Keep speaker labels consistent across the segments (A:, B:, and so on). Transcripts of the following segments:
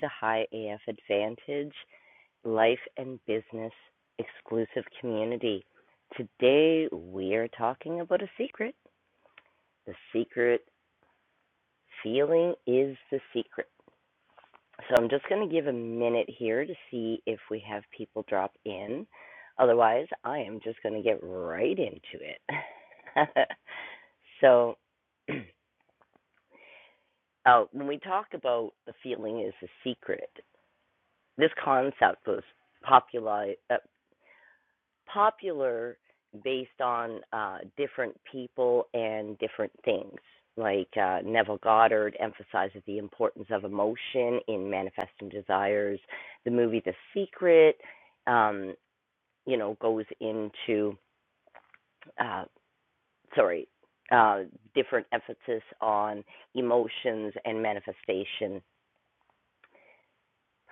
A: to High AF Advantage Life and Business Exclusive Community. Today we are talking about a secret. The secret feeling is the secret. So I'm just going to give a minute here to see if we have people drop in. Otherwise, I am just going to get right into it. so, uh, when we talk about the feeling is the secret, this concept was popularized. uh, popular based on uh, different people and different things. Like uh, Neville Goddard emphasizes the importance of emotion in manifesting desires. The movie The Secret, um, you know, goes into uh, sorry, uh, different emphasis on emotions and manifestation.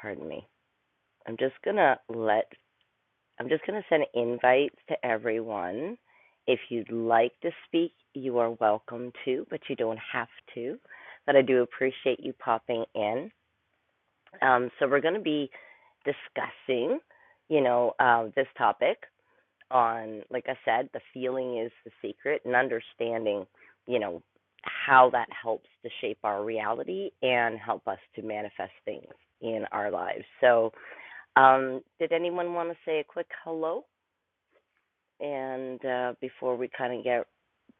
A: Pardon me. I'm just gonna let I'm just going to send invites to everyone. If you'd like to speak, you are welcome to, but you don't have to. But I do appreciate you popping in. Um, so we're going to be discussing, you know, uh, this topic on, like I said, the feeling is the secret and understanding, you know, how that helps to shape our reality and help us to manifest things in our lives. So, um, did anyone want to say a quick hello? And uh, before we kind of get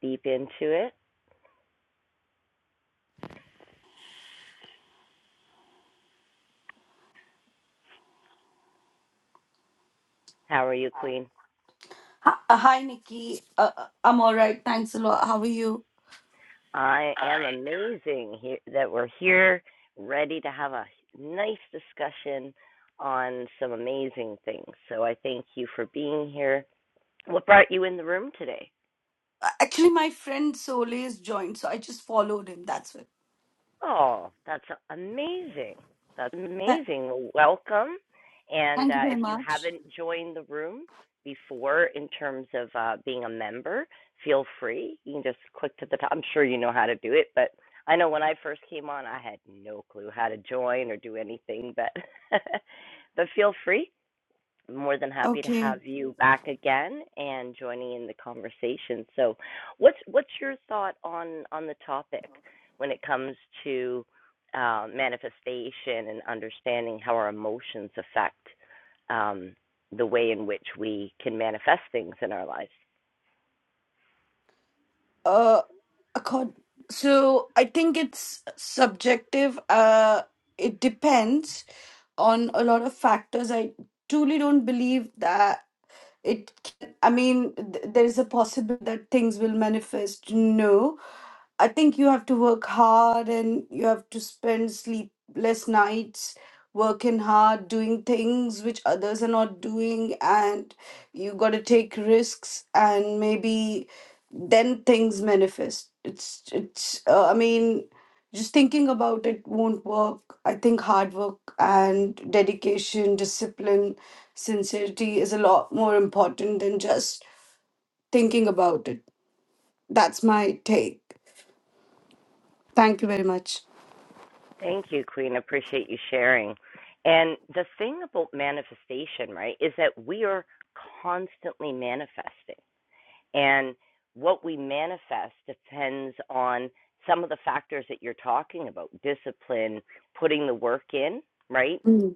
A: deep into it, how are you, Queen?
B: Hi, uh, hi, Nikki. Uh, uh, I'm all right. Thanks a lot. How are you?
A: I am amazing here, that we're here, ready to have a nice discussion on some amazing things. So I thank you for being here. What brought you in the room today?
B: Uh, Actually, my friend Soleil's joined, so I just followed him. That's it.
A: Oh, that's amazing. That's
B: Tha-
A: amazing. Well, welcome. And
B: thank you
A: uh,
B: very
A: if you
B: much.
A: haven't joined the room before in terms of uh, being a member, feel free. You can just click to the top. I'm sure you know how to do it, but I know when I first came on, I had no clue how to join or do anything, but but feel free more than happy to
B: Okay.
A: have you back again and joining in the conversation. So, what's what's your thought on on the topic when it comes to uh, manifestation and understanding how our emotions affect um, the way in which we can manifest things in our lives?
B: Uh, accord- so I think it's subjective. Uh, it depends on a lot of factors. I truly don't believe that it. Can, I mean, th- there is a possibility that things will manifest. No, I think you have to work hard and you have to spend sleepless nights working hard, doing things which others are not doing, and you got to take risks and maybe then things manifest. It's it's uh, I mean just thinking about it won't work. I think hard work and dedication, discipline, sincerity is a lot more important than just thinking about it. That's my take. Thank you very much.
A: Thank you, Queen. Appreciate you sharing. And the thing about manifestation, right, is that we are constantly manifesting And what we manifest depends on some of the factors that you're talking about discipline, putting the work in, right?
B: Mm,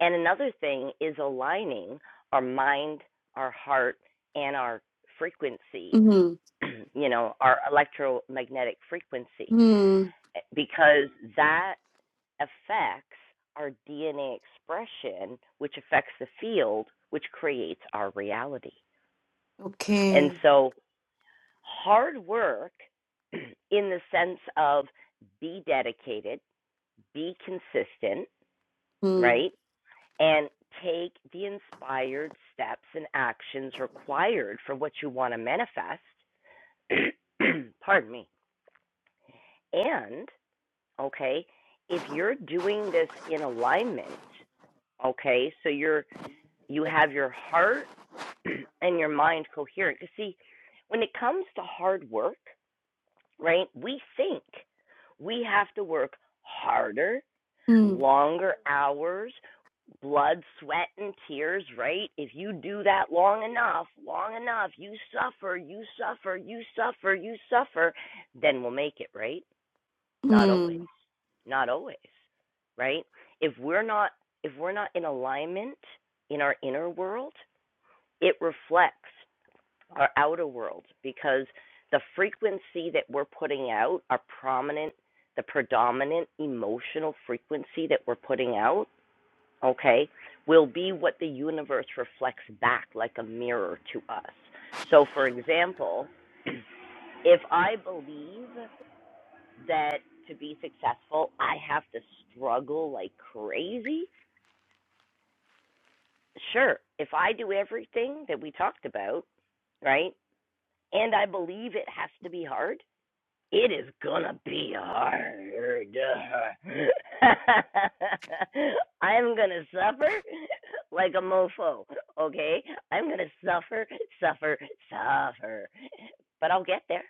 A: And another thing is aligning our mind, our heart, and our frequency,
B: mm,
A: you know, our electromagnetic frequency,
B: mm.
A: eh, because that affects our DNA expression, which affects the field, which creates our reality. And
B: Okay.
A: so hard work in the sense of be dedicated, be consistent,
B: Mm,
A: right? And take the inspired steps and actions required for what you want to manifest. Pardon me. And, okay, if you're doing this in alignment, okay, so you're you have your heart and your mind coherent. You see, when it comes to hard work, right? We think we have to work harder,
B: mm,
A: longer hours, blood, sweat, and tears, right? If you do that long enough, long enough, you suffer, you suffer, you suffer, you suffer, then we'll make it, right? Not always.
B: mm.
A: Not always. Right? If we're not if we're not in alignment in our inner world, it reflects our outer world because the frequency that we're putting out, our prominent, the predominant emotional frequency that we're putting out, okay, will be what the universe reflects back like a mirror to us. So, for example, if I believe that to be successful, I have to struggle like crazy, sure, if I do everything that we talked about, right, and I believe it has to be hard, It is gonna be hard. I'm gonna suffer like a mofo, okay? I'm gonna suffer, suffer, suffer. But I'll get there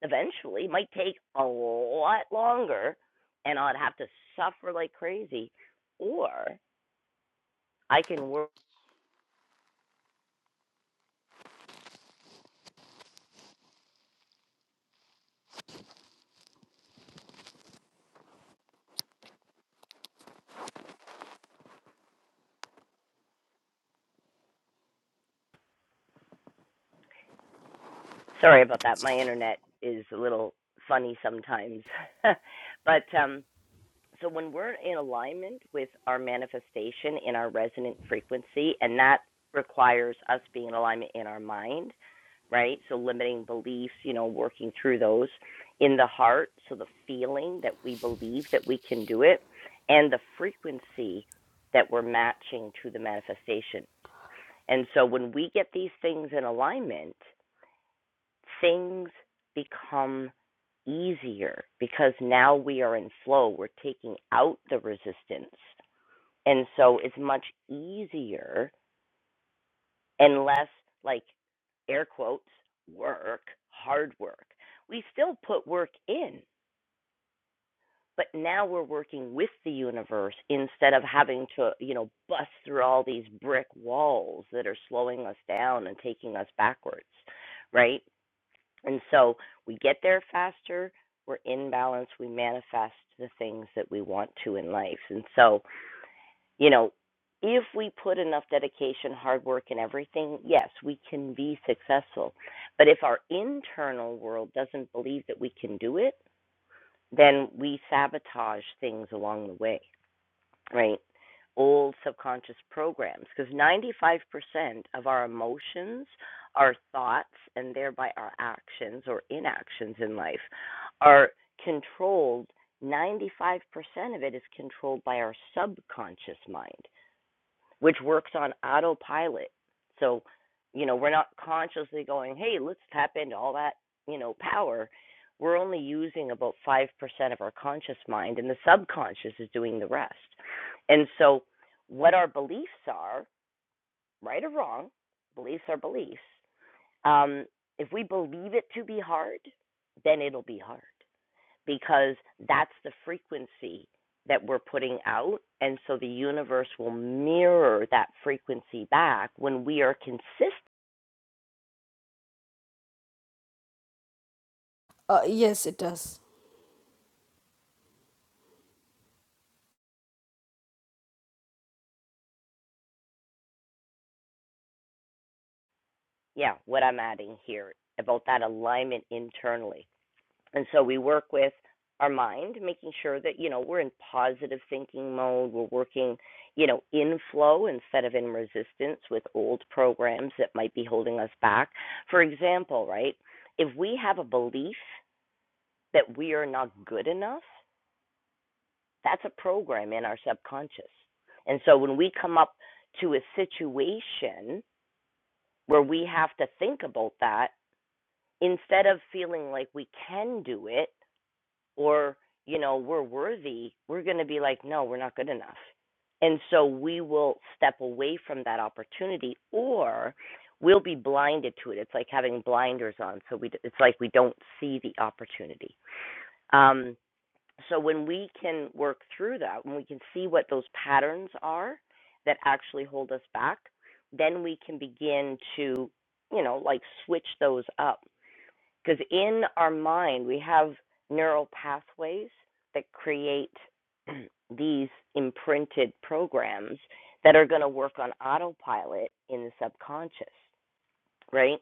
A: eventually. It might take a lot longer, and I'd have to suffer like crazy. Or I can work. Sorry about that. My internet is a little funny sometimes. but, um, so when we're in alignment with our manifestation in our resonant frequency and that requires us being in alignment in our mind right so limiting beliefs you know working through those in the heart so the feeling that we believe that we can do it and the frequency that we're matching to the manifestation and so when we get these things in alignment things become easier because now we are in flow. We're taking out the resistance. And so it's much easier and less like air quotes work, hard work. We still put work in, but now we're working with the universe instead of having to, you know, bust through all these brick walls that are slowing us down and taking us backwards, right? And so we get there faster, we're in balance, we manifest the things that we want to in life. And so, you know, if we put enough dedication, hard work, and everything, yes, we can be successful. But if our internal world doesn't believe that we can do it, then we sabotage things along the way right? Old subconscious programs, because 95% of our emotions, our thoughts, and thereby our actions or inactions in life are controlled. 95% of it is controlled by our subconscious mind which works on autopilot. So, you know, we're not consciously going, hey, let's tap into all that, you know, power. We're only using about 5% of our conscious mind, and the subconscious is doing the rest. And so, what our beliefs are, right or wrong, beliefs are beliefs. Um, if we believe it to be hard, then it'll be hard because that's the frequency that we're putting out. And so the universe will mirror that frequency back when we are consistent.
B: Uh, yes, it does.
A: Yeah, what I'm adding here about that alignment internally. And so we work with our mind, making sure that, you know, we're in positive thinking mode. We're working, you know, in flow instead of in resistance with old programs that might be holding us back. For example, right? If we have a belief that we are not good enough, That's a program in our subconscious. And so when we come up to a situation where we have to think about that, instead of feeling like we can do it or, you know, we're worthy, we're going to be like, no, we're not good enough. And so we will step away from that opportunity or we'll be blinded to it. It's like having blinders on. So we, it's like we don't see the opportunity. Um, so when we can work through that, when we can see what those patterns are that actually hold us back, then we can begin to, you know, like switch those up. Because in our mind, we have neural pathways that create these imprinted programs that are going to work on autopilot in the subconscious, right?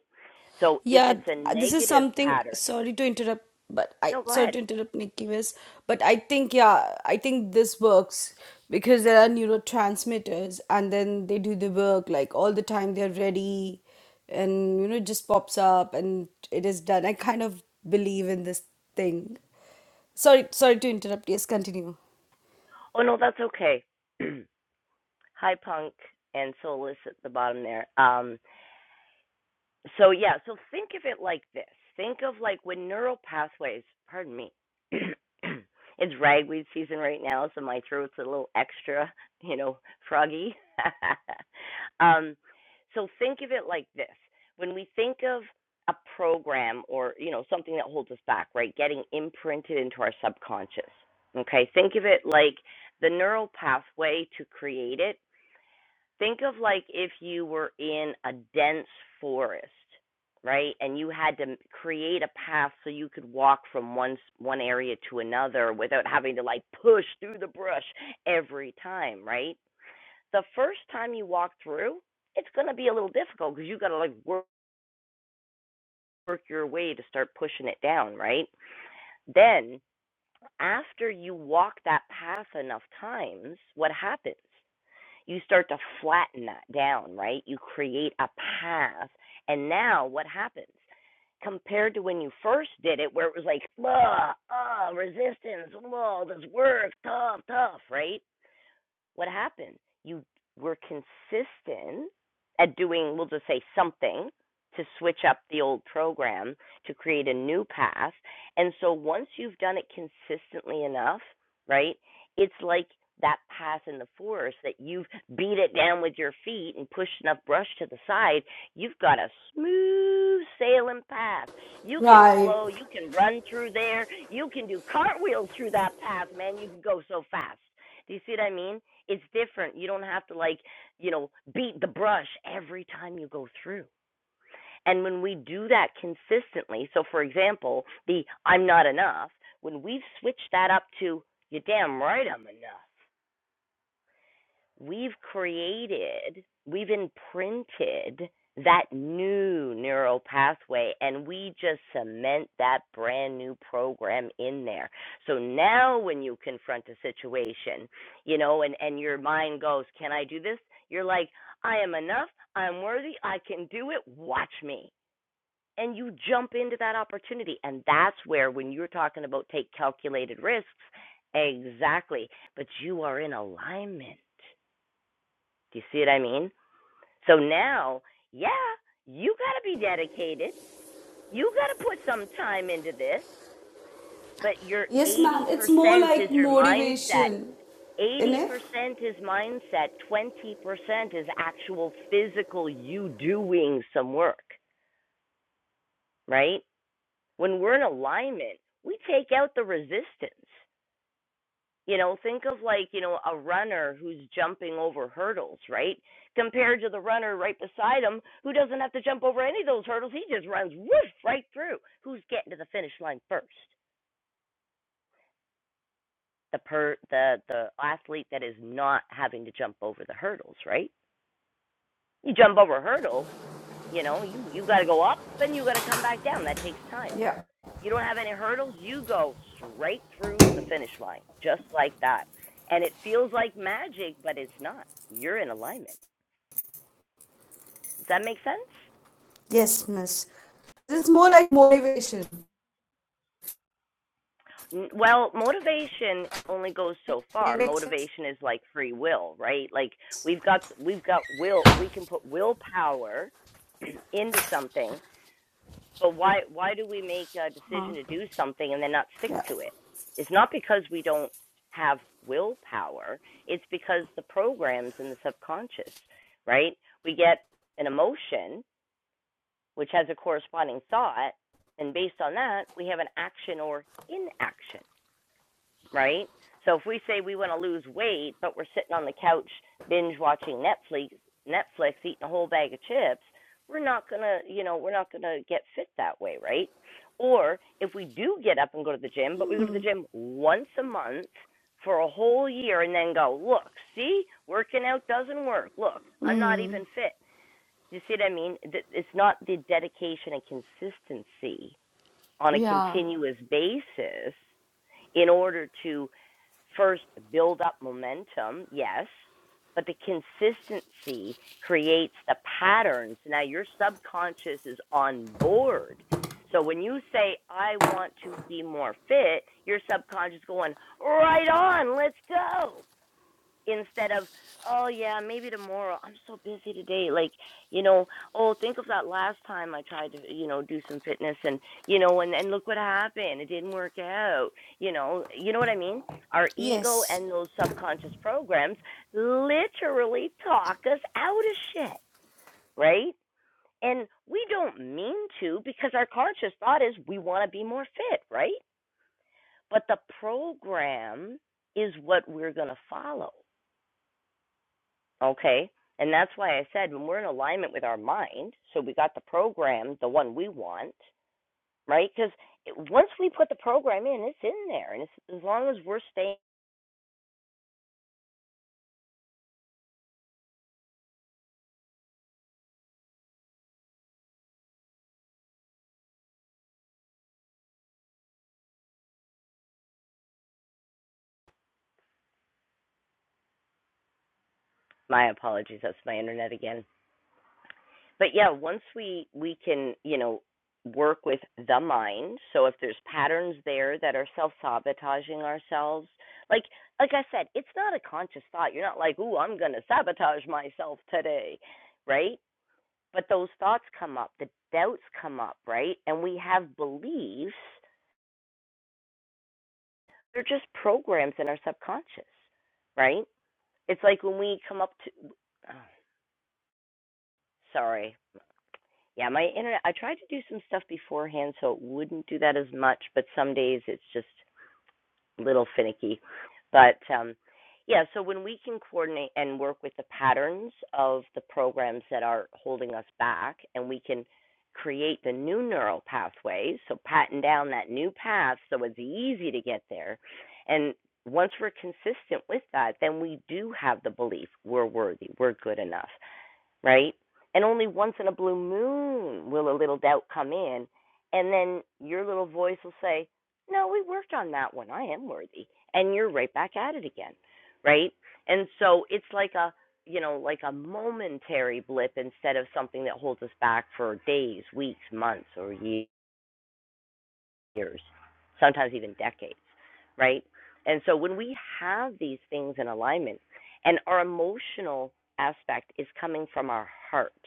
A: So if
B: Yeah,
A: it's
B: th-
A: a
B: this is
A: negative
B: something.
A: pattern,
B: Sorry to interrupt, but I
A: no, go
B: sorry
A: ahead.
B: to interrupt, Nikki West, but I think yeah, I think this works because there are neurotransmitters, and then they do the work like all the time. They're ready, and you know, it just pops up, and it is done. I kind of believe in this thing. Sorry, sorry to interrupt. Yes, continue.
A: Oh, no, that's okay. High Punk and Soulless at the bottom there. Um, so yeah, so think of it like this. Think of like when neural pathways, pardon me, it's ragweed season right now, so my throat's a little extra, you know, froggy. um, so think of it like this. When we think of a program or, you know, something that holds us back, right? Getting imprinted into our subconscious. Okay, think of it like the neural pathway to create it Think of like if you were in a dense forest, right? And you had to create a path so you could walk from one one area to another without having to like push through the brush every time, right? The first time you walk through, it's going to be a little difficult because you got to like work, work your way to start pushing it down, right? Then after you walk that path enough times, what happens? you start to flatten that down, right? You create a path. And now what happens? Compared to when you first did it, where it was like, ah, ah, resistance, oh, this work, tough, tough, right? What happened? You were consistent at doing, we'll just say something to switch up the old program to create a new path. And so once you've done it consistently enough, right? It's like that path in the forest that you've beat it down with your feet and pushed enough brush to the side, you've got a smooth sailing path. You can
B: Right.
A: flow, you can run through there, you can do cartwheels through that path, man. You can go so fast. Do you see what I mean? it's different. You don't have to like, you know, beat the brush every time you go through. And when we do that consistently, so for example, the I'm not enough, when we've switched that up to you damn right I'm enough we've created, we've imprinted that new neural pathway and we just cement that brand new program in there. So now when you confront a situation, you know, and and your mind goes, "Can I do this?" You're like, "I am enough. I'm worthy. I can do it. Watch me." And you jump into that opportunity. And that's where when you're talking about take calculated risks, exactly, but you are in alignment do you see what I mean? So now, yeah, you got to be dedicated. You got to put some time into this, but your
B: Yes, ma'am.
A: 80%
B: It's more
A: is
B: like
A: your mindset.
B: motivation, isn't
A: 80%
B: it?
A: is mindset, 20% is actual physical you doing some work, right? When we're in alignment, we take out the resistance. You know, think of like, you know, a runner who's jumping over hurdles, right? Compared to the runner right beside him who doesn't have to jump over any of those hurdles. He just runs whoosh right through. Who's getting to the finish line first? The per the the athlete that is not having to jump over the hurdles, right? You jump over a hurdle, you know, you you got to go up and you got to come back down. That takes time.
B: Yeah.
A: You don't have any hurdles. You go straight through to the finish line, just like that. And it feels like magic, but it's not. You're in alignment. Does that make sense?
B: Yes, miss. It's more like motivation.
A: Well, motivation only goes so
B: It
A: far.
B: makes sense.
A: Motivation is like free will, right? Like we've got we've got will. We can put willpower into something, But why why do we make a decision to do something and then not stick
B: Yeah.
A: to it? It's not because we don't have willpower. It's because the programs in the subconscious, right? We get an emotion which has a corresponding thought, and based on that, we have an action or inaction right? So if we say we want to lose weight, but we're sitting on the couch binge watching Netflix, Netflix eating a whole bag of chips, we're not going to, you know, we're not going to get fit that way, right? Or if we do get up and go to the gym, but we go to the gym once a month for a whole year and then go, look, see, working out doesn't work. Look, I'm not even fit. You see what I mean? It's not the dedication and consistency on a
B: Yeah.
A: continuous basis in order to first build up momentum, yes, but the consistency creates the patterns. Now your subconscious is on board. So when you say I want to be more fit, your subconscious going, "Right on, let's go." instead of oh yeah maybe tomorrow i'm so busy today like you know oh think of that last time i tried to you know do some fitness and you know and and look what happened it didn't work out you know you know what i mean our ego
B: Yes.
A: and those subconscious programs literally talk us out of shit right and we don't mean to because our conscious thought is we want to be more fit right but the program is what we're going to follow Okay. And that's why I said when we're in alignment with our mind, so we got the program, the one we want, right? Because once we put the program in, it's in there. And it's, as long as we're staying, my apologies, that's my internet again. But yeah, once we, we can, you know, work with the mind. So if there's patterns there that are self sabotaging ourselves, like like I said, it's not a conscious thought. You're not like, ooh, I'm gonna sabotage myself today, right? But those thoughts come up, the doubts come up, right? And we have beliefs. They're just programs in our subconscious, right? It's like when we come up to, oh, sorry. Yeah, my internet, I tried to do some stuff beforehand so it wouldn't do that as much, but some days it's just little finicky. But um, yeah, so when we can coordinate and work with the patterns of the programs that are holding us back, and we can create the new neural pathways, so pattern down that new path so it's easy to get there. And once we're consistent with that, then we do have the belief we're worthy, we're good enough right? And only once in a blue moon will a little doubt come in, and then your little voice will say, "No, we worked on that one. I am worthy." And you're right back at it again, right? And so it's like a, you know, like a momentary blip instead of something that holds us back for days, weeks, months, or years, sometimes even decades, right? And so when we have these things in alignment and our emotional aspect is coming from our heart,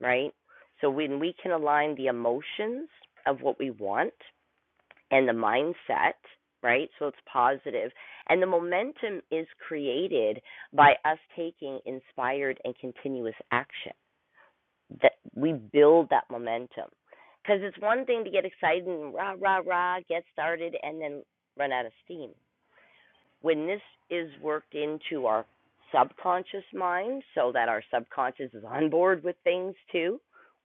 A: right? So when we can align the emotions of what we want and the mindset, right? So it's positive. And the momentum is created by us taking inspired and continuous action. That we build that momentum. Because it's one thing to get excited and rah, rah, rah, get started and then run out of steam. When this is worked into our subconscious mind so that our subconscious is on board with things too,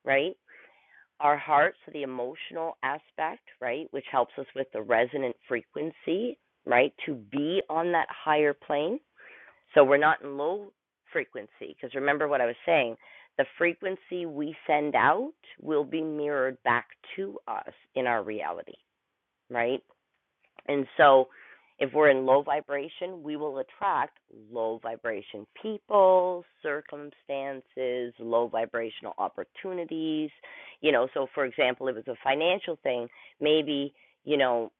A: right? our hearts, the emotional aspect, right, which helps us with the resonant frequency, right, to be on that higher plane. So we're not in low frequency, because remember what I was saying the frequency we send out will be mirrored back to us in our reality, right? And so, if we're in low vibration, we will attract low vibration people, circumstances, low vibrational opportunities. You know, so for example, if it's a financial thing, maybe, you know,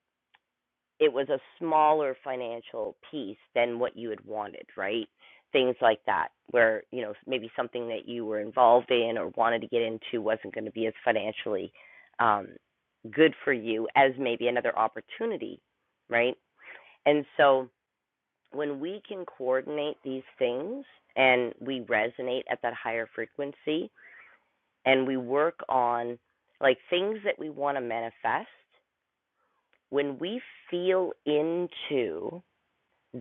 A: it was a smaller financial piece than what you had wanted, right? Things like that, where, you know, maybe something that you were involved in or wanted to get into wasn't going to be as financially um, good for you as maybe another opportunity, right? And so when we can coordinate these things and we resonate at that higher frequency and we work on like things that we want to manifest, when we feel into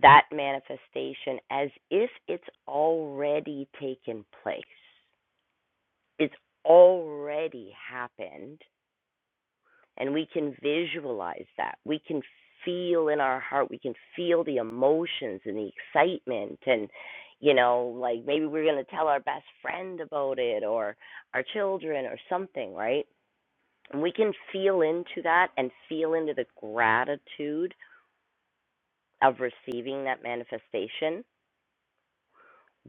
A: that manifestation as if it's already taken place, it's already happened, and we can visualize that. We can feel in our heart, we can feel the emotions and the excitement and you know, like maybe we're going to tell our best friend about it or our children or something, right? And we can feel into that and feel into the gratitude of receiving that manifestation.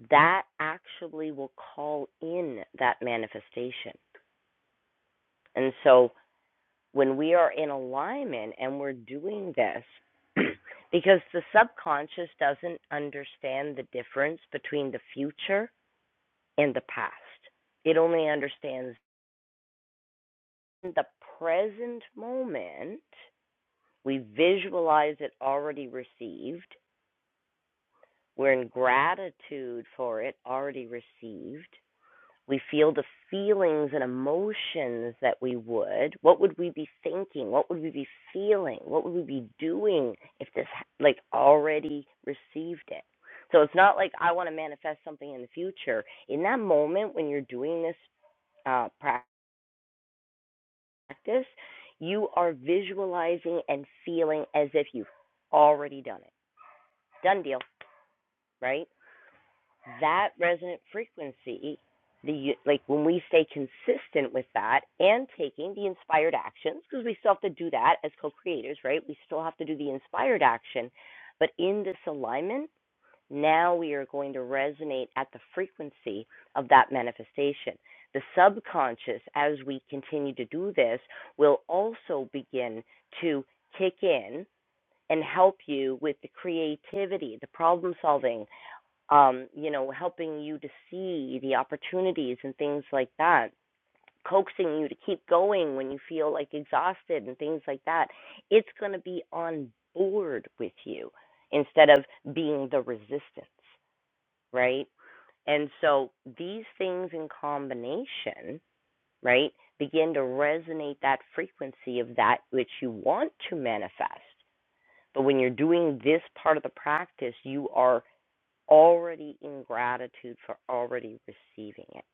A: That actually will call in that manifestation. And so when we are in alignment and we're doing this, because the subconscious doesn't understand the difference between the future and the past. It only understands the present moment. We visualize it already received. We're in gratitude for it already received. we feel the feelings and emotions that we would, what would we be thinking? What would we be feeling? What would we be doing if this like already received it? So it's not like I want to manifest something in the future. In that moment when you're doing this uh, practice, you are visualizing and feeling as if you've already done it. Done deal, right? that resonant frequency, the like when we stay consistent with that and taking the inspired actions, because we still have to do that as co-creators, right? We still have to do the inspired action, but in this alignment, now we are going to resonate at the frequency of that manifestation. The subconscious, as we continue to do this, will also begin to kick in and help you with the creativity, the problem solving, um, you know, helping you to see the opportunities and things like that, coaxing you to keep going when you feel like exhausted and things like that. It's going to be on board with you instead of being the resistance, right? And so these things in combination, right, begin to resonate that frequency of that which you want to manifest. But when you're doing this part of the practice, you are already in gratitude for already receiving it,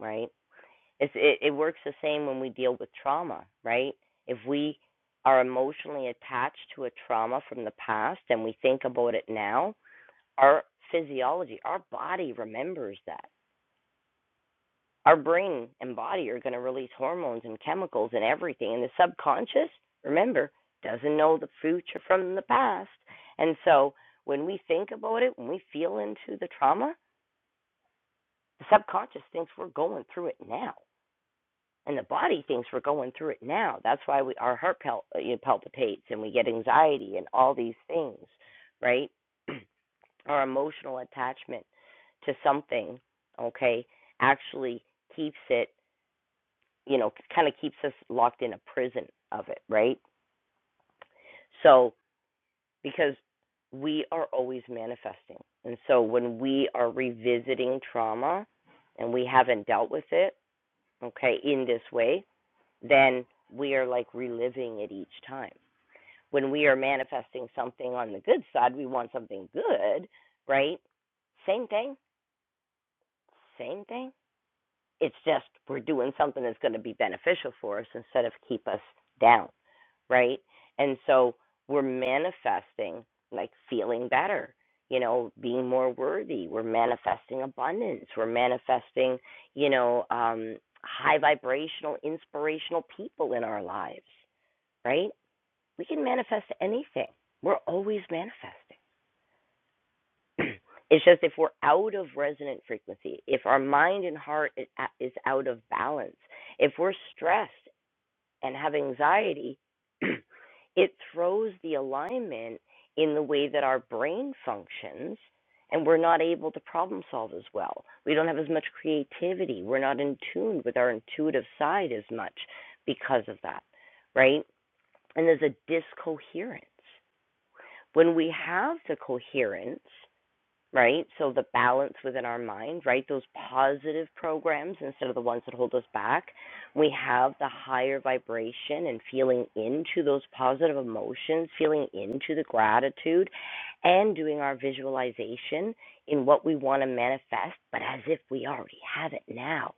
A: right? It's, it, it works the same when we deal with trauma, right? If we are emotionally attached to a trauma from the past and we think about it now, our physiology, our body remembers that. Our brain and body are going to release hormones and chemicals and everything. And the subconscious, remember, doesn't know the future from the past. And so when we think about it, when we feel into the trauma, The subconscious thinks we're going through it now, and the body thinks we're going through it now. That's why we our heart pal- uh, you know, palpitates and we get anxiety and all these things, right? our emotional attachment to something, okay, actually keeps it, you know, kind of keeps us locked in a prison of it, right? So because we are always manifesting. And so when we are revisiting trauma and we haven't dealt with it, okay, in this way, then we are like reliving it each time. When we are manifesting something on the good side, we want something good, right? Same thing, same thing. It's just we're doing something that's going to be beneficial for us instead of keep us down, right? And so we're manifesting like feeling better, you know, being more worthy. We're manifesting abundance. We're manifesting, you know, um, high vibrational, inspirational people in our lives right? we can manifest anything. We're always manifesting. it's just if we're out of resonant frequency, if our mind and heart is out of balance, if we're stressed and have anxiety, it throws the alignment in the way that our brain functions and we're not able to problem solve as well. We don't have as much creativity. We're not in tune with our intuitive side as much because of that, right? And there's a discoherence. When we have the coherence, right? So the balance within our mind, right? Those positive programs instead of the ones that hold us back. We have the higher vibration and feeling into those positive emotions, feeling into the gratitude, and doing our visualization in what we want to manifest, but as if we already have it now.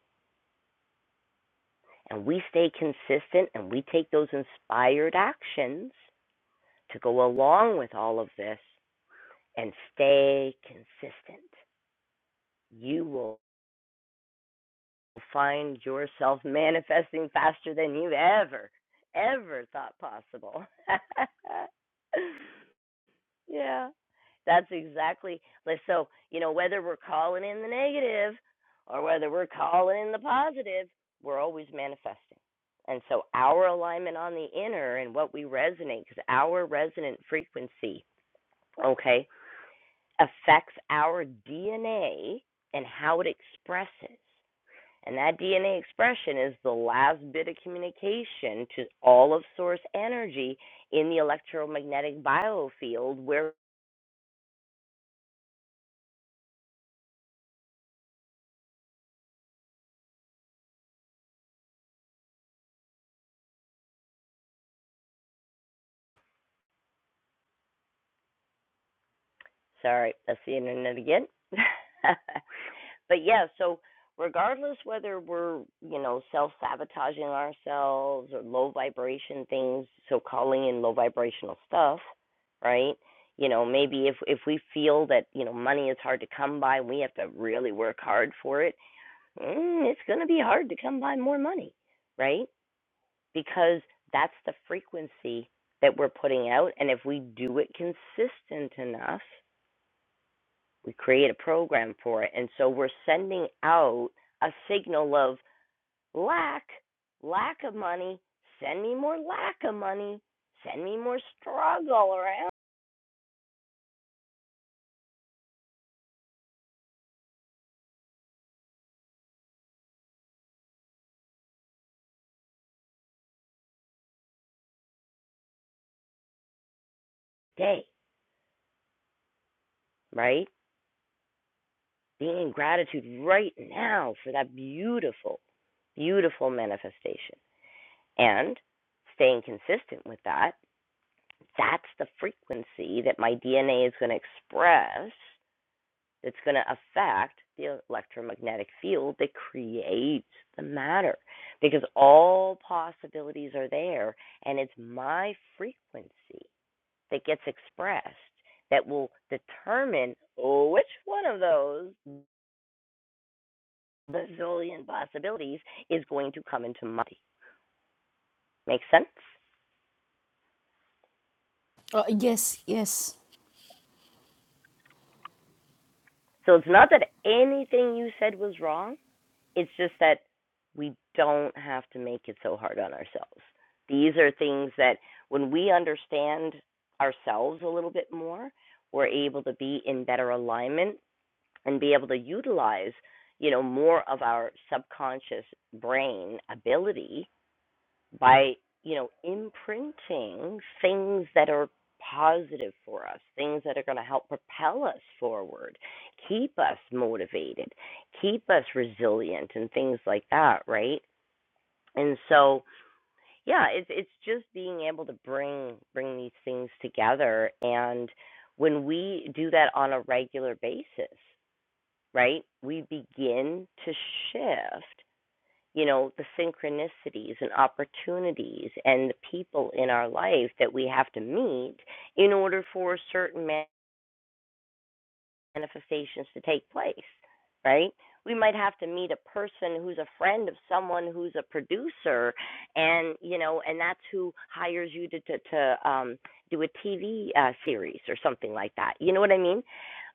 A: And we stay consistent and we take those inspired actions to go along with all of this. and stay consistent. You will find yourself manifesting faster than you ever, ever thought possible. yeah, that's exactly. like, So, you know, whether we're calling in the negative or whether we're calling in the positive, we're always manifesting. And so, our alignment on the inner and what we resonate, because our resonant frequency, okay? affects our DNA and how it expresses. And that DNA expression is the last bit of communication to all of source energy in the electromagnetic biofield where Sorry, that's the internet again. but yeah, so regardless whether we're, you know, self sabotaging ourselves or low vibration things, so calling in low vibrational stuff, right? You know, maybe if if we feel that, you know, money is hard to come by, we have to really work hard for it. Mm, it's going to be hard to come by more money, right? Because that's the frequency that we're putting out and if we do it consistent enough we create a program for it. And so we're sending out a signal of lack, lack of money, send me more lack of money, send me more struggle around day, right? Being in gratitude right now for that beautiful, beautiful manifestation. And staying consistent with that, that's the frequency that my DNA is going to express It's going to affect the electromagnetic field that creates the matter because all possibilities are there, and it's my frequency that gets expressed that will determine which one of those bazillion possibilities is going to come into my. body. Make sense?
B: Uh, yes, yes.
A: So it's not that anything you said was wrong. It's just that we don't have to make it so hard on ourselves. These are things that when we understand ourselves a little bit more, we're able to be in better alignment and be able to utilize, you know, more of our subconscious brain ability by you know imprinting things that are positive for us things that are going to help propel us forward keep us motivated keep us resilient and things like that right and so yeah it's it's just being able to bring bring these things together and when we do that on a regular basis right we begin to shift you know the synchronicities and opportunities and the people in our life that we have to meet in order for a certain manifestations to take place, right? We might have to meet a person who's a friend of someone who's a producer, and you know, and that's who hires you to to, to um, do a TV uh, series or something like that. You know what I mean?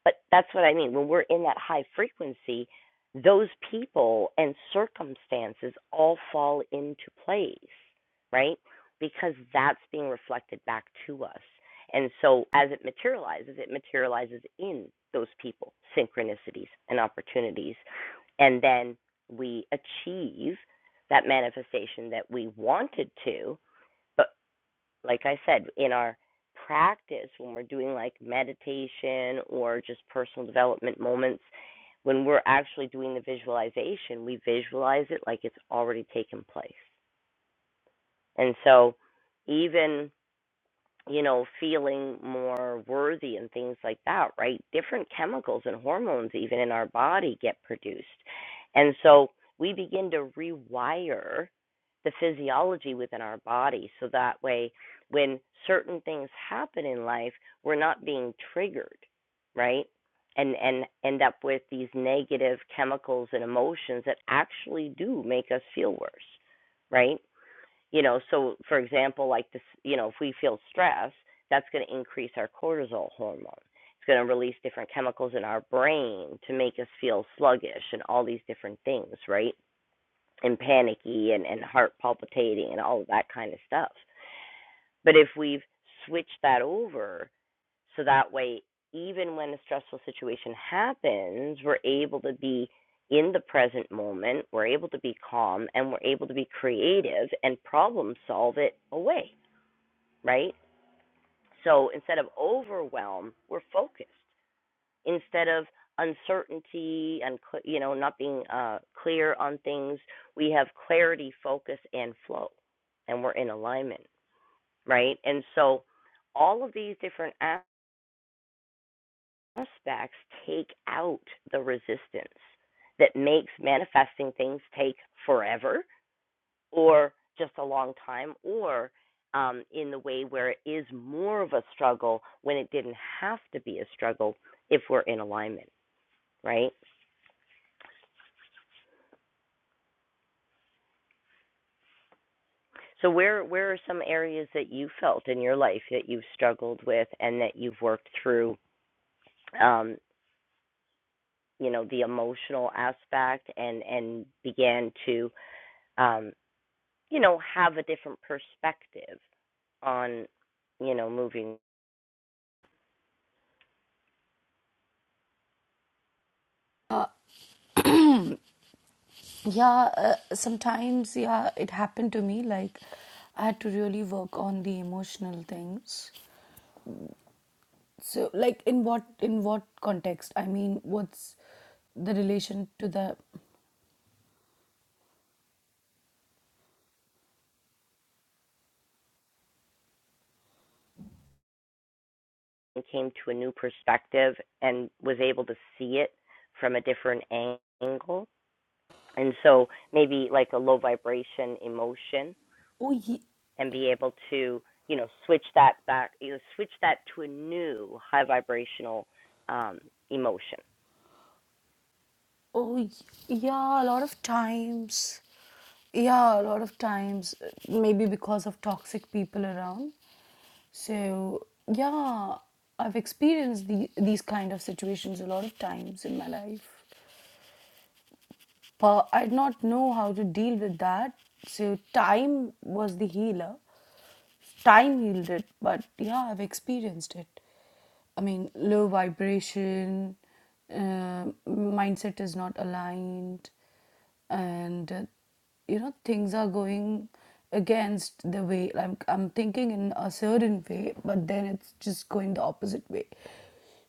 A: But that's what I mean. When we're in that high frequency, those people and circumstances all fall into place, right? Because that's being reflected back to us. And so as it materializes, it materializes in those people, synchronicities and opportunities. And then we achieve that manifestation that we wanted to. But like I said, in our practice, when we're doing like meditation or just personal development moments, when we're actually doing the visualization, we visualize it like it's already taken place. And so even you know, feeling more worthy and things like that, right? Different chemicals and hormones, even in our body, get produced. And so we begin to rewire the physiology within our body so that way when certain things happen in life, we're not being triggered, right? And and end up with these negative chemicals and emotions that actually do make us feel worse, right? you know so for example like this you know if we feel stress that's going to increase our cortisol hormone it's going to release different chemicals in our brain to make us feel sluggish and all these different things right and panicky and and heart palpitating and all of that kind of stuff but if we've switched that over so that way, even when a stressful situation happens, we're able to be in the present moment, we're able to be calm, and we're able to be creative and problem solve it away, right? So instead of overwhelm, we're focused. Instead of uncertainty and you know not being uh, clear on things, we have clarity, focus, and flow, and we're in alignment, right? And so all of these different aspects take out the resistance that makes manifesting things take forever or just a long time or um, in the way where it is more of a struggle when it didn't have to be a struggle if we're in alignment right so where where are some areas that you felt in your life that you've struggled with and that you've worked through um, you know the emotional aspect and and began to um, you know, have a different perspective on, you know, moving
B: Yeah, uh, sometimes, yeah, it happened to me. Like, I had to really work on the emotional things. So, like, in what in what context? I mean, what's the relation to the?
A: and came to a new perspective and was able to see it from a different angle. And so maybe like a low vibration emotion
B: Oh, ye-
A: and be able to, you know, switch that back, you know, switch that to a new high vibrational um, emotion.
B: Oh, y- yeah, a lot of times. Yeah, a lot of times. uh, Maybe because of toxic people around. So, yeah, I've experienced the, these kind of situations a lot of times in my life. But I did not know how to deal with that. So, time was the healer. time healed it, but yeah, I've experienced it. I mean, low vibration, uh, mindset is not aligned, and uh, you know things are going against the way I'm I'm thinking in a certain way, but then it's just going the opposite way.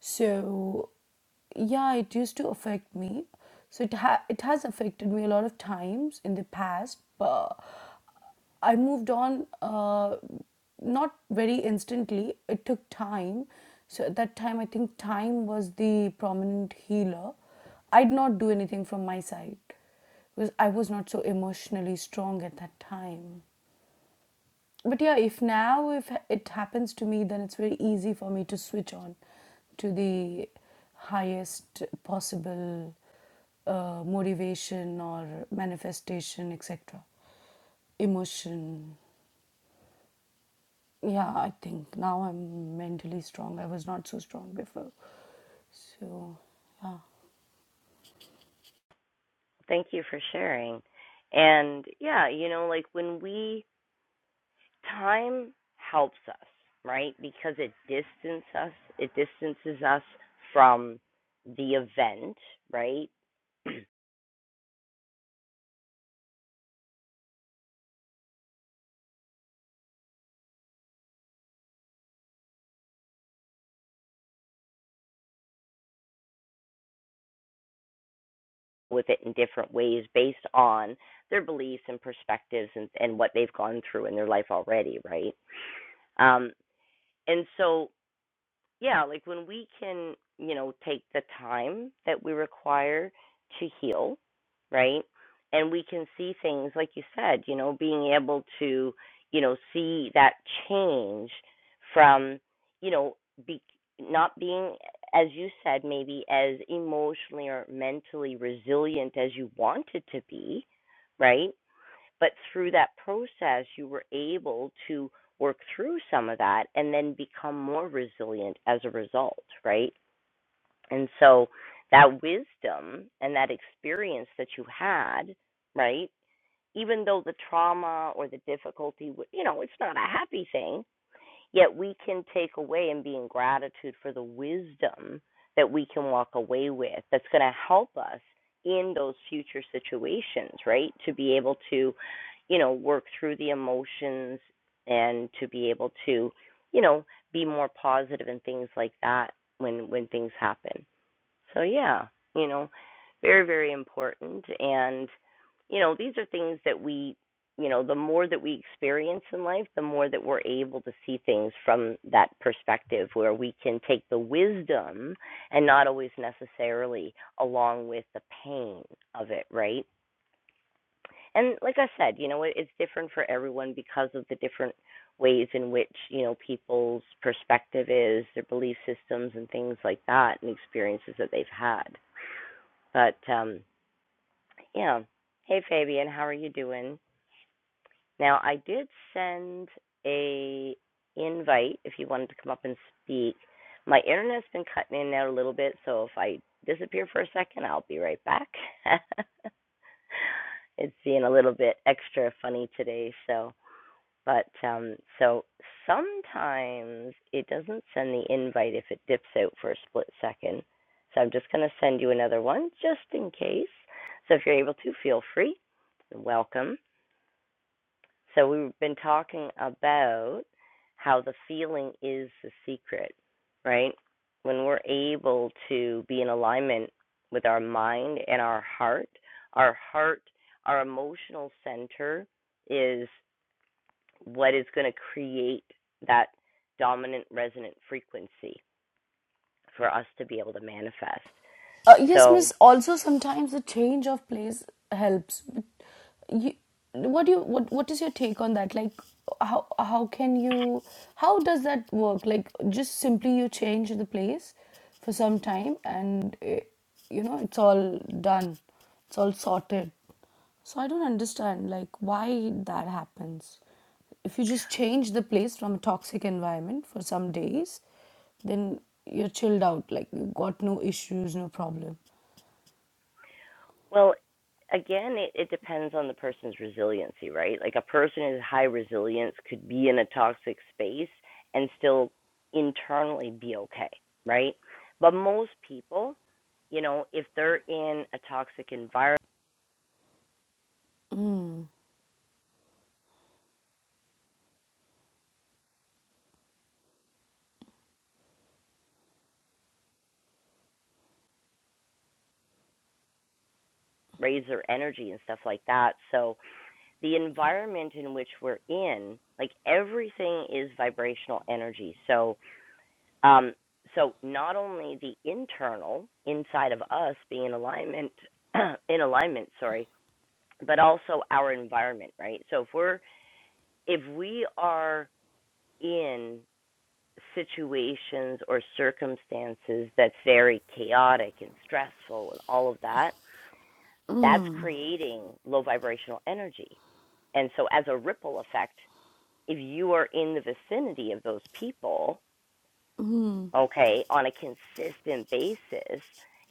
B: So yeah it used to affect me so it ha- it has affected me a lot of times in the past but i moved on uh, not very instantly it took time so at that time i think time was the prominent healer i did not do anything from my side because i was not so emotionally strong at that time but yeah if now if it happens to me then it's very easy for me to switch on to the highest possible uh, motivation or manifestation etc emotion yeah i think now i'm mentally strong i was not so strong before so yeah
A: Thank you for sharing. And yeah, you know, like when we time helps us, right? Because it distances us, it distances us from the event, right? With it in different ways based on their beliefs and perspectives and, and what they've gone through in their life already, right? Um, and so yeah, like when we can, you know, take the time that we require to heal, right? And we can see things, like you said, you know, being able to, you know, see that change from, you know, be, not being, as you said, maybe as emotionally or mentally resilient as you wanted to be, right? But through that process, you were able to work through some of that and then become more resilient as a result, right? And so that wisdom and that experience that you had, right? Even though the trauma or the difficulty, w- you know, it's not a happy thing, Yet we can take away and be in gratitude for the wisdom that we can walk away with that's going to help us in those future situations, right? To be able to, you know, work through the emotions and to be able to, you know, be more positive and things like that when when things happen. So yeah, you know, very very important and you know, these are things that we you know, the more that we experience in life, the more that we're able to see things from that perspective where we can take the wisdom and not always necessarily along with the pain of it, right? And like I said, you know, it, it's different for everyone because of the different ways in which, you know, people's perspective is, their belief systems and things like that and experiences that they've had. But um, yeah. Hey Fabian, how are you doing? Now I did send a invite if you wanted to come up and speak. My internet's been cutting in there a little bit, so if I disappear for a second, I'll be right back. it's being a little bit extra funny today, so but um, so sometimes it doesn't send the invite if it dips out for a split second. So I'm just going to send you another one just in case. So if you're able to, feel free. Welcome. So we've been talking about how the feeling is the secret, right? When we're able to be in alignment with our mind and our heart, our heart, our emotional center is what is going to create that dominant resonant frequency for us to be able to manifest.
B: Uh, yes, miss.
A: So,
B: Also, sometimes the change of place helps. But you, what do you what What is your take on that? Like, how how can you how does that work? Like, just simply you change the place for some time, and eh, you know it's all done, it's all sorted. So I don't understand like why that happens if you just change the place from a toxic environment for some days then you're chilled out like you got no issues no problem
A: well, again, it, it depends on the person's resiliency, right? Like a person who's high resilience could be in a toxic space and still internally be okay, right? But most people, you know, if they're in a toxic environment, raise their energy and stuff like that. So, the environment in which we're in, like everything is vibrational energy. So, um, so not only the internal inside of us being in alignment, in alignment, sorry, but also our environment, right? So if we're if we are in situations or circumstances that's very chaotic and stressful and all of that, that's creating low vibrational energy. And so, as a ripple effect, if you are in the vicinity of those people, okay, on a consistent basis,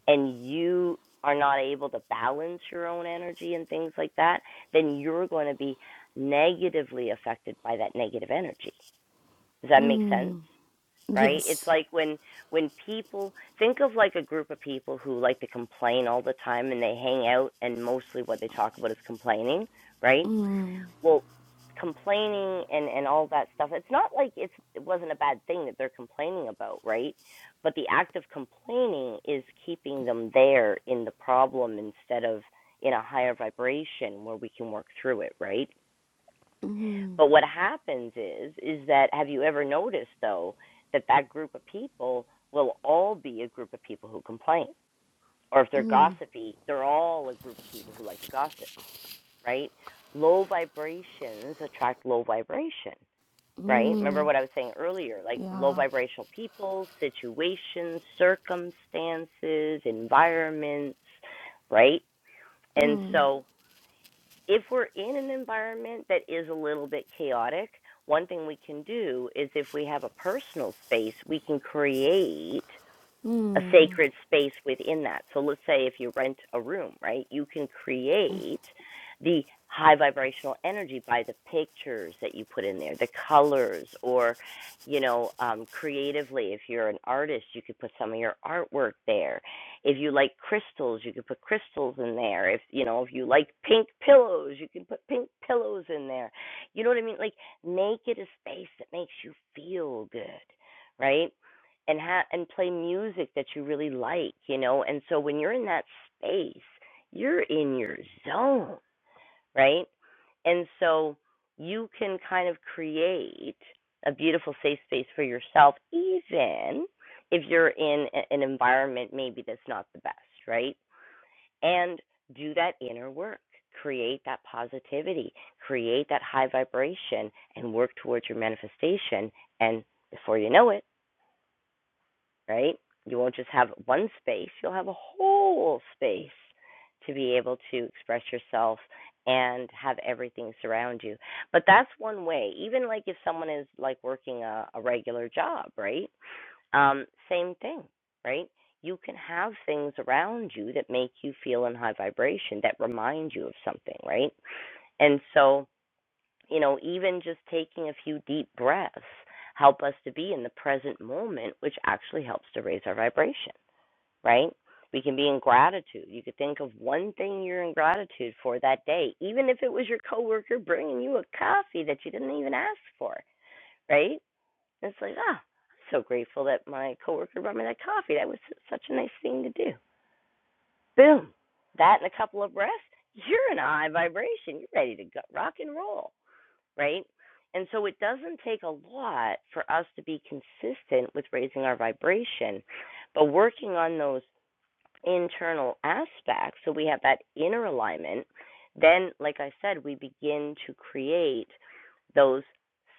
A: and you are not able to balance your own energy and things like that, then you're going to be negatively affected by that negative energy. Does that make sense? Right? It's
B: yes
A: like when when people think of like a group of people who like to complain all the time and they hang out and mostly what they talk about is complaining, right? well complaining and and all that stuff it's not like it's it wasn't a bad thing that they're complaining about right but the act of complaining is keeping them there in the problem instead of in a higher vibration where we can work through it right but what happens is is that have you ever noticed though that that group of people will all be a group of people who complain or if they're gossipy they're all a group of people who like to gossip right? Low vibrations attract low vibration, right? Remember what I was saying earlier like low
B: yeah
A: vibrational people, situations, circumstances, environments, right? And so if we're in an environment that is a little bit chaotic, one thing we can do is if we have a personal space, we can create a sacred space within that. So let's say if you rent a room, right, you can create the high vibrational energy by the pictures that you put in there, the colors, or, you know, um, creatively, if you're an artist, you could put some of your artwork there. If you like crystals, you could put crystals in there. If, you know, if you like pink pillows, you can put pink pillows in there. You know what I mean? Like, make it a space that makes you feel good right? and ha- and play music that you really like, you know. And so when you're in that space, you're in your zone, right? And so you can kind of create a beautiful safe space for yourself, even if you're in a- an environment maybe that's not the best, right? And do that inner work, create that positivity, create that high vibration, and work towards your manifestation. And before you know it right? You won't just have one space, you'll have a whole space to be able to express yourself and have everything surround you. But that's one way. Even like if someone is like working a, a regular job, right? Um, same thing, right? You can have things around you that make you feel in high vibration, that remind you of something, right? And so you know, even just taking a few deep breaths help us to be in the present moment, which actually helps to raise our vibration, right? We can be in gratitude. You could think of one thing you're in gratitude for that day, even if it was your coworker bringing you a coffee that you didn't even ask for, right? It's like, ah, I'm so grateful that my coworker brought me that coffee. That was such a nice thing to do. Boom. That and a couple of breaths, you're in a high vibration. You're ready to go, rock and roll right? And so it doesn't take a lot for us to be consistent with raising our vibration, but working on those internal aspects so we have that inner alignment, then, like I said, we begin to create those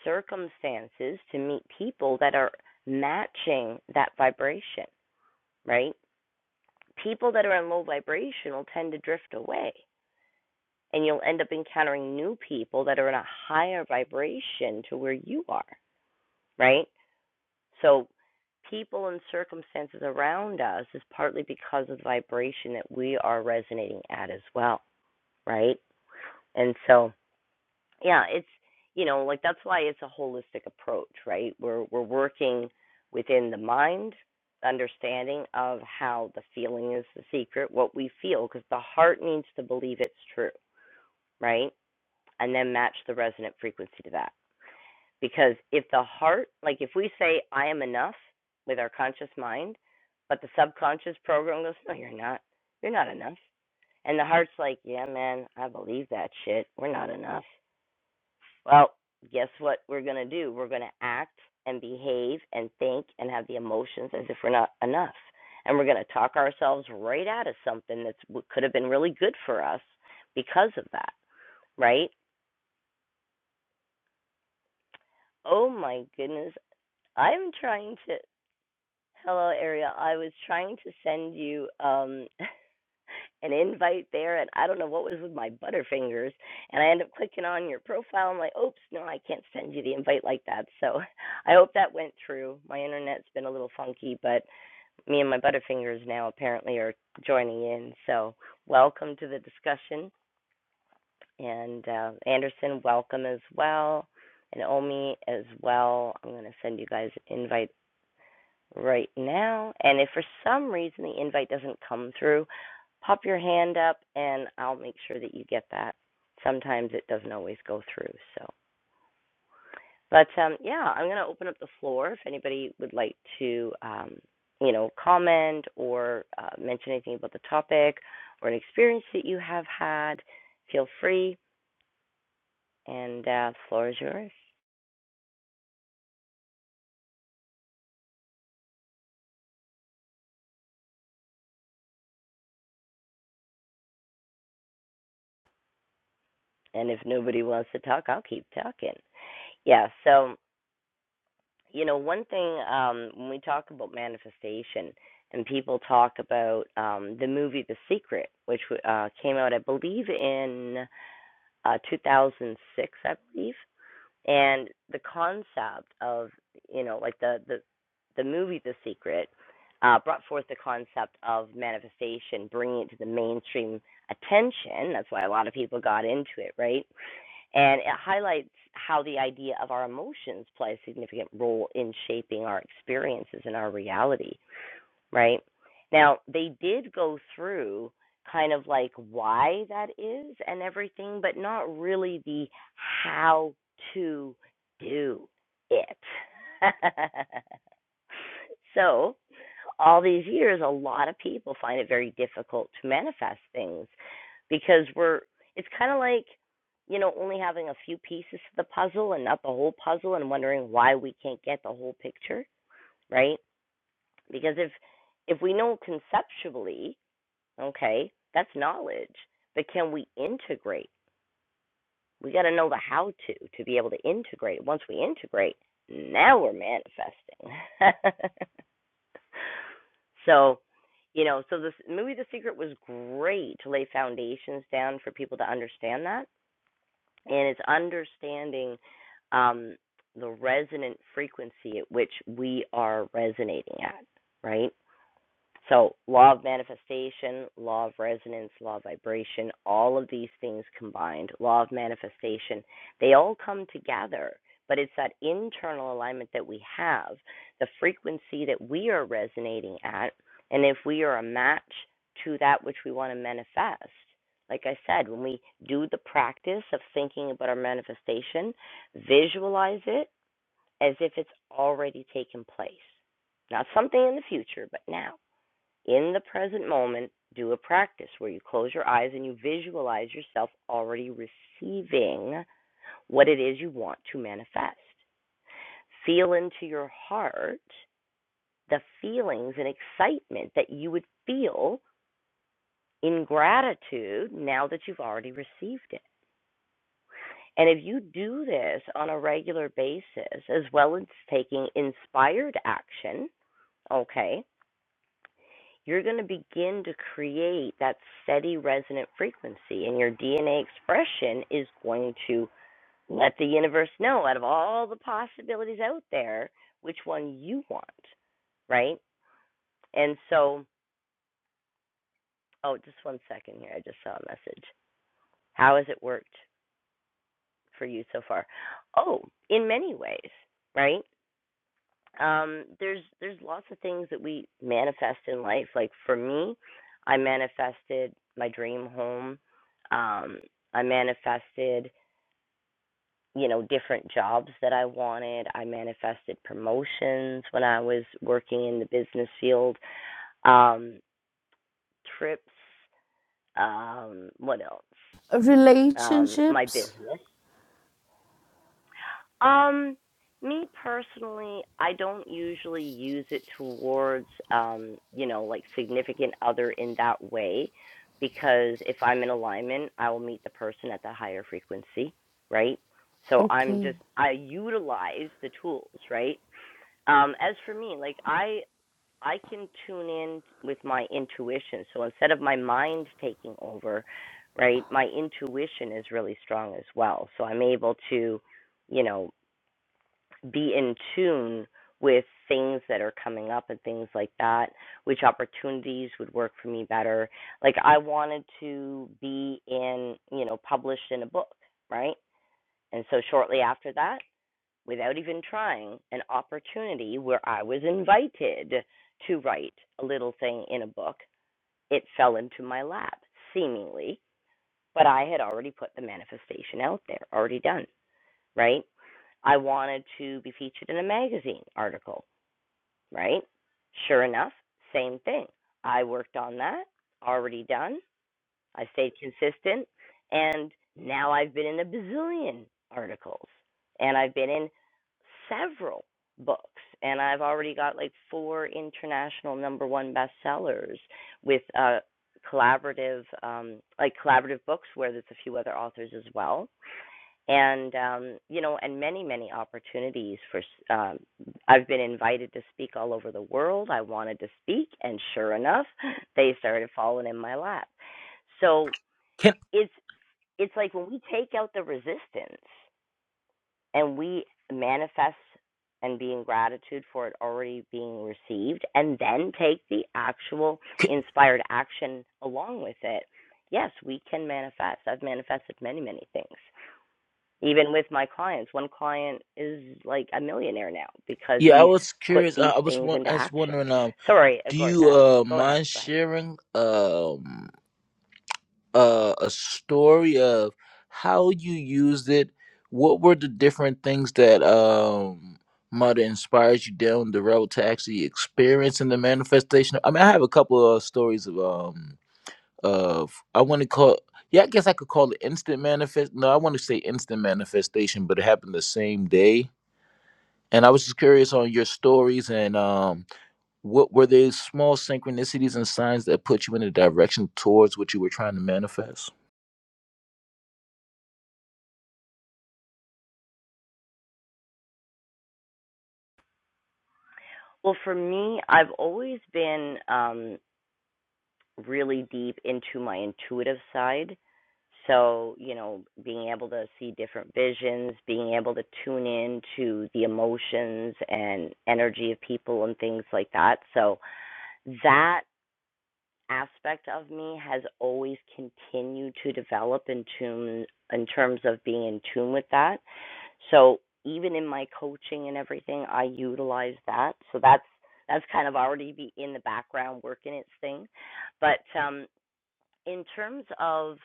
A: circumstances to meet people that are matching that vibration, right? People that are in low vibration will tend to drift away, and you'll end up encountering new people that are in a higher vibration to where you are right? So people and circumstances around us is partly because of the vibration that we are resonating at as well, right? And so, yeah, it's you know, like that's why it's a holistic approach, right? We're we're working within the mind, understanding of how the feeling is the secret, what we feel, because the heart needs to believe it's true, right? And then match the resonant frequency to that. Because if the heart, like if we say, I am enough with our conscious mind, but the subconscious program goes, No, you're not. You're not enough. And the heart's like, Yeah, man, I believe that shit. We're not enough. Well, guess what we're going to do? We're going to act and behave and think and have the emotions as if we're not enough. And we're going to talk ourselves right out of something that could have been really good for us because of that, right? Oh my goodness. I'm trying to. Hello, Ariel. I was trying to send you um, an invite there, and I don't know what was with my butterfingers, and I end up clicking on your profile. I'm like, oops, no, I can't send you the invite like that. So I hope that went through. My internet's been a little funky, but me and my butterfingers now apparently are joining in. So welcome to the discussion, and uh, Anderson, welcome as well, and Omi as well. I'm going to send you guys invites right now. And if for some reason the invite doesn't come through, pop your hand up and I'll make sure that you get that. Sometimes it doesn't always go through. So, but um, yeah, I'm going to open up the floor if anybody would like to, um, you know, comment or uh, mention anything about the topic or an experience that you have had. Feel free, and uh, the floor is yours. And if nobody wants to talk, I'll keep talking. Yeah, so you know one thing um when we talk about manifestation and people talk about um the movie the secret which uh came out i believe in uh 2006 i believe and the concept of you know like the the the movie the secret uh brought forth the concept of manifestation bringing it to the mainstream attention that's why a lot of people got into it right and it highlights how the idea of our emotions play a significant role in shaping our experiences and our reality right? Now, they did go through kind of like why that is and everything, but not really the how to do it. so, all these years, a lot of people find it very difficult to manifest things because we're, it's kind of like, you know, only having a few pieces to the puzzle and not the whole puzzle and wondering why we can't get the whole picture, right? Because if if we know conceptually, okay, that's knowledge. But can we integrate? We got to know the how to to be able to integrate. Once we integrate, now we're manifesting. so, you know, so this movie The Secret was great to lay foundations down for people to understand that, and it's understanding um, the resonant frequency at which we are resonating at, right? So, law of manifestation, law of resonance, law of vibration, all of these things combined, law of manifestation, they all come together. But it's that internal alignment that we have, the frequency that we are resonating at. And if we are a match to that which we want to manifest, like I said, when we do the practice of thinking about our manifestation, visualize it as if it's already taken place. Not something in the future, but now in the present moment, do a practice where you close your eyes and you visualize yourself already receiving what it is you want to manifest. Feel into your heart the feelings and excitement that you would feel in gratitude now that you've already received it. And if you do this on a regular basis, as well as taking inspired action, okay? you're going to begin to create that steady resonant frequency, and your DNA expression is going to let the universe know out of all the possibilities out there which one you want, right? And so, oh, just one second here. I just saw a message. How has it worked for you so far? Oh, in many ways, right? um there's there's lots of things that we manifest in life like for me i manifested my dream home um i manifested you know different jobs that i wanted i manifested promotions when i was working in the business field um trips um what else um my
B: relationships
A: business Um, me personally, I don't usually use it towards, um, you know, like significant other in that way, because if I'm in alignment, I will meet the person at the higher frequency, right? So I'm
B: okay
A: just I utilize the tools, right? Um, as for me, like I I can tune in with my intuition. So instead of my mind taking over, right, my intuition is really strong as well. So I'm able to, you know be in tune with things that are coming up and things like that, which opportunities would work for me better. Like I wanted to be in, you know, published in a book, right? And so shortly after that, without even trying, an opportunity where I was invited to write a little thing in a book, it fell into my lap, seemingly, but I had already put the manifestation out there, already done right? I wanted to be featured in a magazine article, right? Sure enough, same thing. I worked on that, already done. I stayed consistent, and now I've been in a bazillion articles, and I've been in several books, and I've already got like four international number one bestsellers with uh, collaborative, um, like collaborative books where there's a few other authors as well and um, you know, and many many opportunities for. Um, I've been invited to speak all over the world. I wanted to speak, and sure enough, they started falling in my lap. So
C: Can,
A: it's it's like when we take out the resistance and we manifest and be in gratitude for it already being received, and then take the actual
C: can
A: inspired action along with it. Yes, we can manifest. I've manifested many many things even with my clients. One client is like a millionaire now because
C: yeah, I
A: he's
C: was
A: put
C: curious.
A: these
C: Uh, I was
A: things
C: wa-
A: into
C: I was
A: action.
C: wondering. Um,
A: Sorry, uh,
C: do you
A: uh,
C: uh
A: go ahead,
C: mind
A: go ahead.
C: sharing um uh, a story of how you used it? What were the different things that um might have inspired you down the road to actually experiencing the manifestation? I mean, I have a couple of stories of um of I want to call. Yeah, I guess I could call it instant manifest. No, I want to say instant manifestation, but it happened the same day And I was just curious on your stories and um, what were there small synchronicities and signs that put you in a direction towards what you were trying to manifest?
A: Well, for me, I've always been um, really deep into my intuitive side. So, you know, being able to see different visions, being able to tune in to the emotions and energy of people and things like that. So, that aspect of me has always continued to develop in tune in terms of being in tune with that. So even in my coaching and everything, I utilize that. So that's that's kind of already be in the background working its thing. But um, in terms of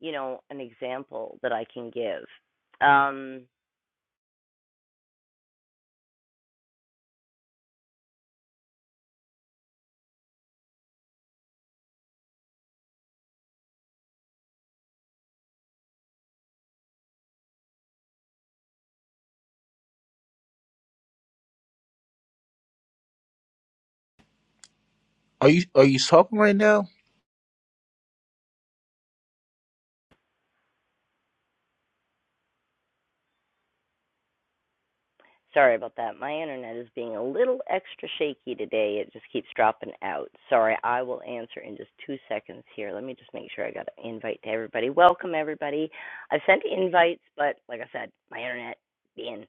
A: you know an example that I can give, um,
C: Are you are you talking right now?
A: Sorry about that. My internet is being a little extra shaky today. It just keeps dropping out. Sorry, I will answer in just two seconds here. Let me just make sure I got an invite to everybody. Welcome, everybody. I've sent invites, but like I said, my internet being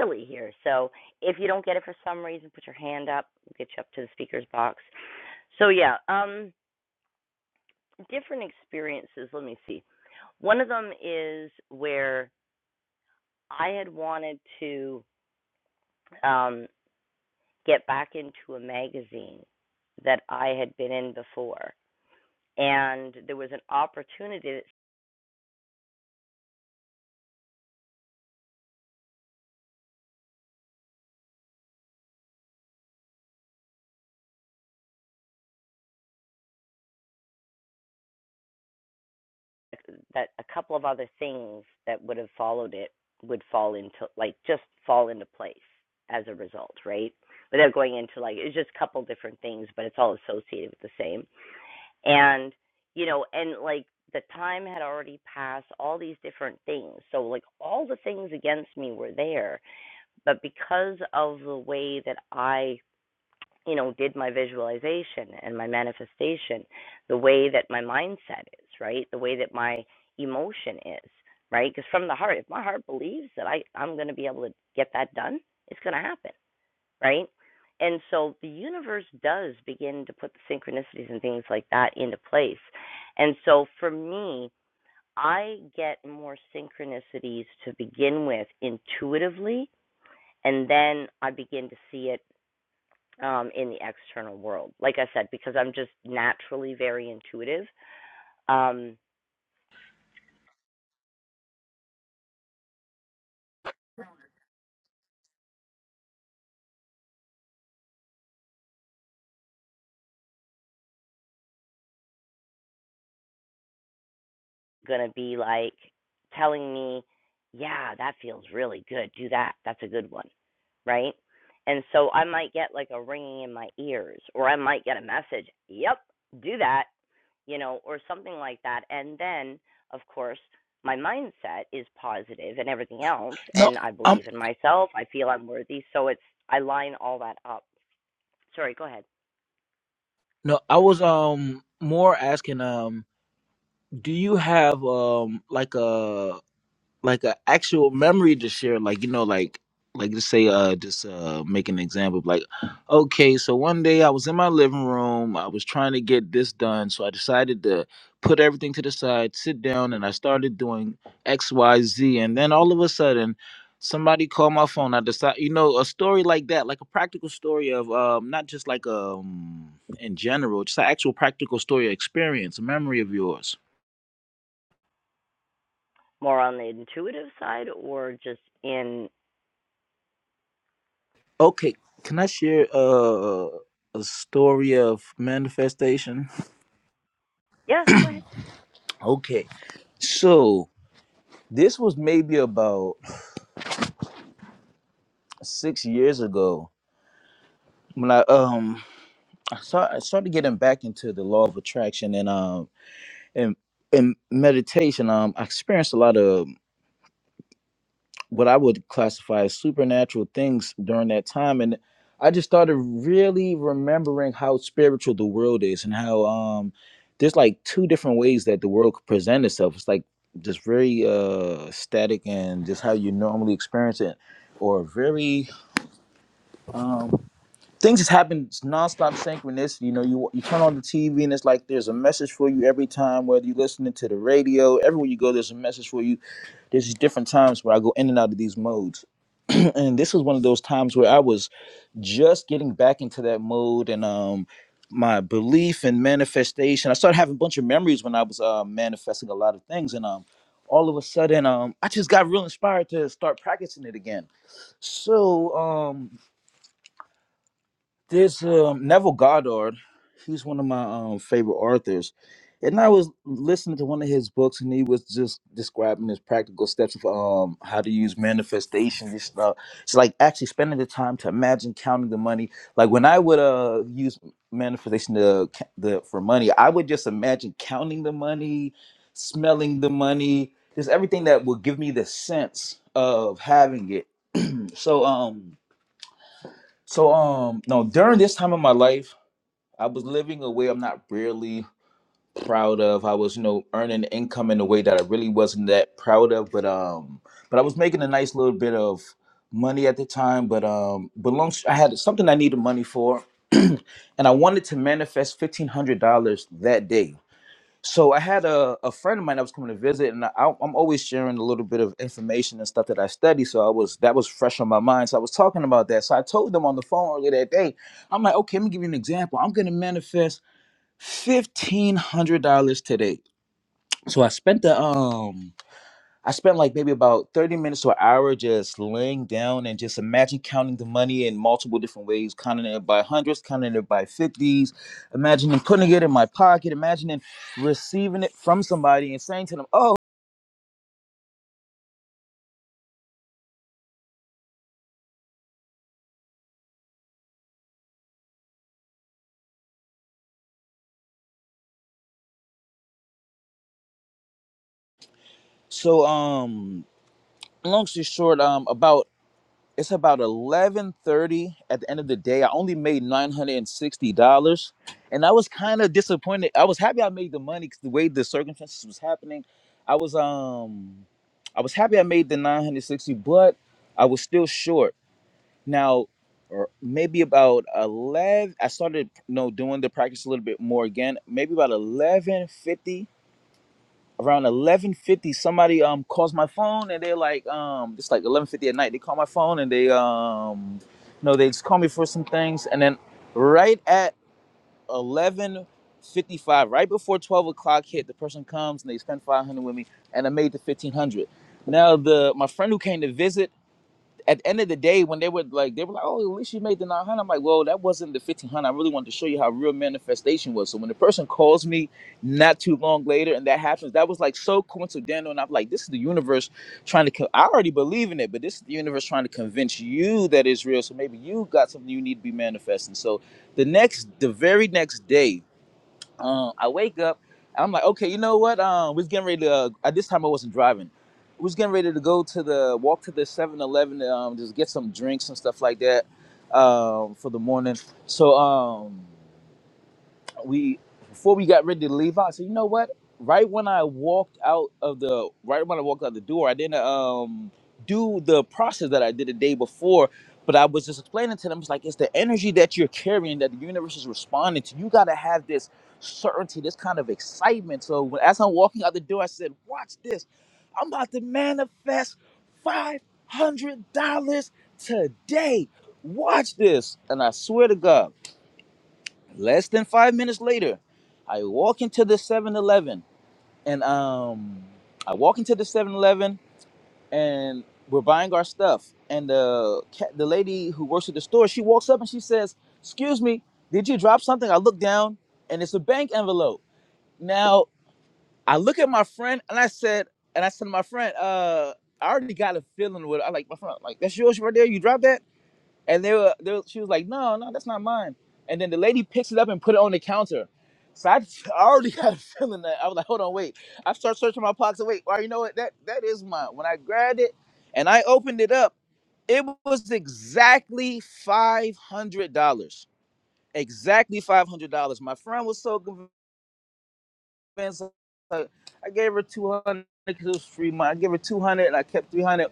A: silly here. So if you don't get it for some reason, put your hand up. We'll get you up to the speaker's box. So, yeah, um, different experiences. Let me see. One of them is where I had wanted to. Um, get back into a magazine that I had been in before. And there was an opportunity that, a couple of other things that would have followed it would fall into, like, just fall into place as a result, right? Without going into, like, it's just a couple different things, but it's all associated with the same. And, you know, and like, the time had already passed, all these different things. So, like, all the things against me were there. But because of the way that I you know, did my visualization and my manifestation, the way that my mindset is, right? The way that my emotion is, right? Because from the heart, if my heart believes that I, I'm going to be able to get that done, it's going to happen, right? And so the universe does begin to put the synchronicities and things like that into place. And so for me, I get more synchronicities to begin with intuitively, and then I begin to see it um, in the external world. Like I said, because I'm just naturally very intuitive, um, gonna be like telling me, yeah, that feels really good. Do that. That's a good one, right? And so I might get like a ringing in my ears, or I might get a message, yep, do that, you know, or something like that. And then, of course, my mindset is positive and everything else,
C: No,
A: and I
C: I'm
A: believe in myself. I feel I'm worthy, so it's I line all that up. Sorry, go ahead.
C: no. I was um more asking um, do you have um like a like an actual memory to share like you know like like just say uh just uh make an example of like okay so one day i was in my living room i was trying to get this done so i decided to put everything to the side sit down and i started doing xyz and then all of a sudden somebody called my phone i decided you know a story like that like a practical story of um not just like um in general just an actual practical story experience a memory of yours
A: more on the intuitive side or just in
C: Okay, can I share uh, a story of manifestation?
A: yeah go ahead
C: Okay, so this was maybe about six years ago when I um I, start, I started getting back into the law of attraction and um and and meditation. Um, I experienced a lot of what I would classify as supernatural things during that time. And I just started really remembering how spiritual the world is and how um there's like two different ways that the world could present itself. It's like just very uh static and just how you normally experience it. Or very um things just happen it's nonstop synchronicity. You know, you you turn on the TV and it's like there's a message for you every time, whether you're listening to the radio, everywhere you go, there's a message for you there's these different times where I go in and out of these modes. and this was one of those times where I was just getting back into that mode and um my belief and manifestation. I started having a bunch of memories when I was uh, manifesting a lot of things and um all of a sudden um I just got real inspired to start practicing it again. So um there's um, Neville Goddard. He's one of my um, favorite authors. And I was listening to one of his books, and he was just describing his practical steps of um, how to use manifestation. Just uh, it's like actually spending the time to imagine counting the money. Like when I would uh, use manifestation to, ca- the, for money, I would just imagine counting the money, smelling the money, just everything that would give me the sense of having it. So um, so um, no, during this time of my life. I was living a way I'm not really proud of. I was, you know, earning income in a way that I really wasn't that proud of, but um, but I was making a nice little bit of money at the time. But um, but long I had something I needed money for, and I wanted to manifest fifteen hundred dollars that day. So I had a, a friend of mine that was coming to visit, and I, I'm always sharing a little bit of information and stuff that I study. So I was that was fresh on my mind. So I was talking about that. So I told them on the phone earlier that day. I'm like, okay, let me give you an example. I'm gonna manifest fifteen hundred dollars today. So I spent the um I spent like maybe about thirty minutes to an hour just laying down and just imagine counting the money in multiple different ways, counting it by hundreds, counting it by fifties, imagining putting it in my pocket, imagining receiving it from somebody and saying to them, "Oh." So um, long story short, um, about It's about 11:30 at the end of the day. I only made $960 and I was kind of disappointed. I was happy I made the money cuz the way the circumstances was happening, I was um I was happy I made the 960, but I was still short. Now or maybe about 11 I started you know, doing the practice a little bit more again. Maybe about 11:50 around 11:50 somebody um calls my phone and they're like um it's like 11:50 at night they call my phone and they um you know they just call me for some things and then right at 11:55 right before 12 o'clock hit the person comes and they spend 500 with me and I made the 1500 now the my friend who came to visit at the end of the day, when they were like, they were like, "Oh, at least you made the 900." I'm like, "Well, that wasn't the 1500. I really wanted to show you how real manifestation was." So when the person calls me not too long later, and that happens, that was like so coincidental. And I'm like, "This is the universe trying to. Co- I already believe in it, but this is the universe trying to convince you that it's real. So maybe you got something you need to be manifesting." So the next, the very next day um, I wake up. I'm like, okay, you know what? Um, we was getting ready to. Uh, at this time, I wasn't driving. We was getting ready to go to the walk to the Seven Eleven 11 um, just get some drinks and stuff like that um, for the morning. So um, we before we got ready to leave out, I said, you know what? Right when I walked out of the right when I walked out the door, I didn't um do the process that I did the day before. But I was just explaining to them, it's like it's the energy that you're carrying that the universe is responding to. You gotta have this certainty, this kind of excitement. So when, as I'm walking out the door, I said, "Watch this! I'm about to manifest five hundred dollars today. Watch this!" And I swear to God. Less than five minutes later, I walk into the Seven Eleven, and um, I walk into the Seven Eleven, and we're buying our stuff. And the, ca- the lady who works at the store, she walks up and she says, Excuse me, did you drop something? I look down and it's a bank envelope. Now, I look at my friend and I said, and I said to my friend, uh, I already got a feeling with I like my friend, like that's yours right there. You dropped that? And they were, they were, she was like, no, no, that's not mine. And then the lady picks it up and put it on the counter. So I, I already had a feeling that I was like, hold on, wait. I start searching my pockets. Wait, well, you know what? That that is mine. When I grabbed it and I opened it up, it was exactly five hundred dollars. Exactly five hundred dollars. My friend was so convinced. like, I gave her two hundred because it was free money. I gave her two hundred and I kept three hundred.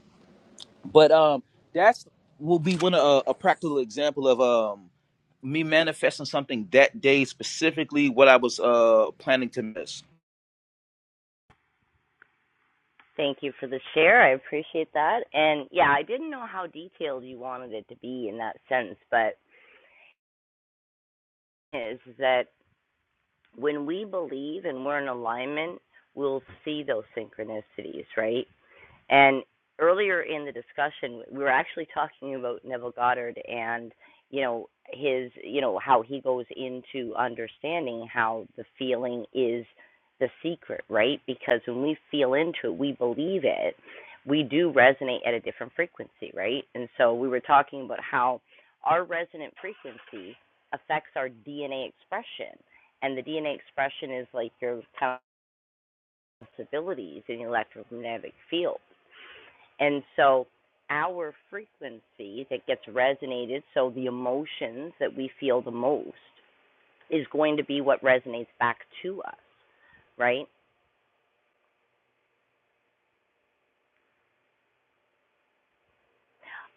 C: But um, that's will be one of a, a practical example of um me manifesting something that day specifically what I was uh planning to miss.
A: thank you for the share i appreciate that and yeah i didn't know how detailed you wanted it to be in that sense but is that when we believe and we're in alignment we'll see those synchronicities right And earlier in the discussion, we were actually talking about Neville Goddard and, you know, his, you know, how he goes into understanding how the feeling is the secret, right? Because when we feel into it, we believe it, we do resonate at a different frequency, right? And so we were talking about how our resonant frequency affects our DNA expression. And the DNA expression is like your possibilities in the electromagnetic field. And so our frequency that gets resonated, so the emotions that we feel the most, is going to be what resonates back to us, right?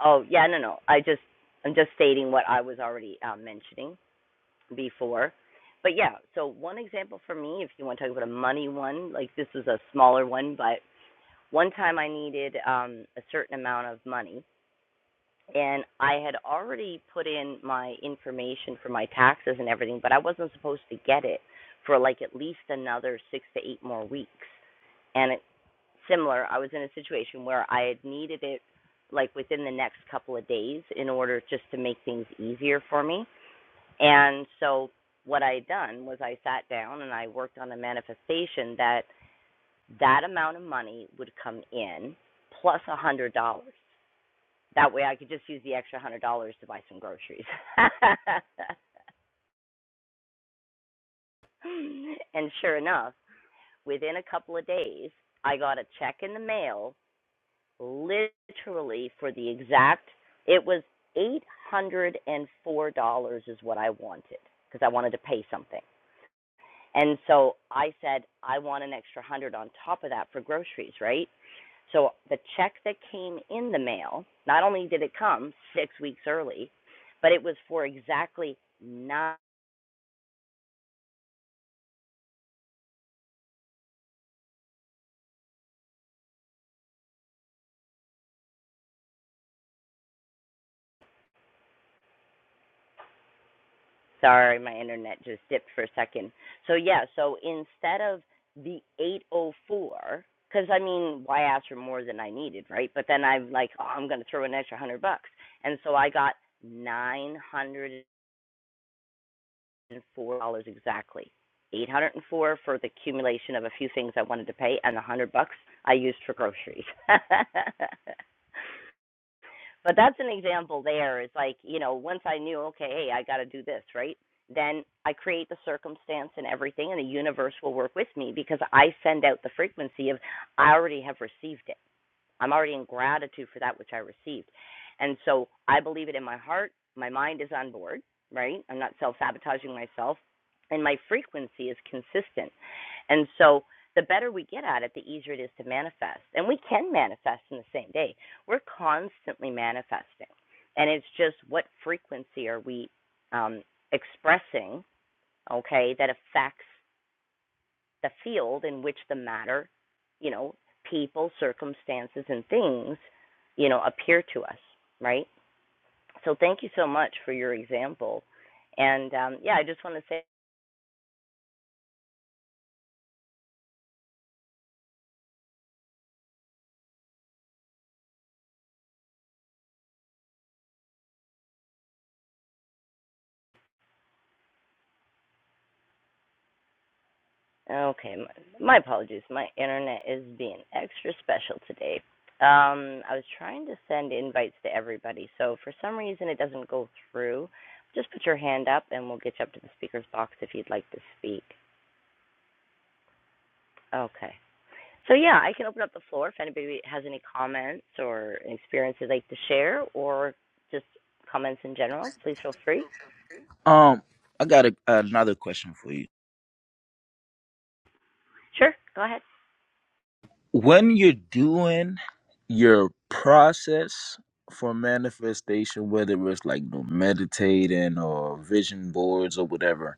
A: Oh, yeah, no, no. I just, I'm just stating what I was already uh, mentioning before. But yeah, so one example for me, if you want to talk about a money one, like this is a smaller one, but one time I needed um, a certain amount of money and I had already put in my information for my taxes and everything, but I wasn't supposed to get it for like at least another six to eight more weeks. And it, similar, I was in a situation where I had needed it like within the next couple of days in order just to make things easier for me. And so what I had done was I sat down and I worked on a manifestation that that amount of money would come in plus a hundred dollars that way I could just use the extra one hundred dollars to buy some groceries. and sure enough, within a couple of days, I got a check in the mail literally for the exact it was eight hundred and four dollars is what I wanted because I wanted to pay something. And so I said, I want an extra hundred on top of that for groceries, right? So the check that came in the mail, not only did it come six weeks early, but it was for exactly nine. Sorry, my internet just dipped for a second. So yeah, so instead of the 804, because I mean, why ask for more than I needed, right? But then I'm like, oh, I'm going to throw an extra hundred bucks, and so I got nine hundred eight hundred four dollars exactly. Eight hundred and four dollars for the accumulation of a few things I wanted to pay, and the one hundred bucks I used for groceries. but that's an example. There is like you know, once I knew, okay, hey, I got to do this, right? Then I create the circumstance and everything, and the universe will work with me because I send out the frequency of I already have received it. I'm already in gratitude for that which I received. And so I believe it in my heart. My mind is on board, right? I'm not self sabotaging myself. And my frequency is consistent. And so the better we get at it, the easier it is to manifest. And we can manifest in the same day. We're constantly manifesting. And it's just what frequency are we um, expressing, okay, that affects the field in which the matter, you know, people, circumstances, and things, you know, appear to us, right? So thank you so much for your example. And um, yeah, I just want to say, okay, my, my apologies. My internet is being extra special today. Um, I was trying to send invites to everybody, so for some reason it doesn't go through. Just put your hand up and we'll get you up to the speaker's box if you'd like to speak. Okay. So yeah, I can open up the floor if anybody has any comments or experiences they'd like to share, or just comments in general. Please feel free.
C: Um, I got a, another question for you.
A: Sure, go ahead.
C: When you're doing your process for manifestation, whether it's like you know, meditating or vision boards or whatever,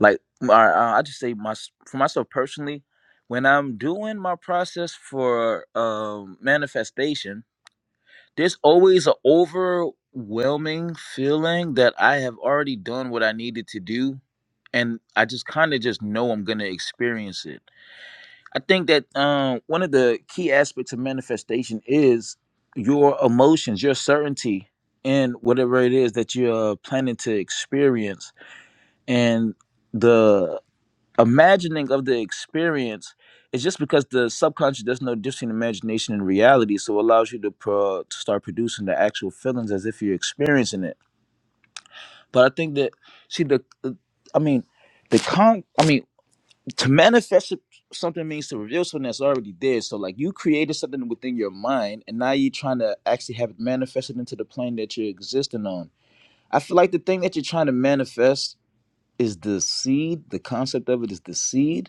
C: like I, I I just say my for myself personally, when I'm doing my process for um manifestation. there's always an overwhelming feeling that I have already done what I needed to do, and I just kind of just know I'm gonna experience it. I think that um, one of the key aspects of manifestation is your emotions, your certainty in whatever it is that you're planning to experience, and the imagining of the experience is just because the subconscious does no difference in imagination and reality, so it allows you to pro- to start producing the actual feelings as if you're experiencing it. But I think that see the, the- I mean, the con. I mean, to manifest it- something means to reveal something that's already there. So like you created something within your mind, and now you're trying to actually have it manifested into the plane that you're existing on. I feel like the thing that you're trying to manifest is the seed. The concept of it is the seed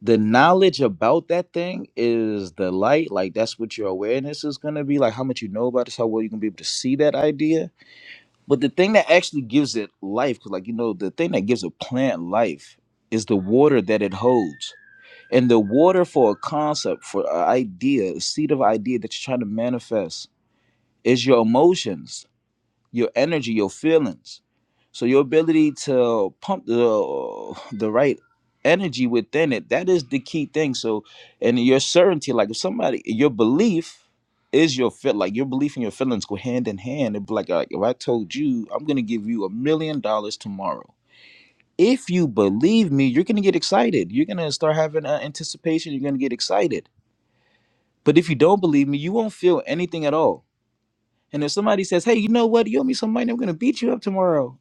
C: the knowledge about that thing is the light. Like that's what your awareness is gonna be. Like how much you know about this, how well you can be able to see that idea. But the thing that actually gives it life, because like you know, the thing that gives a plant life is the water that it holds. And the water for a concept, for an idea, a seed of idea that you're trying to manifest is your emotions your energy, your feelings. So your ability to pump the the right energy within it, that is the key thing. So and your certainty, like if somebody your belief is your fit like your belief and your feelings go hand in hand. It'd be like, like if I told you I'm gonna give you a million dollars tomorrow. If you believe me, you're gonna get excited. You're gonna start having uh, anticipation. You're gonna get excited. But if you don't believe me, you won't feel anything at all. And if somebody says, "Hey, you know what? You owe me some money. I'm gonna beat you up tomorrow,"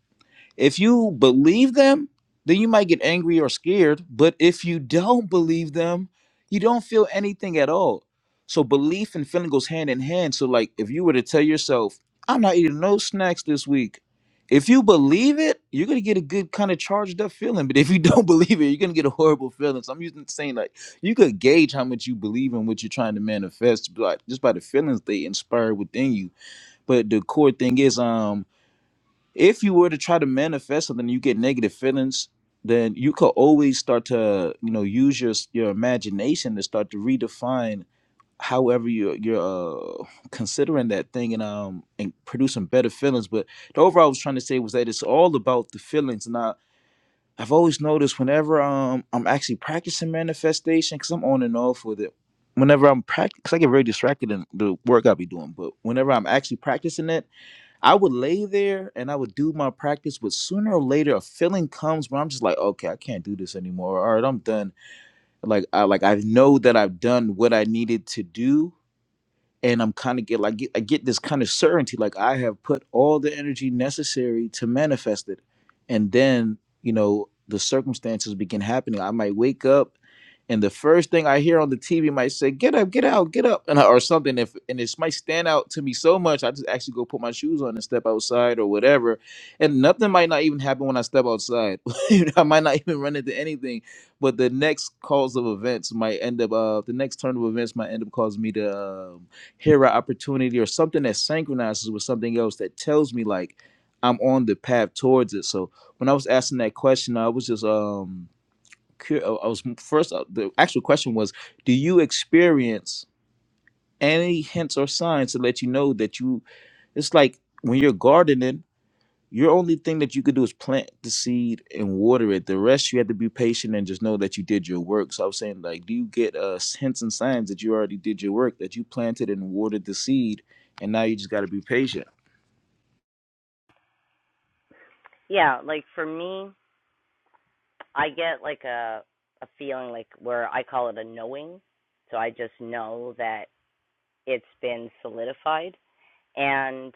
C: If you believe them, then you might get angry or scared. But if you don't believe them, you don't feel anything at all. So belief and feeling goes hand in hand. So like if you were to tell yourself, I'm not eating no snacks this week. If you believe it, you're gonna get a good kind of charged up feeling. But if you don't believe it, you're gonna get a horrible feeling. So I'm using saying like you could gauge how much you believe in what you're trying to manifest, but just by the feelings they inspire within you. But the core thing is, um, if you were to try to manifest something you get negative feelings then you could always start to you know use your your imagination to start to redefine however you're you're uh, considering that thing and um and producing better feelings but the overall i was trying to say was that it's all about the feelings and i i've always noticed whenever um i'm actually practicing manifestation because i'm on and off with it whenever i'm practicing i get very distracted in the work i be doing but whenever i'm actually practicing it I would lay there and I would do my practice, but sooner or later a feeling comes where I'm just like, okay, I can't do this anymore. All right, I'm done. Like I like I know that I've done what I needed to do and I'm kind of get like I get this kind of certainty, like I have put all the energy necessary to manifest it, and then you know the circumstances begin happening. I might wake up, and the first thing I hear on the TV might say, "Get up, get out, get up," and or something. If and this might stand out to me so much, I just actually go put my shoes on and step outside or whatever, and nothing might not even happen when I step outside. I might not even run into anything, but the next cause of events might end up. Uh, the next turn of events might end up causing me to. Um, here an opportunity or something that synchronizes with something else that tells me like I'm on the path towards it. So when I was asking that question, I was just um cur- I was first uh, the actual question was, do you experience any hints or signs to let you know that you? It's like when you're gardening. Your only thing that you could do is plant the seed and water it. The rest you have to be patient and just know that you did your work. So I was saying, like, do you get uh hints and signs that you already did your work, that you planted and watered the seed, and now you just gotta be patient.
A: Yeah, like for me, I get like a a feeling like where I call it a knowing. So I just know that it's been solidified, and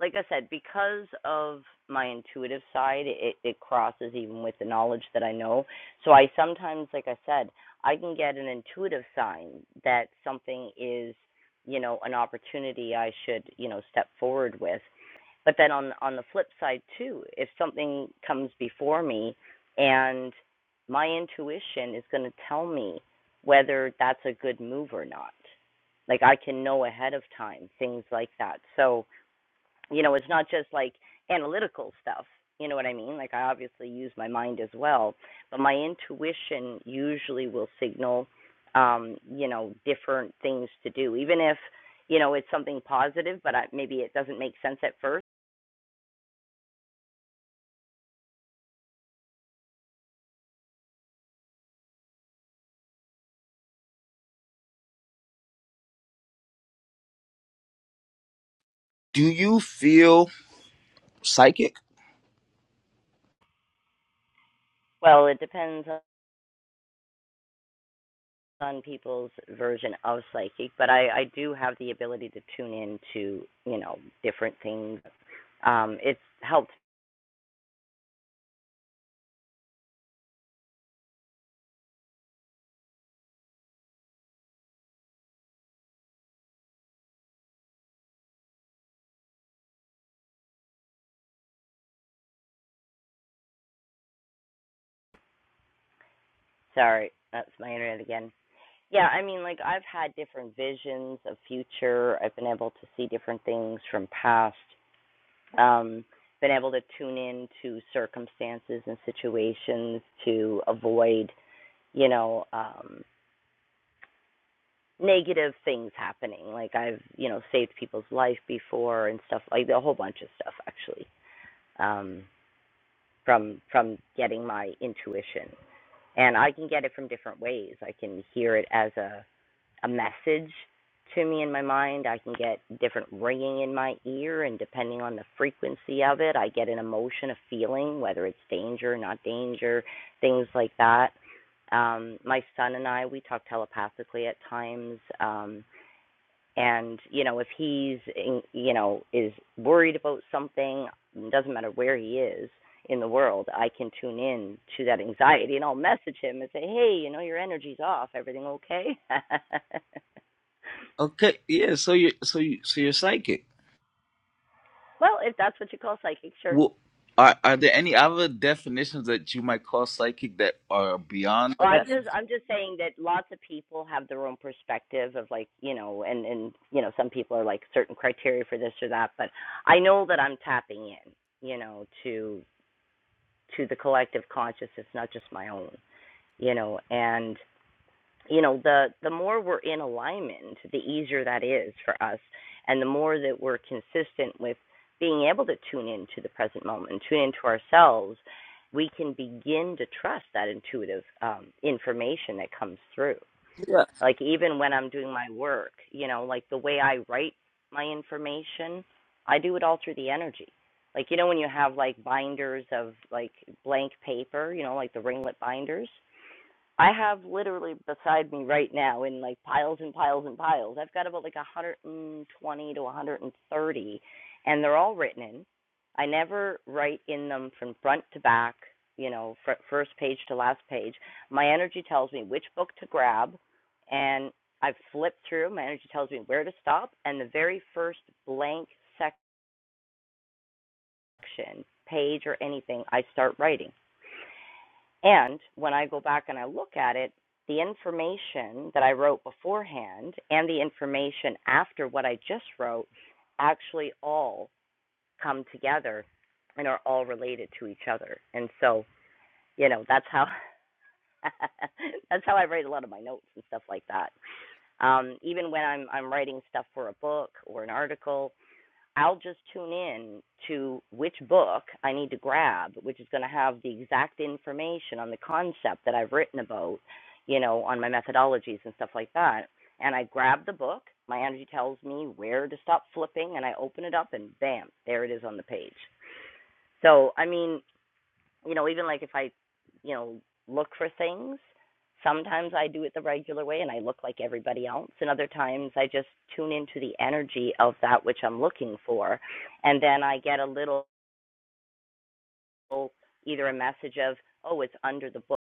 A: like I said, because of my intuitive side, it, it crosses even with the knowledge that I know. So I sometimes, like I said, I can get an intuitive sign that something is, you know, an opportunity I should, you know, step forward with. But then on on the flip side too, if something comes before me and my intuition is going to tell me whether that's a good move or not. Like I can know ahead of time things like that. So you know it's not just like analytical stuff you know what i mean like i obviously use my mind as well but my intuition usually will signal um you know different things to do even if you know it's something positive but I, maybe it doesn't make sense at first
C: Do you feel psychic?
A: well it depends on people's version of psychic but i i do have the ability to tune in to you know different things um it's helped sorry that's my internet again Yeah, I mean, like I've had different visions of future. I've been able to see different things from past. Um, been able to tune in to circumstances and situations to avoid, you know, um, negative things happening. Like I've, you know, saved people's life before and stuff like a whole bunch of stuff actually. Um, from from getting my intuition, and I can get it from different ways. I can hear it as a a message to me in my mind. I can get different ringing in my ear, and depending on the frequency of it, I get an emotion, a feeling, whether it's danger, not danger, things like that. Um, my son and I, we talk telepathically at times. Um, and you know, if he's in, you know is worried about something, it doesn't matter where he is in the world, I can tune in to that anxiety, and I'll message him and say, "Hey, you know, your energy's off. Everything okay?"
C: Okay, yeah, so you're so you so you're psychic.
A: Well, if that's what you call psychic, sure.
C: Well are, are there any other definitions that you might call psychic that are beyond
A: Oh, I'm
C: that?
A: just I'm just saying that lots of people have their own perspective of like you know, and and you know, some people are like certain criteria for this or that. But I know that I'm tapping in, you know, to to the collective consciousness, not just my own, you know, and you know the the more we're in alignment the easier that is for us and the more that we're consistent with being able to tune into the present moment tune into ourselves we can begin to trust that intuitive um, information that comes through
C: Yeah.
A: like even when i'm doing my work you know like the way i write my information i do it all through the energy like you know when you have like binders of like blank paper you know like the ringlet binders I have literally beside me right now in like piles and piles and piles. I've got about like 120 to 130, and they're all written in. I never write in them from front to back, you know, fr- first page to last page. My energy tells me which book to grab, and I've flipped through. My energy tells me where to stop, and the very first blank section, page, or anything, I start writing. And when I go back and I look at it, the information that I wrote beforehand and the information after what I just wrote actually all come together and are all related to each other. And so, you know, that's how that's how I write a lot of my notes and stuff like that. Um, even when I'm I'm writing stuff for a book or an article, I'll just tune in to which book I need to grab, which is going to have the exact information on the concept that I've written about, you know, on my methodologies and stuff like that. And I grab the book, my energy tells me where to stop flipping, and I open it up, and bam, there it is on the page. So, I mean, you know, even like if I, you know, look for things, sometimes I do it the regular way and I look like everybody else, and other times I just tune into the energy of that which I'm looking for, and then I get a little either a message of oh it's under the book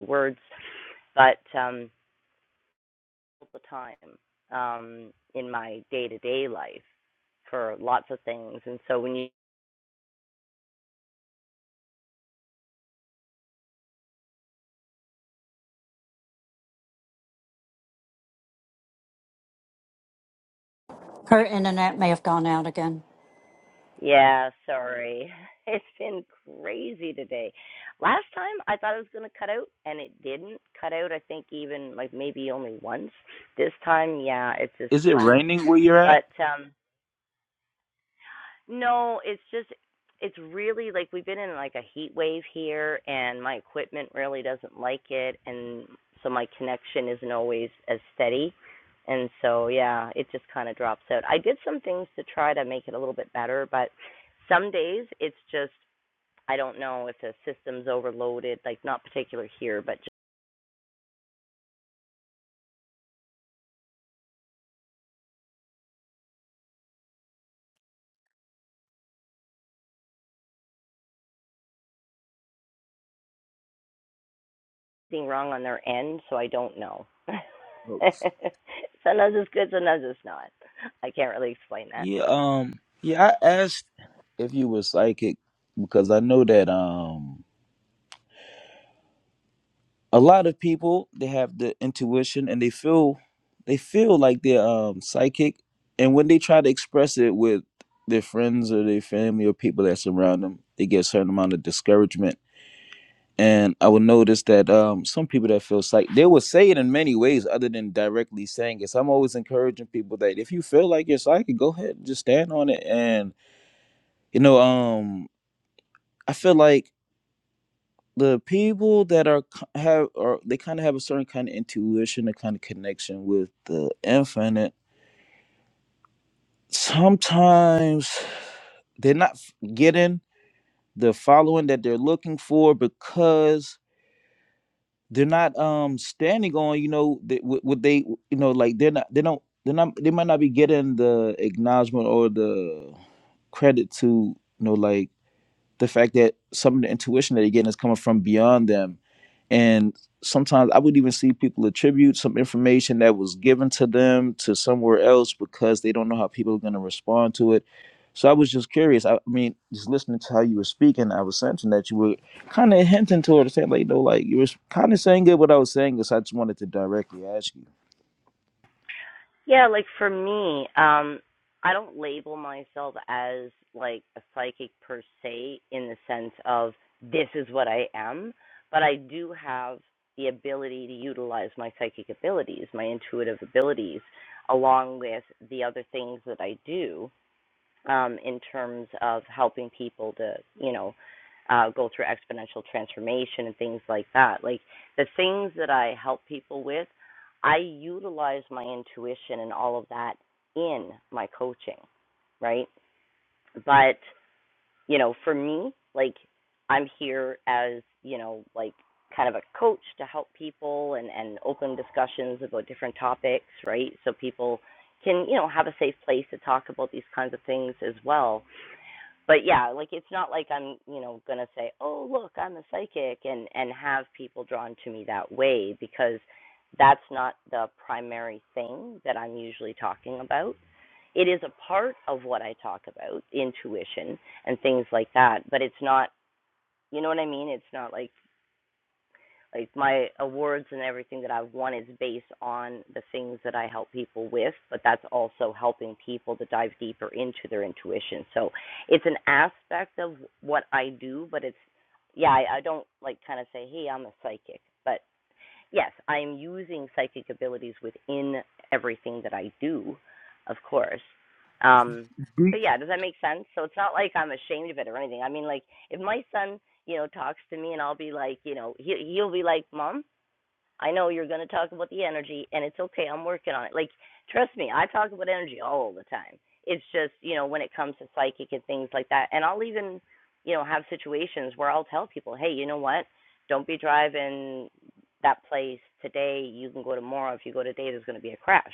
A: words, but um, all the time um, in my day to day life for lots of things, and so when you
D: Her internet may have gone out again.
A: Yeah, sorry. It's been crazy today. Last time I thought it was going to cut out and it didn't cut out, I think even like maybe only once. This time, yeah, it's just
C: Is it
A: funny.
C: raining where you're at?
A: But um no, it's just it's really like we've been in like a heat wave here and my equipment really doesn't like it and so my connection isn't always as steady. And so yeah, it just kind of drops out. I did some things to try to make it a little bit better, but some days it's just I don't know if the system's overloaded, like not particular here, but just being wrong on their end, so I don't know. sometimes it's good, sometimes it's not. I can't really explain that.
C: Yeah, um, yeah, I asked if you were psychic because I know that um a lot of people they have the intuition and they feel they feel like they're um psychic and when they try to express it with their friends or their family or people that surround them, they get a certain amount of discouragement. And I will notice that um, some people that feel psychic, they will say it in many ways other than directly saying it. So I'm always encouraging people that if you feel like you're psychic, go ahead and just stand on it. And, you know, um, I feel like the people that are have or they kind of have a certain kind of intuition, a kind of connection with the infinite. Sometimes they're not getting the following that they're looking for because they're not um standing on you know th- what what they you know like they're not they don't they're not they might not be getting the acknowledgement or the credit to you know like the fact that some of the intuition that they're getting is coming from beyond them. And sometimes I would even see people attribute some information that was given to them to somewhere else because they don't know how people are going to respond to it. So I was just curious. I I mean, just listening to how you were speaking, I was sensing that you were kind of hinting toward saying, like, you know, like you were kind of saying good what I was saying. Is I just wanted to directly ask
A: Yeah, like for me, um, I don't label myself as like a psychic per se in the sense of this is what I am, but I do have the ability to utilize my psychic abilities, my intuitive abilities, along with the other things that I do um, in terms of helping people to, you know, uh, go through exponential transformation and things like that. Like the things that I help people with, I utilize my intuition and all of that in my coaching, right? But, you know, for me, like I'm here as, you know, like kind of a coach to help people and, and open discussions about different topics, right? So people can, you know, have a safe place to talk about these kinds of things as well but yeah, like it's not like I'm, you know, gonna say, "Oh, look, I'm a psychic," and and have people drawn to me that way because that's not the primary thing that I'm usually talking about. It is a part of what I talk about, intuition and things like that, but it's not, you know what I mean? It's not like like my awards and everything that I've won is based on the things that I help people with, but that's also helping people to dive deeper into their intuition. So it's an aspect of what I do, but it's yeah, I, I don't like kind of say, hey, I'm a psychic, but yes, I'm using psychic abilities within everything that I do, of course. Um,
C: you.
A: but yeah, does that make sense? So it's not like I'm ashamed of it or anything. I mean, like if my son, you know, talks to me and I'll be like, you know, he he'll be like, "Mom, I know you're going to talk about the energy, and it's okay. I'm working on it. Like, trust me, I talk about energy all the time. It's just, you know, when it comes to psychic and things like that. And I'll even, you know, have situations where I'll tell people, hey, you know what? Don't be driving that place today. You can go tomorrow. If you go today, there's going to be a crash.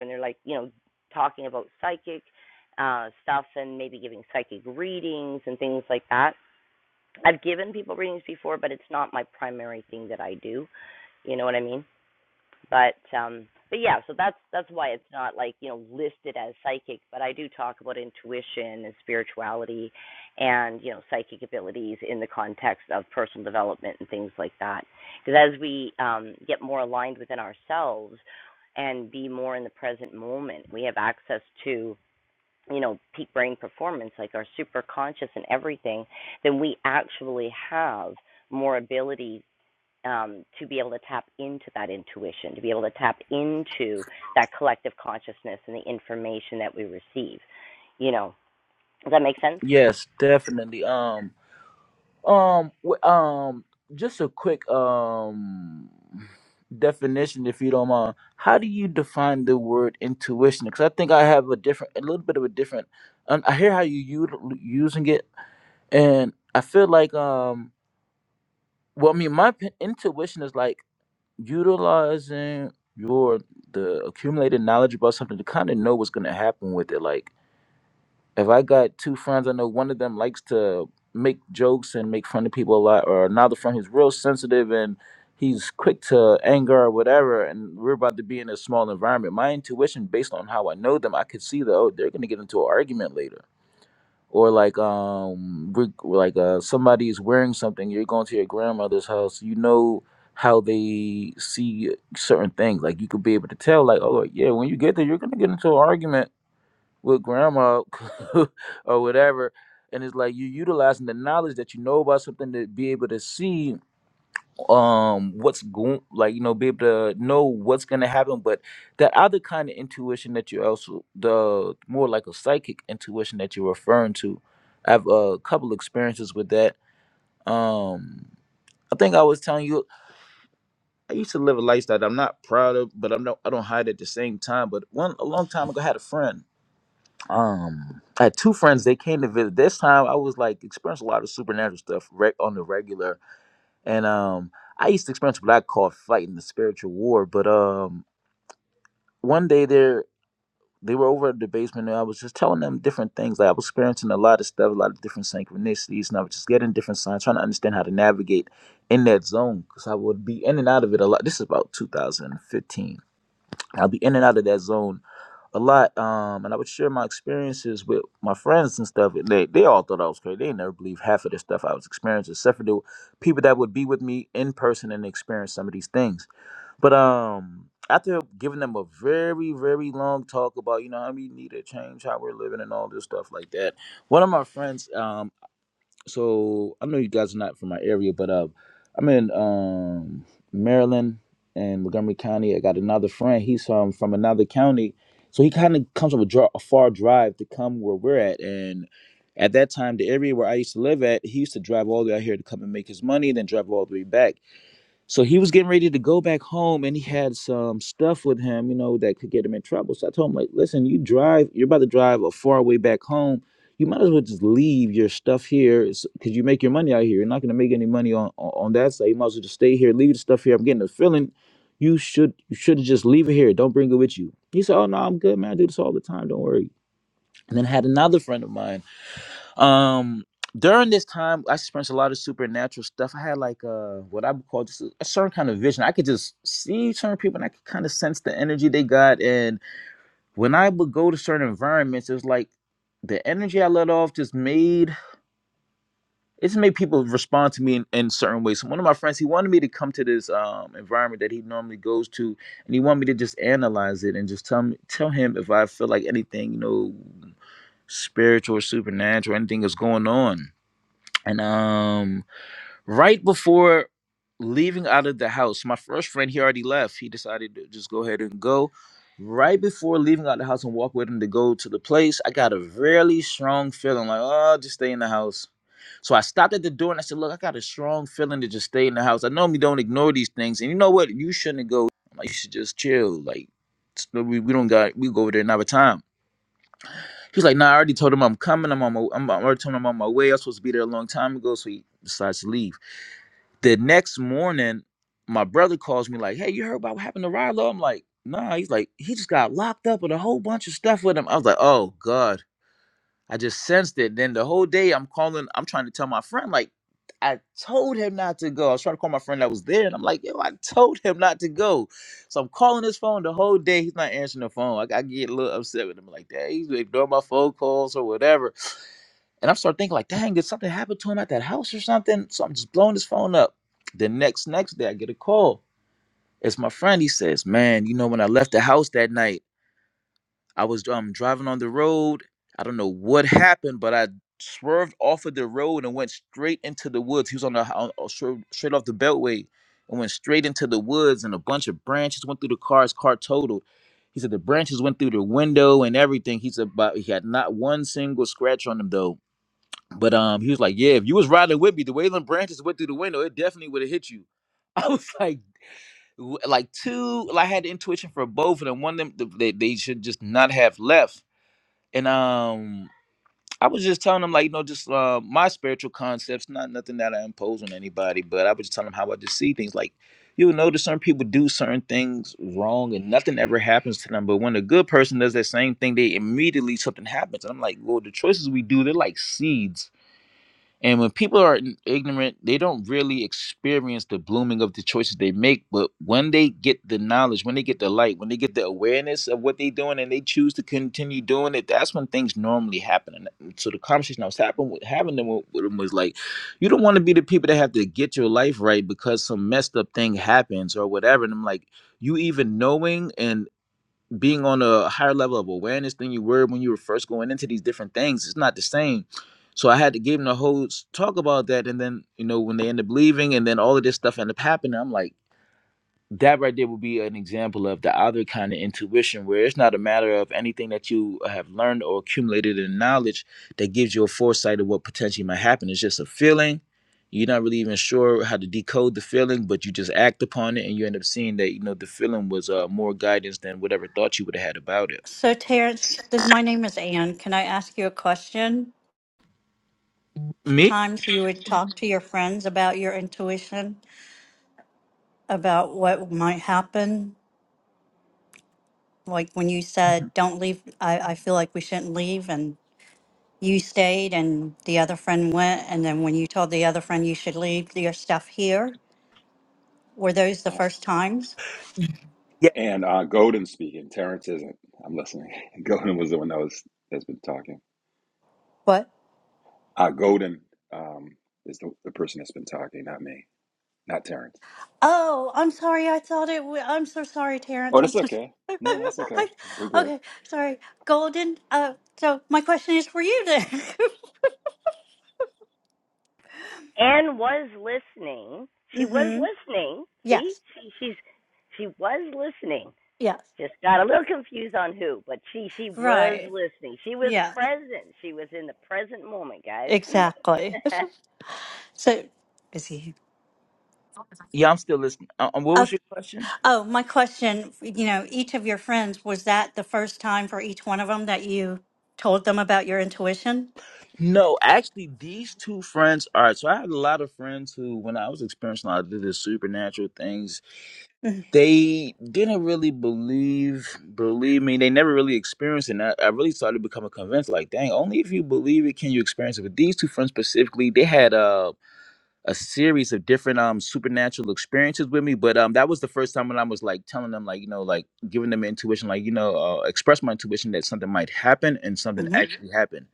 A: And they're like, you know, talking about psychic uh, stuff and maybe giving psychic readings and things like that. I've given people readings before, but it's not my primary thing that I do. You know what I mean? But um but yeah, so that's that's why it's not like, you know, listed as psychic, but I do talk about intuition and spirituality and, you know, psychic abilities in the context of personal development and things like that. Because as we um get more aligned within ourselves and be more in the present moment, we have access to you know peak brain performance like our super conscious and everything then we actually have more ability um, to be able to tap into that intuition, to be able to tap into that collective consciousness and the information that we receive. You know, does that make sense?
C: Yes, definitely. Um, Um, w- um, just a quick um definition, if you don't mind. How do you define the word intuition? Because I think I have a different, a little bit of a different. And I hear how you u- using it, and I feel like um, well, I mean, my p- intuition is like utilizing your the accumulated knowledge about something to kind of know what's going to happen with it, like if I got two friends, I know one of them likes to make jokes and make fun of people a lot, or another friend who's real sensitive and he's quick to anger or whatever, and we're about to be in a small environment. My intuition, based on how I know them, I could see that oh, they're gonna get into an argument later, or like um, we're, like uh, somebody's wearing something. You're going to your grandmother's house, you know how they see certain things. Like you could be able to tell, like oh yeah, when you get there, you're gonna get into an argument with grandma or whatever and it's like you utilizing the knowledge that you know about something to be able to see um what's going like you know be able to know what's going to happen but that other kind of intuition that you also the more like a psychic intuition that you're referring to i have a couple experiences with that um i think i was telling you i used to live a lifestyle that i'm not proud of but i'm not i don't hide at the same time but one a long time ago i had a friend um I had two friends they came to visit this time I was like experiencing a lot of supernatural stuff re- on the regular and um I used to experience what I call fighting the spiritual war but um one day there they were over at the basement and I was just telling them different things like I was experiencing a lot of stuff a lot of different synchronicities and I was just getting different signs trying to understand how to navigate in that zone because I would be in and out of it a lot this is about 2015 I'll be in and out of that zone a lot, um, and I would share my experiences with my friends and stuff. and They they all thought I was crazy. They never believed half of the stuff I was experiencing, except for the people that would be with me in person and experience some of these things. But um, after giving them a very very long talk about you know how we need to change how we're living and all this stuff like that, one of my friends um so I know you guys are not from my area, but uh, I'm in um, Maryland and Montgomery County. I got another friend. He's um, from another county, so he kind of comes from a, dra- a far drive to come where we're at. And at that time, the area where I used to live at, he used to drive all the way out here to come and make his money, then drive all the way back. So he was getting ready to go back home and he had some stuff with him, you know, that could get him in trouble. So I told him, like, listen, you drive, you're about to drive a far way back home. You might as well just leave your stuff here because you make your money out here. You're not going to make any money on, on on that side. You might as well just stay here, leave the stuff here. I'm getting a feeling you should you should just leave it here. Don't bring it with you. He said, oh, no, I'm good, man. I do this all the time. Don't worry. And then I had another friend of mine um, during this time, I experienced a lot of supernatural stuff. I had like uh what I would call just a, a certain kind of vision. I could just see certain people, and I could kind of sense the energy they got. And when I would go to certain environments, it was like the energy I let off just made it just made people respond to me in, in certain ways. So one of my friends, he wanted me to come to this um environment that he normally goes to, and he wanted me to just analyze it and just tell me tell him if I feel like anything, you know, spiritual or supernatural, anything is going on and um right before leaving out of the house my first friend he already left he decided to just go ahead and go right before leaving out the house and walk with him to go to the place i got a really strong feeling like oh just stay in the house so i stopped at the door and i said look i got a strong feeling to just stay in the house i normally don't ignore these things and you know what you shouldn't go like you should just chill like we, we don't got we go over there another time He's like, nah, I already told him I'm coming. I'm on my, I'm, I already told him I'm on my way. I was supposed to be there a long time ago. So he decides to leave. The next morning, my brother calls me like, hey, you heard about what happened to Rilo? I'm like, nah. He's like, he just got locked up with a whole bunch of stuff with him. I was like, oh God. I just sensed it. Then the whole day I'm calling, I'm trying to tell my friend, like, I told him not to go. I was trying to call my friend that was there, and I'm like, yo, I told him not to go. So I'm calling his phone the whole day. He's not answering the phone. I, I get a little upset with him, like, dang, he's ignoring my phone calls or whatever. And i start thinking, like, dang, did something happen to him at that house or something? So I'm just blowing his phone up. The next next day, I get a call. It's my friend. He says, man, you know, when I left the house that night. I was um driving on the road. I don't know what happened, but I swerved off of the road and went straight into the woods. He was on the on, on- straight straight off the beltway and went straight into the woods, and a bunch of branches went through the car. His car totaled. He said the branches went through the window and everything. He said, but he had not one single scratch on him though. But um, he was like, yeah, if you was riding with me, the way them branches went through the window, it definitely would have hit you. I was like, w- like two. Like I had the intuition for both of them. One of them, th- they, they should just not have left and um i was just telling them like you know just uh my spiritual concepts not nothing that i impose on anybody but i was just telling them how i just see things like you'll notice certain people do certain things wrong and nothing ever happens to them but when a good person does that same thing they immediately something happens and i'm like well the choices we do they're like seeds and when people are n- ignorant, they don't really experience the blooming of the choices they make. But when they get the knowledge, when they get the light, when they get the awareness of what they're doing and they choose to continue doing it, that's when things normally happen. And uh, so the conversation I was having with, having them with, with them was like, you don't want to be the people that have to get your life right because some messed up thing happens or whatever. And I'm like, you even knowing and being on a higher level of awareness than you were when you were first going into these different things. It's not the same. So I had to give them the whole s- talk about that. And then, you know, when they end up leaving and then all of this stuff end up happening, I'm like, that right there would be an example of the other kind of intuition where it's not a matter of anything that you have learned or accumulated in knowledge that gives you a foresight of what potentially might happen. It's just a feeling. You're not really even sure how to decode the feeling, but you just act upon it and you end up seeing that, you know, the feeling was uh, more guidance than whatever thought you would have had about it.
D: So, Terrence, this, my name is Anne. Can I ask you a question?
C: Me?
D: Times you would talk to your friends about your intuition, about what might happen. Like when you said, don't leave, I, I feel like we shouldn't leave. And you stayed, and the other friend went. And then when you told the other friend you should leave your stuff here, were those the
E: Uh,
D: first times?
C: Yeah,
E: and uh, Godin speaking. Terrence isn't. I'm listening. Godin was the one that was that's been talking.
D: What?
E: Uh, Godin um, is the, the person that's been talking, not me, not Terrence.
D: Oh, I'm sorry. I thought it. wa- I'm so sorry,
E: Oh,
D: Terrence. I'm
E: that's
D: so
E: okay.
D: sorry.
E: No, that's okay. We're good.
D: okay, sorry. Golden. Uh, so my question is for you then.
A: Anne was listening. She was
D: mm-hmm.
A: listening. See,
D: Yes.
A: she, she's she was listening.
D: Yes.
A: Just got a little confused on who, but she she was
D: Right.
A: listening. She was
D: Yes.
A: present. She was in the present moment, guys.
D: Exactly. So busy.
C: yeah, I'm still listening. Uh, um, what
D: Oh,
C: was your question?
D: oh, my question. You know, each of your friends was that the first time for each one of them that you told them about your intuition?
C: No, actually, these two friends. All right, so I had a lot of friends who, when I was experiencing a lot of the supernatural things they didn't really believe believe me they never really experienced it and I, I really started becoming convinced like dang only if you believe it can you experience it but these two friends specifically they had a a series of different um supernatural experiences with me but um that was the first time when i was like telling them like you know like giving them intuition like you know uh, express my intuition that something might happen and something
D: Mm-hmm.
C: Mhm. actually happened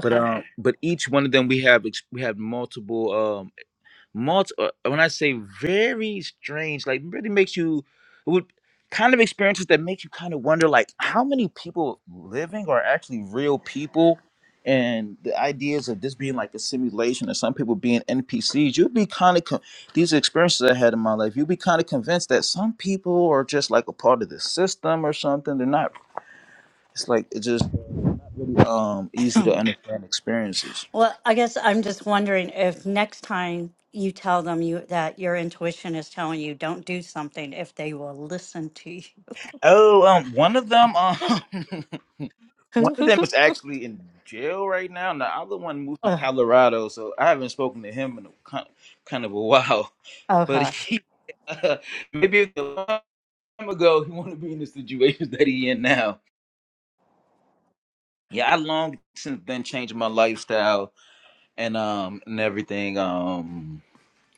C: but um but each one of them we have ex- we have multiple um, Multi, uh, when I say very strange, like really makes you would kind of experiences that make you kind of wonder, like how many people living are actually real people, and the ideas of this being like a simulation and some people being NPCs. You'd be kind of con- these experiences I had in my life. You'd be kind of convinced that some people are just like a part of the system or something. They're not. It's like it's just um easy to understand experiences.
D: Well, I guess I'm just wondering if next time you tell them you that your intuition is telling you don't do something, if they will listen to you.
C: Oh, um, one of them. Um, One of them is actually in jail right now, and the other one moved to
D: Ugh.
C: Colorado. So I haven't spoken to him in a, kin- kind of a while. But
D: okay,
C: he, uh, maybe a long time ago, he wanted to be in the situation that he in now. Yeah, I long since then changed my lifestyle and um and everything. Um,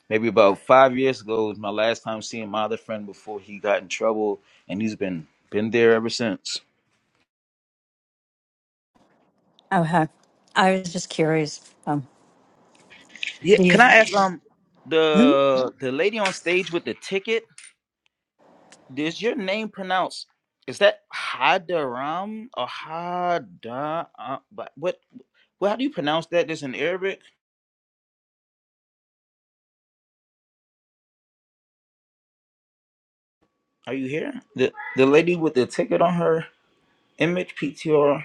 C: maybe about five years ago was my last time seeing my other friend before he got in trouble, and he's been been there ever since.
D: okay. I was just curious. Um,
C: Yeah,
D: do you,
C: can I ask um
D: Hmm?
C: the the lady on stage with the ticket? Is your name pronounced? Is that Hadaram or Hada? uh, But what? Well, how do you pronounce that? This in Arabic. Are you here? The the lady with the ticket on her image PTR.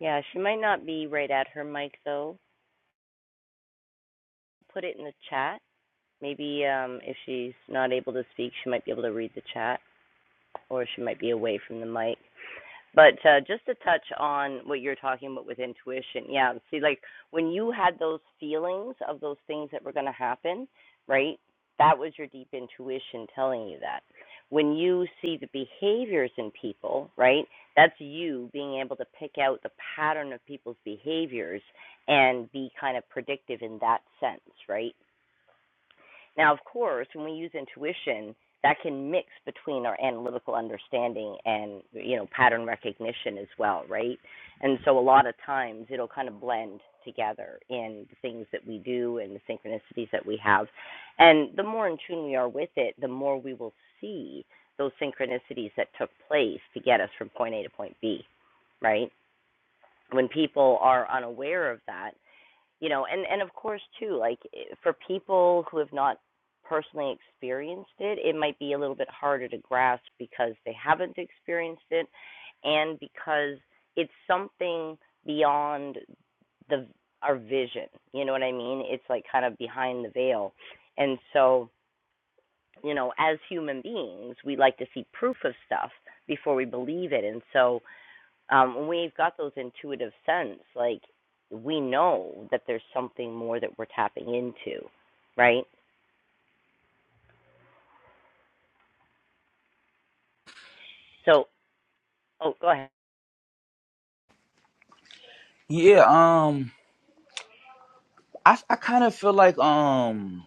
A: yeah, she might not be right at her mic though. Put it in the chat. Maybe um, if she's not able to speak, she might be able to read the chat, or she might be away from the mic. But uh, just to touch on what you're talking about with intuition, yeah. See, like when you had those feelings of those things that were going to happen, right? That was your deep intuition telling you that. When you see the behaviors in people, right? That's you being able to pick out the pattern of people's behaviors and be kind of predictive in that sense, right? Now, of course, when we use intuition, that can mix between our analytical understanding and you know pattern recognition as well, right? And so a lot of times it'll kind of blend together in the things that we do and the synchronicities that we have. And the more in tune we are with it, the more we will see those synchronicities that took place to get us from point A to point B, right? When people are unaware of that, you know and and of course too like eh, for people who have not personally experienced it it might be a little bit harder to grasp because they haven't experienced it and because it's something beyond the our vision you know what i mean it's like kind of behind the veil and so you know as human beings we like to see proof of stuff before we believe it and so um, when we've got those intuitive sense, like we know that there's something more that we're tapping into, right? So, oh, go ahead.
C: Yeah. Um. I I kind of feel like um.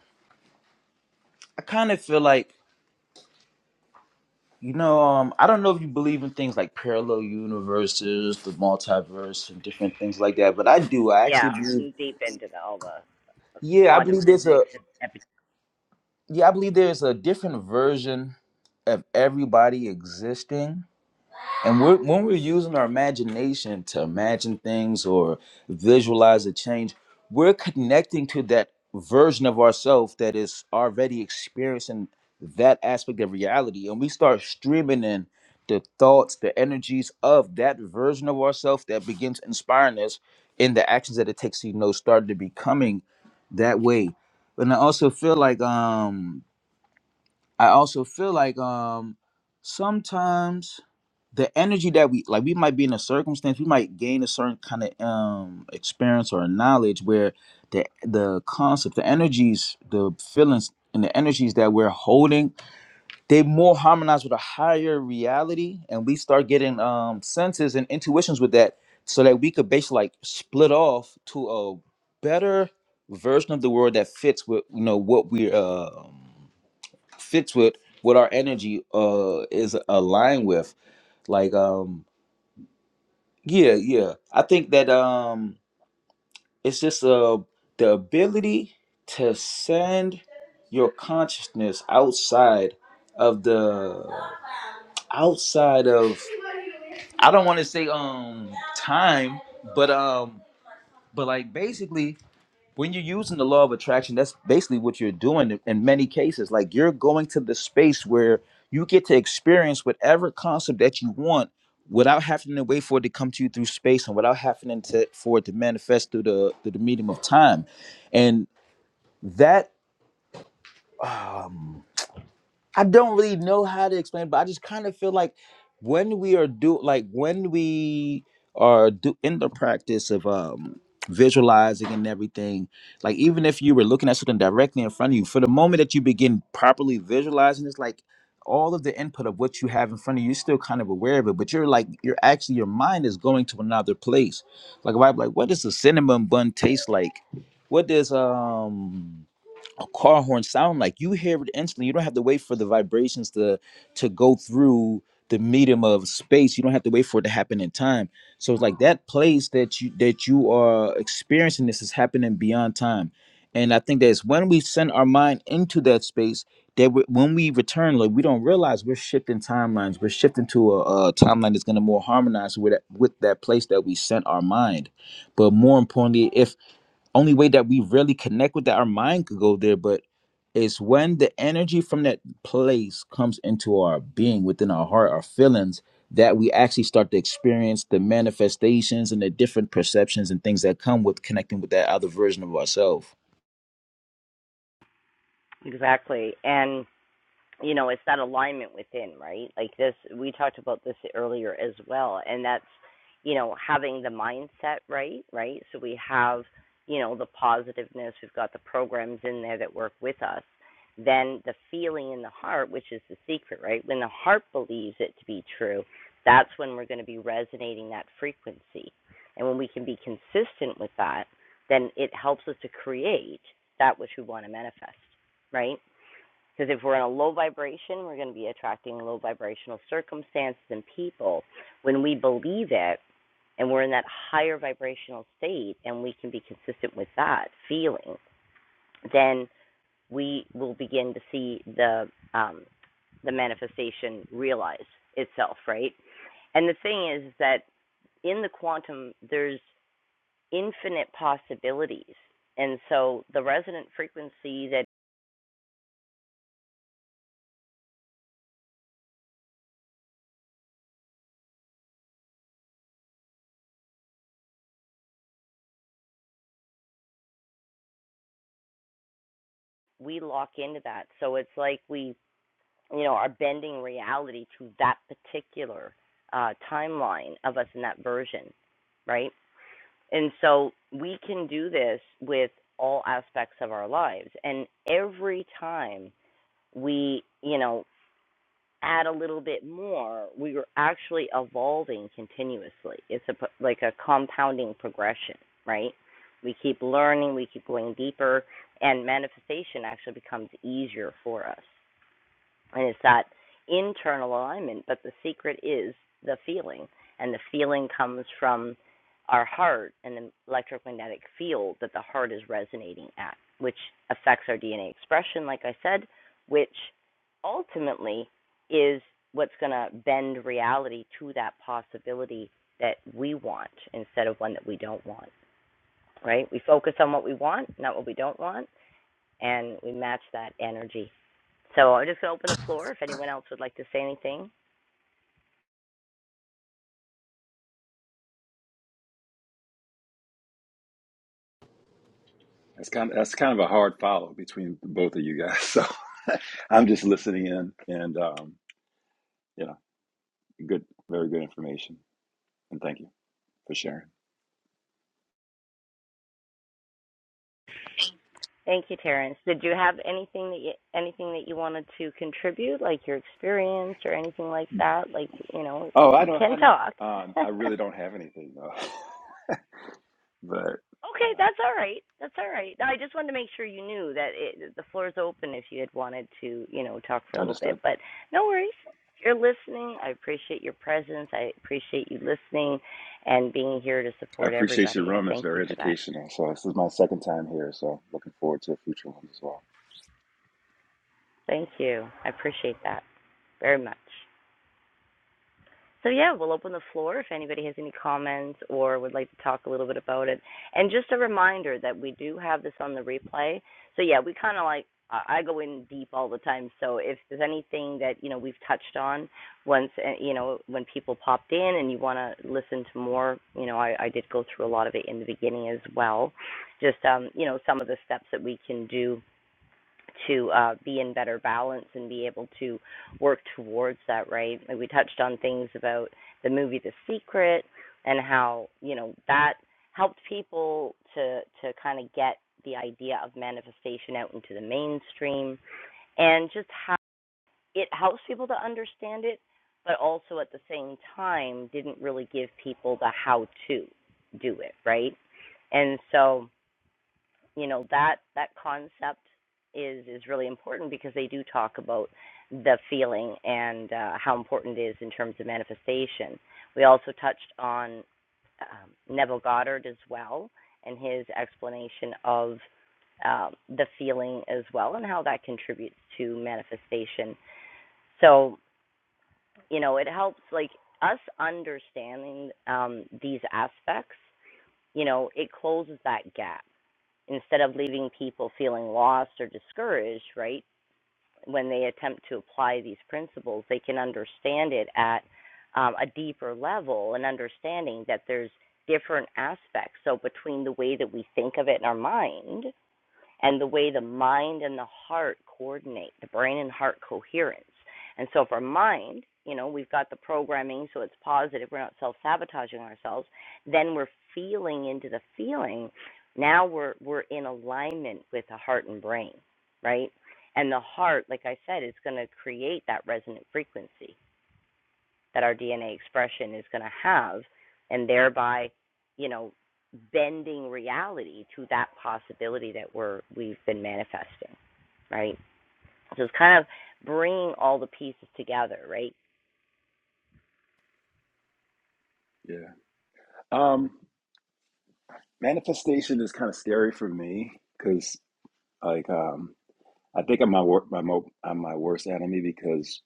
C: I kind of feel like you know um. I don't know if you believe in things like parallel universes, the multiverse, and different things like that. But I do. I
A: Yeah,
C: actually believe.
A: I'm deep into the, all the
C: Yeah, I
A: quantum
C: believe there's a
A: physics and epi-
C: yeah, I believe there's a different version of everybody existing. And we're, when we're using our imagination to imagine things or visualize a change, we're connecting to that version of ourselves that is already experiencing that aspect of reality. And we start streaming in the thoughts, the energies of that version of ourselves that begins inspiring us in the actions that it takes to, you know, start to becoming that way. And I also feel like um I also feel like um sometimes the energy that we like we might be in a circumstance, we might gain a certain kind of um experience or knowledge where the the concept, the energies, the feelings and the energies that we're holding, they more harmonize with a higher reality and we start getting um senses and intuitions with that so that we could basically like split off to a better version of the world that fits with you know what we're um fits with what our energy uh is aligned with like um yeah yeah i think that um it's just uh the ability to send your consciousness outside of the outside of i don't want to say um time but um but like basically when you're using the law of attraction that's basically what you're doing in many cases like you're going to the space where you get to experience whatever concept that you want without having to wait for it to come to you through space and without having to for it to manifest through the through the medium of time and that um I don't really know how to explain, but I just kind of feel like when we are do like when we are do in the practice of um visualizing and everything, like even if you were looking at something directly in front of you, for the moment that you begin properly visualizing, it's like all of the input of what you have in front of you, you're still kind of aware of it, but you're like you're actually your mind is going to another place. Like if I'm like, what does a cinnamon bun taste like? What does um a car horn sound like you hear it instantly you don't have to wait for the vibrations to to go through the medium of space you don't have to wait for it to happen in time so it's like that place that you that you are experiencing this is happening beyond time and i think that's when we send our mind into that space that we, when we return like we don't realize we're shifting timelines we're shifting to a, a timeline that's going to more harmonize with that, with that place that we sent our mind but more importantly if only way that we really connect with that our mind could go there but it's when the energy from that place comes into our being within our heart our feelings that we actually start to experience the manifestations and the different perceptions and things that come with connecting with that other version of ourselves
A: Exactly. And you know it's that alignment within right like this we talked about this earlier as well and that's you know having the mindset right right so we have you know the positiveness we've got the programs in there that work with us then the feeling in the heart which is the secret right when the heart believes it to be true that's when we're going to be resonating that frequency and when we can be consistent with that then it helps us to create that which we want to manifest right because if we're in a low vibration, we're going to be attracting low vibrational circumstances and people. When we believe it and we're in that higher vibrational state and we can be consistent with that feeling, then we will begin to see the um, the manifestation realize itself, right? And the thing is that in the quantum, there's infinite possibilities. And so the resonant frequency that we lock into that. So it's like we you know, are bending reality to that particular uh, timeline of us in that version, right? And so we can do this with all aspects of our lives. And every time we, you know, add a little bit more, we are actually evolving continuously. It's a like a compounding progression, right? We keep learning, we keep going deeper, and manifestation actually becomes easier for us. And it's that internal alignment, but the secret is the feeling. And the feeling comes from our heart and the electromagnetic field that the heart is resonating at, which affects our DNA expression, like I said, which ultimately is what's going to bend reality to that possibility that we want instead of one that we don't want, right? We focus on what we want, not what we don't want, and we match that energy so I'm just going to open the floor if anyone else would like to say anything.
E: That's kind of that's kind of a hard follow between both of you guys. So I'm just listening in, and um, you know, good, very good information, and thank you for sharing.
A: Thank you, Terrence. Did you have anything that you, anything that you wanted to contribute, like your experience or anything like that? Like you know,
E: Oh, I
A: you
E: know, I
A: can
E: know.
A: talk.
E: Um, I
A: okay,
E: really don't have anything though, but uh,
A: that's all right. That's all right. No, I just wanted to make sure you knew that it, the floor is open if you had wanted to, you know, talk for a little
E: understood.
A: bit. But no worries. You're listening. I appreciate your presence. I appreciate you listening and being here to
E: I
A: support
E: appreciate your
A: everybody. I
E: room. It's
A: thank you
E: very
A: for that.
E: educational. So this is my second time here. So looking forward to future ones as well.
A: Thank you. I appreciate that very much. So yeah, we'll open the floor if anybody has any comments or would like to talk a little bit about it. And just a reminder that we do have this on the replay. So yeah, we kind of like I go in deep all the time. So if there's anything that you know we've touched on once, uh, you know when people popped in and you want to listen to more, you know I, I did go through a lot of it in the beginning as well. Just um, you know some of the steps that we can do to uh, be in better balance and be able to work towards that, right? Like, we touched on things about the movie The Secret and how you know that helped people to to kind of get the idea of manifestation out into the mainstream and just how it helps people to understand it, but also at the same time didn't really give people the how to do it, right? And so you know that that concept is is really important because they do talk about the feeling and uh, how important it is in terms of manifestation. We also touched on um, Neville Goddard as well and his explanation of um, the feeling as well and how that contributes to manifestation. So you know it helps like us understanding um, these aspects. You know it closes that gap instead of leaving people feeling lost or discouraged, right? When they attempt to apply these principles, they can understand it at um, a deeper level and understanding that there's different aspects. So, between the way that we think of it in our mind and the way the mind and the heart coordinate, the brain and heart coherence. And so for mind, you know, we've got the programming, so it's positive, we're not self sabotaging ourselves. Then we're feeling into the feeling. Now we're we're in alignment with the heart and brain, right? And the heart, like I said, is gonna create that resonant frequency that our DNA expression is going to have, and thereby, you know, bending reality to that possibility that we're we've been manifesting, right? So it's kind of bringing all the pieces together, right?
E: Yeah. Um, manifestation is kind of scary for me because like um, I think I'm my wor- my mo- I'm my worst enemy because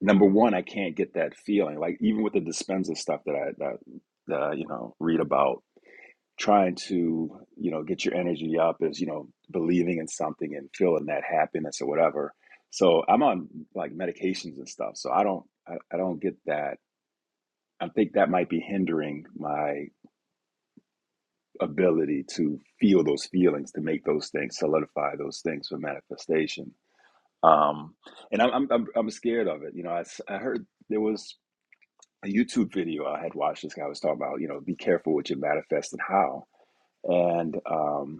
E: number one I can't get that feeling. Like even with the dispenser stuff that I that, that I, you know read about trying to you know get your energy up is you know believing in something and feeling that happiness or whatever so i'm on like medications and stuff so i don't i, I don't get that i think that might be hindering my ability to feel those feelings to make those things solidify those things for manifestation um and i'm i'm i'm, I'm scared of it you know I, s- I heard there was a youtube video i had watched this guy was talking about you know be careful what you manifest and how and um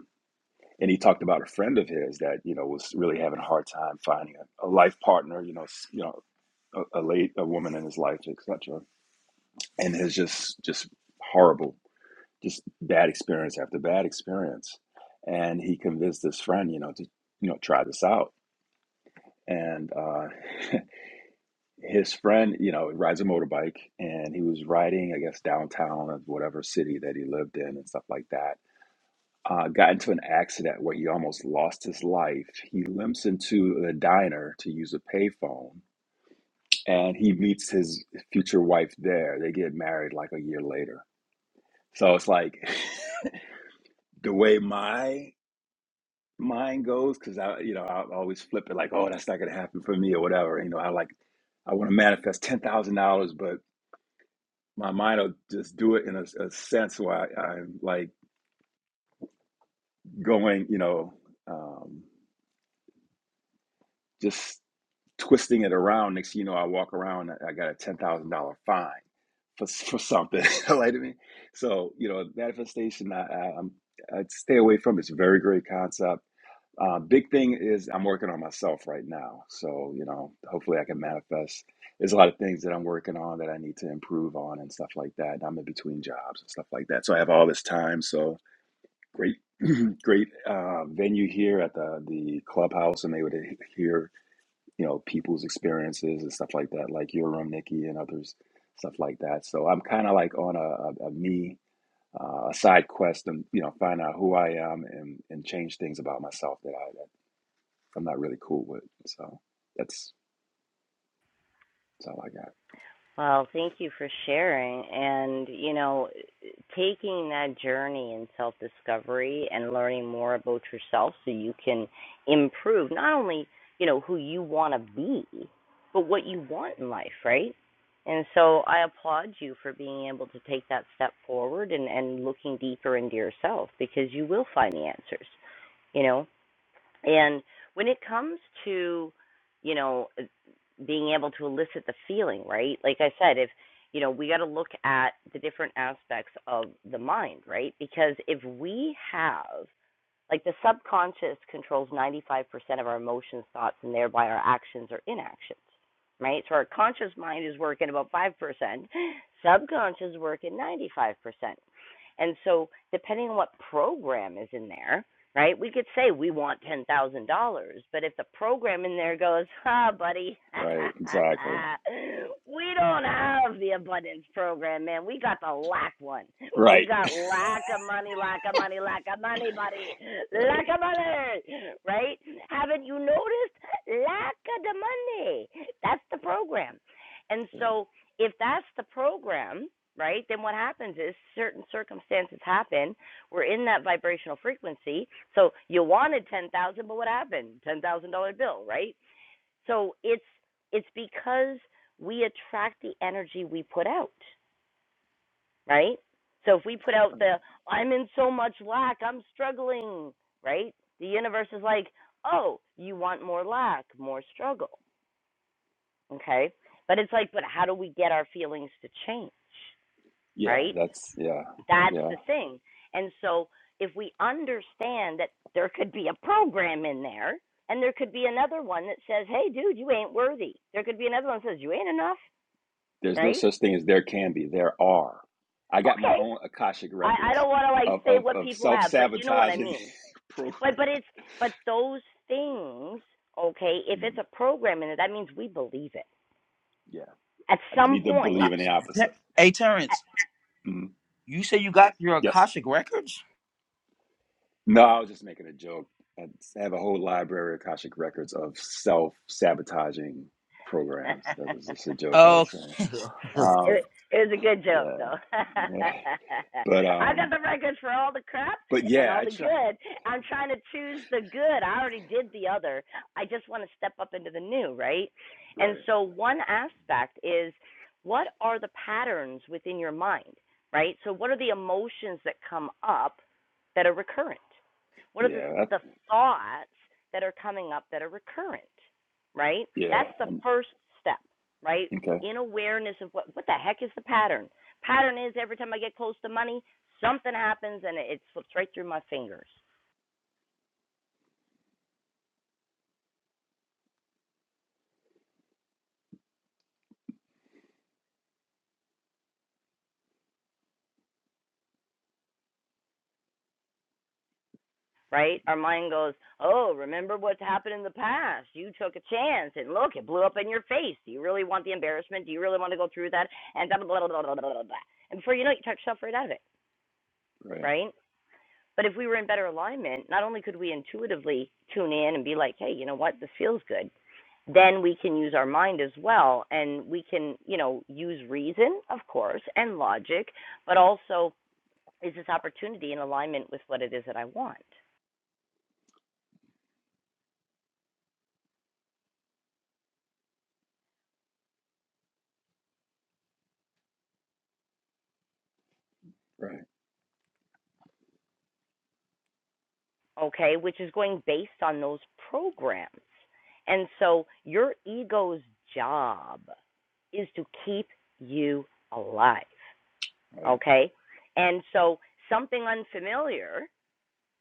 E: and he talked about a friend of his that you know was really having a hard time finding a, a life partner you know you know a, a late a woman in his life etc and it's just just horrible just bad experience after bad experience and he convinced this friend you know to you know try this out and uh his friend you know rides a motorbike and he was riding i guess downtown of whatever city that he lived in and stuff like that uh, got into an accident where he almost lost his life. He limps into the diner to use a payphone, and he meets his future wife there. They get married like a year later. So it's like the way my mind goes, because I, you know, I always flip it like, oh, that's not gonna happen for me or whatever. You know, I like, I want to manifest ten thousand dollars, but my mind will just do it in a, a sense where I, I'm like going, you know, um, just twisting it around. Next, thing you know, I walk around. I got a ten thousand dollar fine for for something. like I mean, so you know, manifestation. I, I, I'm I stay away from. it. It's a very great concept. Uh, big thing is I'm working on myself right now. So you know, hopefully I can manifest. There's a lot of things that I'm working on that I need to improve on and stuff like that. And I'm in between jobs and stuff like that. So I have all this time. So great, great uh, venue here at the the clubhouse, and they would hear you know, people's experiences and stuff like that, like your room, Nikki, and others, stuff like that. So I'm kind of like on a, a, a me, uh, a side quest, and you know, find out who I am and and change things about myself that I that I'm not really cool with. So that's that's all I got.
A: Well, thank you for sharing. And, you know, taking that journey in self discovery and learning more about yourself so you can improve not only, you know, who you want to be, but what you want in life, right? And so I applaud you for being able to take that step forward and, and looking deeper into yourself because you will find the answers, you know. And when it comes to, you know, being able to elicit the feeling, right? Like I said, if, you know, we got to look at the different aspects of the mind, right? Because if we have, like, the subconscious controls 95% of our emotions, thoughts, and thereby our actions or inactions, right? So our conscious mind is working about 5%, subconscious working 95%. And so, depending on what program is in there, right? We could say we want ten thousand dollars, but if the program in there goes, ah, buddy,
E: Right? Exactly.
A: we don't have the abundance program, man. We got the lack one. We
E: Right.
A: got lack of money, lack of money, lack of money, buddy,
E: Right.
A: lack of money, right? Haven't you noticed? Lack of the money. That's the program, and
E: Yeah.
A: so if that's the program. Right, then what happens is certain circumstances happen we're in that vibrational frequency. So you wanted 10,000, but what happened? $10,000 bill, right? So it's it's because we attract the energy we put out, right? So if we put out
E: Right.
A: the I'm in so much lack, I'm struggling, right? The universe is like, "Oh, you want more lack, more struggle." Okay? But it's like, but how do we get our feelings to change,
E: Yeah.
A: right?
E: That's yeah.
A: That's
E: Yeah.
A: the thing. And so if we understand that there could be a program in there and there could be another one that says, Hey dude, you ain't worthy. There could be another one that says, You ain't enough,
E: There's no
A: right?
E: such thing as there can be. There are. I got my
A: Okay.
E: own akashic
A: I, I
E: records
A: don't wanna like
E: of
A: say
E: of,
A: what
E: of
A: people
E: self
A: have, but you know what I
E: sabotaging.
A: mean.
E: pro.
A: But but it's but those things, okay, if it's
E: Mm,
A: a program in it, that means we believe it.
E: yeah.
A: At
E: I just
A: some
E: need to
C: Uh,
A: point
E: believe in the
C: Ter-
E: opposite.
C: hey Terrence,
E: Mhm.
C: you say you got your
E: Yes.
C: Akashic records?
E: No, I was just making a joke. I have a whole library of Akashic records of self sabotaging programs. That was just a joke I
C: Oh,
E: was saying.
A: It,
E: Um,
A: it was a good joke, though.
E: yeah. Yeah. But
A: I got
E: um,
A: the records for all the crap
E: but
A: and
E: yeah,
A: all
E: I
A: the
E: try.
A: good. I'm trying to choose the good. I already did the other. I just want to step up into the new, right? And
E: Right.
A: so, one aspect is what are the patterns within your mind, right? So, what are the emotions that come up that are recurrent? What are the,
E: Yeah. That,
A: the thoughts that are coming up that are recurrent, right?
E: yeah.
A: That's the
E: Um,
A: first step, right?
E: okay.
A: in awareness of what what the heck is the pattern. Pattern is every time I get close to money, something happens and it, it slips right through my fingers. Right? Our mind goes, Oh, remember what's happened in the past. You took a chance and look, it blew up in your face. Do you really want the embarrassment? Do you really want to go through that? And blah blah blah blah blah blah blah. And before you know it, you talk yourself right out of it.
E: Right.
A: Right? But if we were in better alignment, not only could we intuitively tune in and be like, hey, you know what, this feels good, then we can use our mind as well. And we can, you know, use reason, of course, and logic, but also is this opportunity in alignment with what it is that I want?
E: Right.
A: Okay, which is going based on those programs. And so your ego's job is to keep you alive.
E: Right.
A: Okay? And so something unfamiliar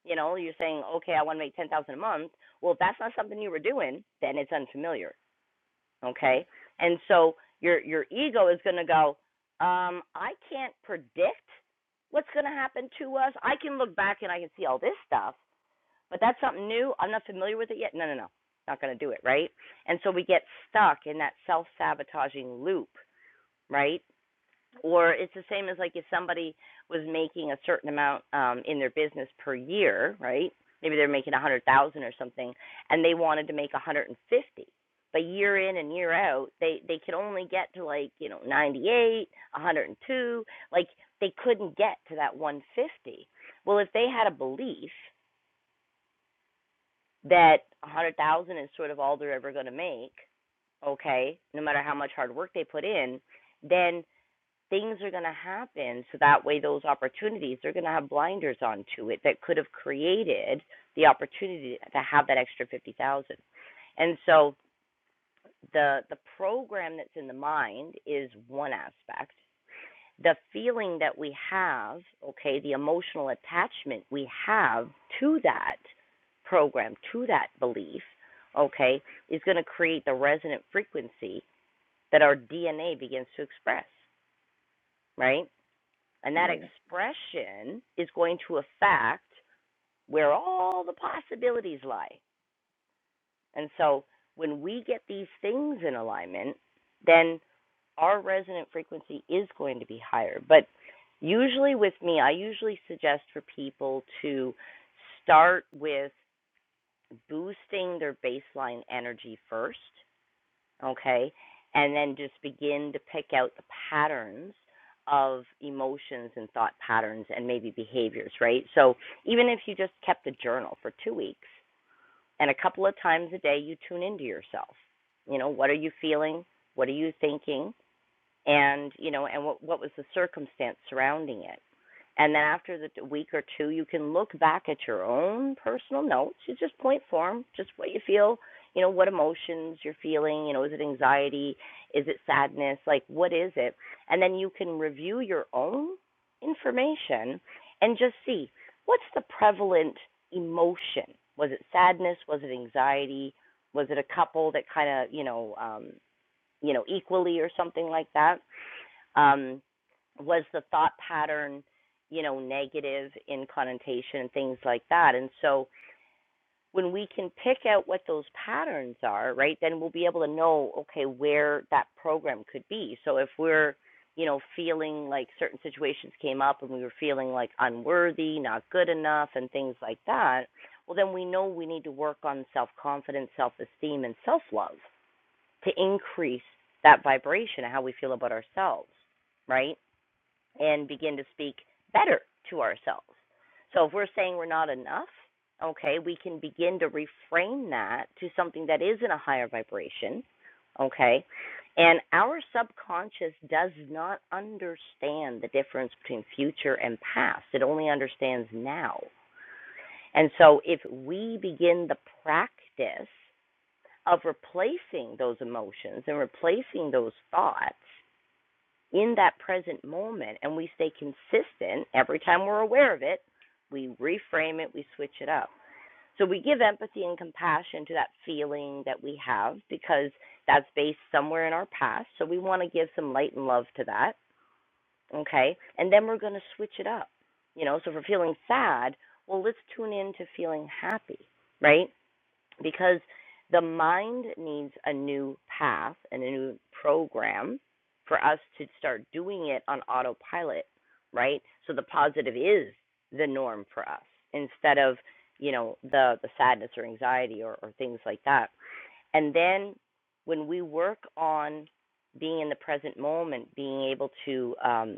A: You know, you're saying, okay, I want to make ten thousand dollars a month. Well, if that's not something you were doing, then it's unfamiliar.
E: Right.
A: Okay, and so your your ego is going to go, um, I can't predict what's going to happen to us. I can look back and I can see all this stuff, but that's something new. I'm not familiar with it yet. No, no, no, not going to do it. Right, and so we get stuck in that self sabotaging loop. Right, or it's the same as like if somebody was making a certain amount um in their business per year right maybe they're making a hundred thousand dollars or something and they wanted to make a hundred and fifty thousand dollars. but year in and year out they they could only get to like you know ninety eight a hundred and two like they couldn't get to that one hundred fifty well if they had a belief that a hundred thousand dollars is sort of all they're ever going to make okay no matter how much hard work they put in then things are going to happen so that way those opportunities they're going to have blinders onto it that could have created the opportunity to have that extra 50,000. And so the the program that's in the mind is one aspect. The feeling that we have, okay, the emotional attachment we have to that program, to that belief, okay, is going to create the resonant frequency that our DNA begins to express, right? And that
E: Right.
A: expression is going to affect where all the possibilities lie. And so when we get these things in alignment, then our resonant frequency is going to be higher. But usually with me, I usually suggest for people to start with boosting their baseline energy first okay? And then just begin to pick out the patterns of emotions and thought patterns and maybe behaviors, right? So even if you just kept a journal for two weeks and a couple of times a day you tune into yourself, you know, what are you feeling? What are you thinking? and you know and what what was the circumstance surrounding it and then after the week or two you can look back at your own personal notes you just point form just what you feel you know what emotions you're feeling you know is it anxiety is it sadness like what is it and then you can review your own information and just see what's the prevalent emotion was it sadness was it anxiety was it a couple that kind of you know um you know equally or something like that um, was the thought pattern, you know, negative in connotation and things like that. And so when we can pick out what those patterns are, right, then we'll be able to know, okay, where that program could be. So if we're, you know, feeling like certain situations came up and we were feeling like unworthy, not good enough, and things like that, well, then we know we need to work on self confidence, self esteem, and self love to increase that vibration of how we feel about ourselves, right? and begin to speak better to ourselves. So if we're saying we're not enough, okay, we can begin to reframe that to something that is in a higher vibration, okay? And our subconscious does not understand the difference between future and past. It only understands now. And so if we begin the practice of replacing those emotions and replacing those thoughts in that present moment and we stay consistent every time we're aware of it, we reframe it, we switch it up. So we give empathy and compassion to that feeling that we have because that's based somewhere in our past. So we want to give some light and love to that. Okay. And then we're going to switch it up. You know, so if we're feeling sad, well, let's tune in to feeling happy, right? because the mind needs a new path and a new program for us to start doing it on autopilot, right? So the positive is the norm for us instead of, you know, the, the sadness or anxiety or, or things like that. And then when we work on being in the present moment, being able to um,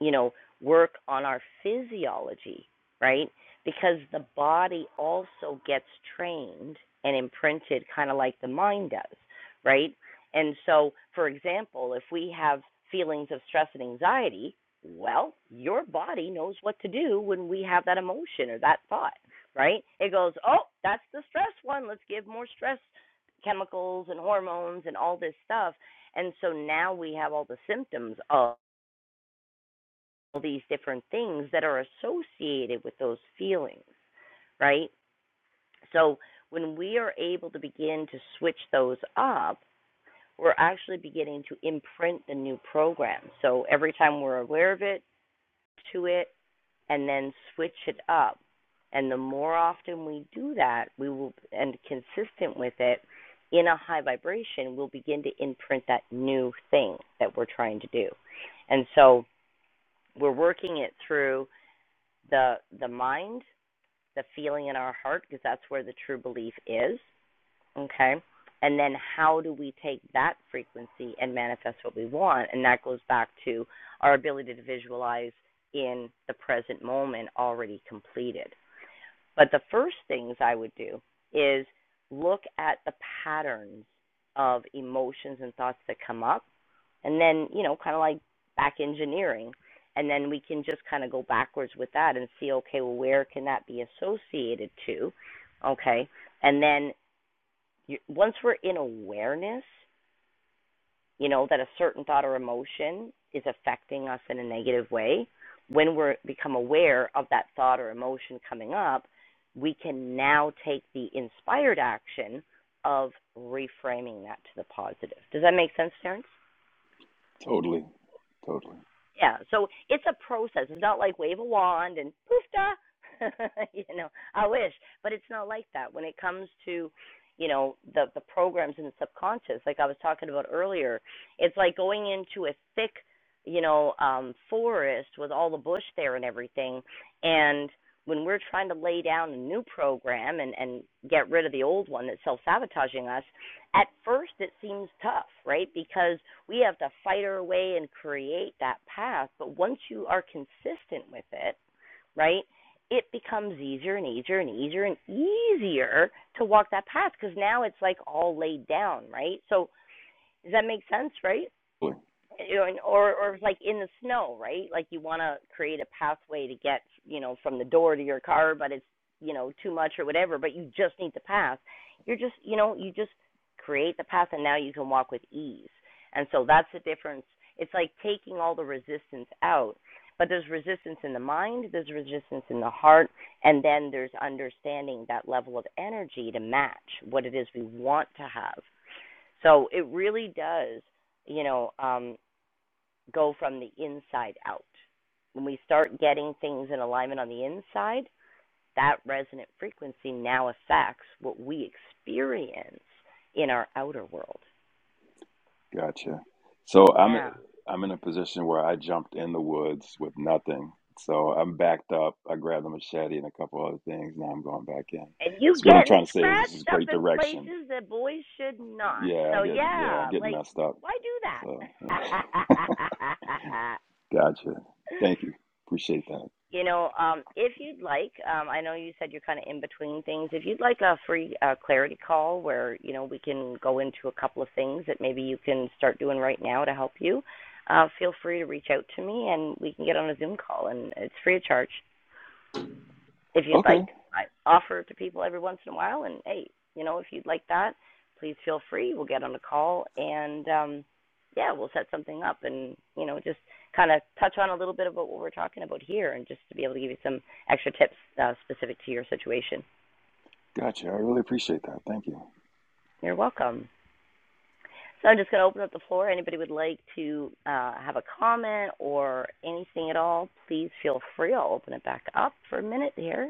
A: you know, work on our physiology, right? Because the body also gets trained and imprinted kind of like the mind does, right? And so, for example, if we have feelings of stress and anxiety, well, your body knows what to do when we have that emotion or that thought, right? It goes, oh, that's the stress one. Let's give more stress chemicals and hormones and all this stuff. And so now we have all the symptoms of all these different things that are associated with those feelings, right? So when we are able to begin to switch those up, we're actually beginning to imprint the new program. So every time we're aware of it, to it, and then switch it up. And the more often we do that, we will, and consistent with it, in a high vibration, we'll begin to imprint that new thing that we're trying to do. And so we're working it through the the mind, the feeling in our heart, because that's where the true belief is. Okay. And then how do we take that frequency and manifest what we want? And that goes back to our ability to visualize in the present moment already completed. But the first things I would do is look at the patterns of emotions and thoughts that come up and then you know kind of like back engineering and then we can just kind of go backwards with that and see okay well where can that be associated to okay and then you, once we're in awareness you know that a certain thought or emotion is affecting us in a negative way when we become aware of that thought or emotion coming up we can now take the inspired action of reframing that to the positive does that make sense terrence
E: Totally. Totally.
A: Yeah, so it's a process. It's not like wave a wand and poof da. you know, I wish, but it's not like that. When it comes to, you know, the the programs in the subconscious, like I was talking about earlier, it's like going into a thick, you know, um forest with all the bush there and everything. And when we're trying to lay down a new program and and get rid of the old one that's self-sabotaging us, at first it seems tough, right? Because we have to fight our way and create that path. But once you are consistent with it, right, it becomes easier and easier and easier and easier to walk that path because now it's like all laid down, right? So does that make sense, right? you know, or or like in the snow, right? Like you want to create a pathway to get, you know, from the door to your car, but it's, you know, too much or whatever, but you just need the path. You're just, you know, you just create the path and now you can walk with ease. And so that's the difference. It's like taking all the resistance out. But there's resistance in the mind, there's resistance in the heart, and then there's understanding that level of energy to match what it is we want to have. So it really does you know um go from the inside out. When we start getting things in alignment on the inside, that resonant frequency now affects what we experience in our outer world.
E: Gotcha. So I'm
A: Yeah.
E: I'm in a position where I jumped in the woods with nothing. So I'm backed up. I grabbed a machete and a couple other things. Now I'm going back in.
A: And you
E: So what I'm
A: getting
E: trying to say is this is
A: scratched up
E: great
A: in
E: direction.
A: places that boys should not.
E: Yeah,
A: So
E: I'm getting yeah,
A: yeah,
E: I'm getting
A: like
E: messed up.
A: why do
E: So yeah.
A: that?
E: gotcha. Thank you. Appreciate that.
A: You know, um, if you'd like, um, I know you said you're kind of in between things. If you'd like a free uh, clarity call where, you know, we can go into a couple of things that maybe you can start doing right now to help you, uh, feel free to reach out to me and we can get on a Zoom call. And it's free of charge if you'd
E: Okay,
A: like, I offer to people every once in a while. And hey, you know, if you'd like that, please feel free. We'll get on a call and um, yeah, we'll set something up and you know just kind of touch on a little bit about what we're talking about here, and just to be able to give you some extra tips uh, specific to your situation.
E: gotcha. I really appreciate that. Thank you.
A: You're welcome. So I'm just going to open up the floor. Anybody would like to uh, have a comment or anything at all, please feel free. I'll open it back up for a minute here.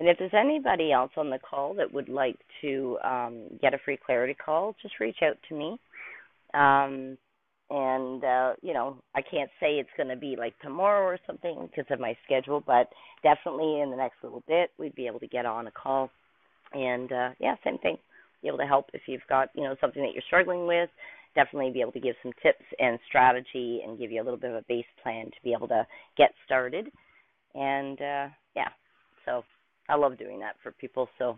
A: And if there's anybody else on the call that would like to um, get a free clarity call, just reach out to me. Um, and uh, you know, I can't say it's going to be like tomorrow or something because of my schedule, but definitely in the next little bit we'd be able to get on a call. And uh, yeah, same thing, be able to help if you've got you know something that you're struggling with. Definitely be able to give some tips and strategy and give you a little bit of a base plan to be able to get started and uh yeah so i love doing that for people so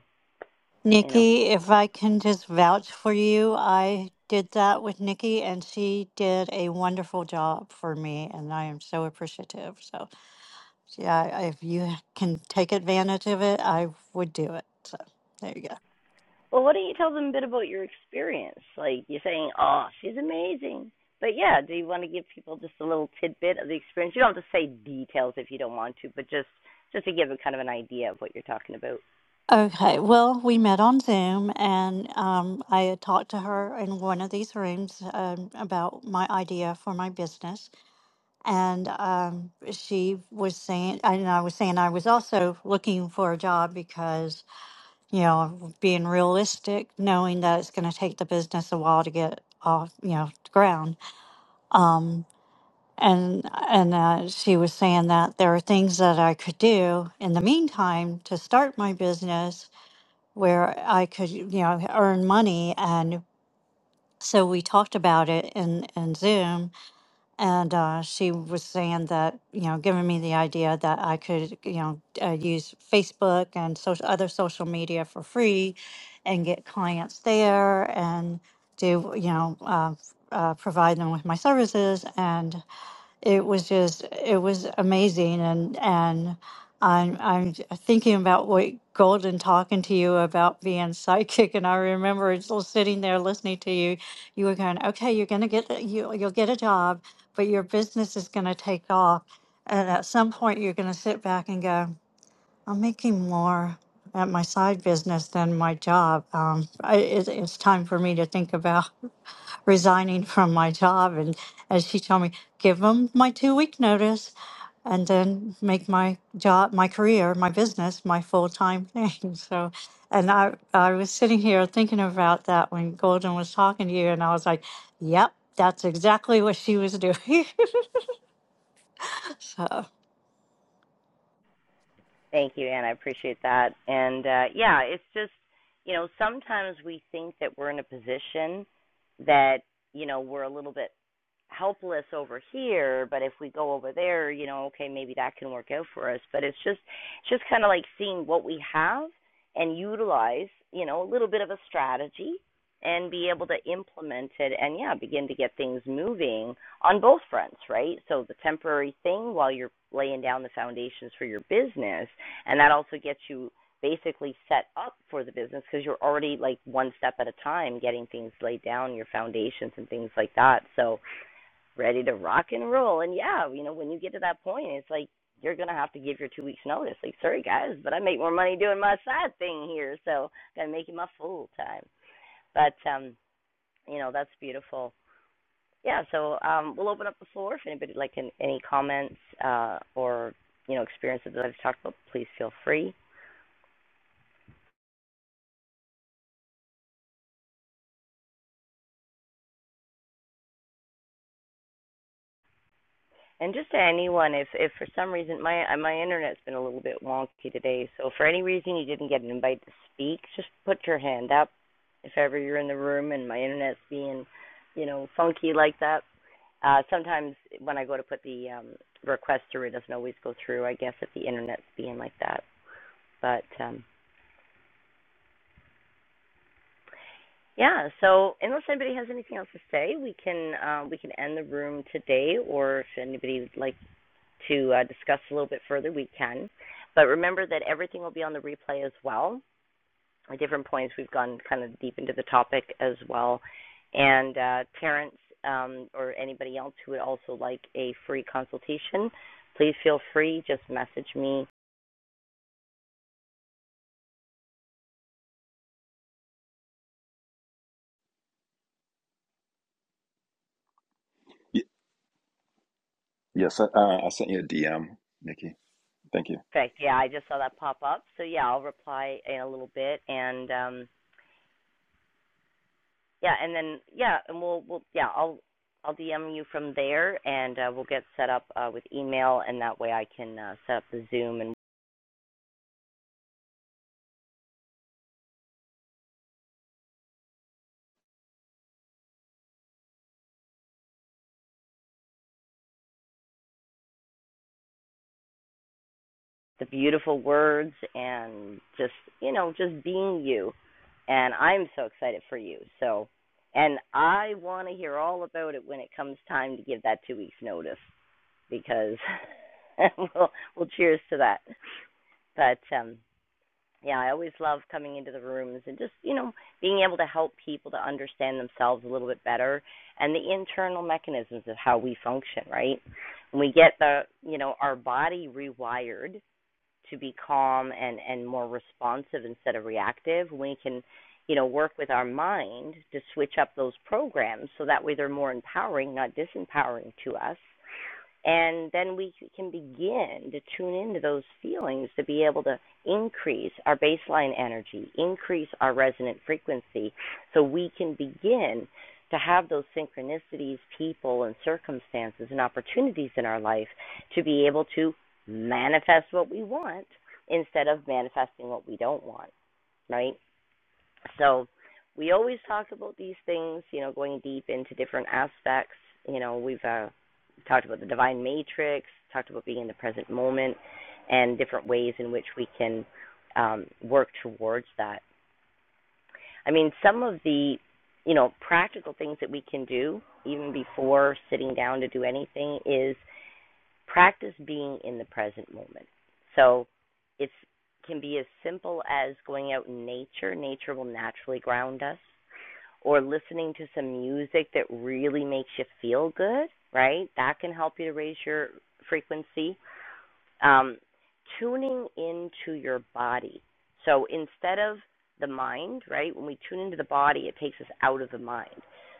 A: you know
D: Nikki? If I can just vouch for you, I did that with Nikki, and she did a wonderful job for me, and I am so appreciative. So, yeah, if you can take advantage of it, I would do it. So, there you go.
A: well why don't you tell them a bit about your experience like you're saying oh she's amazing but yeah do you want to give people just a little tidbit of the experience you don't have to say details if you don't want to but just just to give a kind of an idea of what you're talking about
D: Okay, well, we met on Zoom, and um, I had talked to her in one of these rooms um, about my idea for my business. And um, she was saying, and I was saying I was also looking for a job because, you know, being realistic, knowing that it's going to take the business a while to get off, you know, the ground. Um, and and uh, she was saying that there are things that I could do in the meantime to start my business where I could, you know, earn money. And so we talked about it in, in Zoom. And uh, she was saying that, you know, giving me the idea that I could, you know, uh, use Facebook and social, other social media for free and get clients there and do, you know, uh, uh, provide them with my services. and it was just it was amazing and and I'm I'm thinking about what Golden talking to you about being psychic and I remember just sitting there listening to you you were going okay you're going to get a- you you'll get a job but your business is going to take off and at some point you're going to sit back and go I'm making more at my side business than my job um I, it, it's time for me to think about resigning from my job. And, and she told me, give them my two week notice and then make my job, my career, my business, my full time thing. So, and I, I was sitting here thinking about that when Golden was talking to you, and I was like, yep, that's exactly what she was doing. so,
A: thank you anne i appreciate that and uh yeah it's just you know sometimes we think that we're in a position that you know we're a little bit helpless over here but if we go over there you know okay maybe that can work out for us but it's just it's just kind of like seeing what we have and utilize you know a little bit of a strategy and be able to implement it and yeah begin to get things moving on both fronts right so the temporary thing while you're laying down the foundations for your business and that also gets you basically set up for the business because you're already like one step at a time getting things laid down your foundations and things like that so ready to rock and roll. And yeah, you know, when you get to that point, it's like you're gonna have to give your two weeks notice. Like, sorry guys, but I make more money doing my side thing here, so I'm going to make it my full time. But um, you know, that's beautiful. Yeah, so um, we'll open up the floor if anybody like any comments uh, or you know experiences that I've talked about. Please feel free. And just to anyone, if if for some reason my uh, my internet's been a little bit wonky today, so for any reason you didn't get an invite to speak, just put your hand up. If ever you're in the room and my internet's being, you know, funky like that, uh, sometimes when I go to put the um, request through, it doesn't always go through. I guess if the internet's being like that, but um, yeah. So unless anybody has anything else to say, we can uh, we can end the room today, or if anybody would like. to uh, discuss a little bit further, we can. But remember that everything will be on the replay as well. At different points, we've gone kind of deep into the topic as well. And uh, Terrence um, or anybody else who would also like a free consultation, please feel free. Just message me.
E: Y- yes, I, uh, I sent you a DM, Nikki. Thank you.
A: Perfect. Yeah, I just saw that pop up. So yeah, I'll reply in a little bit. And um, yeah, and then yeah, and we'll we'll yeah, I'll I'll DM you from there, and uh, we'll get set up uh, with email, and that way I can uh, set up the Zoom and the beautiful words and just you know just being you and i'm so excited for you so and i want to hear all about it when it comes time to give that two weeks notice because we'll we'll cheers to that but um yeah i always love coming into the rooms and just you know being able to help people to understand themselves a little bit better and the internal mechanisms of how we function right when we get the you know our body rewired to be calm and and more responsive instead of reactive we can you know work with our mind to switch up those programs so that way they're more empowering not disempowering to us and then we can begin to tune into those feelings to be able to increase our baseline energy, increase our resonant frequency, so we can begin to have those synchronicities, people, and circumstances and opportunities in our life to be able to manifest what we want instead of manifesting what we don't want, right? So we always talk about these things, you know, going deep into different aspects. You know, we've uh, talked about the divine matrix, talked about being in the present moment, and different ways in which we can um, work towards that. I mean, some of the, you know, practical things that we can do even before sitting down to do anything is practice being in the present moment. So it can be as simple as going out in nature, nature will naturally ground us, or listening to some music that really makes you feel good, right? That can help you to raise your frequency um, tuning into your body. So instead of the mind, right, when we tune into the body, it takes us out of the mind.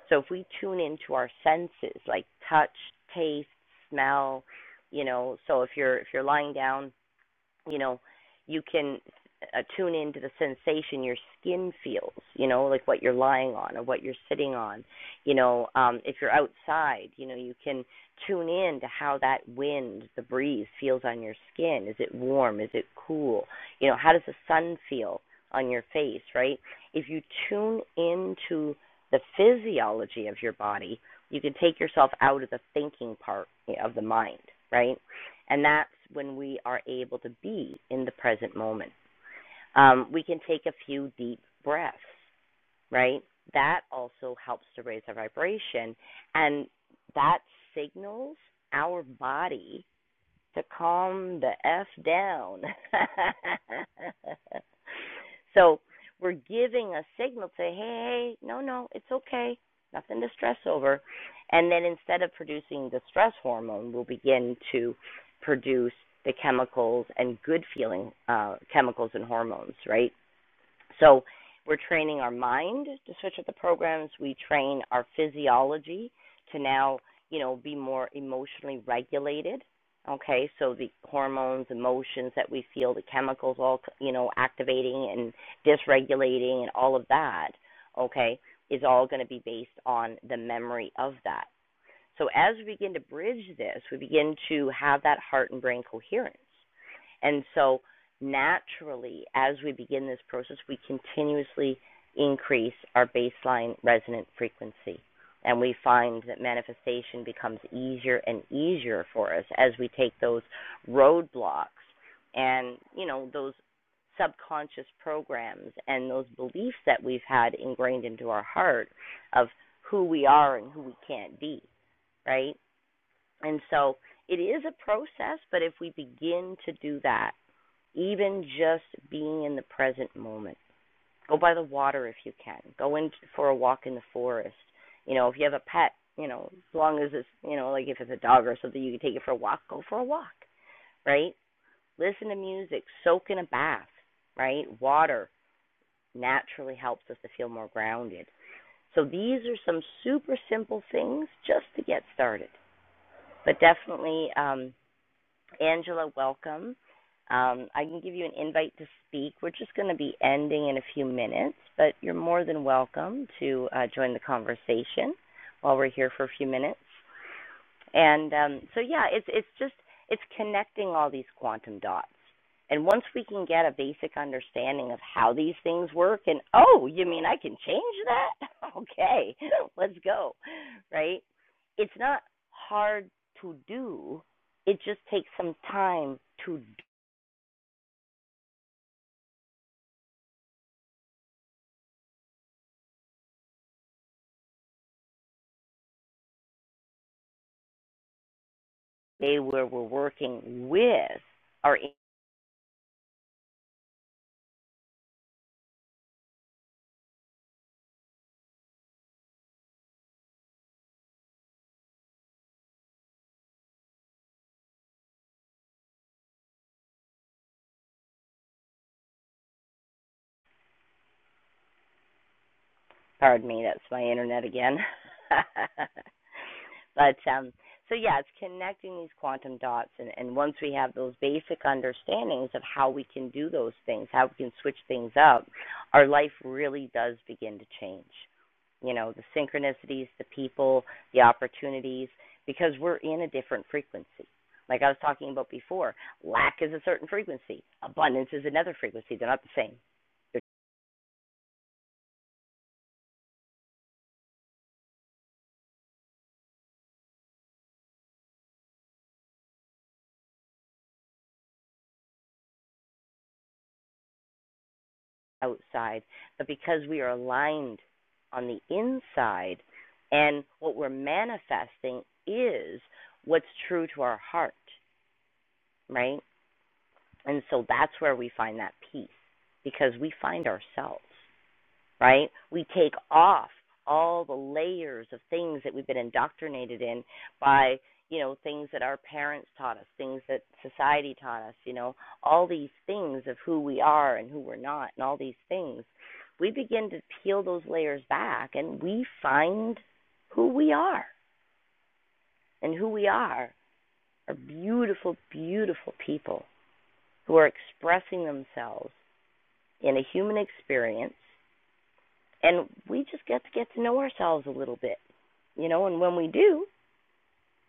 A: So if we tune into our senses, like touch, taste, smell, you know, so if you're if you're lying down you know, you can uh, tune into the sensation your skin feels, you know, like what you're lying on or what you're sitting on. You know, um, if you're outside, you know, you can tune in to how that wind, the breeze feels on your skin. Is it warm? Is it cool? You know, how does the sun feel on your face, right? If you tune into the physiology of your body, you can take yourself out of the thinking part eh, of the mind, right? And that's when we are able to be in the present moment. Um, we can take a few deep breaths, right? That also helps to raise our vibration. And that signals our body to calm the F down. so we're giving a signal to, hey, hey, no, no, it's okay. Nothing to stress over. And then instead of producing the stress hormone, we'll begin to produce the chemicals and good feeling uh, chemicals and hormones, right? So we're training our mind to switch up the programs. We train our physiology to now, you know, be more emotionally regulated. Okay, so the hormones, emotions that we feel, the chemicals all, you know, activating and dysregulating and all of that, okay, is all going to be based on the memory of that. So as we begin to bridge this, we begin to have that heart and brain coherence. And so naturally, as we begin this process, we continuously increase our baseline resonant frequency. And we find that manifestation becomes easier and easier for us as we take those roadblocks and, you know, those subconscious programs and those beliefs that we've had ingrained into our heart of who we are and who we can't be, right? And so it is a process, but if we begin to do that, even just being in the present moment. Go by the water if you can. Go in for a walk in the forest. You know, if you have a pet, you know, as long as it's, you know, like if it's a dog or something, you can take it for a walk. Go for a walk, right? Listen to music. Soak in a bath, right? Water naturally helps us to feel more grounded. So these are some super simple things just to get started. But definitely, um, Angela, welcome. Um, I can give you an invite to speak. We're just going to be ending in a few minutes, but you're more than welcome to uh, join the conversation while we're here for a few minutes. And um, so yeah, it's it's just it's connecting all these quantum dots. And once we can get a basic understanding of how these things work, and oh, you mean I can change that? Okay, let's go. Right? It's not hard to do. It just takes some time to day where we're working with our. Pardon me, that's my internet again. But um, so yeah, it's connecting these quantum dots, and, and once we have those basic understandings of how we can do those things, how we can switch things up, our life really does begin to change. You know, the synchronicities, the people, the opportunities, because we're in a different frequency. Like I was talking about before, lack is a certain frequency, abundance is another frequency. They're not the same. outside, but because we are aligned on the inside and what we're manifesting is what's true to our heart, right? And so that's where we find that peace because we find ourselves right? We take off all the layers of things that we've been indoctrinated in by, you know, things that our parents taught us, things that society taught us, you know, all these things of who we are and who we're not, and all these things. We begin to peel those layers back and we find who we are. And who we are are beautiful, beautiful people who are expressing themselves in a human experience And we just get to get to know ourselves a little bit, you know, and when we do,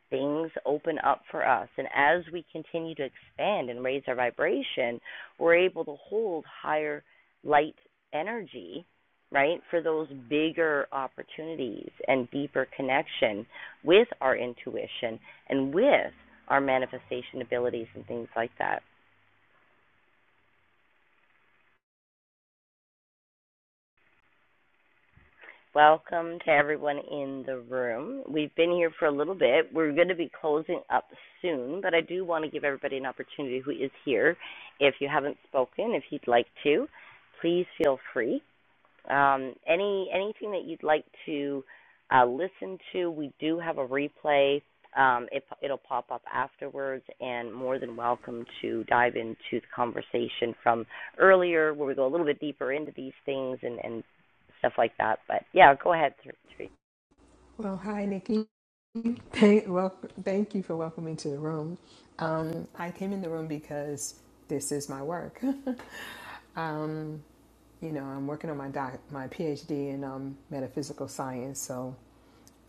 A: things open up for us. And as we continue to expand and raise our vibration, we're able to hold higher light energy, right, for those bigger opportunities and deeper connection with our intuition and with our manifestation abilities and things like that. Welcome to everyone in the room. We've been here for a little bit. We're going to be closing up soon, but I do want to give everybody an opportunity who is here. If you haven't spoken, if you'd like to, please feel free. Um, any anything that you'd like to uh, listen to, we do have a replay. Um, it, it'll pop up afterwards, and more than welcome to dive into the conversation from earlier, where we go a little bit deeper into these things and, and stuff like that. But yeah, go ahead, Ther-
F: Well, hi, Nikki. Thank, well, thank you for welcoming me to the room. Um, I came in the room because this is my work. Um, you know, I'm working on my doc, my PhD in um, metaphysical science, so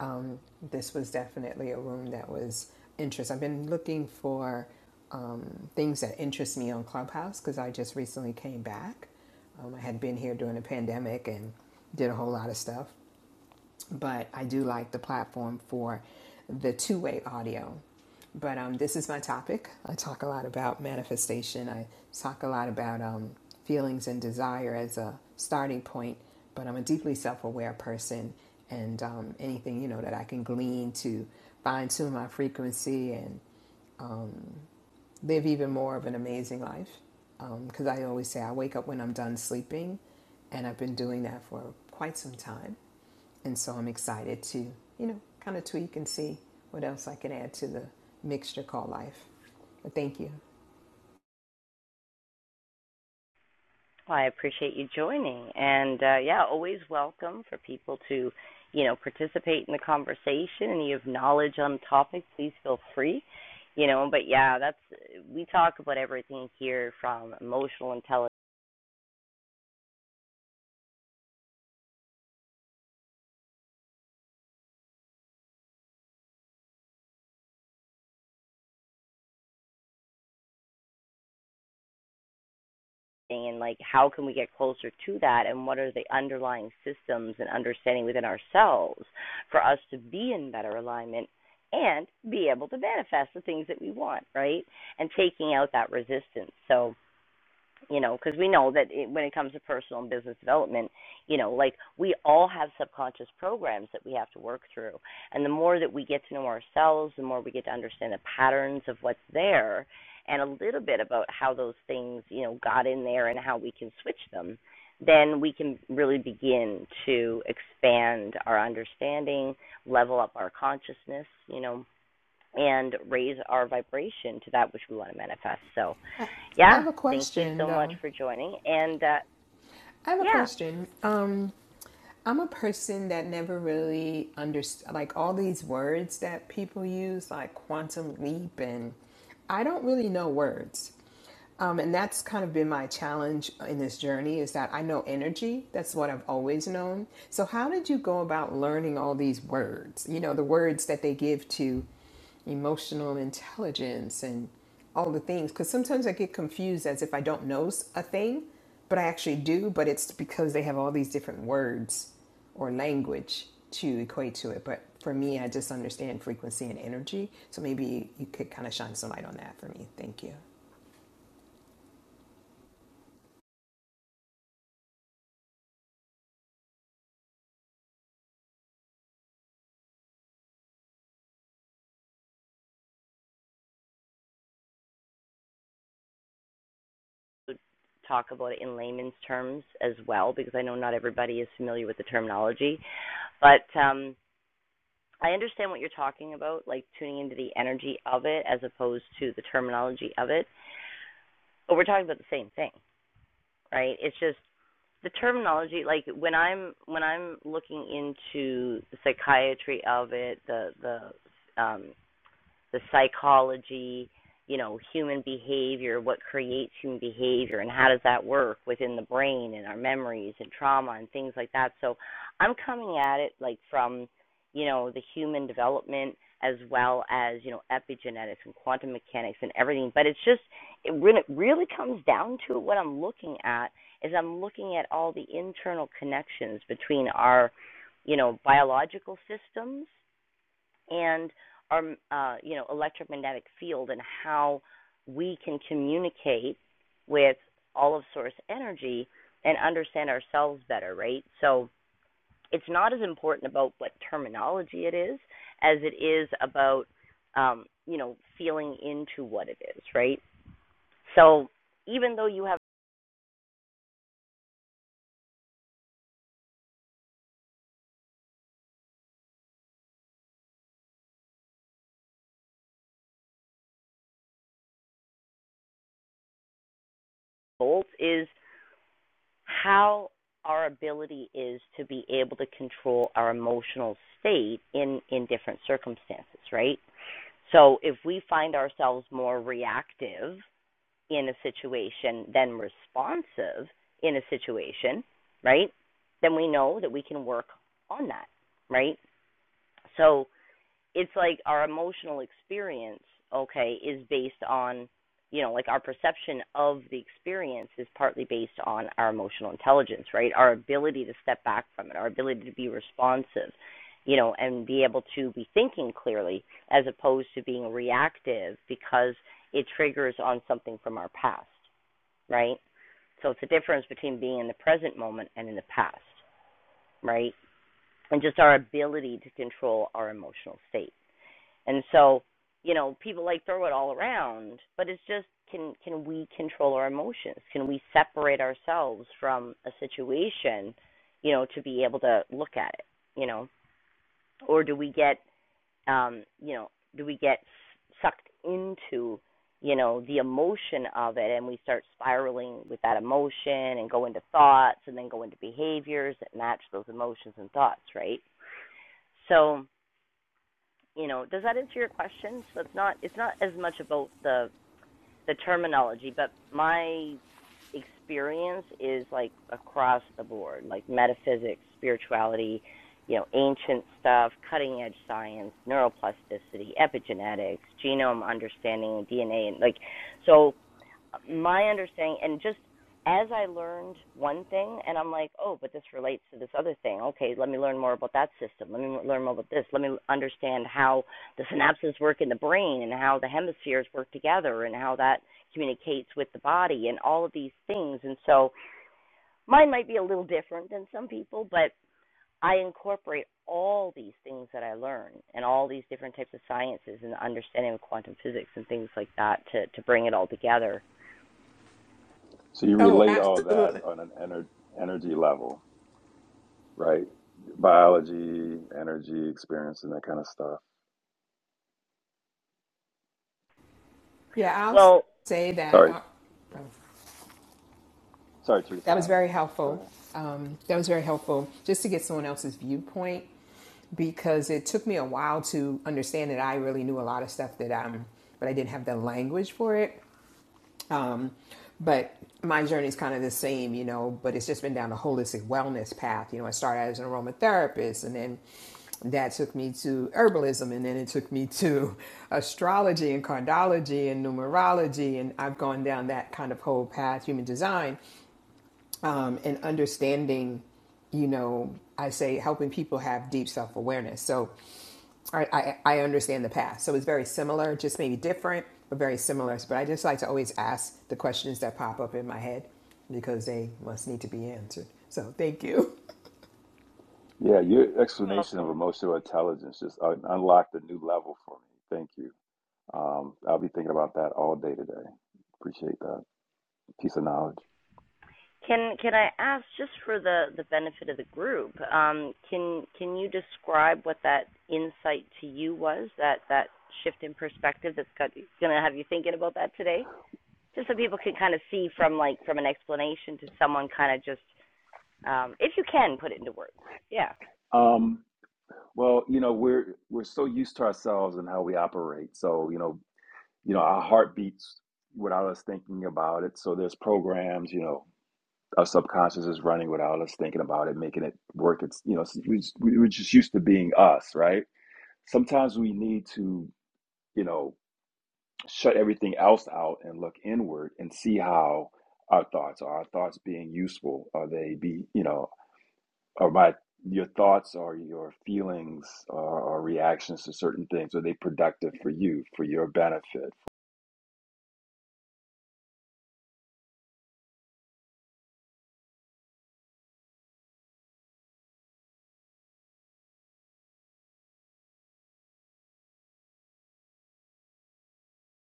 F: um, this was definitely a room that was interest. I've been looking for um, things that interest me on Clubhouse because I just recently came back. Um, I had been here during the pandemic and did a whole lot of stuff. but I do like the platform for the two way audio. But um, this is my topic. I talk a lot about manifestation, I talk a lot about um, feelings and desire as a starting point. But I'm a deeply self aware person, and um, anything you know that I can glean to fine tune my frequency and um, live even more of an amazing life. Because um, I always say I wake up when I'm done sleeping, and I've been doing that for quite some time. And so I'm excited to, you know, kind of tweak and see what else I can add to the mixture called life. But thank you.
A: Well, I appreciate you joining, and uh, yeah, always welcome for people to, you know, participate in the conversation. And you have knowledge on topics, please feel free. You know, but yeah, that's we talk about everything here from emotional intelligence and like how can we get closer to that, and what are the underlying systems and understanding within ourselves for us to be in better alignment and be able to manifest the things that we want, right? And taking out that resistance. So you know, because we know that it, when it comes to personal and business development, you know, like we all have subconscious programs that we have to work through. And the more that we get to know ourselves, the more we get to understand the patterns of what's there and a little bit about how those things, you know, got in there and how we can switch them, then we can really begin to expand our understanding, level up our consciousness, you know, and raise our vibration to that which we want to manifest. So,
F: I, I
A: yeah,
F: have a
A: thank you
F: question,
A: so much
F: though.
A: for joining. And uh,
F: I have a
A: yeah,
F: question. Um, I'm a person that never really understood, like all these words that people use, like quantum leap, and I don't really know words. Um, and that's kind of been my challenge in this journey is that I know energy. That's what I've always known. So, how did you go about learning all these words? You know, the words that they give to emotional intelligence and all the things because sometimes i get confused as if i don't know a thing but i actually do but it's because they have all these different words or language to equate to it but for me i just understand frequency and energy so maybe you could kind of shine some light on that for me thank you
A: talk about it in layman's terms as well, because I know not everybody is familiar with the terminology. But um, I understand what you're talking about, like tuning into the energy of it as opposed to the terminology of it. But we're talking about the same thing, right? It's just the terminology like when i'm when i'm looking into the psychiatry of it the the um the psychology, you know, human behavior, what creates human behavior, and how does that work within the brain and our memories and trauma and things like that. So I'm coming at it like from, you know, the human development as well as, you know, epigenetics and quantum mechanics and everything. But it's just, it, when it really comes down to it, what I'm looking at is I'm looking at all the internal connections between our, you know, biological systems and our uh, you know electromagnetic field and how we can communicate with all of source energy and understand ourselves better, right? So it's not as important about what terminology it is as it is about um, you know feeling into what it is, right? So even though you have goals, is how our ability is to be able to control our emotional state in in different circumstances, right? So if we find ourselves more reactive in a situation than responsive in a situation, right? Then we know that we can work on that, right? So it's like our emotional experience, okay, is based on, you know, like our perception of the experience is partly based on our emotional intelligence, right? Our ability to step back from it, our ability to be responsive, you know, and be able to be thinking clearly as opposed to being reactive because it triggers on something from our past, right? So it's a difference between being in the present moment and in the past, right? And just our ability to control our emotional state. And so, you know, people like throw it all around, but it's just can can we control our emotions? Can we separate ourselves from a situation, you know, to be able to look at it, you know? Or do we get um, you know, do we get sucked into, you know, the emotion of it and we start spiraling with that emotion and go into thoughts and then go into behaviors that match those emotions and thoughts, right? So you know, does that answer your question? So it's not it's not as much about the the terminology, but my experience is like across the board, like metaphysics, spirituality, you know, ancient stuff, cutting edge science, neuroplasticity, epigenetics, genome understanding, DNA, and like so my understanding and just as I learned one thing and I'm like, oh, but this relates to this other thing. Okay, let me learn more about that system. Let me learn more about this. Let me understand how the synapses work in the brain and how the hemispheres work together and how that communicates with the body and all of these things. And so mine might be a little different than some people, but I incorporate all these things that I learn and all these different types of sciences and the understanding of quantum physics and things like that to, to bring it all together.
E: So you
F: Oh,
E: relate all that
F: absolutely.
E: on an ener energy level. right? Biology, energy, experience, and that kind of stuff.
F: yeah i'll
A: Well,
F: say that
E: Sorry,
F: uh, oh,
E: sorry, Teresa.
F: That was
E: I don't,
F: very
E: go
F: helpful.
E: ahead.
F: Um, that was very helpful just to get someone else's viewpoint because it took me a while to understand that I really knew a lot of stuff that um, but I didn't have the language for it. Um, but my journey is kind of the same, you know. But it's just been down the holistic wellness path. You know, I started as an aromatherapist, and then that took me to herbalism, and then it took me to astrology and cardiology and numerology, and I've gone down that kind of whole path, human design um, and understanding, you know, I say helping people have deep self awareness. So I, I, I understand the past. So it's very similar, just maybe different, but very similar. But I just like to always ask the questions that pop up in my head because they must need to be answered. So thank you.
E: Yeah, your
A: You're
E: explanation of
A: welcome.
E: emotional intelligence just un- unlocked a new level for me. Thank you. Um, I'll be thinking about that all day today. Appreciate that piece of knowledge.
A: Can can I ask, just for the the benefit of the group, um, can can you describe what that insight to you was, that that shift in perspective that's got going to have you thinking about that today? Just so people can kind of see from like from an explanation to someone kind of just um, if you can put it into words. Yeah.
E: Um, well, you know, we're we're so used to ourselves and how we operate. So, you know, you know, our heart beats without us thinking about it. So there's programs, you know, our subconscious is running without us thinking about it, making it work. It's you know we we- we're just used to being us, right? Sometimes we need to you know shut everything else out and look inward and see how our thoughts are. Our thoughts being useful? Are they be you know are my your thoughts or your feelings or, or reactions to certain things are they productive for you for your benefit?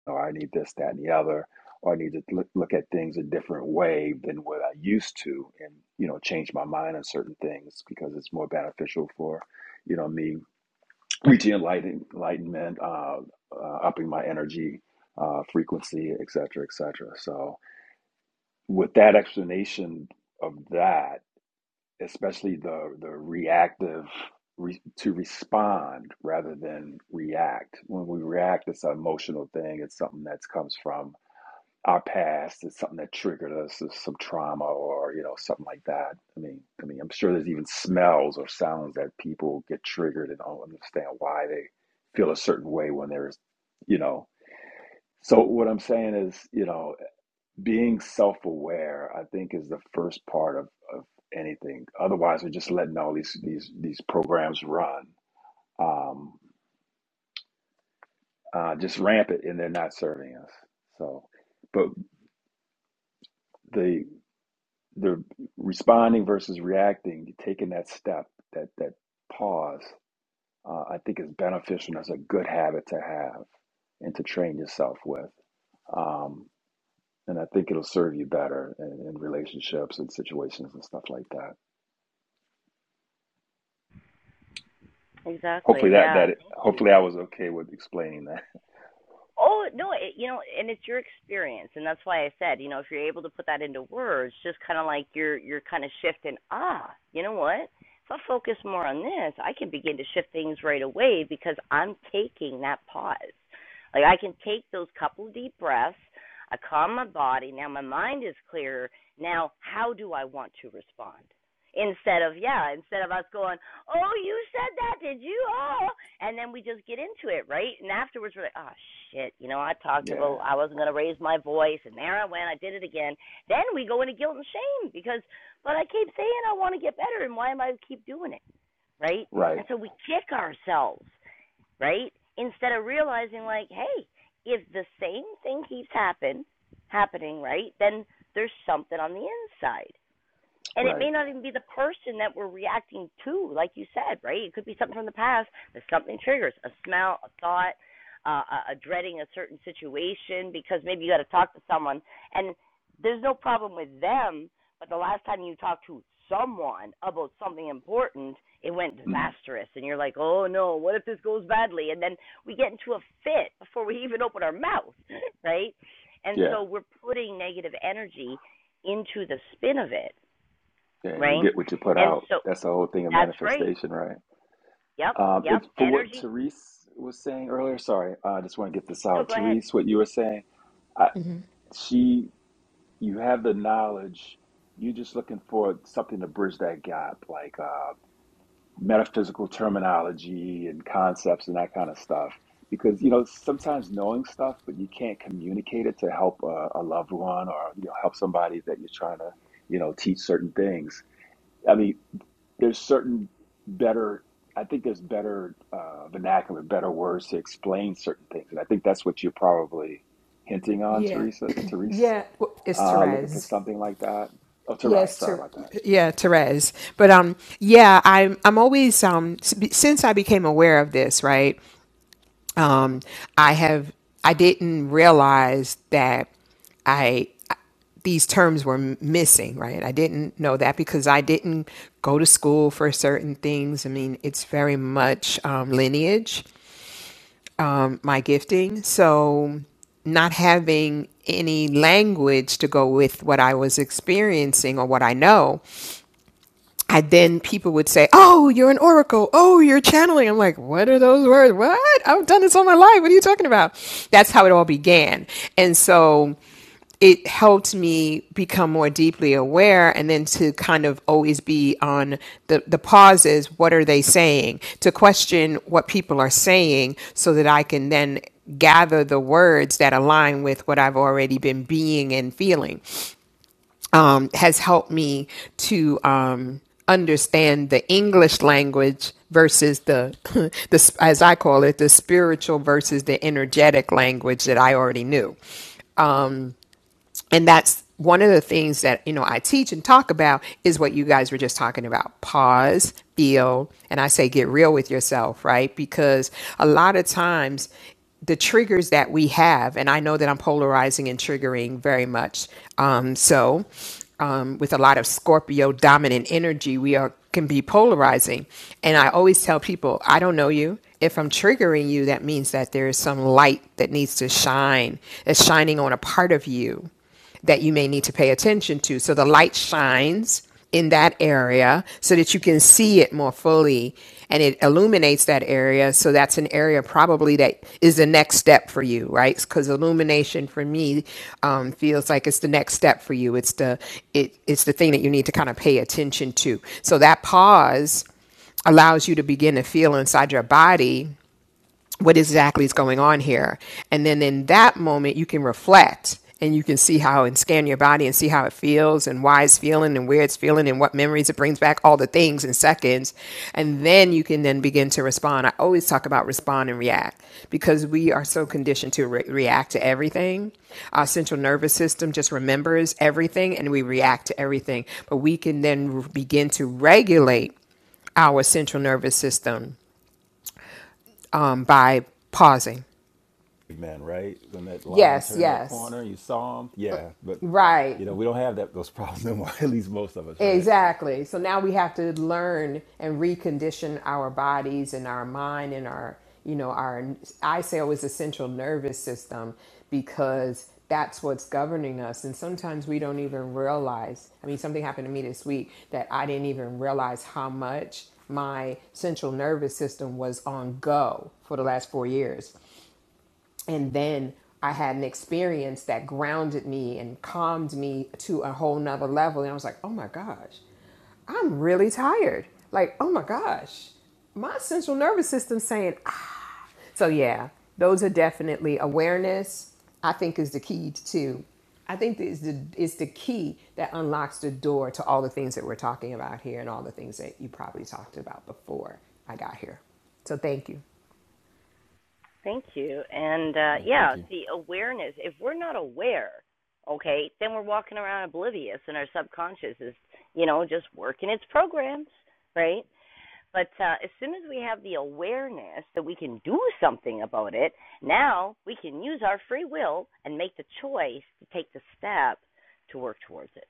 E: or I need this, that, and the other, or I need to look, look at things a different way than what I used to, and you know, change my mind on certain things because it's more beneficial for, you know, me reaching enlighten, enlightenment, uh, uh, upping my energy uh, frequency, et cetera, et cetera. So, with that explanation of that, especially the the reactive. Re, to respond rather than react. When we react, it's an emotional thing. It's something that comes from our past is something that triggered us, some trauma or you know something like that. I mean, I mean, I'm sure there's even smells or sounds that people get triggered and don't understand why they feel a certain way when there's, you know. So what I'm saying is, you know, being self-aware, I think, is the first part of, of anything. Otherwise, we're just letting all these these these programs run, um, uh, just rampant, and they're not serving us. So, but the the responding versus reacting, taking that step, that that pause, uh, I think is beneficial and is a good habit to have and to train yourself with. Um, and I think it'll serve you better in, in relationships and situations and stuff like that. Hopefully
A: Exactly.
E: that
A: Yeah.
E: that
A: Thank you.
E: hopefully I was okay with explaining that.
A: Oh no, it, you know, and it's your experience, and that's why I said, you know, if you're able to put that into words, just kind of like you're you're kind of shifting. Ah, you know what? If I focus more on this, I can begin to shift things right away because I'm taking that pause. Like I can take those couple deep breaths. I calm my body. Now my mind is clear. Now how do I want to respond? instead of yeah instead of us going oh you said that did you oh and then we just get into it right and afterwards we're like oh shit you know i talked
E: Yeah,
A: about i wasn't going to raise my voice and there i went i did it again then we go into guilt and shame because but i keep saying i want to get better and why am i keep doing it right
E: right,
A: and so we kick ourselves right instead of realizing like hey if the same thing keeps happen happening right then there's something on the inside and it
E: right.
A: may not even be the person that we're reacting to, like you said, right? It could be something from the past that something triggers a smell, a thought, uh, a, a dreading a certain situation because maybe you got to talk to someone and there's no problem with them, but the last time you talked to someone about something important, it went
E: Mm,
A: disastrous. And you're like, oh no, what if this goes badly? And then we get into a fit before we even open our mouth, right? And
E: yeah,
A: so we're putting negative energy into the spin of it
E: yeah. And you
A: right?
E: get what you put
A: And
E: out.
A: so
E: That's the whole thing of
A: that's right.
E: manifestation, right?
A: Yep,
E: Um,
A: yep.
E: it's for what
A: Energy.
E: Therese was saying earlier. Sorry, I just want to get this
A: No,
E: out.
A: go ahead.
E: Therese, what you were saying, I,
F: Mm-hmm.
E: she, you have the knowledge. You're just looking for something to bridge that gap, like uh, metaphysical terminology and concepts and that kind of stuff. Because you know sometimes knowing stuff, but you can't communicate it to help a, a loved one or you know help somebody that you're trying to you know teach certain things. I mean, there's certain better i think there's better uh, vernacular better words to explain certain things and i think that's what you're probably hinting on
F: Yeah,
E: teresa teresa
F: yeah, it's
E: uh, looking for
F: Therese.
E: something like that oh Terai,
F: Yes,
E: sorry
F: Ter-
E: about that
F: yeah, Therese. But um, yeah, I'm I'm always um since I became aware of this, right? Um, I have I didn't realize that I these terms were m- missing, right? I didn't know that because I didn't go to school for certain things. I mean, it's very much um, lineage, um, my gifting. So, not having any language to go with what I was experiencing or what I know I then people would say, "Oh, you're an oracle. Oh, you're channeling." I'm like, "What are those words? What? I've done this all my life. What are you talking about?" That's how it all began, and so it helped me become more deeply aware and then to kind of always be on the, the pauses what are they saying to question what people are saying so that i can then gather the words that align with what i've already been being and feeling um, has helped me to um, understand the English language versus the, the, as I call it, the spiritual versus the energetic language that I already knew and that's one of the things that you know I teach and talk about is what you guys were just talking about pause feel and I say get real with yourself right because a lot of times the triggers that we have and I know that I'm polarizing and triggering very much um, so um, with a lot of Scorpio dominant energy we are can be polarizing and I always tell people I don't know you if I'm triggering you that means that there is some light that needs to shine that's shining on a part of you that you may need to pay attention to. So the light shines in that area so that you can see it more fully and it illuminates that area. So that's an area probably that is the next step for you, right? Because illumination for me um, feels like it's the next step for you. It's the it, it's the thing that you need to kind of pay attention to. So that pause allows you to begin to feel inside your body what exactly is going on here. And then in that moment, you can reflect and you can see how and scan your body and see how it feels and why it's feeling and where it's feeling and what memories it brings back, all the things in seconds. And then you can then begin to respond. I always talk about respond and react because we are so conditioned to re- react to everything. Our central nervous system just remembers everything and we react to everything. But we can then begin to regulate our central nervous system um, by pausing
E: man, right? When that lion
F: Yes,
E: turned that
F: yes.
E: corner, you saw him. Yeah, but
F: Right.
E: you know we don't have that those problems no more. At least most of us, right?
F: Exactly. So now we have to learn and recondition our bodies and our mind and our, you know, our, I say always the central nervous system because that's what's governing us. And sometimes we don't even realize. I mean, something happened to me this week that I didn't even realize how much my central nervous system was on go for the last four years. and then I had an experience that grounded me and calmed me to a whole nother level. And I was like, oh my gosh, I'm really tired. Like, oh my gosh, my central nervous system saying, ah. so yeah, those are definitely awareness. I think is the key to. I think is the is the key that unlocks the door to all the things that we're talking about here and all the things that you probably talked about before I got here. So thank you.
A: Thank you. And uh,
E: Yeah. Thank
A: yeah,
E: you.
A: see, awareness. If we're not aware, okay, then we're walking around oblivious, and our subconscious is, you know, just working its programs, right? But uh, as soon as we have the awareness that we can do something about it, now we can use our free will and make the choice to take the step to work towards it.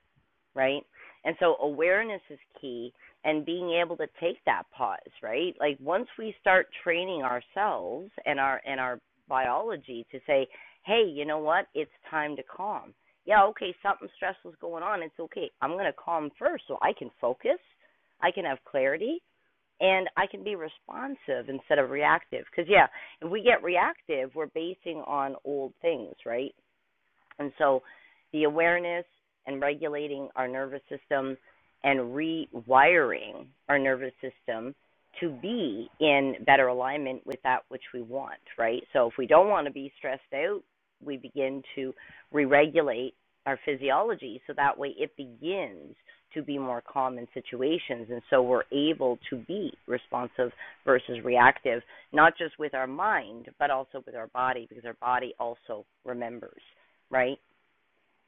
A: right? And so awareness is key and being able to take that pause, right? Like once we start training ourselves and our and our biology to say, "Hey, you know what? It's time to calm." Yeah, okay, something stressful's going on. It's okay. I'm going to calm first so I can focus, I can have clarity, and I can be responsive instead of reactive. Cuz yeah, if we get reactive, we're basing on old things, right? And so the awareness and regulating our nervous system and rewiring our nervous system to be in better alignment with that which we want, right? So if we don't want to be stressed out, we begin to re regulate our physiology so that way it begins to be more calm in situations and so we're able to be responsive versus reactive not just with our mind but also with our body because our body also remembers right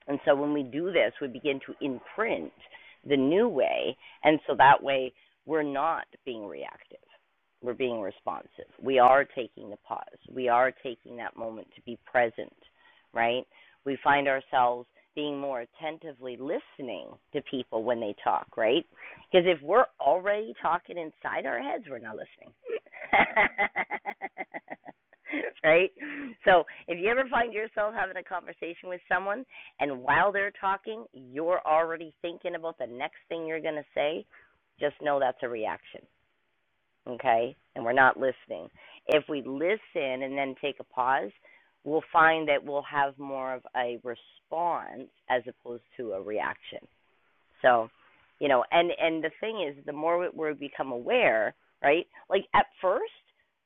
A: and so when we do this, we begin to imprint the new way. And so that way, we're not being reactive, we're being responsive. We are taking the pause, we are taking that moment to be present, right? We find ourselves being more attentively listening to people when they talk, right? Because if we're already talking inside our heads, we're not listening. right? So if you ever find yourself having a conversation with someone and while they're talking, you're already thinking about the next thing you're going to say. Just know that's a reaction, okay? And we're not listening. If we listen and then take a pause, we'll find that we'll have more of a response as opposed to a reaction. So, you know, and and the thing is, the more we become aware, right? Like at first,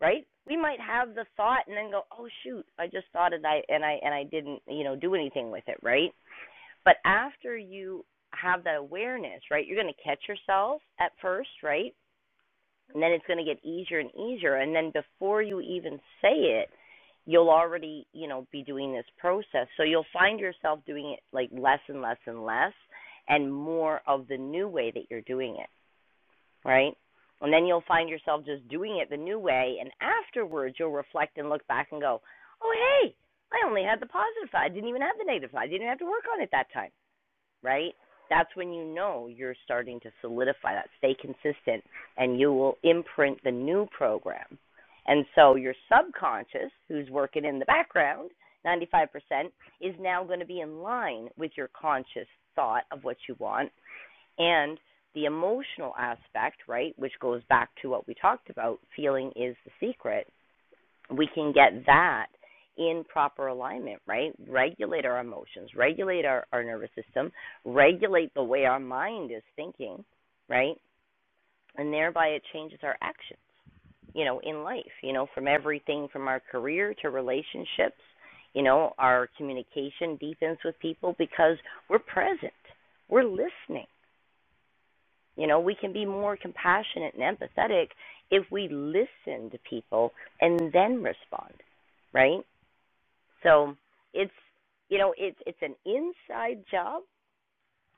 A: right? We might have the thought and then go, "Oh shoot, I just thought it I and I and I didn't, you know, do anything with it," right? But after you have that awareness, right, you're going to catch yourself at first, right? And then it's going to get easier and easier. And then before you even say it, you'll already, you know, be doing this process. So you'll find yourself doing it like less and less and less and more of the new way that you're doing it, right? And then you'll find yourself just doing it the new way. And afterwards, you'll reflect and look back and go, oh, hey, I only had the positive side. I didn't even have the negative side. I didn't have to work on it that time right? That's when you know you're starting to solidify that, stay consistent, and you will imprint the new program. And so your subconscious, who's working in the background, 95%, is now going to be in line with your conscious thought of what you want and the emotional aspect, right, which goes back to what we talked about, feeling is the secret we can get that in proper alignment, right? Regulate our emotions, regulate our, our nervous system, regulate the way our mind is thinking, right? And thereby it changes our actions, you know, in life, you know, from everything from our career to relationships, you know, our communication deepens with people because we're present, we're listening. You know, we can be more compassionate and empathetic if we listen to people and then respond, right? So it's you know it's it's an inside job,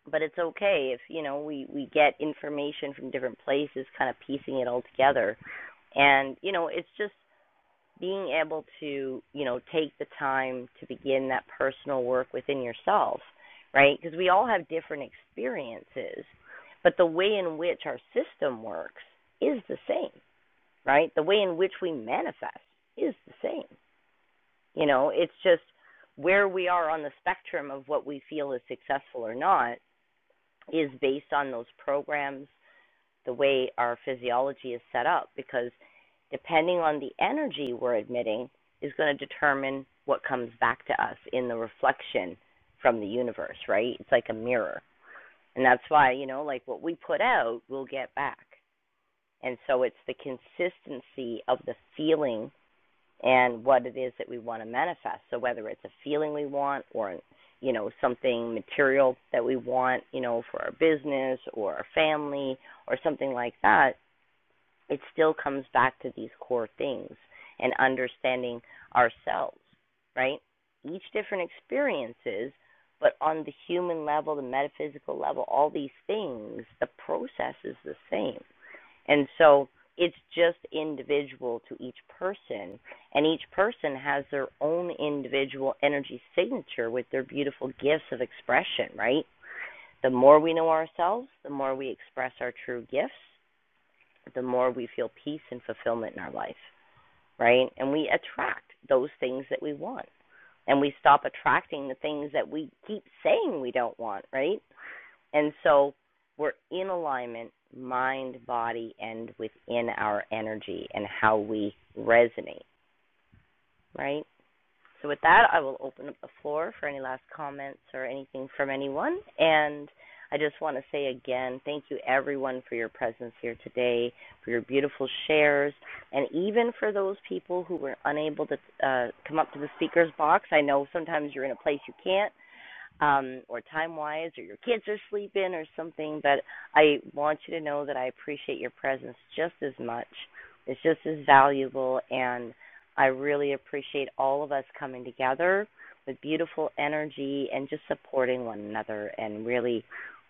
A: but it's okay if you know we we get information from different places, kind of piecing it all together, and you know it's just being able to you know take the time to begin that personal work within yourself, right? Because we all have different experiences, but the way in which our system works is the same, right? The way in which we manifest is the same. You know, it's just where we are on the spectrum of what we feel is successful or not is based on those programs, the way our physiology is set up, because depending on the energy we're admitting is going to determine what comes back to us in the reflection from the universe, right? It's like a mirror. And that's why, you know, like what we put out, we'll get back. And so it's the consistency of the feeling and what it is that we want to manifest. So whether it's a feeling we want or you know something material that we want, you know, for our business or our family or something like that, it still comes back to these core things and understanding ourselves, right? Each different experiences, but on the human level, the metaphysical level, all these things, the process is the same. And so it's just individual to each person, and each person has their own individual energy signature with their beautiful gifts of expression, right? The more we know ourselves, the more we express our true gifts, the more we feel peace and fulfillment in our life, right? And we attract those things that we want. And we stop attracting the things that we keep saying we don't want, right? And so we're in alignment, mind, body, and within our energy and how we resonate, right? So, with that, I will open up the floor for any last comments or anything from anyone. And I just want to say again, thank you everyone for your presence here today, for your beautiful shares, and even for those people who were unable to uh, come up to the speaker's box. I know sometimes you're in a place you can't, um, or time wise, or your kids are sleeping or something, but I want you to know that I appreciate your presence just as much. It's just as valuable, and I really appreciate all of us coming together with beautiful energy and just supporting one another and really,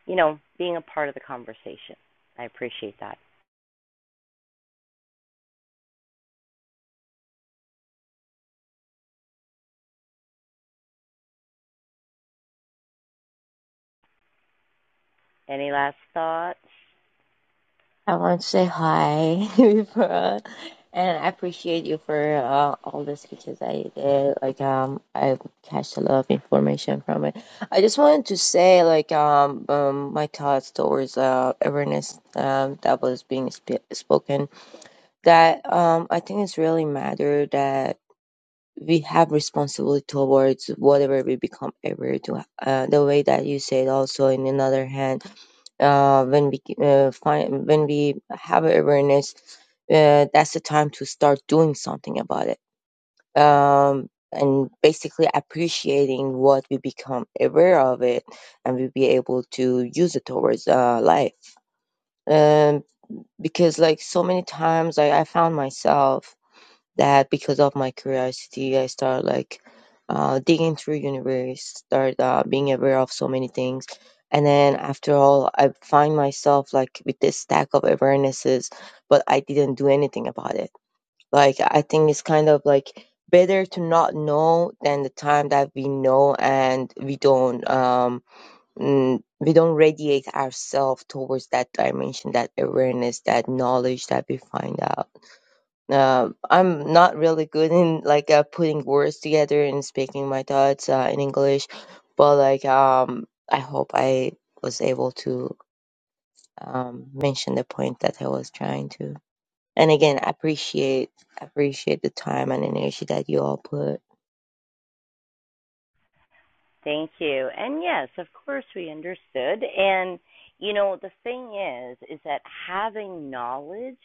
A: you know, being a part of the conversation. I appreciate that. Any last thoughts?
G: I want to say hi before, and I appreciate you for uh, all the speeches that you did. Like um, I catch a lot of information from it. I just wanted to say like um, um my thoughts towards uh awareness um that was being sp spoken. That um I think it's really matter that we have responsibility towards whatever we become aware to. Uh, the way that you said also in another hand uh, when we uh, find when we have awareness uh, that's the time to start doing something about it um, and basically appreciating what we become aware of it and we will be able to use it towards uh, life um, because like so many times I, I found myself that because of my curiosity i started like uh, digging through universe start uh, being aware of so many things and then after all i find myself like with this stack of awarenesses but i didn't do anything about it like i think it's kind of like better to not know than the time that we know and we don't um mm, we don't radiate ourselves towards that dimension that awareness that knowledge that we find out uh, I'm not really good in like uh, putting words together and speaking my thoughts uh, in English, but like um, I hope I was able to um, mention the point that I was trying to. And again, I appreciate appreciate the time and energy that you all put.
A: Thank you. And yes, of course, we understood. And, you know, the thing is, is that having knowledge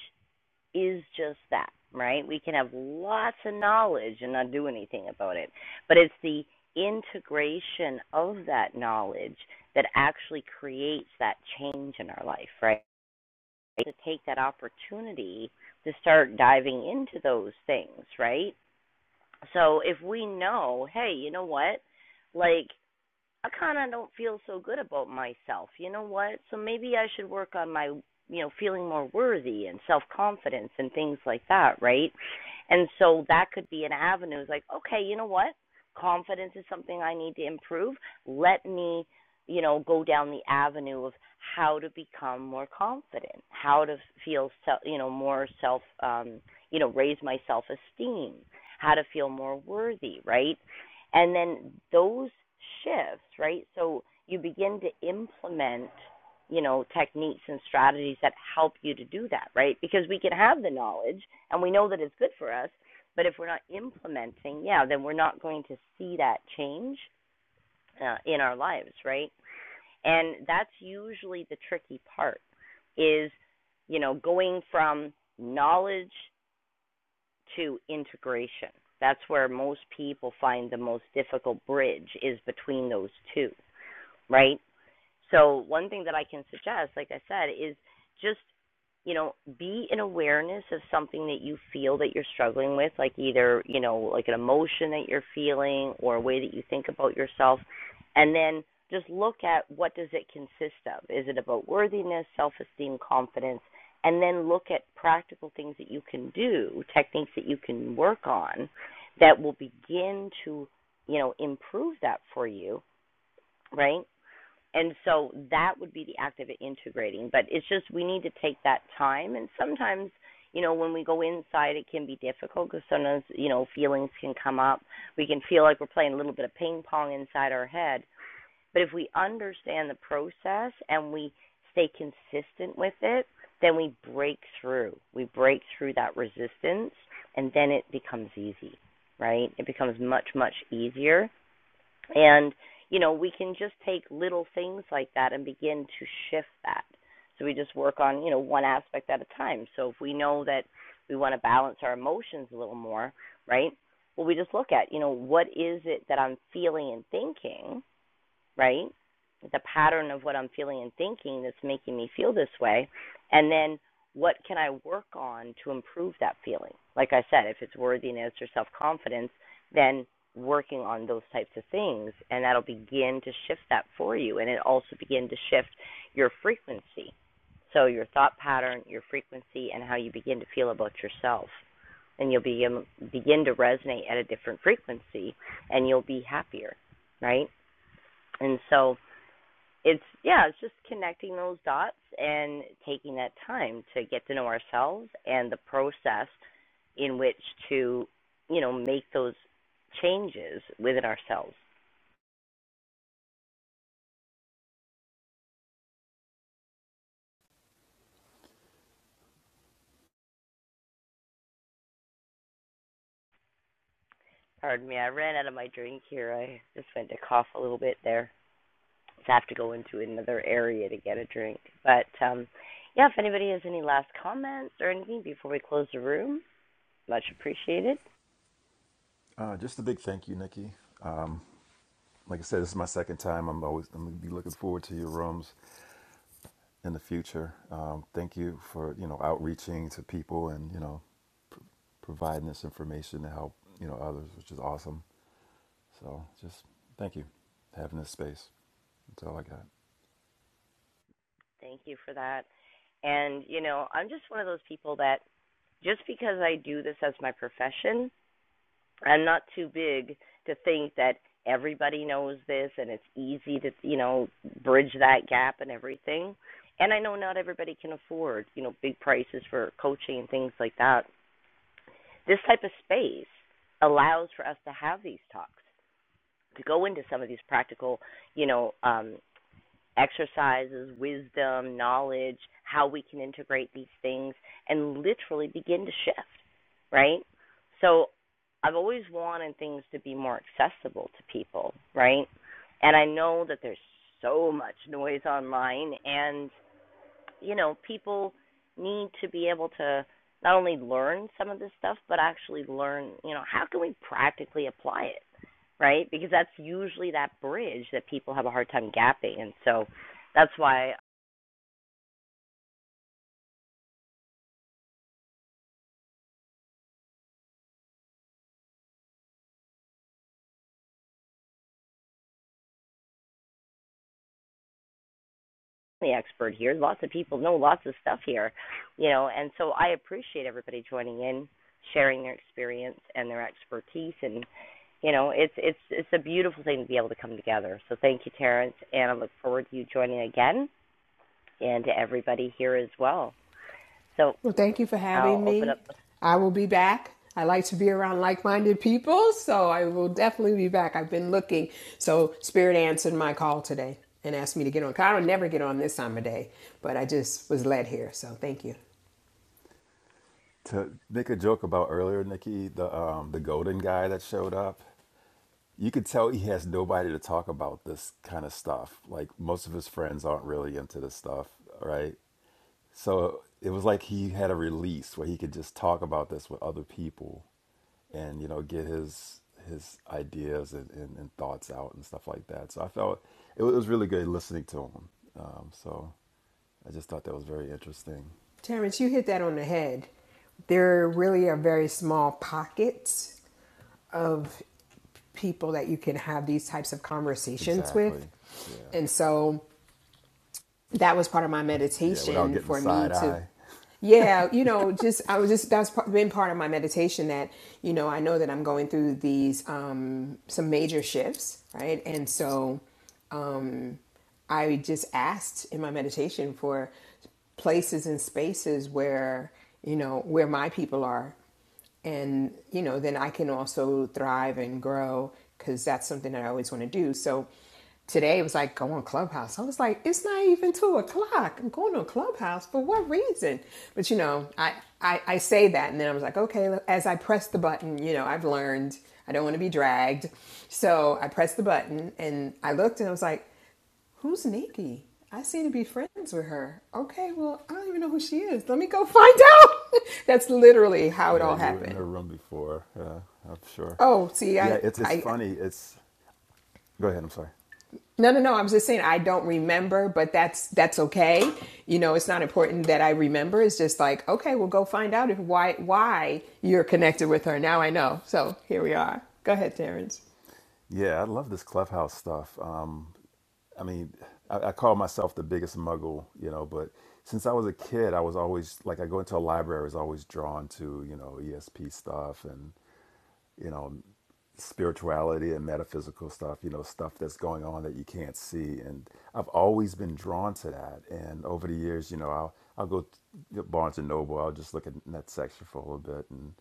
A: is just that, right? We can have lots of knowledge and not do anything about it. But it's the integration of that knowledge that actually creates that change in our life, right? To take that opportunity to start diving into those things, right? So if we know, hey, you know what? Like I kind of don't feel so good about myself. You know what? So maybe I should work on my, you know, feeling more worthy and self confidence and things like that, right? And so that could be an avenue. It's like, okay, you know what? Confidence is something I need to improve. Let me, you know, go down the avenue of how to become more confident, how to feel, se- you know, more self, um, you know, raise my self esteem, how to feel more worthy, right? And then those shifts, right? So you begin to implement, you know, techniques and strategies that help you to do that, right? Because we can have the knowledge and we know that it's good for us, but if we're not implementing, yeah, then we're not going to see that change uh, in our lives, right? And that's usually the tricky part is, you know, going from knowledge to integration. That's where most people find the most difficult bridge is between those two, right? So one thing that I can suggest, like I said, is just you know be in awareness of something that you feel that you're struggling with, like either you know like an emotion that you're feeling or a way that you think about yourself, and then just look at what does it consist of? Is it about worthiness, self-esteem, confidence? And then look at practical things that you can do, techniques that you can work on that will begin to, you know, improve that for you, right? And so that would be the act of integrating. But it's just we need to take that time. And sometimes, you know, when we go inside, it can be difficult because sometimes, you know, feelings can come up. We can feel like we're playing a little bit of ping pong inside our head. But if we understand the process and we stay consistent with it, then we break through. We break through that resistance and then it becomes easy, right? It becomes much, much easier and, you know, we can just take little things like that and begin to shift that. So we just work on, you know, one aspect at a time. So if we know that we want to balance our emotions a little more, right? Well, we just look at, you know, what is it that I'm feeling and thinking right? The pattern of what I'm feeling and thinking that's making me feel this way. And then what can I work on to improve that feeling? Like I said, if it's worthiness or self confidence, then working on those types of things and that'll begin to shift that for you and it also begin to shift your frequency so your thought pattern your frequency and how you begin to feel about yourself and you'll begin begin to resonate at a different frequency and you'll be happier right and so it's yeah, it's just connecting those dots and taking that time to get to know ourselves and the process in which to, you know, make those changes within ourselves. Pardon me, I ran out of my drink here. I just went to cough a little bit there. So I have to go into another area to get a drink. But um yeah, if anybody has any last comments or anything before we close the room, much appreciated.
E: Uh, just a big thank you, Nikki. Um, like I said, this is my second time. I'm always I'm gonna be looking forward to your rooms. in the future. Um, thank you for you know outreaching to people and you know pr- providing this information to help you know others, which is awesome. So just thank you for having this space. That's all I got.
A: Thank you for that. And, you know, I'm just one of those people that just because I do this as my profession, I'm not too big to think that everybody knows this and it's easy to, you know, bridge that gap and everything. And I know not everybody can afford, you know, big prices for coaching and things like that. This type of space allows for us to have these talks, to go into some of these practical, you know, um, exercises, wisdom, knowledge, how we can integrate these things and literally begin to shift, right? So I've always wanted things to be more accessible to people, right? And I know that there's so much noise online and you know, people need to be able to not only learn some of this stuff, but actually learn, you know, how can we practically apply it, right? Because that's usually that bridge that people have a hard time gapping. And so that's why I'm the expert here. Lots of people know lots of stuff here, you know, and so I appreciate everybody joining in sharing their experience and their expertise and you know it's it's it's a beautiful thing to be able to come together so thank you terrence and i look forward to you joining again and to everybody here as well. So
F: Well, thank you for
A: I'll
F: having
A: open up.
F: me. I will be back. I like to be around like minded people, so I will definitely be back. I've been looking. So, Spirit answered my call today and asked me to get on. I don't never get on this time of day, but I just was led here. So, thank you.
E: To make a joke about earlier, Nikki, the um, the golden guy that showed up, you could tell he has nobody to talk about this kind of stuff. Like most of his friends aren't really into this stuff, right? So it was like he had a release where he could just talk about this with other people and you know get his his ideas and, and, and thoughts out and stuff like that. So I felt it was really good listening to him. Um, so I just thought that was very interesting.
F: Terrence, you hit that on the head. There really are very small pockets of people that you can have these types of conversations with.
E: Exactly. Yeah.
F: And so, that was part of my
E: Yeah. Without
F: meditation
E: getting the
F: for me
E: side
F: to
E: eye.
F: yeah you know just i was just that's been part of my meditation that you know i know that i'm going through these um some major shifts right and so um, I just asked in my meditation for places and spaces where, you know, where my people are. And, you know, then I can also thrive and grow because that's something that I always want to do. So today it was like, go on Clubhouse. I was like, it's not even two o'clock. I'm going on Clubhouse for what reason? But, you know, I, I, I say that and then I was like, okay, as I press the button, you know, I've learned I don't want to be dragged. So I pressed the button and I looked and I was like, Who's Nikki? I seem to be friends with her. Okay, well, I don't even know who she is. Let me go find out. That's literally how it
E: Yeah.
F: all
E: You were in the
F: happened.
E: room before. Uh, I'm sure.
F: Oh, see,
E: Yeah.
F: I,
E: It's it's
F: I,
E: funny. It's go ahead. I'm sorry.
F: no, no, no. I was just saying I don't remember, but that's that's okay. You know, it's not important that I remember. It's just like, okay, we'll go find out if why why you're connected with her. Now I know. So here we are. Go ahead, Terrence.
E: Yeah. I love this clubhouse stuff. Um, I mean, I, I call myself the biggest muggle, you know, but since I was a kid, I was always like, I go into a library, I was always drawn to, you know, ESP stuff and you know, spirituality and metaphysical stuff, you know, stuff that's going on that you can't see. And I've always been drawn to that. And over the years, you know, I'll, I'll go to Barnes and Noble, I'll just look at that section for a little bit. And,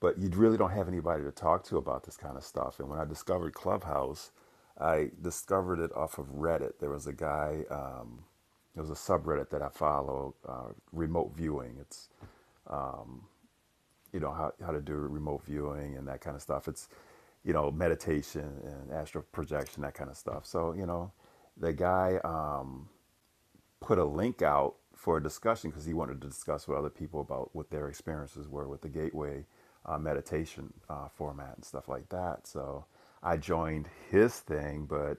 E: but you really don't have anybody to talk to about this kind of stuff. And when I discovered Clubhouse, I discovered it off of Reddit. There was a guy, um, there was a subreddit that I follow, uh, remote viewing. It's you know how, how to do remote viewing and that kind of stuff it's you know meditation and astral projection that kind of stuff so you know the guy um, put a link out for a discussion because he wanted to discuss with other people about what their experiences were with the gateway uh, meditation uh, format and stuff like that. So I joined his thing, but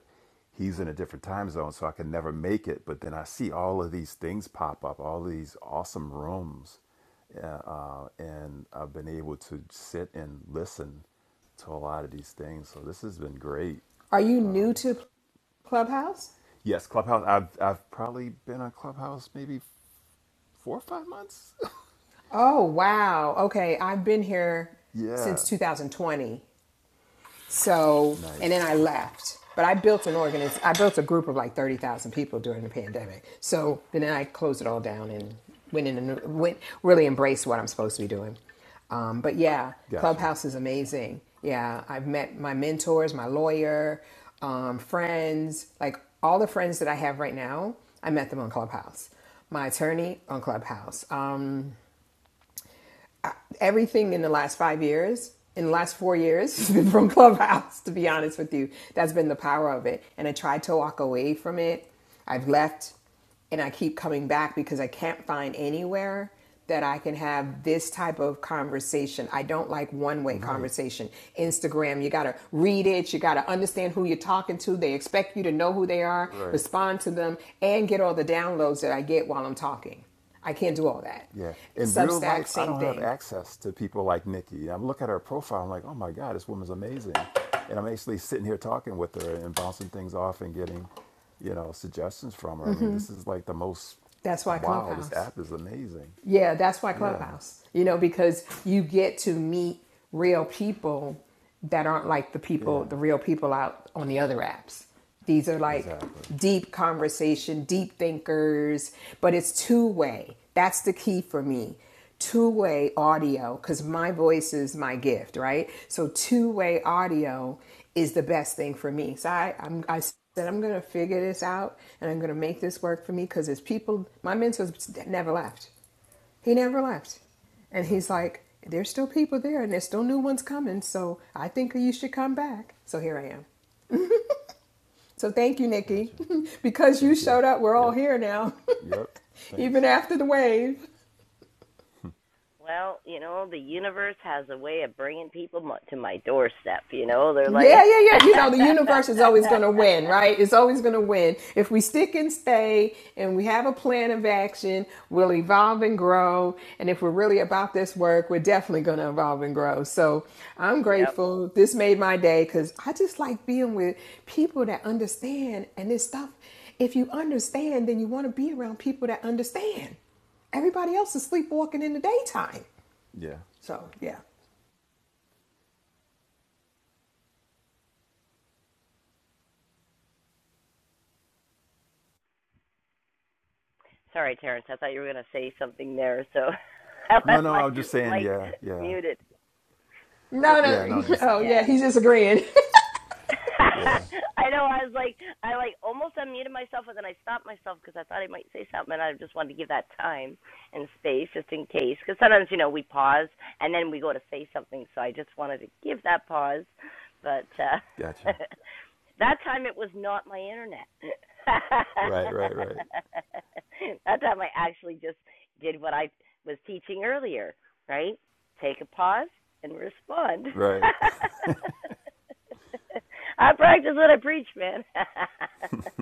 E: he's in a different time zone, so I could never make it. But then I see all of these things pop up, all these awesome rooms, uh, uh, and I've been able to sit and listen to a lot of these things. So this has been great.
F: Are you new to Clubhouse?
E: Yes, Clubhouse. I've I've probably been on Clubhouse maybe four or five months.
F: Oh, wow. Okay. I've been here
E: yeah,
F: since 2020. So, and then
E: nice.
F: I left. But I built an organiz- I built a group of like 30,000 people during the pandemic. So, then I closed it all down and went in and went really embraced what I'm supposed to be doing. Um, but yeah,
E: Gotcha.
F: Clubhouse is amazing. Yeah, I've met my mentors, my lawyer, um, friends, like all the friends that I have right now, I met them on Clubhouse. My attorney on Clubhouse. Um, everything in the last five years, in the last four years, has been from Clubhouse, to be honest with you. That's been the power of it. And I tried to walk away from it. I've left and I keep coming back because I can't find anywhere that I can have this type of conversation. I don't like one way
E: Right,
F: conversation. Instagram, you got to read it, you got to understand who you're talking to. They expect you to know who they are,
E: right.
F: respond to them, and get all the downloads that I get while I'm talking. I can't do all that.
E: Yeah. In real
F: Substack,
E: life, I
F: same
E: don't have
F: thing.
E: access to people like Nikki. I look at her profile, I'm like, oh my God, this woman's amazing. And I'm actually sitting here talking with her and bouncing things off and getting, you know, suggestions from her. I mean, this is like the most
F: That's why
E: wow, this
F: Clubhouse.
E: app is amazing.
F: Yeah, that's why
E: Yeah,
F: Clubhouse, you know, because you get to meet real people that aren't like the people,
E: yeah,
F: the real people out on the other apps. These are like
E: exactly.
F: deep conversation, deep thinkers, but it's two way. That's the key for me. Two way audio, because my voice is my gift, right? So two way audio is the best thing for me. So I, I'm, I said, I'm going to figure this out and I'm going to make this work for me because it's people, my mentors never left he never left. And he's
E: Gotcha,
F: like, there's still people there and there's still new ones coming. So I think you should come back. So here I am. So thank you, Nikki.
E: gotcha.
F: because you
E: Thank you.
F: showed up, we're all
E: Yep,
F: here now,
E: yep,
F: even
E: thanks.
F: after the wave.
A: Well, you know, the universe has a way of bringing people to my doorstep. You know, they're like,
F: Yeah, yeah, yeah. You know, the universe is always going to win, right? It's always going to win. If we stick and stay and we have a plan of action, we'll evolve and grow. And if we're really about this work, we're definitely going to evolve and grow. So I'm
A: yep.
F: grateful. This made my day because I just like being with people that understand. And this stuff, if you understand, then you want to be around people that understand. Everybody else is sleepwalking in the daytime.
E: Yeah,
F: So, yeah.
A: Sorry, Terrence. I thought you were going to say something there, so I
E: No,
A: left
E: no,
A: my
E: i was just saying,
A: mic
E: yeah, yeah,
A: muted.
F: No,
E: yeah. No,
F: no.
A: Disagreeing.
E: just
F: Oh, yeah.
A: Yeah.
F: He's just agreeing.
E: yeah,
A: I know. I was like, I like almost unmuted myself, and then I stopped myself because I thought I might say something, and I just wanted to give that time and space just in case. Because sometimes, you know, we pause and then we go to say something. So I just wanted to give that pause, but uh
E: gotcha.
A: that time it was not my internet.
E: Right, right, right,
A: that time I actually just did what I was teaching earlier, right? Take a pause and respond.
E: right.
A: I practice what I preach, man.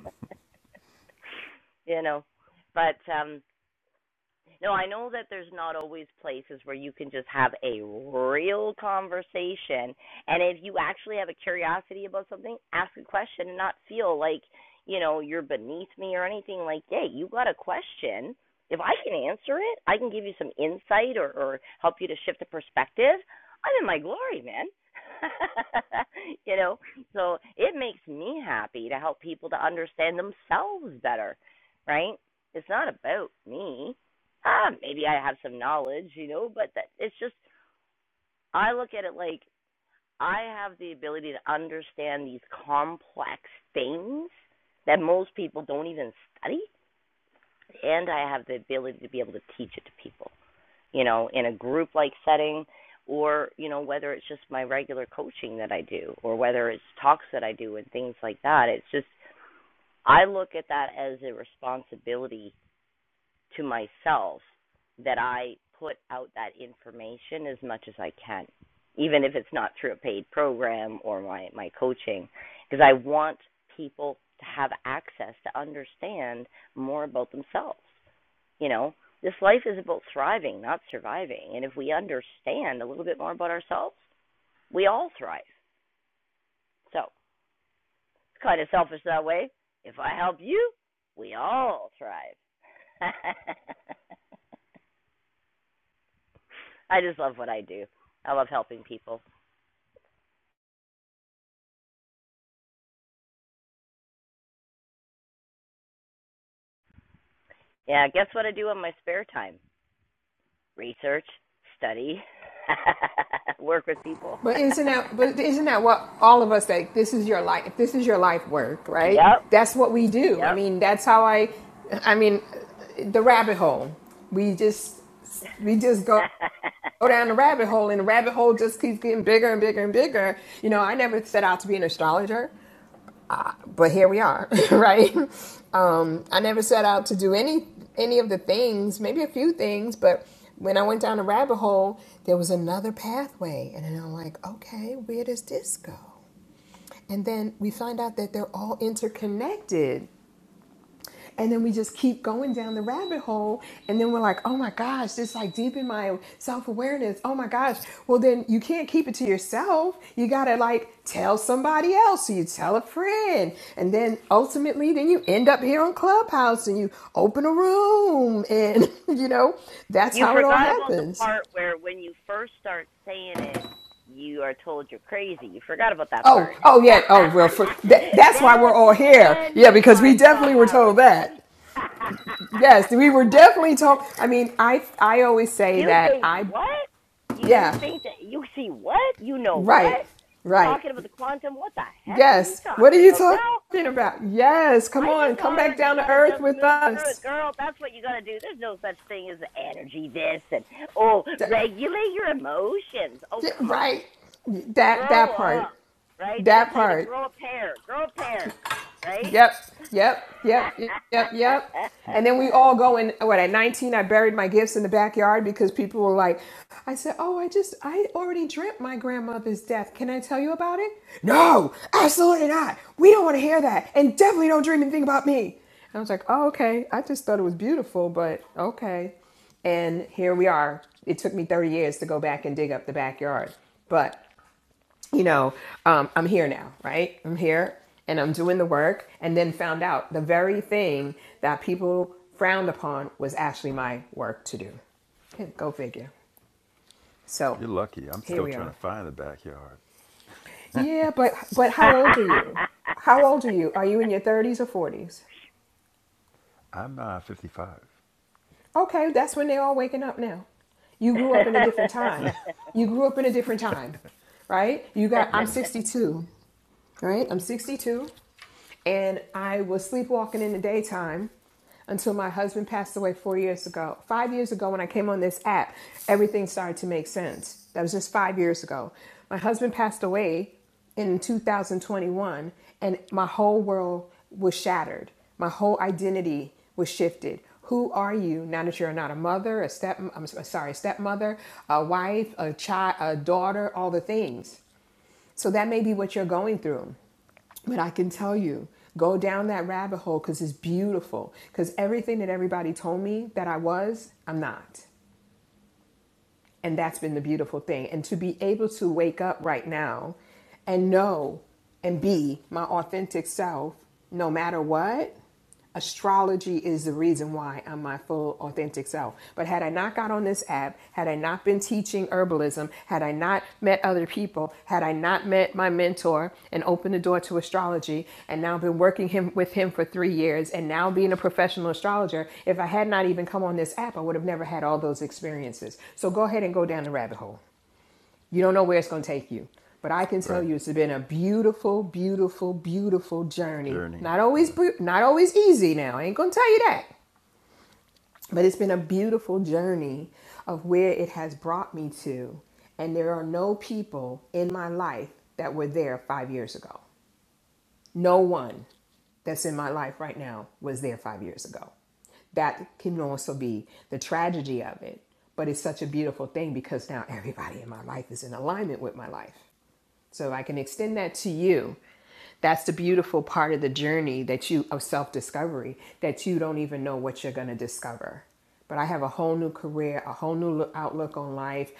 A: you know, but um, no, I know that there's not always places where you can just have a real conversation. And if you actually have a curiosity about something, ask a question and not feel like, you know, you're beneath me or anything like, hey, you got a question. If I can answer it, I can give you some insight or, or help you to shift the perspective. I'm in my glory, man. you know, so it makes me happy to help people to understand themselves better, right? It's not about me ah, maybe I have some knowledge, you know, but that, it's just, I look at it like I have the ability to understand these complex things that most people don't even study, and I have the ability to be able to teach it to people, you know, in a group like setting or you know whether it's just my regular coaching that I do or whether it's talks that I do and things like that it's just I look at that as a responsibility to myself that I put out that information as much as I can, even if it's not through a paid program or my, my coaching, because I want people to have access to understand more about themselves. You know, this life is about thriving, not surviving. And if we understand a little bit more about ourselves, we all thrive. So it's kind of selfish that way. If I help you, we all thrive. I just love what I do. I love helping people. Yeah, guess what I do in my spare time? Research, study, work with people.
F: But isn't that but isn't that what all of us like this is your life this is your life work, right?
A: yep,
F: That's what we do. I
A: yep.
F: mean, that's how I I mean the rabbit hole. We just we just go go down the rabbit hole and the rabbit hole just keeps getting bigger and bigger and bigger. You know, I never set out to be an astrologer but here we are, right? Um, I never set out to do any any of the things, maybe a few things, but when I went down a rabbit hole, there was another pathway, and then I'm like, okay, where does this go? And then we find out that they're all interconnected. And then we just keep going down the rabbit hole. And then we're like, oh my gosh, this like deep in my self awareness. Oh my gosh. Well, then you can't keep it to yourself. You got to like tell somebody else. So you tell a friend. And then ultimately, then you end up here on Clubhouse and you open a room. And, you know, that's
A: you
F: how it all
A: forgot about the
F: happens.
A: part where when you first start saying it, you are told you're crazy. You forgot about that part.
F: Oh, oh yeah. Oh well, for, that, that's why
A: then
F: we're all here.
A: then
F: Yeah,
A: you
F: because we
A: find
F: definitely were
A: Clubhouse.
F: told that. Yes, we were definitely told. I mean, I I always say
A: You
F: that
A: think
F: I
A: what? You you
F: Yeah,
A: think that you see what? You know
F: right,
A: what?
F: right.
A: Talking about the quantum? What the heck are you
F: Yes. What are
A: talking
F: you
A: about, girl?
F: talking about? Yes, come
A: Life
F: on,
A: is
F: come back
A: hard. You
F: down to
A: gotta
F: earth
A: just
F: with
A: move through it,
F: us.
A: girl. That's what you gotta do. There's no such thing as energy this and oh,
F: Th-
A: regulate your emotions. Oh,
F: yeah,
A: come on,
F: Right. That
A: grow
F: that
A: up,
F: part.
A: right? They're gonna
F: That
A: tell you to
F: part.
A: grow a pair, grow a pair, right?
F: Yep, yep, yep, yep, yep. And then we all go in. What at 19, I buried my gifts in the backyard because people were like, "I said, oh, I just, I already dreamt my grandmother's death. Can I tell you about it? No, absolutely not. We don't want to hear that, and definitely don't dream anything about me. And I was like, oh, okay. I just thought it was beautiful, but okay. And here we are. It took me 30 years to go back and dig up the backyard, but you know, um, I'm here now, right? I'm here and I'm doing the work. And then found out the very thing that people frowned upon was actually my work to do. Okay, Go figure. So
E: You're lucky. I'm
F: here
E: still
F: we
E: trying to
F: are.
E: find the backyard.
F: Yeah, but but how old are you? How old are you? Are you in your 30s or 40s?
E: I'm uh, 55.
F: Okay, that's when they're all waking up now. You grew up in a different time. You grew up in a different time, right? You got I'm
E: Yeah,
F: 62, right? I'm 62. and I was sleepwalking in the daytime until my husband passed away four years ago. Five years ago, when I came on this app, everything started to make sense. That was just five years ago. My husband passed away in 2021, and my whole world was shattered. My whole identity was shifted. Who are you now that you're not a mother, a step, I'm sorry, a stepmother, a wife, a child, a daughter, all the things. So that may be what you're going through. But I can tell you, go down that rabbit hole because it's beautiful. Because everything that everybody told me that I was, I'm not. And that's been the beautiful thing. And to be able to wake up right now and know and be my authentic self no matter what astrology is the reason why I'm my full authentic self. But had I not got on this app, had I not been teaching herbalism, had I not met other people, had I not met my mentor and opened the door to astrology and now been working him with him for 3 years and now being a professional astrologer, if I had not even come on this app, I would have never had all those experiences. So go ahead and go down the rabbit hole. You don't know where it's going to take you. But I can tell
E: right.
F: you it's been a beautiful, beautiful, beautiful journey.
E: Journey.
F: Not always
E: Yeah,
F: not always easy now. I ain't going to tell you that. But it's been a beautiful journey of where it has brought me to. And there are no people in my life that were there 5 years ago. No one that's in my life right now was there 5 years ago that can also be the tragedy of it. But it's such a beautiful thing because now everybody in my life is in alignment with my life. So I can extend that to you. That's the beautiful part of the journey that you of self-discovery that you don't even know what you're going to discover. But I have a whole new career, a whole new outlook on life.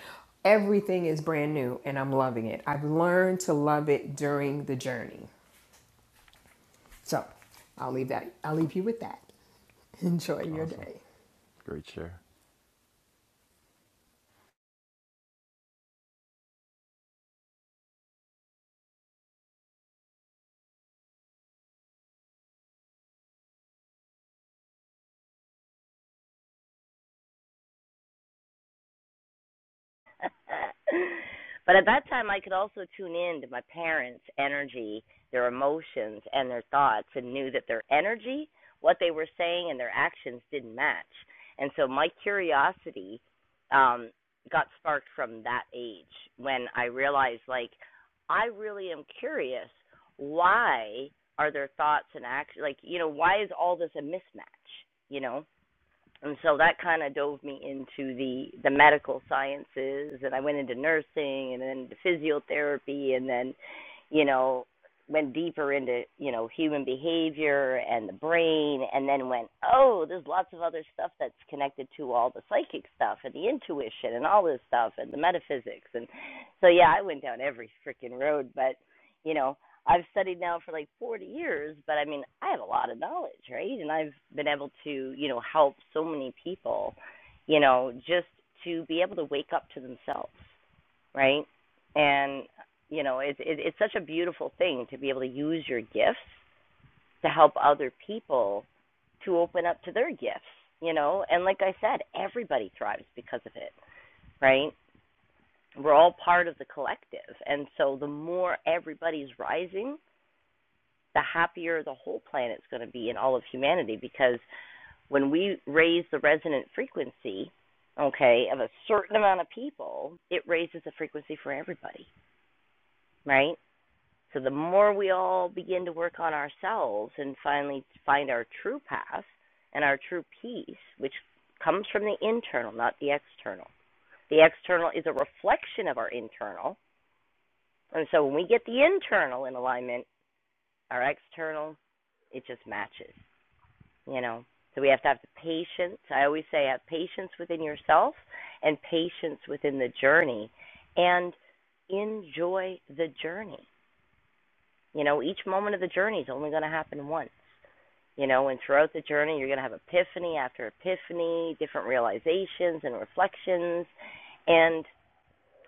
F: Everything is brand new and I'm loving it. I've learned to love it during the journey. So, I'll leave that I'll leave you with that. Enjoy your
E: awesome.
F: day.
E: Great share.
A: but at that time, I could also tune in to my parents' energy, their emotions, and their thoughts, and knew that their energy, what they were saying, and their actions didn't match. And so my curiosity um, got sparked from that age when I realized, like, I really am curious why are their thoughts and actions, like, you know, why is all this a mismatch? You know, and so that kind of dove me into the the medical sciences and i went into nursing and then into physiotherapy and then you know went deeper into you know human behavior and the brain and then went oh there's lots of other stuff that's connected to all the psychic stuff and the intuition and all this stuff and the metaphysics and so yeah i went down every freaking road but you know I've studied now for like 40 years, but I mean, I have a lot of knowledge, right? And I've been able to, you know, help so many people, you know, just to be able to wake up to themselves, right? And you know, it's it, it's such a beautiful thing to be able to use your gifts to help other people to open up to their gifts, you know? And like I said, everybody thrives because of it, right? We're all part of the collective. And so the more everybody's rising, the happier the whole planet's going to be and all of humanity because when we raise the resonant frequency, okay, of a certain amount of people, it raises the frequency for everybody, right? So the more we all begin to work on ourselves and finally find our true path and our true peace, which comes from the internal, not the external. The external is a reflection of our internal. And so when we get the internal in alignment, our external, it just matches. you know. So we have to have the patience. I always say have patience within yourself and patience within the journey and enjoy the journey. You know, each moment of the journey is only going to happen once. You know, and throughout the journey, you're going to have epiphany after epiphany, different realizations and reflections. And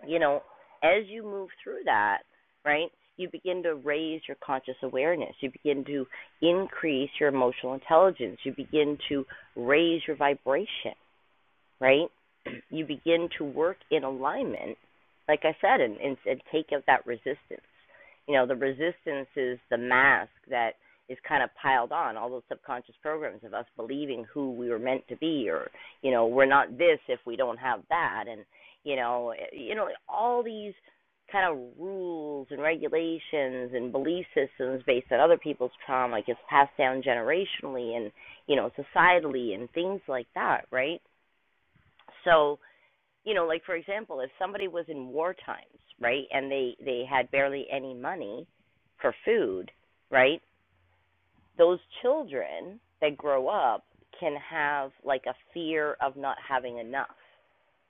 A: you know, as you move through that, right, you begin to raise your conscious awareness. You begin to increase your emotional intelligence. You begin to raise your vibration right? You begin to work in alignment, like I said, and, and, and take out that resistance. You know, the resistance is the mask that is kind of piled on all those subconscious programs of us believing who we were meant to be, or you know, we're not this if we don't have that, and you know, you know, all these kind of rules and regulations and belief systems based on other people's trauma gets passed down generationally and you know societally and things like that right so you know like for example if somebody was in war times right and they they had barely any money for food right those children that grow up can have like a fear of not having enough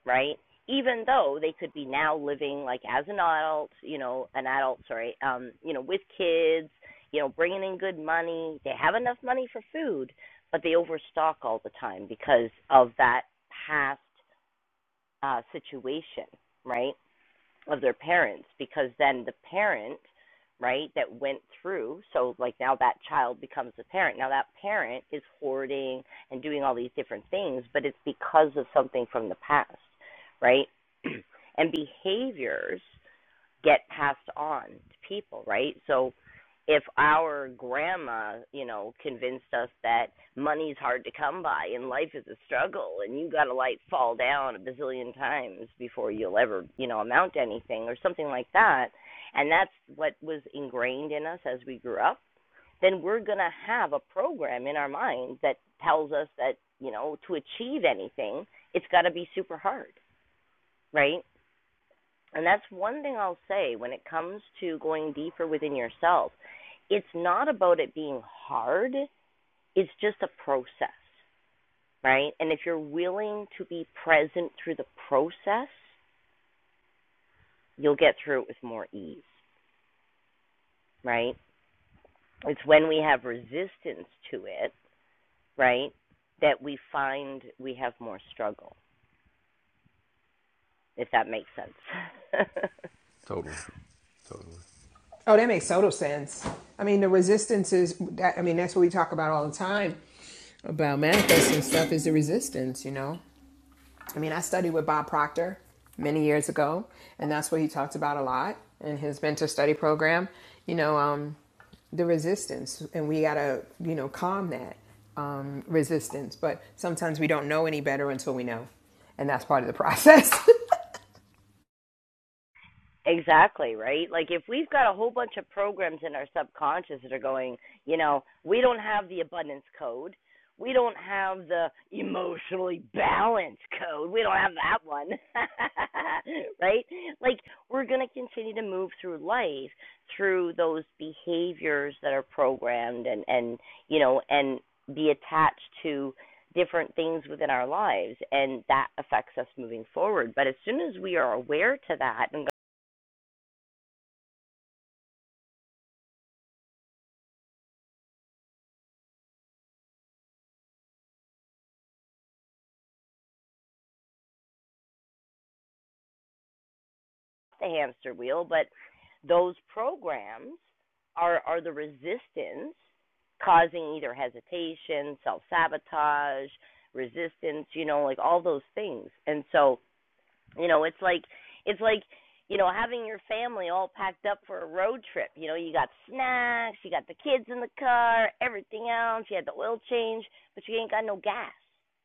A: right even though they could be now living like as an adult you know an adult sorry um you know with kids you know bringing in good money they have enough money for food but they overstock all the time because of that past uh, situation, right, of their parents, because then the parent, right, that went through, so like now that child becomes a parent. Now that parent is hoarding and doing all these different things, but it's because of something from the past, right? and behaviors get passed on to people, right? So if our grandma, you know, convinced us that money's hard to come by and life is a struggle and you got to like fall down a bazillion times before you'll ever, you know, amount to anything or something like that, and that's what was ingrained in us as we grew up, then we're going to have a program in our mind that tells us that, you know, to achieve anything, it's got to be super hard, right? And that's one thing I'll say when it comes to going deeper within yourself. It's not about it being hard, it's just a process, right? And if you're willing to be present through the process, you'll get through it with more ease, right? It's when we have resistance to it, right, that we find we have more struggle, if that makes sense.
E: Totally, totally.
F: Oh, that makes total sense. I mean, the resistance is that. I mean, that's what we talk about all the time about manifesting stuff is the resistance. You know, I mean, I studied with Bob Proctor many years ago, and that's what he talked about a lot in his mentor study program. You know, um, the resistance, and we gotta, you know, calm that um, resistance. But sometimes we don't know any better until we know, and that's part of the process.
A: Exactly, right? Like if we've got a whole bunch of programs in our subconscious that are going, you know, we don't have the abundance code. We don't have the emotionally balanced code. We don't have that one. right? Like we're going to continue to move through life through those behaviors that are programmed and and you know and be attached to different things within our lives and that affects us moving forward. But as soon as we are aware to that and the hamster wheel, but those programs are are the resistance causing either hesitation, self sabotage, resistance, you know, like all those things. And so you know, it's like it's like you know having your family all packed up for a road trip. You know, you got snacks, you got the kids in the car, everything else. You had the oil change, but you ain't got no gas.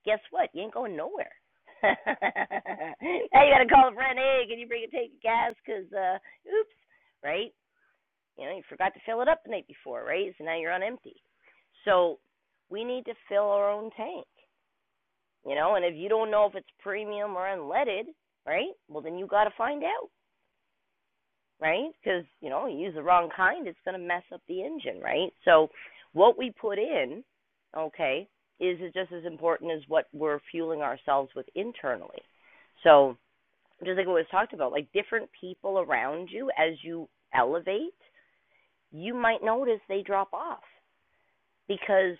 A: Guess what? You ain't going nowhere. now you got to call a friend. Hey, can you bring a tank of gas? Cause uh, oops, right? You know, you forgot to fill it up the night before, right? So now you're on empty. So we need to fill our own tank. You know, and if you don't know if it's premium or unleaded, right? Well, then you got to find out, right? Because you know, you use the wrong kind, it's going to mess up the engine, right? So, what we put in, okay, is just as important as what we're fueling ourselves with internally. So, just like what was talked about, like different people around you as you elevate, you might notice they drop off because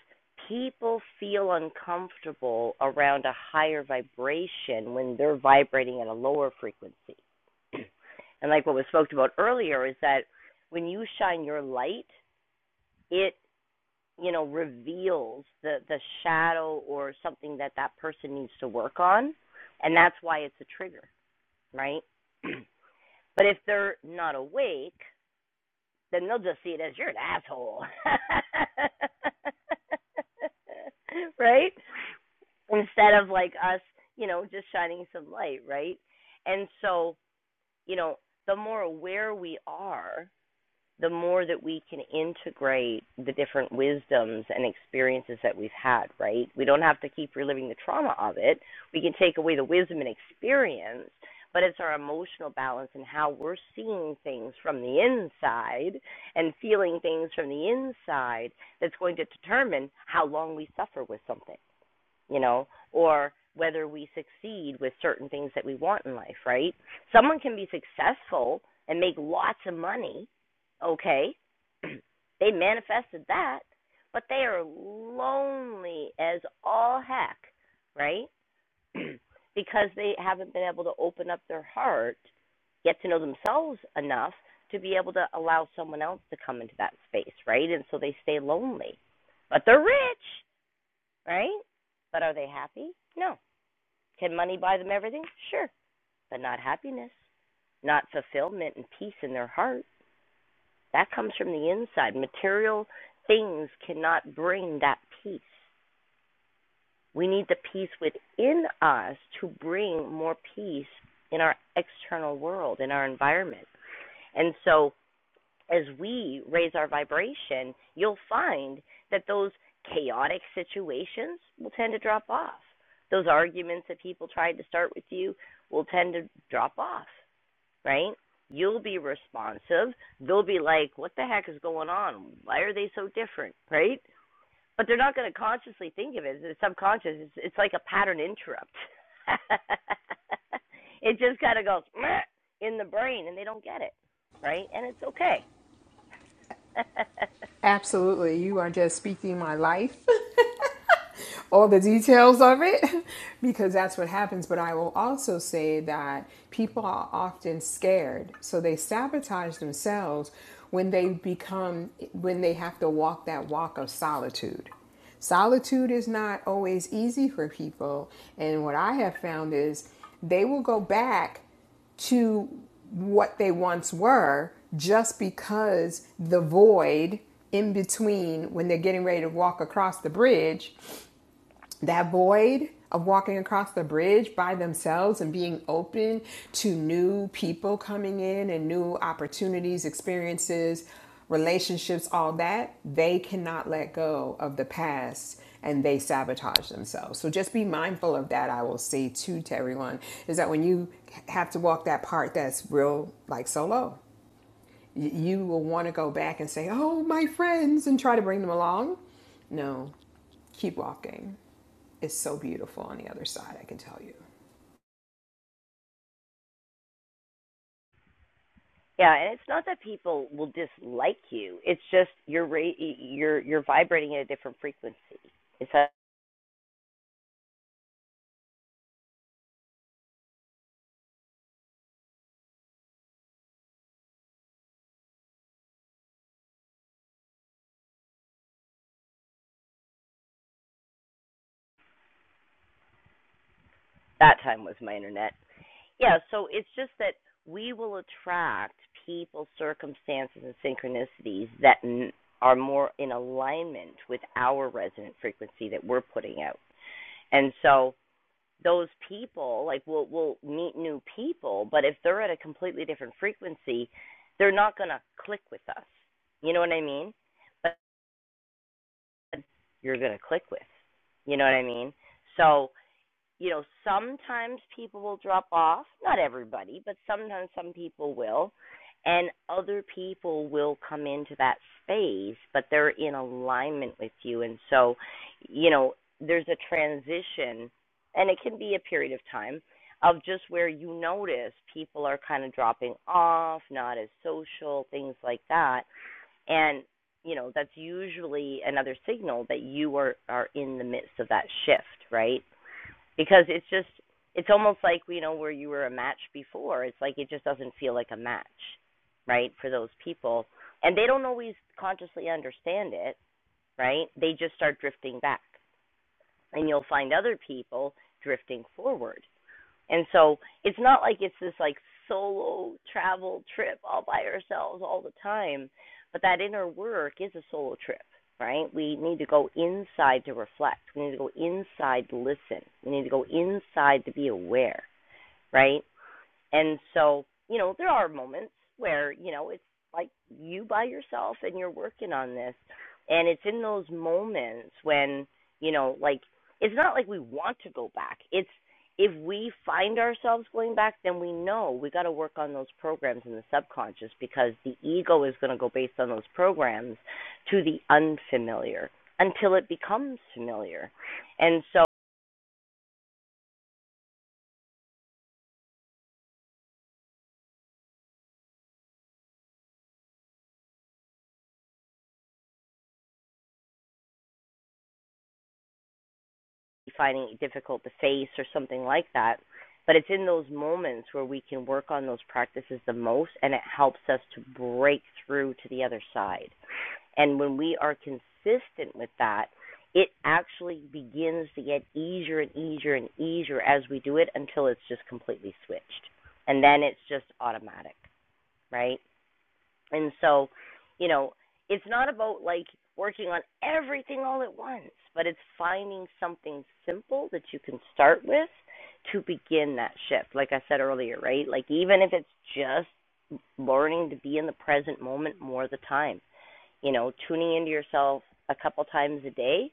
A: people feel uncomfortable around a higher vibration when they're vibrating at a lower frequency. And like what was spoke about earlier is that when you shine your light, it you know reveals the the shadow or something that that person needs to work on, and that's why it's a trigger, right? but if they're not awake, then they'll just see it as you're an asshole. right? instead of like us, you know, just shining some light, right? And so, you know, the more aware we are, the more that we can integrate the different wisdoms and experiences that we've had, right? We don't have to keep reliving the trauma of it. We can take away the wisdom and experience, but it's our emotional balance and how we're seeing things from the inside and feeling things from the inside that's going to determine how long we suffer with something you know, or whether we succeed with certain things that we want in life, right? Someone can be successful and make lots of money, okay? they manifested that, but they are lonely as all heck, right? because they haven't been able to open up their heart, get to know themselves enough to be able to allow someone else to come into that space, right? And so they stay lonely. But they're rich right? But are they happy? No. Can money buy them everything? Sure, but not happiness, not fulfillment and peace in their heart. That comes from the inside. Material things cannot bring that peace. We need the peace within us to bring more peace in our external world, in our environment. And so as we raise our vibration, you'll find that those chaotic situations will tend to drop off. Those arguments that people tried to start with you will tend to drop off, right? You'll be responsive. They'll be like, what the heck is going on? Why are they so different, right? But they're not going to consciously think of it. It's subconscious. It's, it's like a pattern interrupt. it just kind of goes in the brain and they don't get it, right? And it's okay
F: Absolutely, you are just speaking my life all the details of it because that's what happens. But I will also say that people are often scared, so they sabotage themselves when they become when they have to walk that walk of solitude. Solitude is not always easy for people, and what I have found is they will go back to what they once were just because the void in between when they're getting ready to walk across the bridge that void of walking across the bridge by themselves and being open to new people coming in and new opportunities, experiences, relationships, all that, they cannot let go of the past and they sabotage themselves. So just be mindful of that. I will say too to everyone is that when you have to walk that part that's real, like solo, you will want to go back and say, Oh, my friends, and try to bring them along. No, keep walking is so beautiful on the other side, I can tell you.
A: yeah, and it's not that people will dislike you. It's just you're ra- you're you're vibrating at a different frequency. It's that that time was my internet. Yeah, so it's just that we will attract people, circumstances, and synchronicities that n- are more in alignment with our resonant frequency that we're putting out. And so those people like we'll we'll meet new people but if they're at a completely different frequency they're not going to click with us you know what i mean but you're going to click with you know what i mean so you know, sometimes people will drop off, not everybody, but sometimes some people will, and other people will come into that space, but they're in alignment with you. And so, you know, there's a transition, and it can be a period of time of just where you notice people are kind of dropping off, not as social, things like that. And you know that's usually another signal that you are are in the midst of that shift right because it's just it's almost like you know where you were a match before it's like it just doesn't feel like a match right for those people and they don't always consciously understand it right they just start drifting back and you'll find other people drifting forward and so it's not like it's this like solo travel trip all by ourselves all the time, but that inner work is a solo trip, right? We need to go inside to reflect. We need to go inside to listen. We need to go inside to be aware, right? And so, you know, there are moments where, you know, it's like you by yourself and you're working on this. And it's in those moments when, you know, like it's not like we want to go back. It's if we find ourselves going back, then we know we got to work on those programs in the subconscious because the ego is going to go based on those programs to the unfamiliar until it becomes familiar. And so finding it difficult to face or something like that. But it's in those moments where we can work on those practices the most, and it helps us to break through to the other side. And when we are consistent with that, it actually begins to get easier and easier and easier as we do it until it's just completely switched. And then it's just automatic, right? And so, you know, it's not about like working on everything all at once, but it's finding something simple that you can start with to begin that shift. Like I said earlier, right? Like even if it's just learning to be in the present moment more of the time, you know, tuning into yourself a couple times a day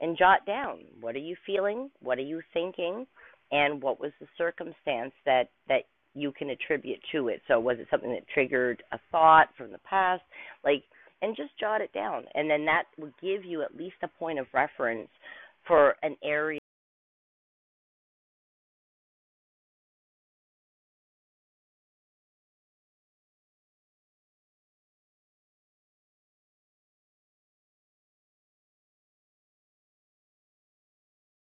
A: and jot down what are you feeling, what are you thinking, and what was the circumstance that that you can attribute to it. So was it something that triggered a thought from the past, like, and just jot it down, and then that will give you at least a point of reference for an area.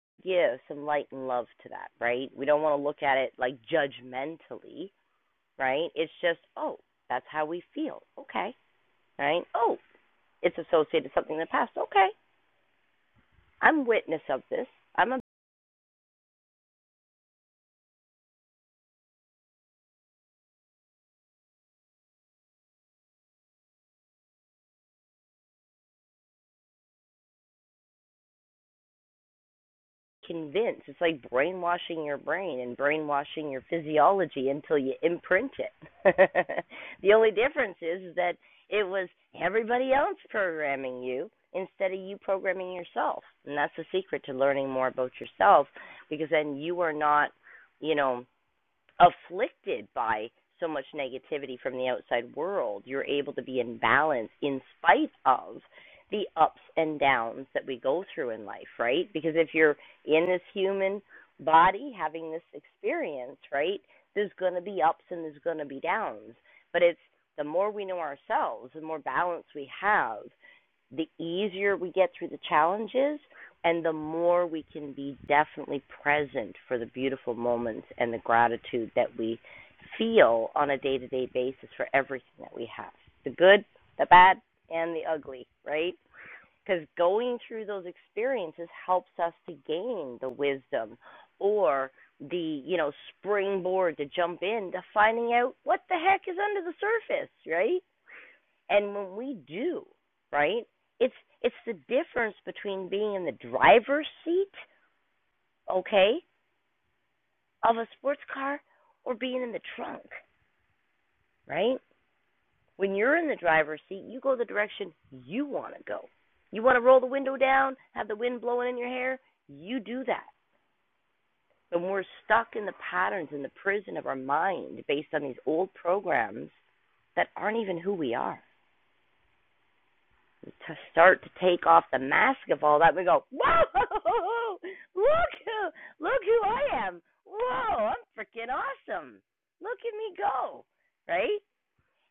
A: to Give some light and love to that, right? We don't want to look at it like judgmentally, right? It's just, oh, that's how we feel. Okay, right? Oh, it's associated with something in the past. Okay, I'm witness of this. I'm a convince. It's like brainwashing your brain and brainwashing your physiology until you imprint it. the only difference is, that it was everybody else programming you instead of you programming yourself. And that's the secret to learning more about yourself because then you are not, you know, afflicted by so much negativity from the outside world, you're able to be in balance in spite of the ups and downs that we go through in life, right? Because if you're in this human body having this experience, right, there's going to be ups and there's going to be downs. But it's the more we know ourselves, the more balance we have, the easier we get through the challenges and the more we can be definitely present for the beautiful moments and the gratitude that we feel on a day to day basis for everything that we have the good, the bad, and the ugly, right? Because going through those experiences helps us to gain the wisdom or the, you know, springboard to jump in to finding out what the heck is under the surface, right? And when we do, right? It's it's the difference between being in the driver's seat, okay, of a sports car or being in the trunk, right? When you're in the driver's seat, you go the direction you want to go. You want to roll the window down, have the wind blowing in your hair, you do that. When we're stuck in the patterns in the prison of our mind based on these old programs that aren't even who we are. to start to take off the mask of all that, we go, whoa, look who, look who I am. Whoa, I'm freaking awesome. Look at me go, right?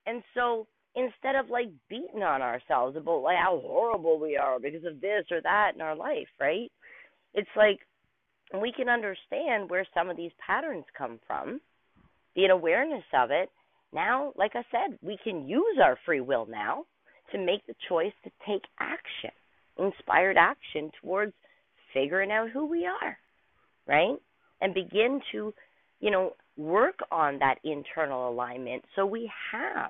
A: And so instead of like beating on ourselves about like how horrible we are because of this or that in our life, right? It's like we can understand where some of these patterns come from be an awareness of it. Now, like I said, we can use our free will now to make the choice to take action, inspired action towards figuring out who we are right? And begin to, you know, work on that internal alignment so we have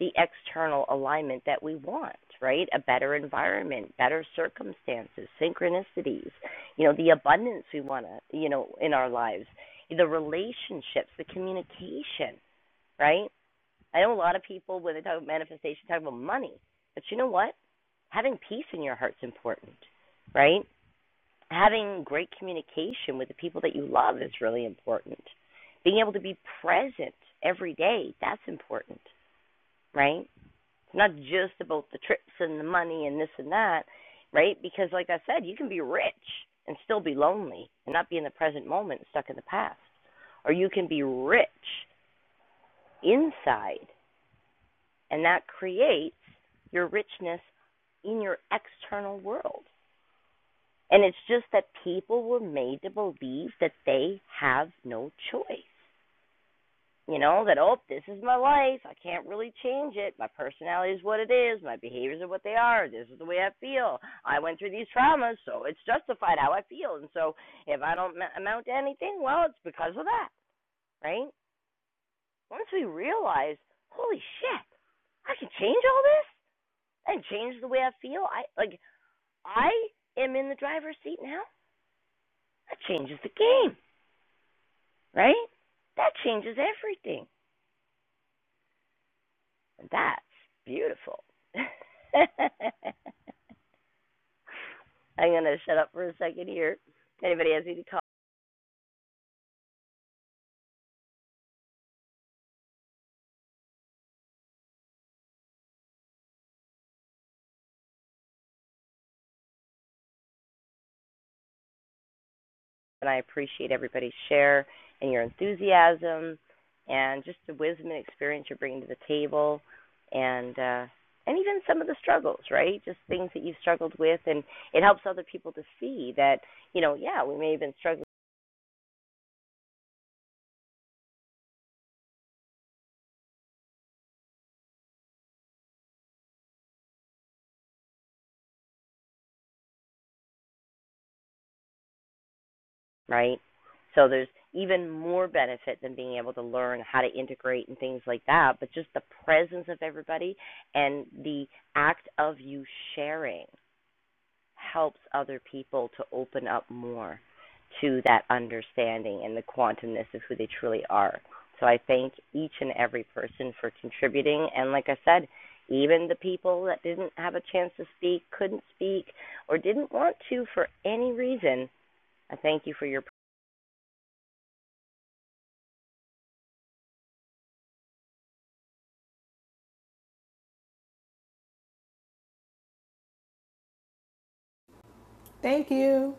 A: the external alignment that we want, right? A better environment, better circumstances, synchronicities, you know, the abundance we want to, you know, in our lives, the relationships, the communication, right? I know a lot of people when they talk about manifestation talk about money, but you know what? Having peace in your heart's important, right? having great communication with the people that you love is really important. Being able to be present every day, that's important, right? It's not just about the trips and the money and this and that, right? Because like I said, you can be rich and still be lonely and not be in the present moment, stuck in the past. Or you can be rich inside and that creates your richness in your external world. And it's just that people were made to believe that they have no choice. You know, that, oh, this is my life. I can't really change it. My personality is what it is. My behaviors are what they are. This is the way I feel. I went through these traumas, so it's justified how I feel. And so if I don't amount to anything, well, it's because of that, right? Once we realize, holy shit, I can change all this and change the way I feel. I like I am in the driver's seat now. That changes the game. right? That changes everything. And that's beautiful. I'm going to shut up for a second here. If anybody has any comments, and I appreciate everybody's share and your enthusiasm and just the wisdom and experience you're bringing to the table and uh and even some of the struggles, right? Just things that you've struggled with and it helps other people to see that, you know, yeah, we may have been struggling right? So there's even more benefit than being able to learn how to integrate and things like that, but just the presence of everybody and the act of you sharing helps other people to open up more to that understanding and the quantumness of who they truly are. So I thank each and every person for contributing. And like I said, even the people that didn't have a chance to speak, couldn't speak, or didn't want to for any reason, I thank you for your
F: Thank you.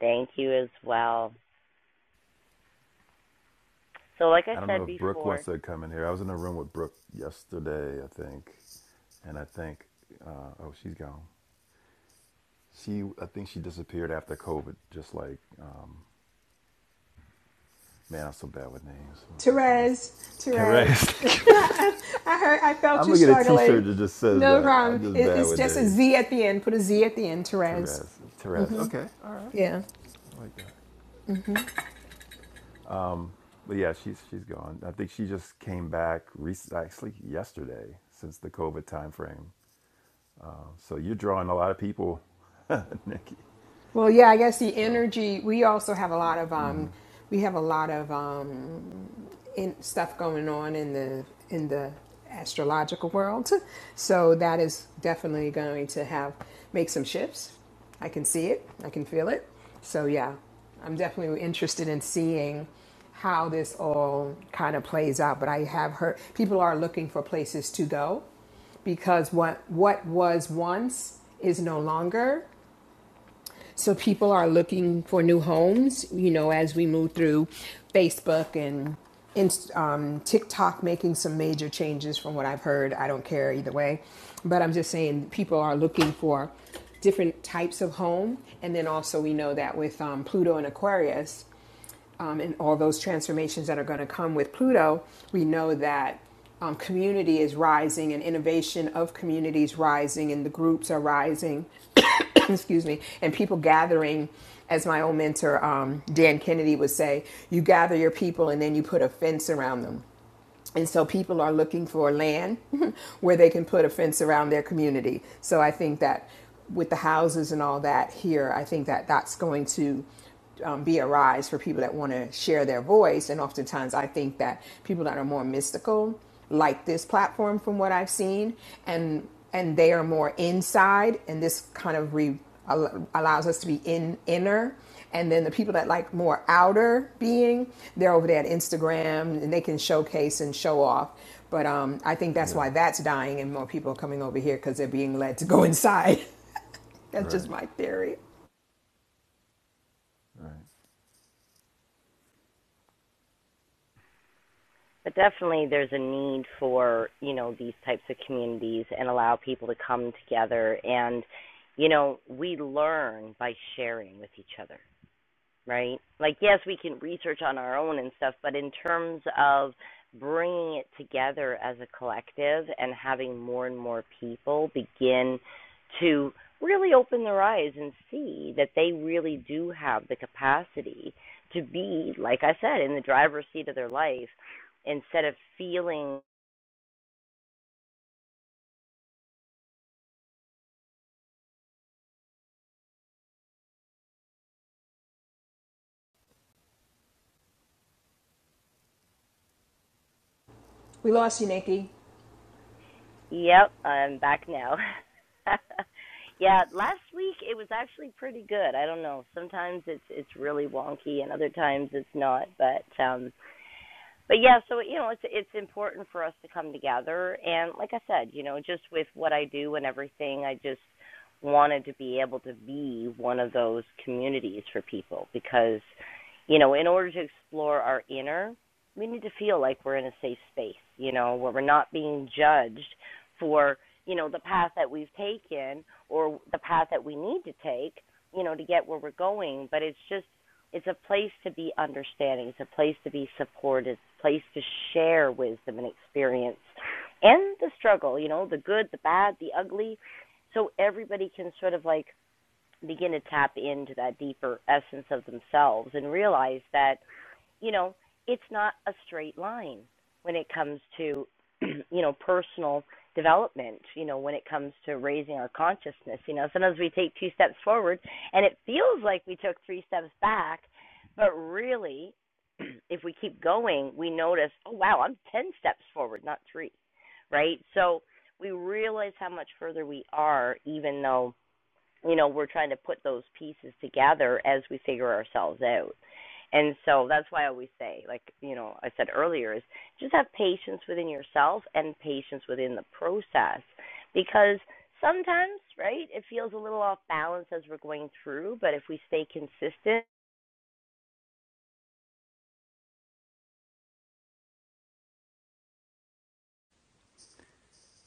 A: Thank you as well. So, like I
E: I don't know
A: said
E: if Brooke
A: before,
E: wants to come in here. I was in a room with Brooke yesterday, I think, and I think, uh, oh, she's gone. She, I think she disappeared after COVID. Just like, uh, man, I'm so bad with names. I'm about to nest.
F: Therese, Therese.
E: Correct.
F: I heard, I felt
E: I'm
F: you
E: gonna get a T-shirt
F: struggling.
E: that just says
F: No
E: that.
F: problem.
E: I'm just
F: It,
E: bad
F: it's
E: with
F: just a
E: names.
F: Z at the end. Put a Z at the end, Therese.
E: Therese, Therese. Okay, all right.
F: Yeah.
E: I like that. But yeah, she's she's gone. I think she just came back recently, actually yesterday, since the COVID time frame. So you're drawing a lot of people, Nikki.
F: Well, yeah, I guess the
E: So
F: energy. We also have a lot of um, we have a lot of um, in, stuff going on in the in the astrological world, so that is definitely going to have make some shifts. I can see it. I can feel it. So yeah, I'm definitely interested in seeing how this all kind of plays out. But I have heard people are looking for places to go because what what was once is no longer so people are looking for new homes, you know, as we move through Facebook and um, TikTok making some major changes from what I've heard. I don't care either way. But I'm just saying people are looking for different types of home. And then also, we know that with um, Pluto and Aquarius um, and all those transformations that are going to come with Pluto, we know that um, community is rising and innovation of communities rising and the groups are rising excuse me, and people gathering, as my old mentor, um, Dan Kennedy, would say, you gather your people and then you put a fence around them. And so people are looking for land where they can put a fence around their community. So I think that with the houses and all that here, I think that that's going to um, be a rise for people that want to share their voice. And oftentimes, I think that people that are more mystical like this platform from what I've seen, and and they are more inside, and this kind of re, allows us to be in inner. And then the people that like more outer being, they're over there at Instagram, and they can showcase and show off. But um, I think that's
E: yeah,
F: why that's dying, and more people are coming over here because they're being led to go inside. that's just
E: right,
F: my theory.
E: right.
A: but definitely there's a need for, you know, these types of communities and allow people to come together. And, you know, we learn by sharing with each other. right? Like, yes, we can research on our own and stuff, but in terms of bringing it together as a collective and having more and more people begin to really open their eyes and see that they really do have the capacity to be, like I said, in the driver's seat of their life instead of feeling
F: We lost you, Nikki.
A: Yep, I'm back now. yeah, last week it was actually pretty good. I don't know. Sometimes it's it's really wonky and other times it's not, but um but yeah, so you know, it's it's important for us to come together and like I said, you know, just with what I do and everything, I just wanted to be able to be one of those communities for people because you know, in order to explore our inner, we need to feel like we're in a safe space, you know, where we're not being judged for, you know, the path that we've taken or the path that we need to take, you know, to get where we're going, but it's just it's a place to be understanding. It's a place to be supported. It's a place to share wisdom and experience and the struggle, you know, the good, the bad, the ugly. So everybody can sort of like begin to tap into that deeper essence of themselves and realize that, you know, it's not a straight line when it comes to, you know, personal development, you know, when it comes to raising our consciousness. You know, sometimes we take two steps forward and it feels like we took three steps back, but really, if we keep going, we notice, oh, wow, I'm 10 steps forward, not three, right? So we realize how much further we are, even though you know we're trying to put those pieces together as we figure ourselves out and so that's why i always say like you know i said earlier is just have patience within yourself and patience within the process because sometimes right it feels a little off balance as we're going through but if we stay consistent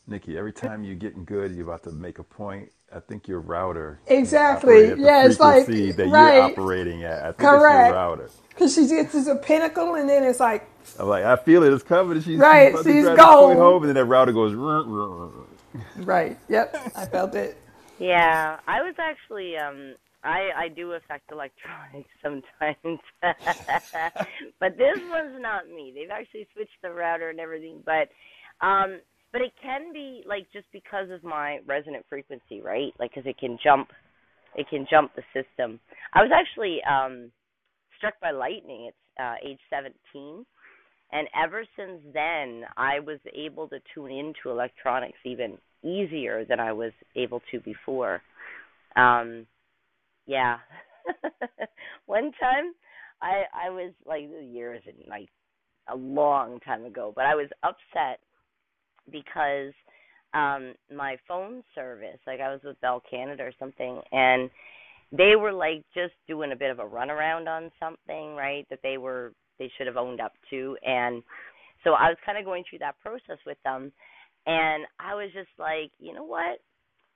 E: Nikki, every time you're getting good, you're about to make a point. I think your router can't operate
F: Exactly.
E: at the
F: Yeah, it's like
E: frequency that you're
F: right,
E: operating at. I think it's your
F: correct.
E: router.
F: Because she gets to a pinnacle, and then it's like
E: I'm like, I feel it. It's coming. She's she's
F: Right.
E: about to
F: She's
E: drive this point
F: gone.
E: home, and then that router goes. "Rrr, rrr, rrr,
F: Right. Yep. I felt it.
A: Yeah, I was actually um I I do affect electronics sometimes. but this one's not me. They've actually switched the router and everything, but um but it can be like just because of my resonant frequency, right? Like cuz it can jump it can jump the system. I was actually um struck by lightning at uh age 17 and ever since then I was able to tune into electronics even easier than I was able to before um, yeah. One time I I was like years and like a long time ago, but I was upset because um my phone service, like I was with Bell Canada or something, and they were like just doing a bit of a runaround on something, right? That they were they should have owned up to and so I was kind of going through that process with them and I was just like, you know what?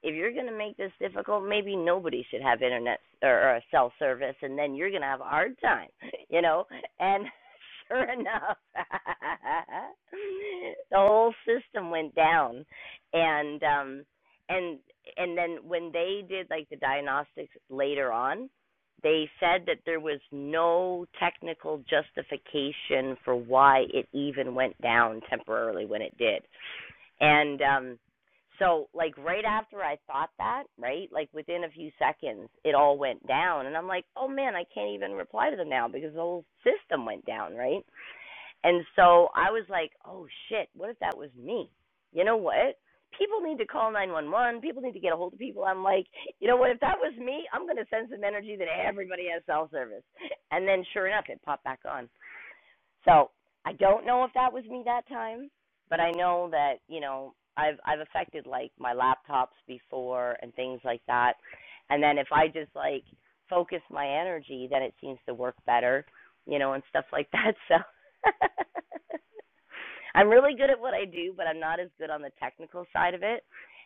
A: if you're going to make this difficult, maybe nobody should have internet or, or a cell service, and then you're going to have a hard time, you know. And sure enough, the whole system went down, and um, and and then when they did like the diagnostics later on, they said that there was no technical justification for why it even went down temporarily when it did. And um so like right after I thought that, right? Like within a few seconds it all went down and I'm like, "Oh man, I can't even reply to them now because the whole system went down, right?" And so I was like, "Oh shit, what if that was me?" You know what? People need to call 911. People need to get a hold of people. I'm like, you know what? If that was me, I'm going to send some energy that everybody has cell service. And then sure enough, it popped back on. So I don't know if that was me that time, but I know that you know I've I've affected like my laptops before and things like that, and then if I just like focus my energy, then it seems to work better, you know, and stuff like that. So I'm really good at what I do, but I'm not as good on the technical side of it.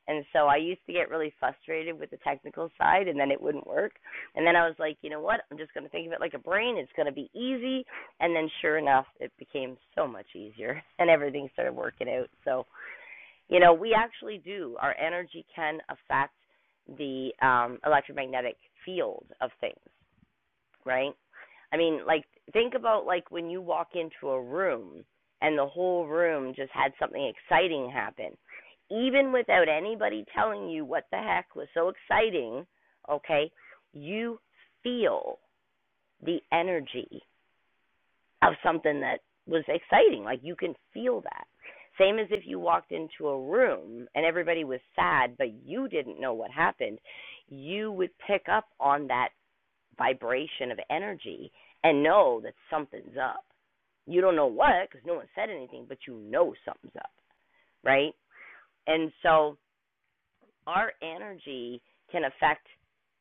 A: And so I used to get really frustrated with the technical side and then it wouldn't work. And then I was like, you know what? I'm just going to think of it like a brain. It's going to be easy. And then sure enough, it became so much easier and everything started working out. So, you know, we actually do. Our energy can affect the um, electromagnetic field of things right? I mean, like think about like when you walk into a room and the whole room just had something exciting happen. Even without anybody telling you what the heck was so exciting, okay? You feel the energy of something that was exciting. Like you can feel that. Same as if you walked into a room and everybody was sad, but you didn't know what happened. You would pick up on that vibration of energy and know that something's up. You don't know what because no one said anything, but you know something's up, right? And so our energy can affect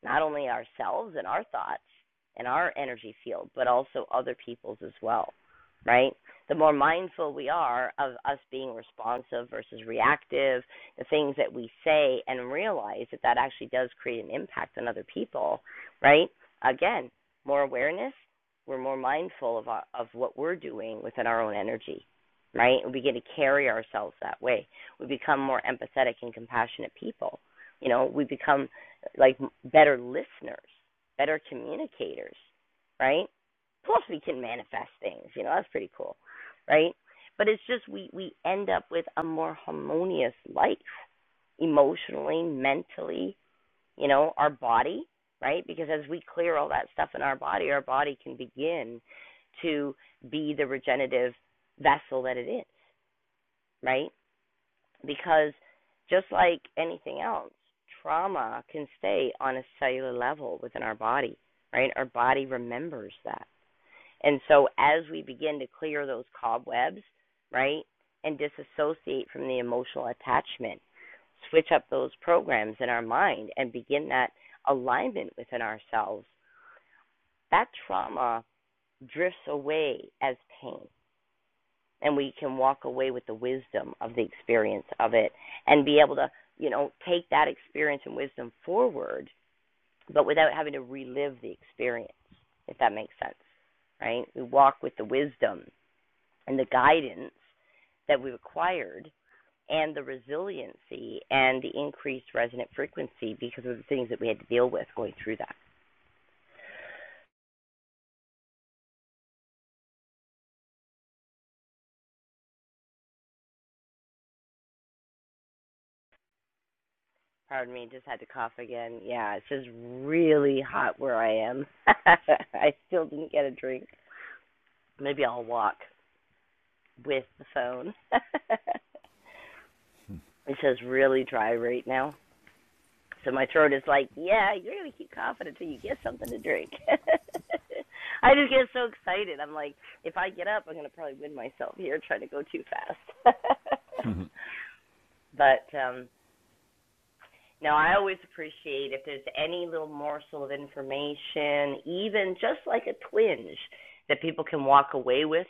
A: not only ourselves and our thoughts and our energy field, but also other people's as well, right? The more mindful we are of us being responsive versus reactive, the things that we say and realize that that actually does create an impact on other people, right? Again, more awareness, we're more mindful of our, of what we're doing within our own energy, right? And we get to carry ourselves that way we become more empathetic and compassionate people. You know, we become like better listeners, better communicators, right? Plus, we can manifest things. You know, that's pretty cool, right? But it's just we we end up with a more harmonious life, emotionally, mentally. You know, our body, right? Because as we clear all that stuff in our body, our body can begin to be the regenerative vessel that it is, right? because just like anything else, trauma can stay on a cellular level within our body, right? Our body remembers that. And so as we begin to clear those cobwebs, right, and disassociate from the emotional attachment, switch up those programs in our mind and begin that alignment within ourselves, that trauma drifts away as pain and we can walk away with the wisdom of the experience of it and be able to, you know, take that experience and wisdom forward, but without having to relive the experience, if that makes sense, right? We walk with the wisdom and the guidance that we've acquired and the resiliency and the increased resonant frequency because of the things that we had to deal with going through that. Pardon me, just had to cough again. Yeah, it's just really hot where I am. I still didn't get a drink. Maybe I'll walk with the phone. it says really dry right now. So my throat is like, yeah, you're gonna keep coughing until you get something to drink. I just get so excited. I'm like, if I get up, I'm gonna probably wind myself here trying to go too fast. but um no, I always appreciate if there's any little morsel of information, even just like a twinge that people can walk away with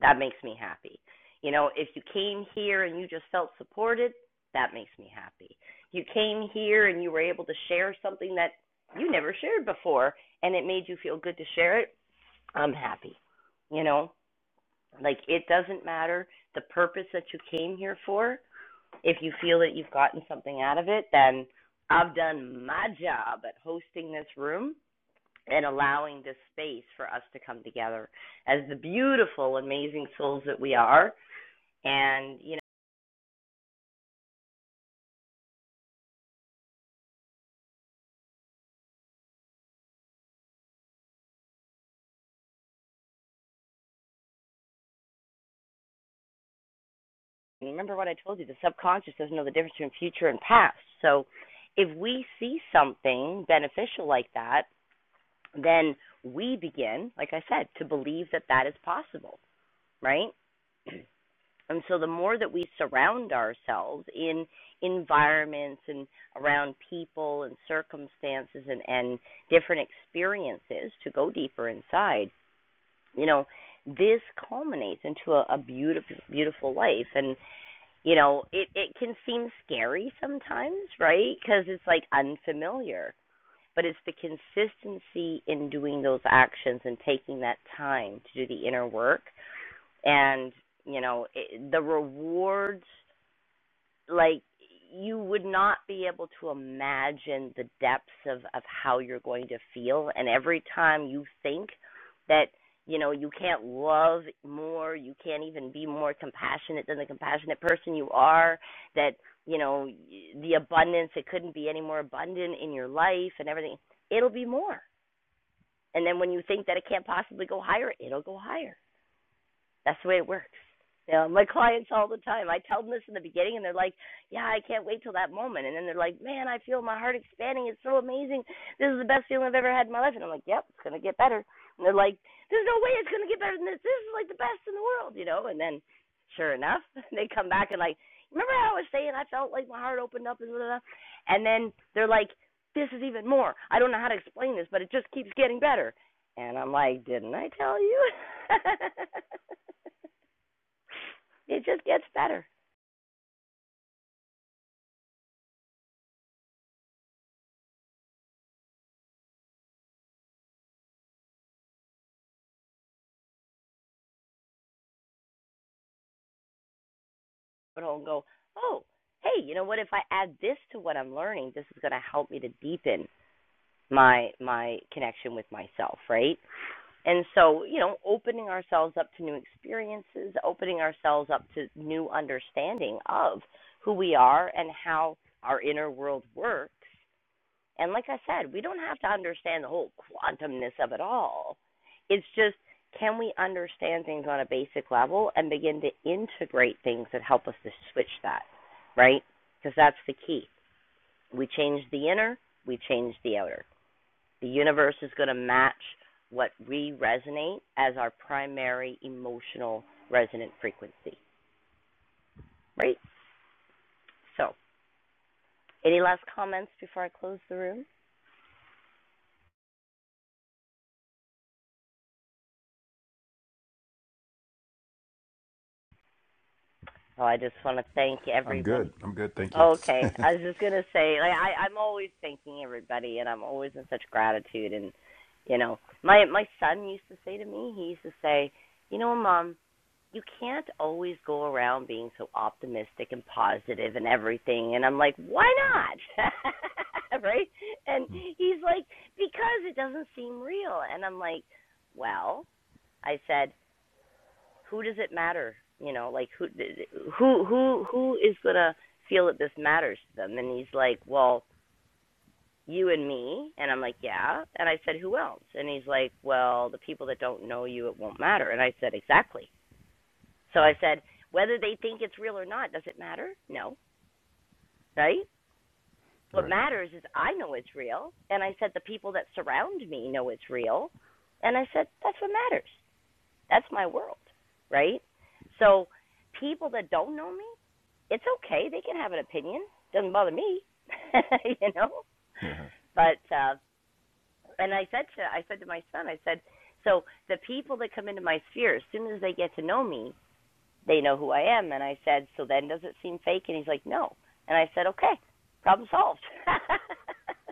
A: That makes me happy. You know, if you came here and you just felt supported, that makes me happy. You came here and you were able to share something that you never shared before and it made you feel good to share it, I'm happy. You know, like it doesn't matter the purpose that you came here for. If you feel that you've gotten something out of it, then I've done my job at hosting this room and allowing this space for us to come together as the beautiful, amazing souls that we are and, you know, remember what I told you the subconscious doesn't know the difference between future and past. So if we see something beneficial like that, then we begin, like I said, to believe that that is possible, right? And so the more that we surround ourselves in environments and around people and circumstances and, and different experiences to go deeper inside, you know, this culminates into a, a beautiful, beautiful life. And you know it it can seem scary sometimes right because it's like unfamiliar but it's the consistency in doing those actions and taking that time to do the inner work and you know it, the rewards like you would not be able to imagine the depths of of how you're going to feel and every time you think that you know you can't love more you can't even be more compassionate than the compassionate person you are that you know the abundance it couldn't be any more abundant in your life and everything it'll be more and then when you think that it can't possibly go higher it'll go higher that's the way it works. You know, my clients all the time. I tell them this in the beginning, and they're like, "Yeah, I can't wait till that moment." And then they're like, "Man, I feel my heart expanding. It's so amazing. This is the best feeling I've ever had in my life." And I'm like, "Yep, it's gonna get better." And they're like, "There's no way it's gonna get better than this. This is like the best in the world, you know." And then, sure enough, they come back and like, "Remember how I was saying I felt like my heart opened up and blah, blah, blah?" And then they're like, "This is even more. I don't know how to explain this, but it just keeps getting better." And I'm like, "Didn't I tell you?" it just gets better. But I'll go, oh, hey, you know what? If I add this to what I'm learning, this is going to help me to deepen my my connection with myself, right? And so, you know, opening ourselves up to new experiences, opening ourselves up to new understanding of who we are and how our inner world works And like I said, we don't have to understand the whole quantumness of it all. It's just can we understand things on a basic level and begin to integrate things that help us to switch that, right? Because that's the key. We change the inner, we change the outer. The universe is going to match what we resonate as our primary emotional resonant frequency, right? So, any last comments before I close the room? Well, I just want to thank
E: I'm
A: everyone
E: good. I'm good. Thank you.
A: Okay, I was just gonna say, like, I I'm always thanking everybody, and I'm always in such gratitude. And you know, my my son used to say to me, he used to say, you know, mom, you can't always go around being so optimistic and positive and everything. And I'm like, why not? right? And
E: Hmm.
A: he's like, because it doesn't seem real. And I'm like, well, I said, who does it matter? You know, like who who who who is gonna feel that this matters to them? And he's like, well, you and me. And I'm like, yeah. And I said, who else? And he's like, well, the people that don't know you, it won't matter. And I said, exactly. So I said, whether they think it's real or not, does it matter? No, right? What
E: Right.
A: matters is I know it's real. And I said, the people that surround me know it's real. And I said, that's what matters. That's my world, right? So people that don't know me, it's okay. They can have an opinion. Doesn't bother me, you know.
E: Uh-huh.
A: But uh, and I said to I said to my son, I said, so the people that come into my sphere, as soon as they get to know me, they know who I am. And I said, so then does it seem fake? And he's like, no. And I said, okay, problem solved.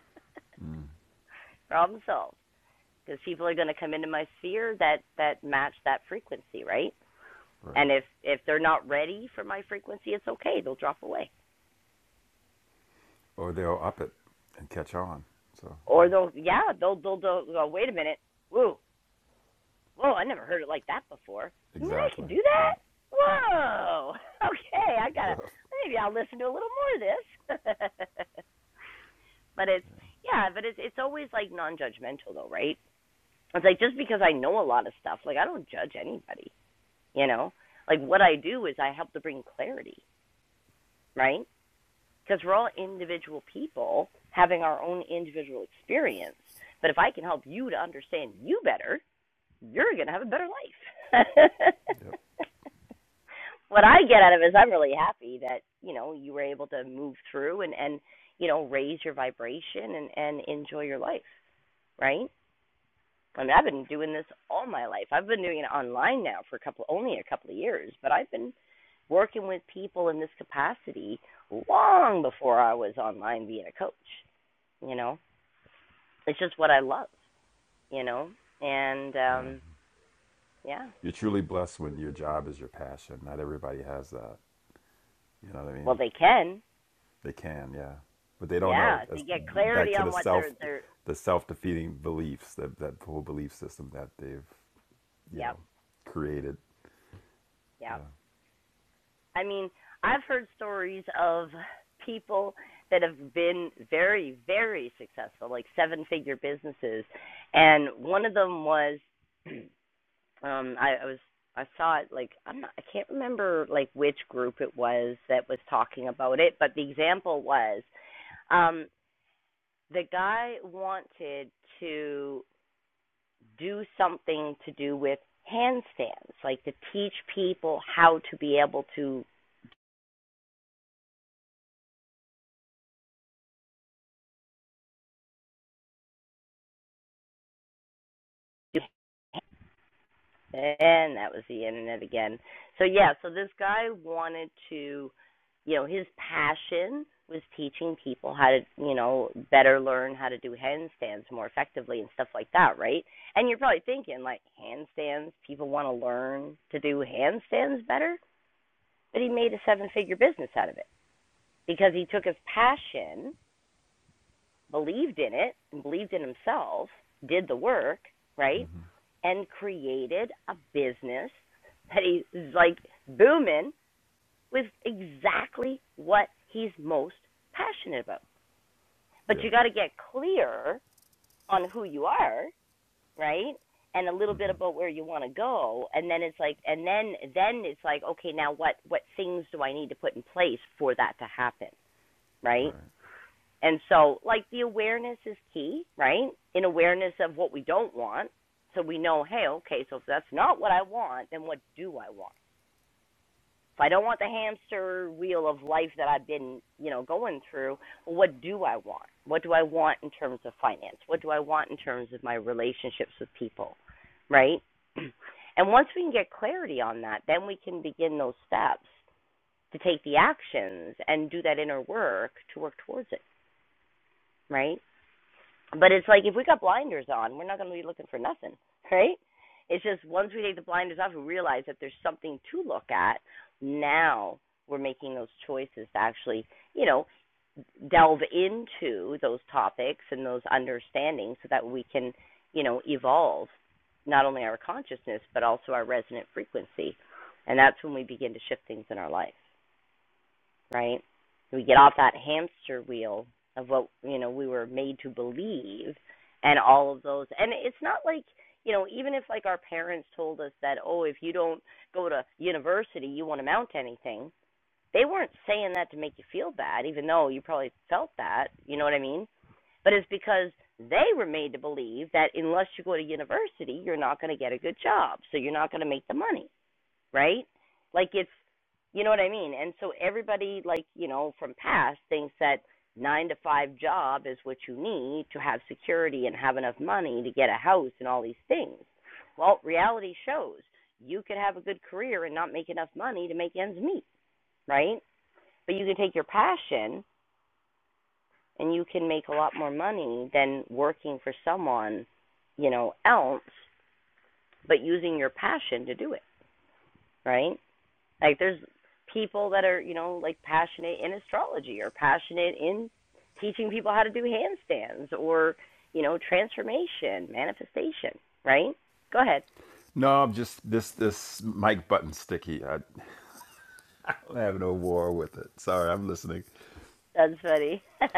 A: problem solved. Because people are going to come into my sphere that that match that frequency, right?
E: right.
A: And if if they're not ready for my frequency, it's okay. They'll drop away,
E: Or they'll up it and catch on. So yeah.
A: or they'll yeah they'll they'll, they'll go. Wait a minute, whoa whoa I never heard it like that before. You mean I can
E: Exactly.
A: do that?
E: Yeah.
A: Whoa, okay, I
E: Yeah.
A: gotta maybe I'll listen to a little more of this. but it's yeah, but it's it's always like non-judgmental though, right? It's like just because I know a lot of stuff, like I don't judge anybody, you know. Like what I do is I help to bring clarity, right? because we're all individual people having our own individual experience. But if I can help you to understand you better, you're going to have a better life.
E: Yep.
A: what I get out of it is I'm really happy that, you know, you were able to move through and and you know, raise your vibration and and enjoy your life, right? I mean, I've been doing this all my life. I've been doing it online now for a couple, only a couple of years, but I've been working with people in this capacity long before I was online being a coach. You know, it's just what I love. You know, and
E: Yeah.
A: um yeah,
E: You're truly blessed when your job is your passion. Not everybody has that. You know what I mean?
A: well they can.
E: They can. Yeah. But they don't know.
A: Yeah, if they
E: That's
A: get clarity
E: back to
A: on
E: the
A: what they're
E: self,
A: they're.
E: the self defeating beliefs that that whole belief system that they've you
A: Yep,
E: know created.
A: yep.
E: Yeah.
A: I mean, I've heard stories of people that have been very, very successful, like seven figure businesses. And one of them was um I, I was I saw it like I'm not I can't remember like which group it was that was talking about it, but the example was um the guy wanted to do something to do with handstands, like to teach people how to be able to do And that was the internet again. So yeah, so this guy wanted to, you know, his passion was teaching people how to, you know, better learn how to do handstands more effectively and stuff like that, right? And you're probably thinking like handstands, people want to learn to do handstands better, but he made a seven-figure business out of it because he took his passion believed in it and believed in himself, did the work, right?
E: Mm-hmm.
A: And created a business that he's like booming with exactly what he's most passionate about. But
E: Yeah.
A: you got to get clear on who you are, right? And a little bit
E: Mhm.
A: about where you want to go, and then it's like, and then then it's like, okay, now what what things do I need to put in place for that to happen, right?
E: Right.
A: And so, like, the awareness is key, right? In awareness of what we don't want. So we know, hey, okay, so if that's not what I want, then what do I want? If I don't want the hamster wheel of life that I've been, you know, going through, well, what do I want? What do I want in terms of finance? What do I want in terms of my relationships with people, right? And once we can get clarity on that, then we can begin those steps to take the actions and do that inner work to work towards it, right? But it's like if we got blinders on, we're not going to be looking for nothing, right? It's just once we take the blinders off, we realize that there's something to look at. Now we're making those choices to actually, you know, delve into those topics and those understandings so that we can, you know, evolve not only our consciousness but also our resonant frequency. And that's when we begin to shift things in our life right? We get off that hamster wheel of what, you know, we were made to believe and all of those. And it's not like, you know, even if like our parents told us that, oh, if you don't go to university, you won't amount to anything. They weren't saying that to make you feel bad, even though you probably felt that. You know what I mean? But it's because they were made to believe that unless you go to university, you're not going to get a good job, so you're not going to make the money right? Like it's you know what I mean? And so everybody like, you know, from past thinks that 9 to 5 job is what you need to have security and have enough money to get a house and all these things. Well, reality shows you could have a good career and not make enough money to make ends meet, right? But you can take your passion and you can make a lot more money than working for someone, you know, else, but using your passion to do it, right? Like there's people that are, you know, like passionate in astrology or passionate in teaching people how to do handstands or, you know, transformation, manifestation, right? Go ahead.
E: No, I'm just this this mic button sticky. I, I'm having war with it. Sorry, I'm listening.
A: That's funny.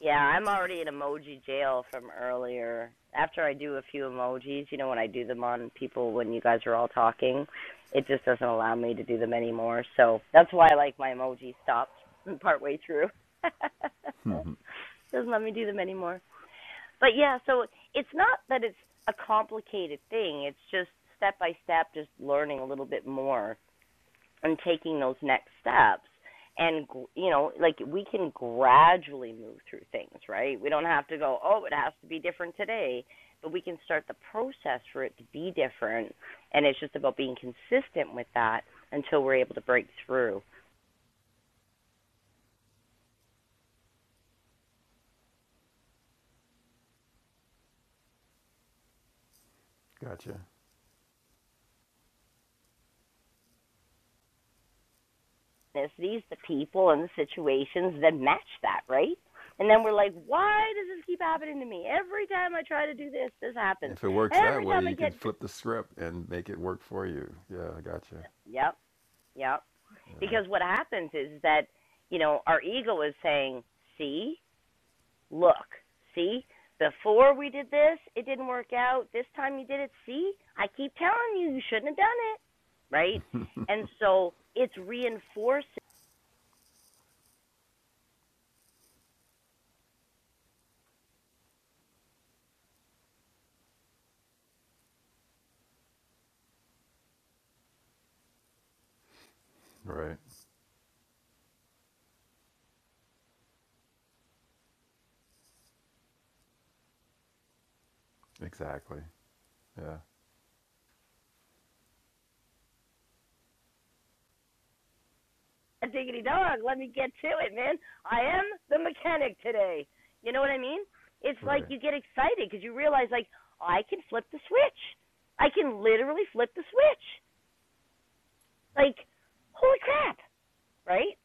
A: yeah, I'm already in emoji jail from earlier. After I do a few emojis, you know, when I do them on people when you guys are all talking, it just doesn't allow me to do them anymore. So that's why I like my emoji stopped partway through. doesn't let me do them anymore. But yeah, so it's not that it's a complicated thing. It's just step by step, just learning a little bit more and taking those next steps. And you know, like we can gradually move through things, right? We don't have to go, oh, it has to be different today, but we can start the process for it to be different. And it's just about being consistent with that until we're able to break through.
E: Gotcha.
A: business, These the people, and the situations that match that, right? And then we're like, why does this keep happening to me? Every time I try to do this, this happens.
E: If it works that
A: Every
E: way,
A: time I
E: you could
A: get to.
E: flip the script and make it work for you. Yeah, I gotcha.
A: Yep, yep. Because what happens is that, you know, our ego is saying, see, look, see, before we did this, it didn't work out. This time you did it. See, I keep telling you, you shouldn't have done it. Right? And so it's reinforcing
E: Right. Exactly. Yeah.
A: diggity dog, let me get to it, man. I am the mechanic today. You know what I mean? It's like
E: Right.
A: you get excited because you realize, like, I can flip the switch. I can literally flip the switch. Like, holy crap, right?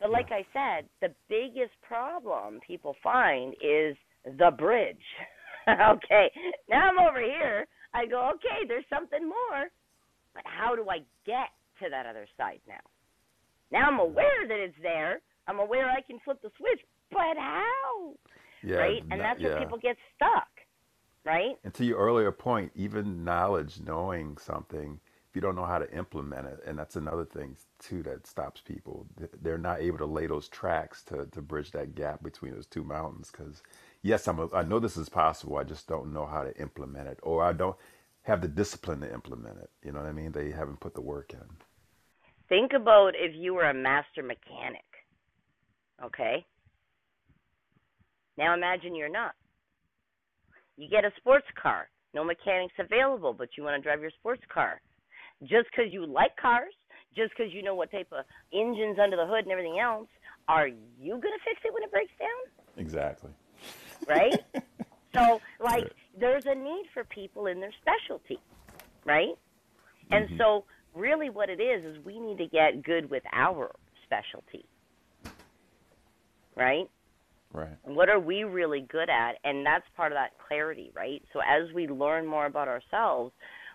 A: But
E: Yeah.
A: like I said, the biggest problem people find is the bridge. okay, now I'm over here. I go, okay, there's something more, but how do I get to that other side now? Now I'm
E: Yeah.
A: aware that it's there. I'm aware I can flip the switch, but how?
E: Yeah.
A: Right? And
E: Not,
A: that's where
E: yeah.
A: people get stuck, right?
E: And to your earlier point, even knowledge, knowing something, if you don't know how to implement it, and that's another thing too that stops people. They're not able to lay those tracks to, to bridge that gap between those two mountains. Because yes, I'm a, I know this is possible. I just don't know how to implement it, or I don't have the discipline to implement it. You know what I mean? They haven't put the work in.
A: Think about if you were a master mechanic, okay? Now imagine you're not. You get a sports car. No mechanics available, but you want to drive your sports car. Just because you like cars, just because you know what type of engines under the hood and everything else, are you going to fix it when it breaks down?
E: Exactly.
A: Right? So, like, there's a need for people in their specialty, right? And so, really, what it is is we need to get good with our specialty, right?
E: Right.
A: And what are we really good at? And that's part of that clarity, right? So, as we learn more about ourselves,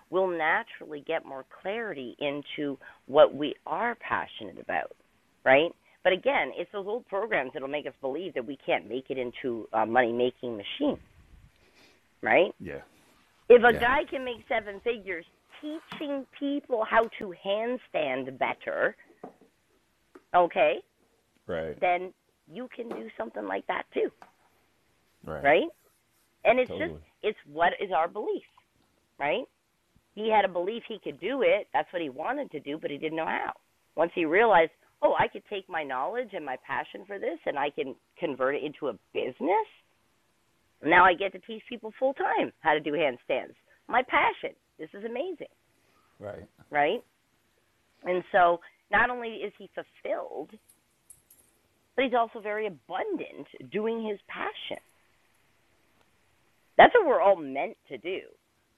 A: we'll naturally get more clarity into what we are passionate about, right? But again, it's those old programs that'll make us believe that we can't make it into a money making machine, right?
E: Yeah,
A: If a
E: yeah,
A: guy can make seven figures teaching people how to handstand better, okay,
E: Right.
A: then you can do something like that too,
E: Right.
A: right? And it's just
E: Totally.
A: it's what is our belief, right? He had a belief he could do it. That's what he wanted to do, but he didn't know how. Once he realized, oh, I could take my knowledge and my passion for this and I can convert it into a business. Now I get to teach people full time how to do handstands. My passion. This is amazing,
E: right,
A: right? And so not only is he fulfilled, but he's also very abundant doing his passion. That's what we're all meant to do.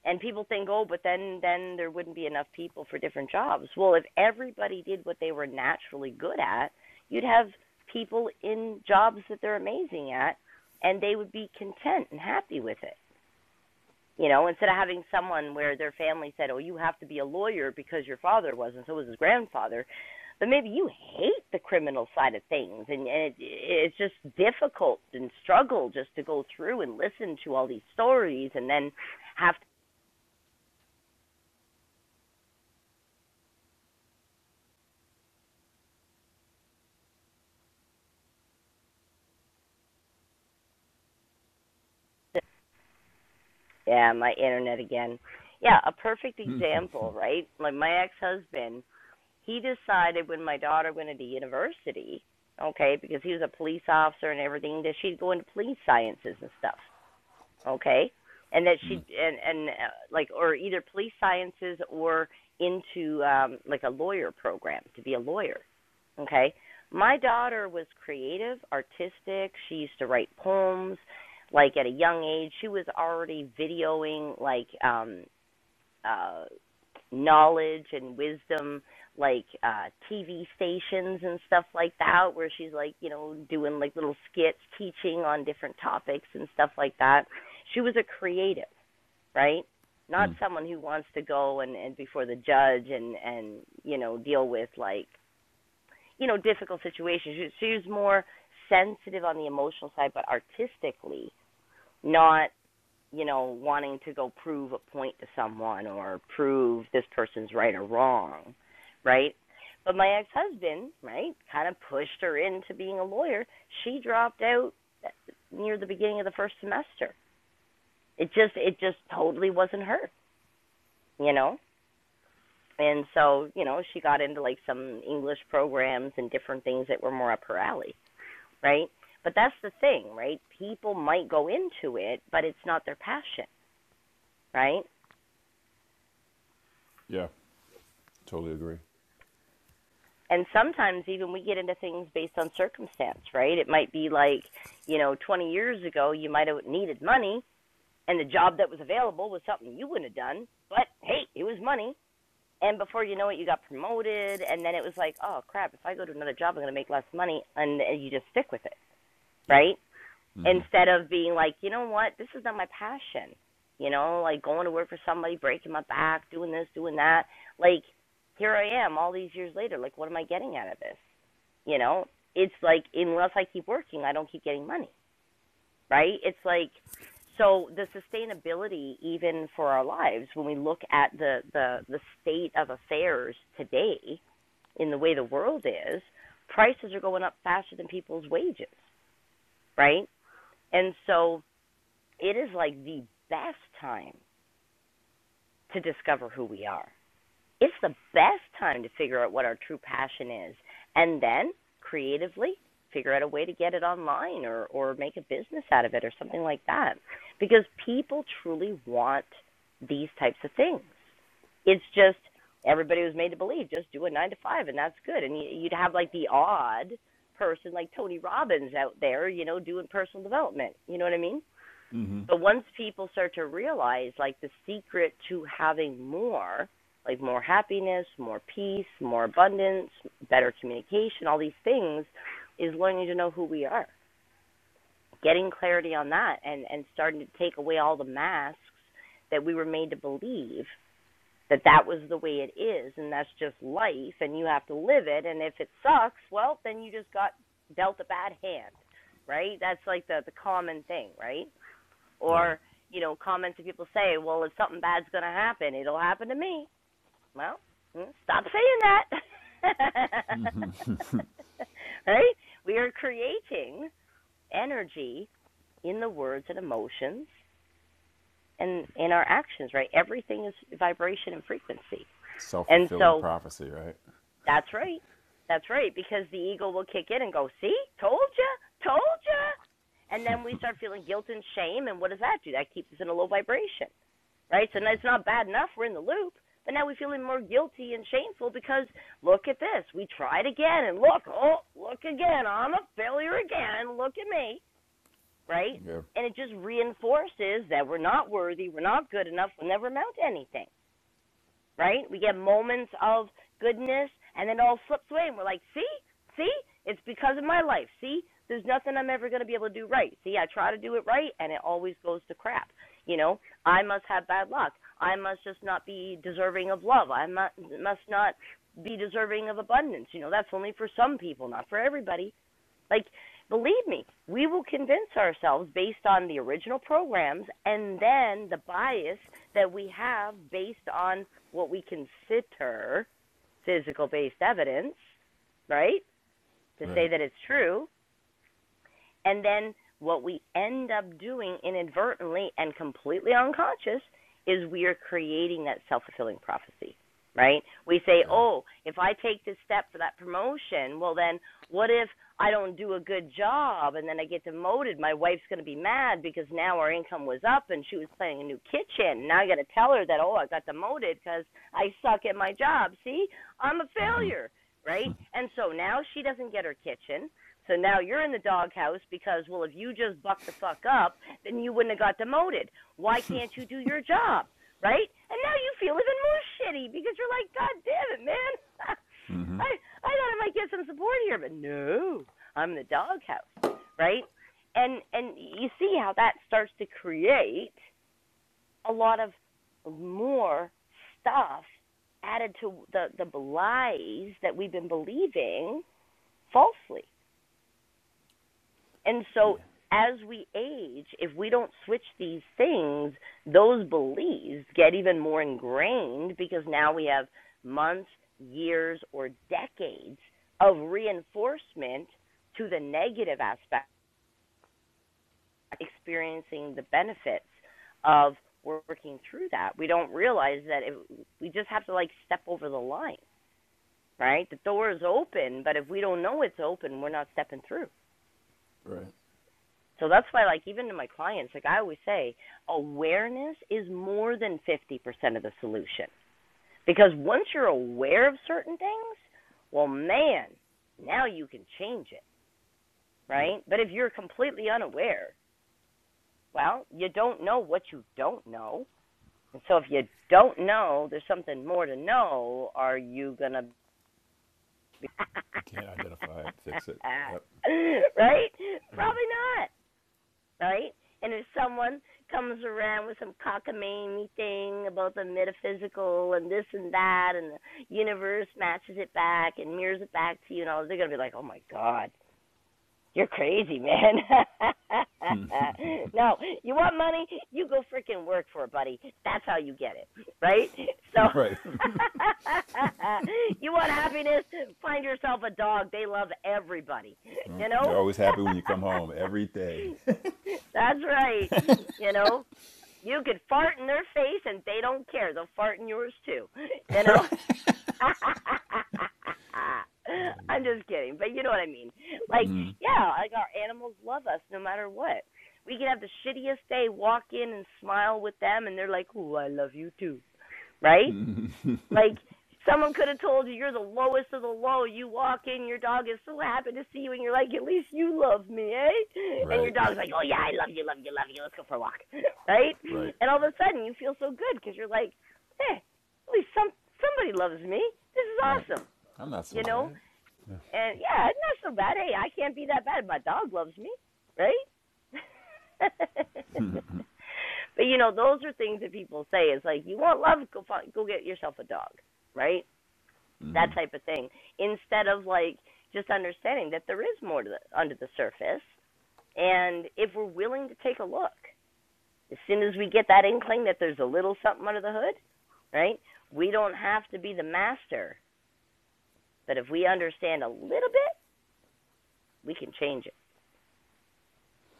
A: And people think, oh, but then then there wouldn't be enough people for different jobs. Well, if everybody did what they were naturally good at, you'd have people in jobs that they're amazing at, and they would be content and happy with it. You know, instead of having someone where their family said, "Oh, you have to be a lawyer because your father was and so was his grandfather," but maybe you hate the criminal side of things, and, and it, it's just difficult and struggle just to go through and listen to all these stories, and then have to. Yeah, my internet again. Yeah, a perfect example, right? Like my ex-husband, he decided when my daughter went into university, okay, because he was a police officer and everything, that she'd go into police sciences and stuff. okay and that she and and uh, like or either police sciences or into um like a lawyer program to be a lawyer okay my daughter was creative artistic she used to write poems like at a young age she was already videoing like um uh knowledge and wisdom like uh TV stations and stuff like that where she's like, you know, doing like little skits teaching on different topics and stuff like that. She was a creative, right? Not
E: Mm.
A: someone who wants to go and and before the judge and and you know, deal with like, you know, difficult situations. She, she was more sensitive on the emotional side but artistically not you know, wanting to go prove a point to someone or prove this person's right or wrong, right? But my ex husband, right, kind of pushed her into being a lawyer. She dropped out uh, near the beginning of the first semester. It just it just totally wasn't her, you know? And so, you know, she got into like some English programs and different things that were more up her alley, right? But that's the thing, right? People might go into it, but it's not their passion, right?
E: Yeah. Totally agree.
A: and sometimes even we get into things based on circumstance, right? It might be like, you know, 20 years ago you might have needed money and the job that was available was something you wouldn't have done, but hey, it was money. And before you know it, you got promoted, and then it was like, oh crap! If I go to another job, I'm going to make less money, and, and you just stick with it,
E: yeah.
A: right?
E: Mhm.
A: instead of being like, you know what, this is not my passion. You know, like going to work for somebody, breaking my back, doing this, doing that. Like here I am all these years later. Like what am I getting out of this? You know, it's like unless I keep working, I don't keep getting money, right? It's like so the sustainability even for our lives when we look at the the the state of affairs today in the way the world is, prices are going up faster than people's wages, right? And so it is like the best time to discover who we are. It's the best time to figure out what our true passion is and then creatively figure out a way to get it online or or make a business out of it or something like that because people truly want these types of things. It's just everybody was made to believe just do a 9 to 5 and that's good and you- would have like the odd person like Tony Robbins out there, you know, doing personal development. You know what I mean?
E: Mhm.
A: But once people start to realize like the secret to having more, like more happiness, more peace, more abundance, better communication, all these things is learning to know who we are. Getting clarity on that and and starting to take away all the masks that we were made to believe that that was the way it is and that's just life and you have to live it and if it sucks, well, then you just got dealt a bad hand, right? That's like the the common thing, right?
E: Right.
A: or you know comments that people say, well, if something bad's going to happen, it'll happen to me. Well, mm, stop saying that. right? We are creating energy in the words and emotions and in our actions, right? Everything is vibration and frequency.
E: Self
A: And
E: fulfilling
A: so
E: prophecy, right?
A: that's right. That's right, because the ego will kick in and go, see, told you, told you. And then we start feeling guilt and shame. And what does that do? That keeps us in a low vibration. right? So now it's
E: Yeah.
A: not bad enough we're in the loop, but now we feel even more guilty and shameful because look at this, we tried again, and look, oh, look again, I'm a failure again. Look at me, right?
E: Yeah.
A: And it just reinforces that we're not worthy, we're not good enough, we'll never amount to anything right? We get moments of goodness and then it all slips away and we're like, see, see, it's because of my life. See, there's nothing I'm ever going to be able to do right. See, I try to do it right and it always goes to crap. You know, I must have bad luck. I must just not be deserving of love. I must not be deserving of abundance. You know, that's only for some people, not for everybody. Like, believe me, we will convince ourselves based on the original programs and then the bias that we have based on what we consider physical based evidence, right? To say
E: Right.
A: that it's true. And then what we end up doing inadvertently and completely unconscious is we are creating that self fulfilling prophecy, right? We say,
E: Yeah.
A: oh, if I take this step for that promotion, well, then what if I don't do a good job and then I get demoted? My wife's going to be mad because now our income was up and she was planning a new kitchen. Now I got to tell her that, oh, I got demoted because I suck at my job. See, I'm a failure right? And so now she doesn't get her kitchen. So now you're in the doghouse because, well, if you just buck the fuck up, then you wouldn't have got demoted. Why can't you do your job? Right? And now you feel even more shitty because you're like, God damn it, man. I I thought I might get some support here, but no, I'm in the doghouse, right? And and you see how that starts to create a lot of more stuff added to the the lies that we've been believing falsely and
E: Yeah.
A: so as we age, if we don't switch these things, those beliefs get even more ingrained because now we have months, years, or decades of reinforcement to the negative aspect, experiencing the benefits of working through that. We don't realize that if, we just have to like step over the line, right? The door is open, but if we don't know it's open, we're not stepping through.
E: Right.
A: So that's why, like, even to my clients, like I always say, awareness is more than 50% of the solution. Because once you're aware of certain things, well, man, now you can change it,
E: Yep.
A: right? But if you're completely unaware, well, you don't know what you don't know. And so if you don't know, there's something more to know. Are you going to be.
E: You can't identify it, fix it. Yep.
A: right? Probably
E: Yeah.
A: not. right? And if someone comes around with some cockamamie thing about the metaphysical and this and that, and the universe matches it back and mirrors it back to you, and all, they're gonna be like, "Oh my God, you're crazy, man." no, you want money? You go freaking work for it, buddy. That's how you get it, right? So.
E: right.
A: you want happiness? Find yourself a dog. They love everybody. You know?
E: You're always happy when you come home every day.
A: That's right. You know, you could fart in their face and they don't care. They'll fart in yours too. You know? I'm just kidding, but you know what I mean. Like, yeah, like our animals love us no matter what. We can have the shittiest day, walk in and smile with them, and they're like, "Ooh, I love you too," right? Like someone could have told you you're the lowest of the low. You walk in, your dog is so happy to see you, and you're like, at least you love me, eh? And your
E: Right.
A: dog's like, oh yeah, I love you, love you, love you. Let's go for a walk, right?
E: Right.
A: And all of a sudden you feel so good because you're like, hey, at least some somebody loves me. This is
E: Right.
A: awesome,
E: I'm not so
A: you know.
E: bad.
A: And yeah, it's not so bad. Hey, I can't be that bad. My dog loves me, right? but you know, those are things that people say. It's like you want love, go find, go get yourself a dog, right? that type of thing instead of like just understanding that there is more to the, under the surface and if we're willing to take a look as soon as we get that inkling that there's a little something under the hood right we don't have to be the master but if we understand a little bit we can change it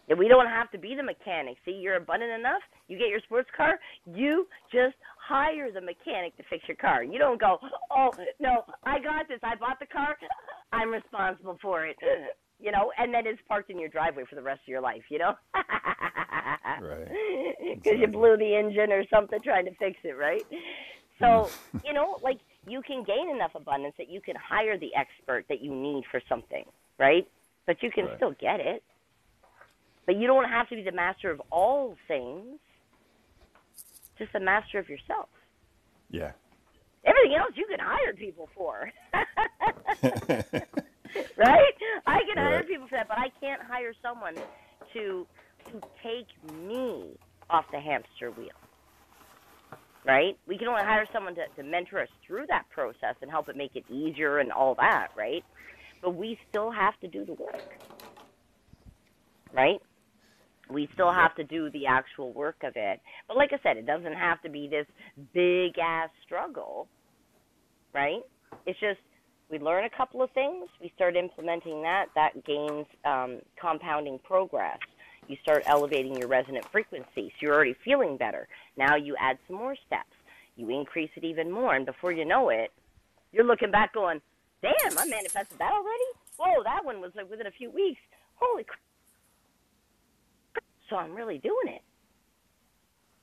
A: And we don't have to be the mechanic. See, you're abundant enough. You get your sports car. You just hire the mechanic to fix your car. You don't go, oh no, I got this. I bought the car. I'm responsible for it. You know, and then it's parked in your driveway for the rest of your life. You know,
E: Right.
A: because you
E: Exactly.
A: blew the engine or something trying to fix it, right? So you know, like you can gain enough abundance that you can hire the expert that you need for something, right? But you can
E: Right.
A: still get it but you don't have to be the master of all things, just the master of yourself.
E: Yeah.
A: Everything else you can hire people for. right? I can hire
E: Right.
A: people for that, but I can't hire someone to to take me off the hamster wheel, right? We can only hire someone to, to mentor us through that process and help it make it easier and all that, right? But we still have to do the work, right? we still have
E: Yep.
A: to do the actual work of it. But like I said, it doesn't have to be this big ass struggle, right? It's just we learn a couple of things, we start implementing that, that gains um, compounding progress. You start elevating your resonant frequency, so you're already feeling better. Now you add some more steps, you increase it even more, and before you know it, you're looking back going, damn, I manifested that already? Whoa, that one was like within a few weeks. Holy crap. So I'm really doing it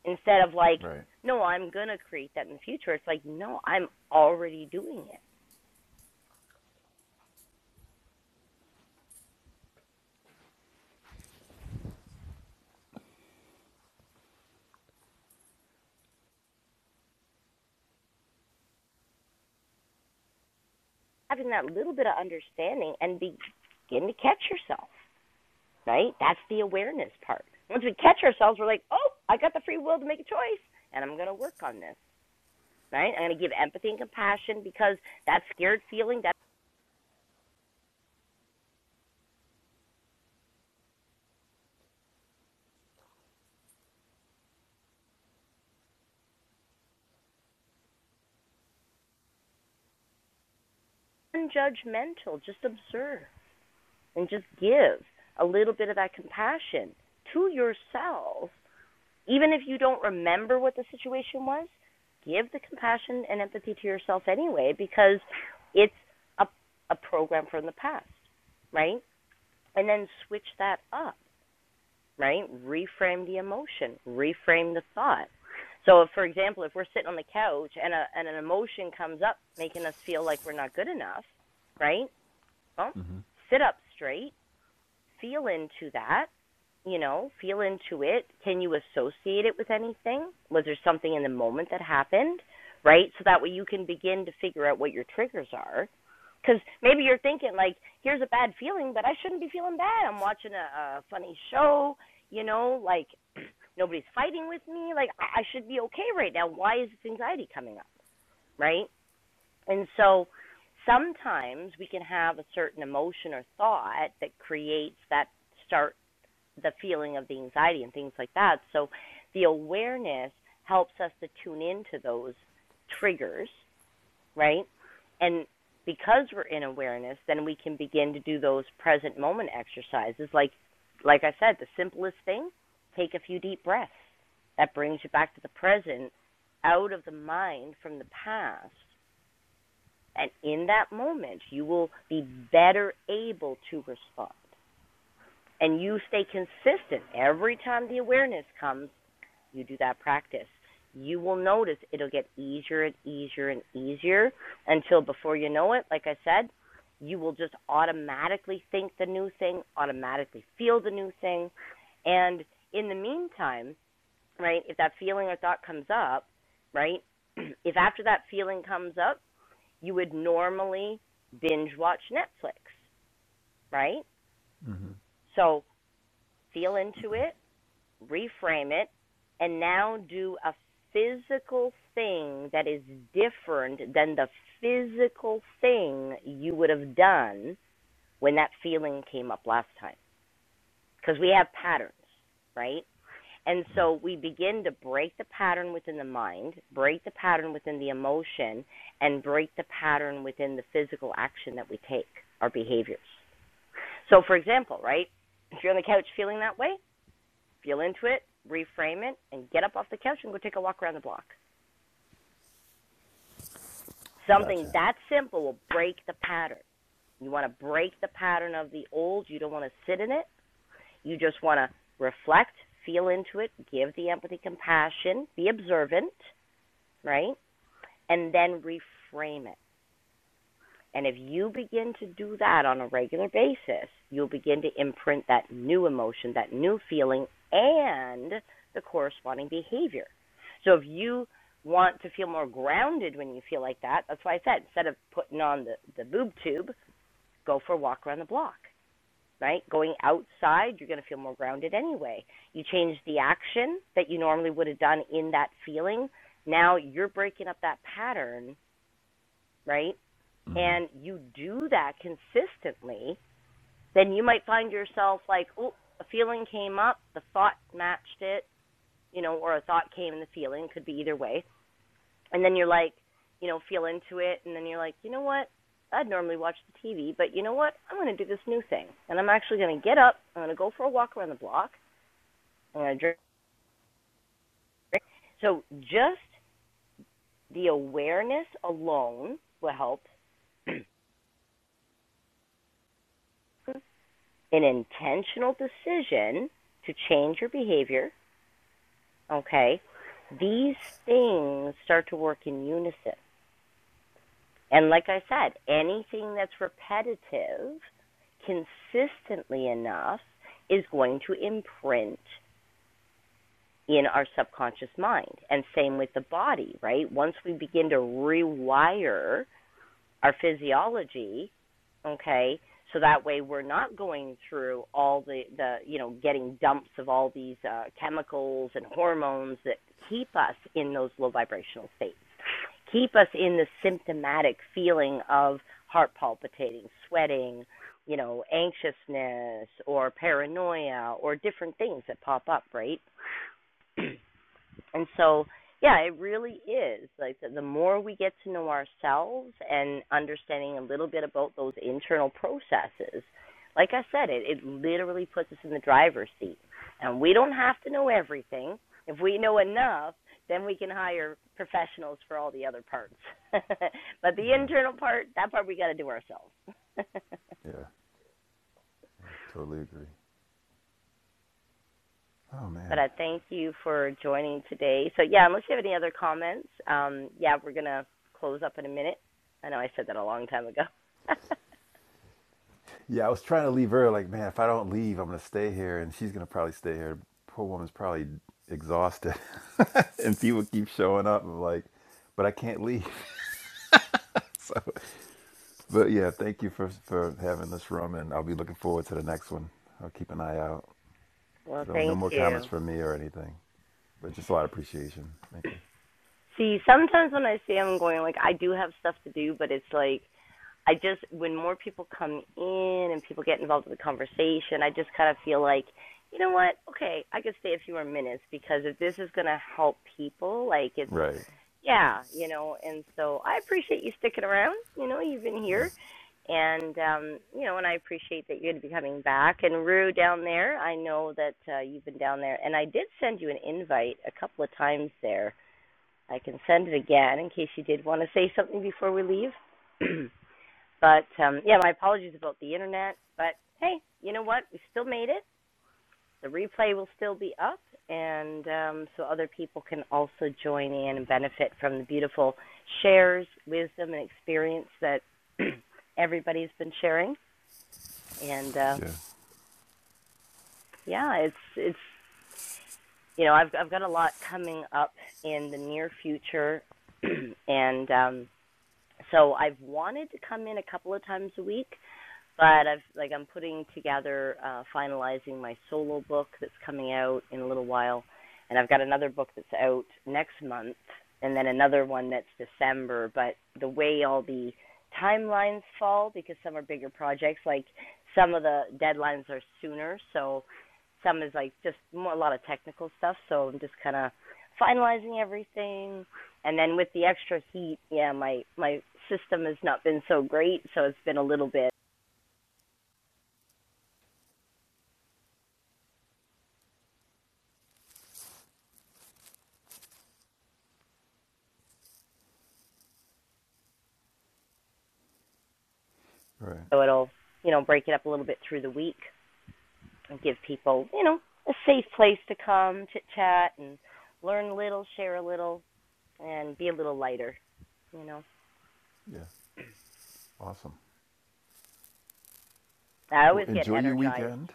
A: instead of like
E: Right.
A: no i'm going to create that in the future it's like no i'm already doing it having that little bit of understanding and begin to catch yourself right that's the awareness part once we catch ourselves we're like oh i got the free will to make a choice and i'm going to work on this right i'm going to give empathy and compassion because that scared feeling that's unjudgmental just observe and just give a little bit of that compassion to yourself Even if you don't remember what the situation was, give the compassion and empathy to yourself anyway because it's a a program from the past, right? And then switch that up, right? Reframe the emotion, reframe the thought. So, if, for example, if we're sitting on the couch and a and an emotion comes up making us feel like we're not good enough, right? Well,
E: Mm-hmm.
A: sit up straight, feel into that, you know, feel into it. Can you associate it with anything? Was there something in the moment that happened, right? So that way you can begin to figure out what your triggers are. Because maybe you're thinking, like, here's a bad feeling, but I shouldn't be feeling bad. I'm watching a, a funny show, you know, like nobody's fighting with me. Like, I I should be okay right now. Why is this anxiety coming up, right? And so sometimes we can have a certain emotion or thought that creates that start the feeling of the anxiety and things like that. So the awareness helps us to tune into those triggers, right? And because we're in awareness, then we can begin to do those present moment exercises like like I said, the simplest thing, take a few deep breaths. That brings you back to the present, out of the mind from the past. And in that moment, you will be better able to respond and you stay consistent every time the awareness comes, you do that practice. You will notice it'll get easier and easier and easier until before you know it, like I said, you will just automatically think the new thing, automatically feel the new thing. And in the meantime, right, if that feeling or thought comes up, right, if after that feeling comes up, you would normally binge watch Netflix, right? So feel into it, reframe it, and now do a physical thing that is different than the physical thing you would have done when that feeling came up last time. Because we have patterns, right? And so we begin to break the pattern within the mind, break the pattern within the emotion, and break the pattern within the physical action that we take, our behaviors. So, for example, right? If you're on the couch feeling that way, feel into it, reframe it, and get up off the couch and go take a walk around the block. Something
E: Gotcha.
A: that simple will break the pattern. You want to break the pattern of the old. You don't want to sit in it. You just want to reflect, feel into it, give the empathy, compassion, be observant, right? And then reframe it. And if you begin to do that on a regular basis, you'll begin to imprint that new emotion, that new feeling, and the corresponding behavior. So if you want to feel more grounded when you feel like that, that's why I said instead of putting on the, the boob tube, go for a walk around the block, right? Going outside, you're going to feel more grounded anyway. You change the action that you normally would have done in that feeling. Now you're breaking up that pattern, right? and you do that consistently, then you might find yourself like, oh, a feeling came up, the thought matched it, you know, or a thought came and the feeling could be either way. And then you're like, you know, feel into it, and then you're like, you know what? I'd normally watch the TV, but you know what? I'm going to do this new thing. And I'm actually going to get up, I'm going to go for a walk around the block, I'm going to drink. So just the awareness alone will help an intentional decision to change your behavior, okay, these things start to work in unison. And like I said, anything that's repetitive consistently enough is going to imprint in our subconscious mind. And same with the body, right? Once we begin to rewire our physiology, okay? So that way we're not going through all the the you know getting dumps of all these uh, chemicals and hormones that keep us in those low vibrational states, keep us in the symptomatic feeling of heart palpitating, sweating, you know, anxiousness or paranoia or different things that pop up, right? and so yeah it really is like the, the more we get to know ourselves and understanding a little bit about those internal processes like i said it it literally puts us in the driver's seat and we don't have to know everything if we know enough then we can hire professionals for all the other parts but the
E: Yeah.
A: internal part that part we got to do ourselves
E: Yeah. Totally agree. Oh
A: But
E: man.
A: I thank you for joining today. So yeah, unless you have any other comments, um, yeah, we're gonna close up in a minute. I know I said that a long time ago.
E: Yeah, I was trying to leave her. Like, man, if I don't leave, I'm gonna stay here, and she's gonna probably stay here. Poor woman's probably exhausted, and people keep showing up. I'm like, but I can't leave. But yeah, thank you for for having this room, and I'll be looking forward to the next one. I'll keep an eye out.
A: well,
E: So no
A: thank
E: more comments
A: you.
E: from me or anything, but just a lot of appreciation. Thank you.
A: See, sometimes when I say I'm going, like I do have stuff to do, but it's like I just when more people come in and people get involved in the conversation, I just kind of feel like, you know what? Okay, I could stay a few more minutes because if this is going to help people, like it's
E: Right.
A: yeah, you know, and so I appreciate you sticking around. You know, you've been
E: Yeah.
A: here and um, you know, and I appreciate that you're going to be coming back and Rue down there. I know that uh, you've been down there and I did send you an invite a couple of times there. I can send it again in case you did want to say something before we leave. But um, yeah, my apologies about the internet. But hey, you know what? We still made it. The replay will still be up, and um, so other people can also join in and benefit from the beautiful shares, wisdom, and experience that everybody's been sharing. And uh,
E: Yeah.
A: yeah, it's it's you know I've I've got a lot coming up in the near future, and um, so I've wanted to come in a couple of times a week but I've like I'm putting together uh finalizing my solo book that's coming out in a little while and I've got another book that's out next month and then another one that's December but the way all the timelines fall because some are bigger projects like some of the deadlines are sooner so some is like just more a lot of technical stuff so I'm just kind of finalizing everything and then with the extra heat yeah my my system has not been so great so it's been a little bit
E: Right.
A: so it'll you know break it up a little bit through the week and give people you know a safe place to come chit chat and learn a little share a little and be a little lighter you know
E: Yeah. Awesome.
A: i
E: Well,
A: always get
E: enjoy your
A: energized
E: weekend.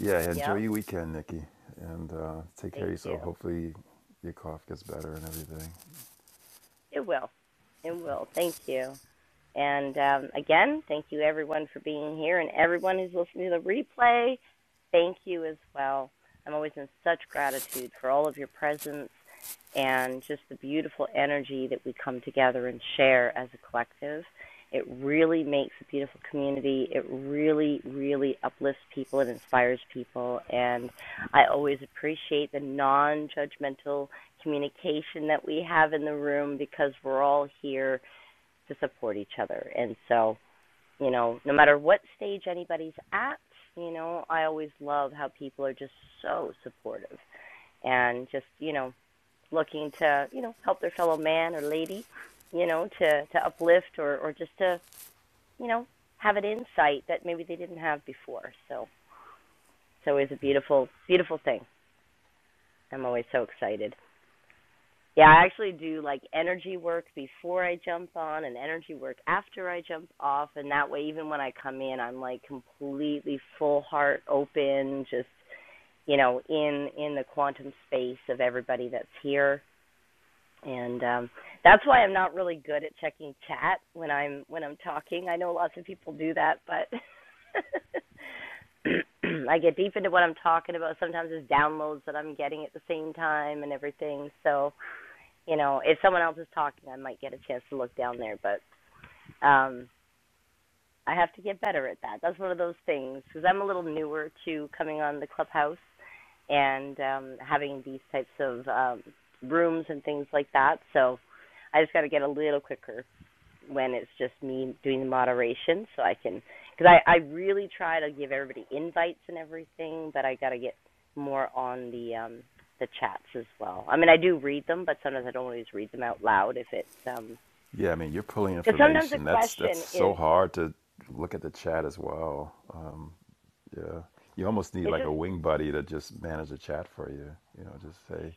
E: Yeah, enjoy
A: yep
E: your weekend, Nikki, and uh, take care of
A: thank you
E: yourself. Hopefully, your cough gets better and everything.
A: it will it will thank you And um, again, thank you everyone for being here and everyone who's listening to the replay. Thank you as well. I'm always in such gratitude for all of your presence and just the beautiful energy that we come together and share as a collective. It really makes a beautiful community. It really, really uplifts people and inspires people. And I always appreciate the non judgmental communication that we have in the room because we're all here to support each other. And so, you know, no matter what stage anybody's at, you know, I always love how people are just so supportive and just, you know, looking to, you know, help their fellow man or lady, you know, to to uplift or or just to, you know, have an insight that maybe they didn't have before. So, it's always a
E: Yeah,
A: beautiful beautiful thing. I'm always so excited. Yeah, I actually do like energy work before I jump on and energy work after I jump off. And that way, even when I come in, I'm like completely full heart open, just, you know, in, in the quantum space of everybody that's here. And um, that's why I'm not really good at checking chat when I'm when I'm talking. I know lots of people do that, but I get deep into what I'm talking about. Sometimes it's downloads that I'm getting at the same time and everything. So you know, if someone else is talking, I might get a chance to look down there, but um I have to get better at that. That's one of those things because I'm a little newer to coming on the clubhouse and um having these types of um rooms and things like that. So I just got to get a little quicker when it's just me doing the moderation so I can because I I really try to give everybody invites and everything, but I got to get more on the um the chats as well. I mean, I do read them, but sometimes I don't always read them out loud if it's um
E: yeah. I mean, you're pulling
A: because um, sometimes a
E: information. That's that's
A: question
E: so
A: is
E: hard to look at the chat as well. Uh, yeah, you almost need
A: it's
E: like
A: just
E: a wing buddy to just manage the chat for you. You know, just say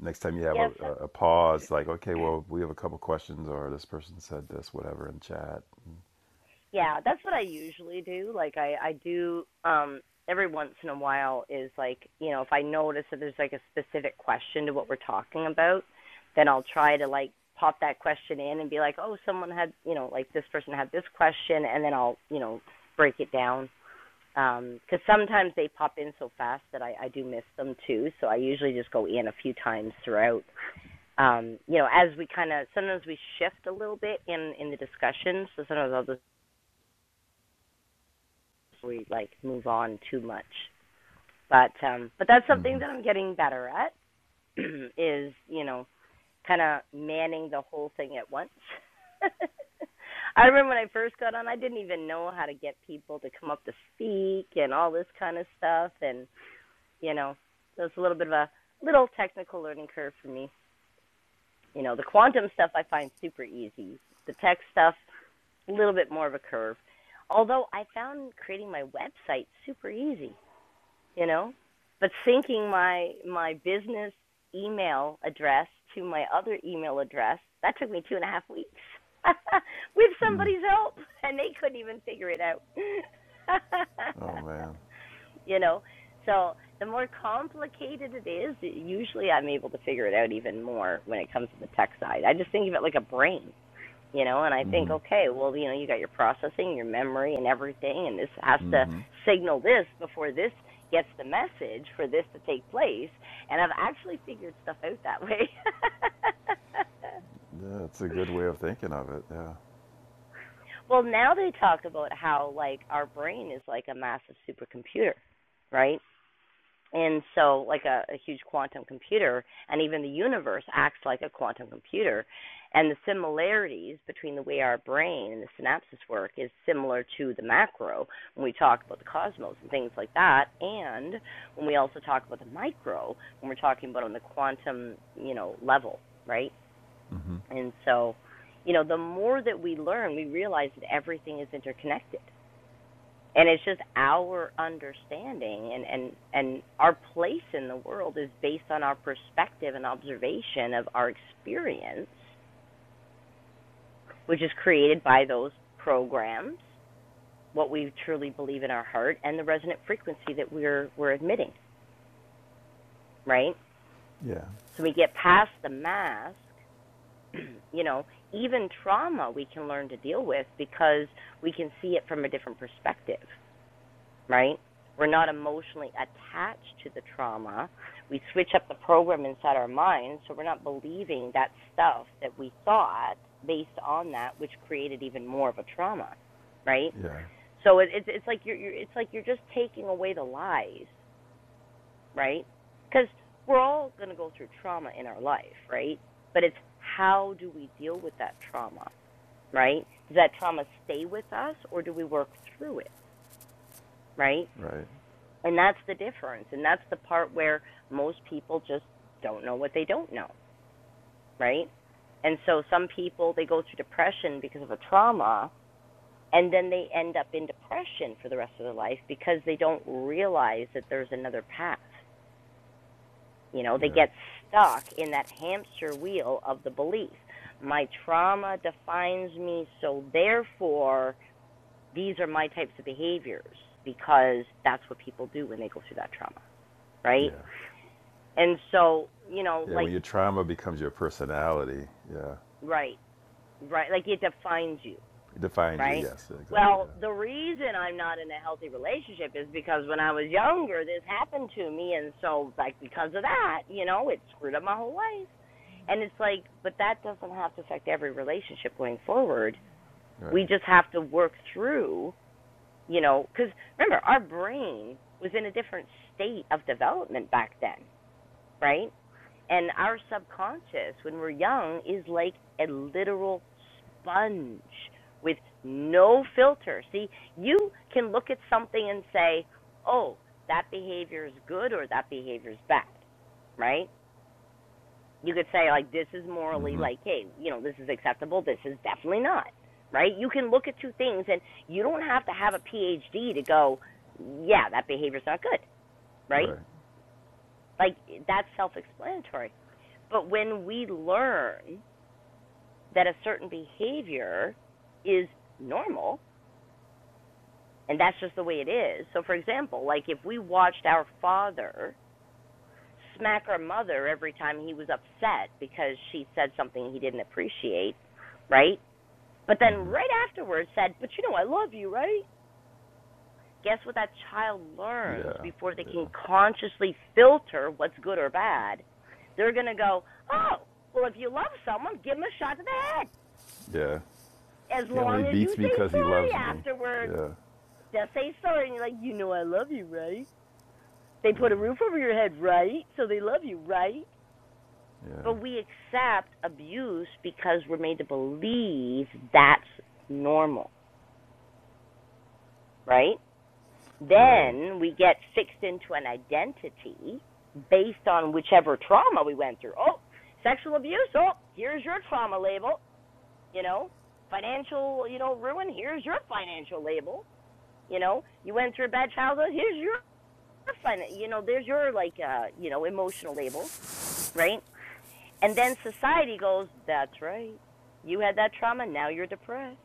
E: next time you have a,
A: yes
E: a, a pause, like, okay, well, we have a couple questions, or this person said this, whatever, in chat.
A: yeah that's what i usually do like i i do um every once in a while is like you know if i notice that there's like a specific question to what we're talking about then i'll try to like pop that question in and be like oh someone had you know like this person had this question and then i'll you know break it down um because um, sometimes they pop in so fast that i i do miss them too so i usually just go in a few times throughout um you know as we kind of sometimes we shift a little bit in in the discussion so sometimes i'll just if we like move on too much. But um but that's something that I'm getting better at is, you know, kind of manning the whole thing at once. I remember when I first got on, I didn't even know how to get people to come up to speak and all this kind of stuff and, you know, so it's a little bit of a little technical learning curve for me. You know, the quantum stuff I find super easy. The tech stuff a little bit more of a curve. Although I found creating my website super easy. you know but syncing my my business email address to my other email address that took me two and a half weeks with somebody's help and they couldn't even figure it out
E: Oh man,
A: you know so the more complicated it is usually i'm able to figure it out even more when it comes to the tech side i just think of it like a brain you know and i think okay well you know you got your processing your memory and everything and this has to signal this before this gets the message for this to take place and i've actually figured stuff out that way
E: yeah, it's a good way of thinking of it. Yeah.
A: well now they talk about how like our brain is like a massive supercomputer right and so like a, a huge quantum computer and even the universe acts like a quantum computer and the similarities between the way our brain and the synapses work is similar to the macro when we talk about the cosmos and things like that and when we also talk about the micro when we're talking about on the quantum you know level right
E: Mhm.
A: and so you know the more that we learn we realize that everything is interconnected and it's just our understanding and and and our place in the world is based on our perspective and observation of our experience which is created by those programs what we truly believe in our heart and the resonant frequency that we're we're admitting right
E: Yeah,
A: so we get past the mask you know even trauma we can learn to deal with because we can see it from a different perspective right? We're not emotionally attached to the trauma. We switch up the program inside our mind, so we're not believing that stuff that we thought based on that, which created even more of a trauma, right?
E: yeah,
A: So it, it's it's like you're, you're it's like you're just taking away the lies, right? Because we're all going to go through trauma in our life, right? But it's how do we deal with that trauma, right? Does that trauma stay with us, or do we work through it, right?
E: right.
A: And that's the difference. And that's the part where most people just don't know what they don't know, right? And so some people they go through depression because of a trauma and then they end up in depression for the rest of their life because they don't realize that there's another path. You know, they
E: Yeah,
A: get stuck in that hamster wheel of the belief. My trauma defines me, so therefore these are my types of behaviors because that's what people do when they go through that trauma, right?
E: yeah.
A: And so, you know,
E: Yeah,
A: like,
E: when your trauma becomes your personality, yeah,
A: right, right, like it defines you,
E: it defines you.
A: right?
E: Yes, exactly.
A: Well, the
E: Yeah,
A: reason I'm not in a healthy relationship is because when I was younger, this happened to me. And so, like, because of that, you know, it screwed up my whole life. And it's like, but that doesn't have to affect every relationship going forward.
E: right,
A: We just have to work through, you know, because remember, our brain was in a different state of development back then, right? And our subconscious, when we're young, is like a literal sponge with no filter. See, you can look at something and say, oh, that behavior is good or that behavior is bad, right? You could say, like, this is morally,
E: Mm-hmm.
A: like, hey, you know, this is acceptable, this is definitely not, right? You can look at two things and you don't have to have a PhD to go, yeah, that behavior's not good, right?
E: right.
A: Like, that's self explanatory. But when we learn that a certain behavior is normal and that's just the way it is. So, for example, like if we watched our father smack our mother every time he was upset because she said something he didn't appreciate, right? But then
E: Mm-hmm.
A: right afterwards said, But you know, I love you, right? Guess what that child learns
E: Yeah,
A: before they can
E: yeah,
A: consciously filter what's good or bad? They're going to go, Oh, well, if you love someone, give them a shot to the head
E: yeah.
A: as
E: He only
A: long as you
E: beats me because he
A: say
E: loves
A: sorry
E: me.
A: afterwards.
E: Yeah,
A: They'll say sorry, and you're like, you know, I love you, right? They put a roof
E: yeah,
A: over your head, right? So they love you, right?
E: yeah.
A: But we accept abuse because we're made to believe that's normal, right?
E: Right.
A: Then we get fixed into an identity based on whichever trauma we went through. Oh, sexual abuse. Oh, here's your trauma label. You know, financial, you know, ruin. Here's your financial label. You know, you went through a bad childhood. Here's your fun. You know, there's your like uh, you know, emotional label, right? And then society goes, That's right. You had that trauma, now you're depressed.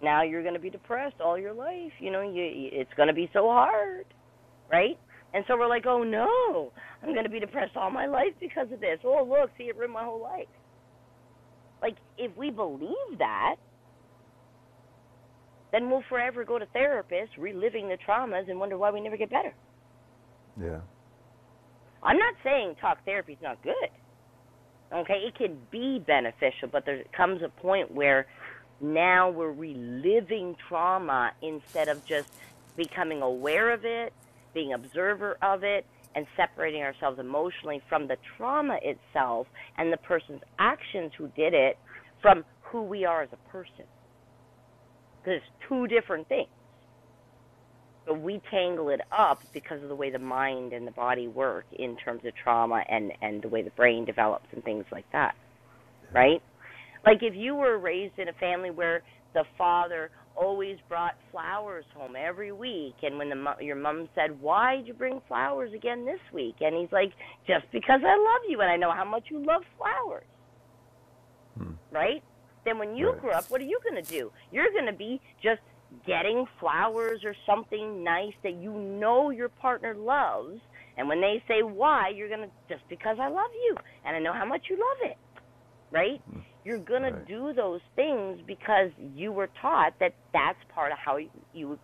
A: Now you're gonna be depressed all your life. You know, you it's gonna be so hard, right? And so we're like, Oh no, I'm gonna be depressed all my life because of this. Oh look, see it ruined my whole life. Like if we believe that, then we'll forever go to therapists reliving the traumas and wonder why we never get better.
E: Yeah,
A: I'm not saying talk therapy is not good. Okay, it can be beneficial, but there comes a point where now we're reliving trauma instead of just becoming aware of it, being observer of it, and separating ourselves emotionally from the trauma itself and the person's actions who did it from who we are as a person. Because it's two different things. But we tangle it up because of the way the mind and the body work in terms of trauma and, and the way the brain develops and things like that,
E: yeah.
A: right? Like if you were raised in a family where the father always brought flowers home every week, and when the your mom said, "Why did you bring flowers again this week?" and he's like, "Just because I love you and I know how much you love flowers,"
E: Hmm.
A: right? Then when you
E: Right,
A: grow up, what are you going to do? You're going to be just getting flowers or something nice that you know your partner loves, and when they say why, you're going to just because I love you and I know how much you love it right? You're going to
E: right,
A: do those things because you were taught that that's part of how you,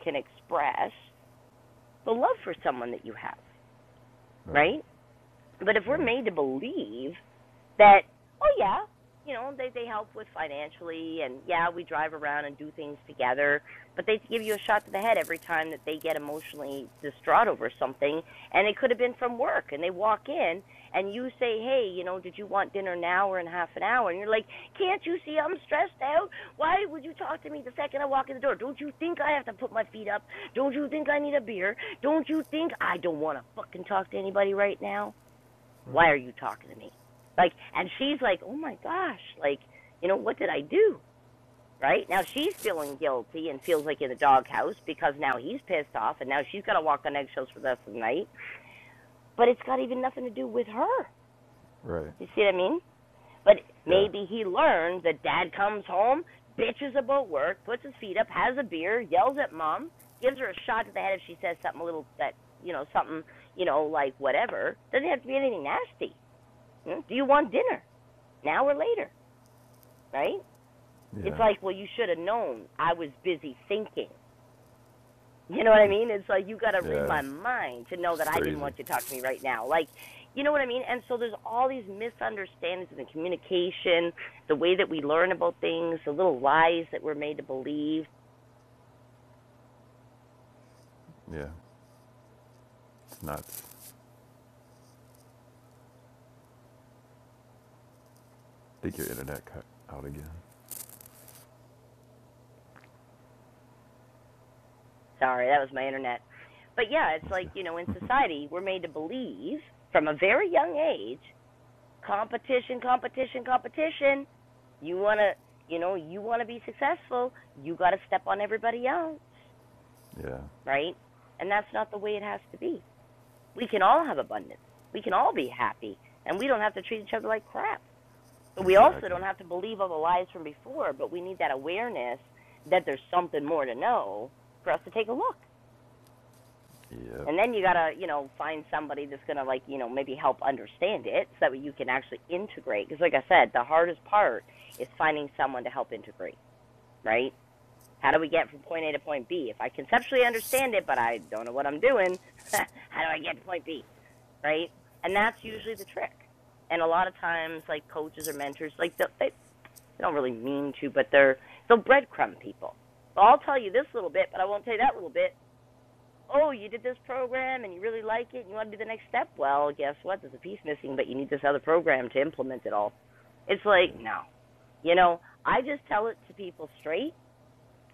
A: can express the love for someone that you have,
E: right,
A: right? But if
E: right,
A: we're made to believe that oh yeah you know they they help with financially and yeah we drive around and do things together but they give you a shot to the head every time that they get emotionally distraught over something and it could have been from work and they walk in and you say hey you know did you want dinner now or in half an hour and you're like can't you see i'm stressed out why would you talk to me the second i walk in the door don't you think i have to put my feet up don't you think i need a beer don't you think i don't want to fucking talk to anybody right now
E: right,
A: why are you talking to me? Like, and she's like, oh my gosh, like, you know, what did I do? Right now she's feeling guilty and feels like in the doghouse because now he's pissed off and now she's got to walk on eggshells for the rest of the night. But it's got even nothing to do with her.
E: right.
A: You see what I mean? But
E: Yeah,
A: maybe he learned that dad comes home, bitches about work, puts his feet up, has a beer, yells at mom, gives her a shot to the head if she says something a little that you know something you know like whatever. Doesn't have to be anything nasty. Hmm? Do you want dinner? an hour later, right? It's
E: yeah,
A: like, well, you should have known I was busy thinking. You know what I mean? It's like you got to read
E: yeah.
A: my mind to know that
E: It's
A: I didn't
E: crazy.
A: want you to talk to me right now. Like, you know what I mean? And so there's all these misunderstandings in the communication, the way that we learn about things, the little lies that we're made to believe.
E: Yeah, it's nuts. I think your internet cut out again.
A: Sorry, that was my internet. But yeah, it's
E: That's good.
A: like, you know, in society, we're made to believe from a very young age competition, competition, competition. You want to, you know, you want to be successful, you got to step on everybody else,
E: Yeah,
A: right? And that's not the way it has to be. We can all have abundance. We can all be happy, and we don't have to treat each other like crap. But we also
E: exactly.
A: don't have to believe all the lies from before, but we need that awareness that there's something more to know for us to take a look.
E: Yep.
A: And then you gotta, you know, find somebody that's gonna like, you know, maybe help understand it so that you can actually integrate. Because like I said, the hardest part is finding someone to help integrate, right? How do we get from point A to point B? If I conceptually understand it, but I don't know what I'm doing, how do I get to point B, right? And that's
E: Yeah.
A: usually the trick. And a lot of times, like coaches or mentors, like they, they they don't really mean to, but they're they'll breadcrumb people. Well, I'll tell you this little bit, but I won't tell you that little bit oh, you did this program and you really like it and you want to do the next step. Well, guess what? There's a piece missing, but you need this other program to implement it all. It's
E: Yeah.
A: like, no. You know, I just tell it to people straight.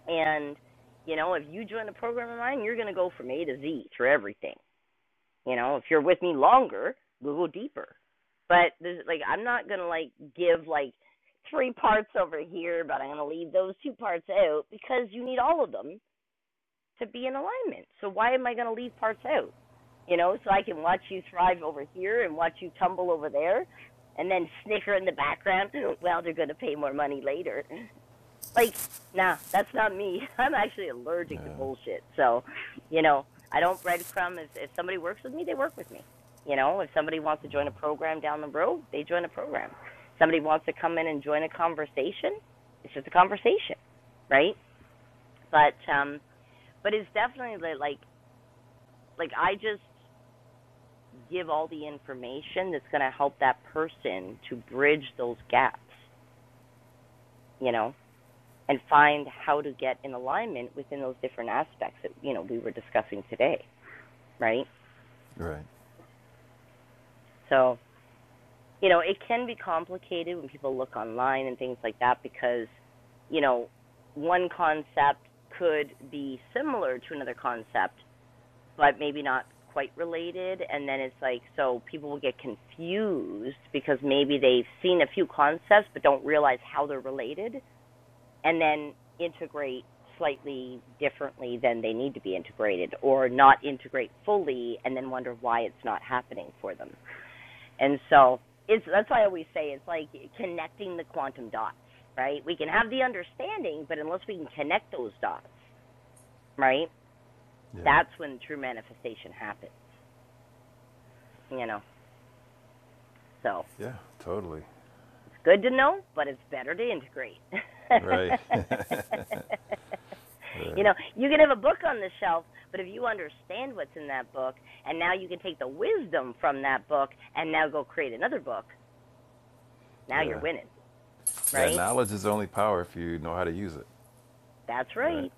A: And, you know, if you join a program of mine, you're going to go from A to Z through everything. You know, if you're with me longer, we'll go deeper. But there's like, I'm not going to like give like three parts over here, but I'm going to leave those two parts out because you need all of them to be in alignment. So why am I going to leave parts out? You know, so I can watch you thrive over here and watch you tumble over there and then snicker in the background, well, they're going to pay more money later. Like, nah, that's not me. I'm actually allergic to bullshit. So, you know, I don't breadcrumb. If, if somebody works with me, they work with me. You know, if somebody wants to join a program down the road, they join a program. Somebody wants to come in and join a conversation, it's just a conversation, right? But um, but it's definitely like like I just give all the information that's going to help that person to bridge those gaps, you know, and find how to get in alignment within those different aspects that, you know, we were discussing today, right?
E: Right.
A: So, you know, it can be complicated when people look online and things like that because, you know, one concept could be similar to another concept, but maybe not quite related and then it's like so people will get confused because maybe they've seen a few concepts but don't realize how they're related and then integrate slightly differently than they need to be integrated or not integrate fully and then wonder why it's not happening for them. And so it's that's why I always say it's like connecting the quantum dots, right? We can have the understanding, but unless we can connect those dots, right?
E: Yeah.
A: That's when true manifestation happens, you know. So
E: Yeah. Totally.
A: it's good to know, but it's better to integrate.
E: Right.
A: you
E: Right.
A: know, you can have a book on the shelf, but if you understand what's in that book, and now you can take the wisdom from that book and now go create another book, now you're
E: Yeah.
A: winning,
E: Yeah.
A: right?
E: Knowledge is only power if you know how to use it.
A: That's
E: Right.
A: right.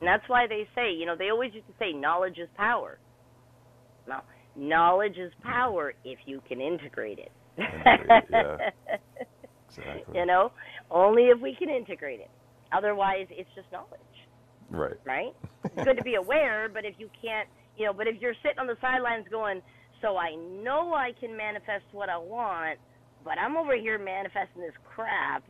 A: And that's why they say, you know, they always used to say knowledge is power. No, knowledge is power if you can integrate it.
E: Integrate it. Yeah. Exactly.
A: you know, only if we can integrate it. Otherwise, it's just knowledge,
E: Right.
A: right? It's good to be aware, but if you can't, you know, but if you're sitting on the sidelines going, so I know I can manifest what I want, but I'm over here manifesting this crap.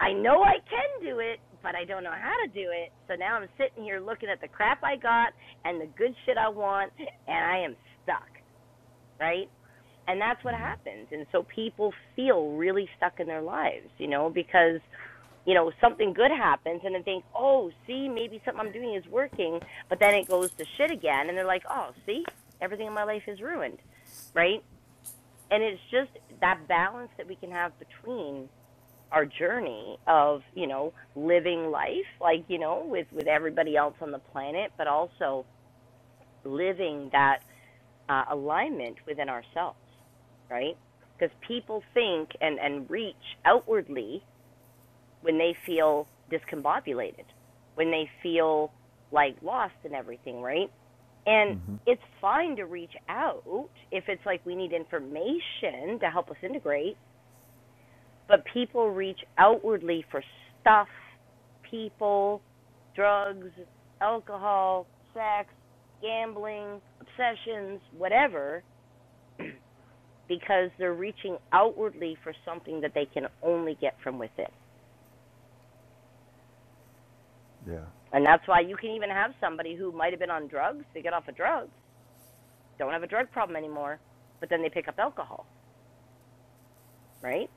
A: I know I can do it, but I don't know how to do it. So now I'm sitting here looking at the crap I got and the good shit I want, and I am stuck right? And that's what happens. And so people feel really stuck in their lives, you know, because, you know, something good happens and they think, oh, see, maybe something I'm doing is working. But then it goes to shit again. And they're like, oh, see, everything in my life is ruined, right? And it's just that balance that we can have between our journey of, you know, living life, like, you know, with, with everybody else on the planet, but also living that uh, alignment within ourselves, right? Because people think and, and reach outwardly when they feel discombobulated, when they feel like lost and everything, right? And
E: hmm
A: it's fine to reach out if it's like we need information to help us integrate, but people reach outwardly for stuff, people, drugs, alcohol, sex, gambling, obsessions, whatever. because they're reaching outwardly for something that they can only get from within.
E: Yeah.
A: And that's why you can even have somebody who might have been on drugs, they get off of drugs, don't have a drug problem anymore, but then they pick up alcohol, right?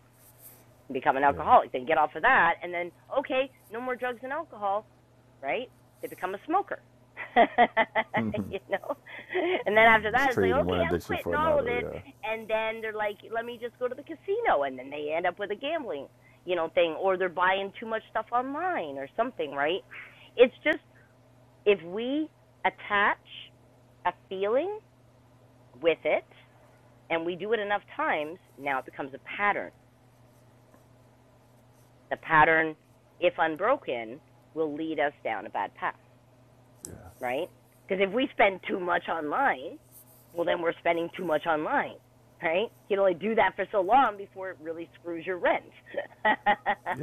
A: become an
E: Yeah.
A: alcoholic. They get off of that and then, okay, no more drugs and alcohol. right? They become a smoker. you know? And then after that,
E: Just
A: it's like,
E: trading
A: okay,
E: one
A: I'm
E: addiction
A: quitting
E: for
A: all of it.
E: another.
A: And then they're like, let me just go to the casino. And then they end up with a gambling, you know, thing, or they're buying too much stuff online or something, right? It's just if we attach a feeling with it and we do it enough times, now it becomes a pattern. The pattern, if unbroken, will lead us down a bad path.
E: Yeah. Yeah.
A: right? Because if we spend too much online, well, then we're spending too much online, right? You can only do that for so long before it really screws your rent,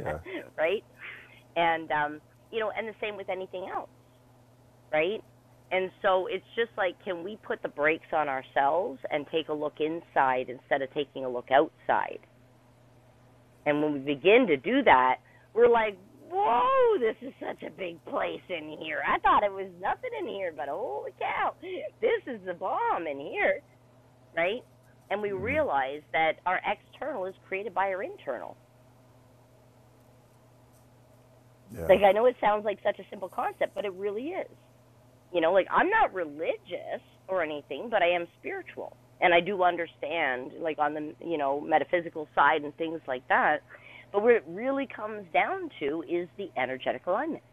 E: Yeah.
A: right? And um, you know, and the same with anything else, right? And so it's just like, can we put the brakes on ourselves and take a look inside instead of taking a look outside? And when we begin to do that, we're like, whoa, this is such a big place in here. I thought it was nothing in here, but holy cow, this is the bomb in here, right? And we realize that our external is created by our internal.
E: Yeah.
A: Like, I know it sounds like such a simple concept, but it really is. You know, like I'm not religious or anything, but I am spiritual. And I do understand like on the, you know, metaphysical side and things like that. But what it really comes down to is the energetic alignment,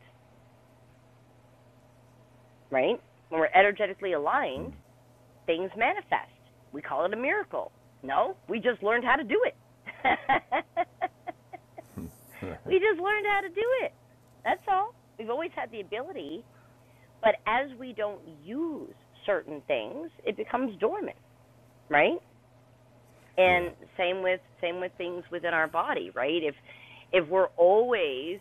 A: right? When we're energetically
E: Mm.
A: aligned, things manifest. We call it a miracle. No, we just learned how to do it.
E: Right.
A: we just learned how to do it. That's all. We've always had the ability, but as we don't use certain things, it becomes dormant. right?
E: Yeah.
A: And same with same with things within our body, right? If if we're always,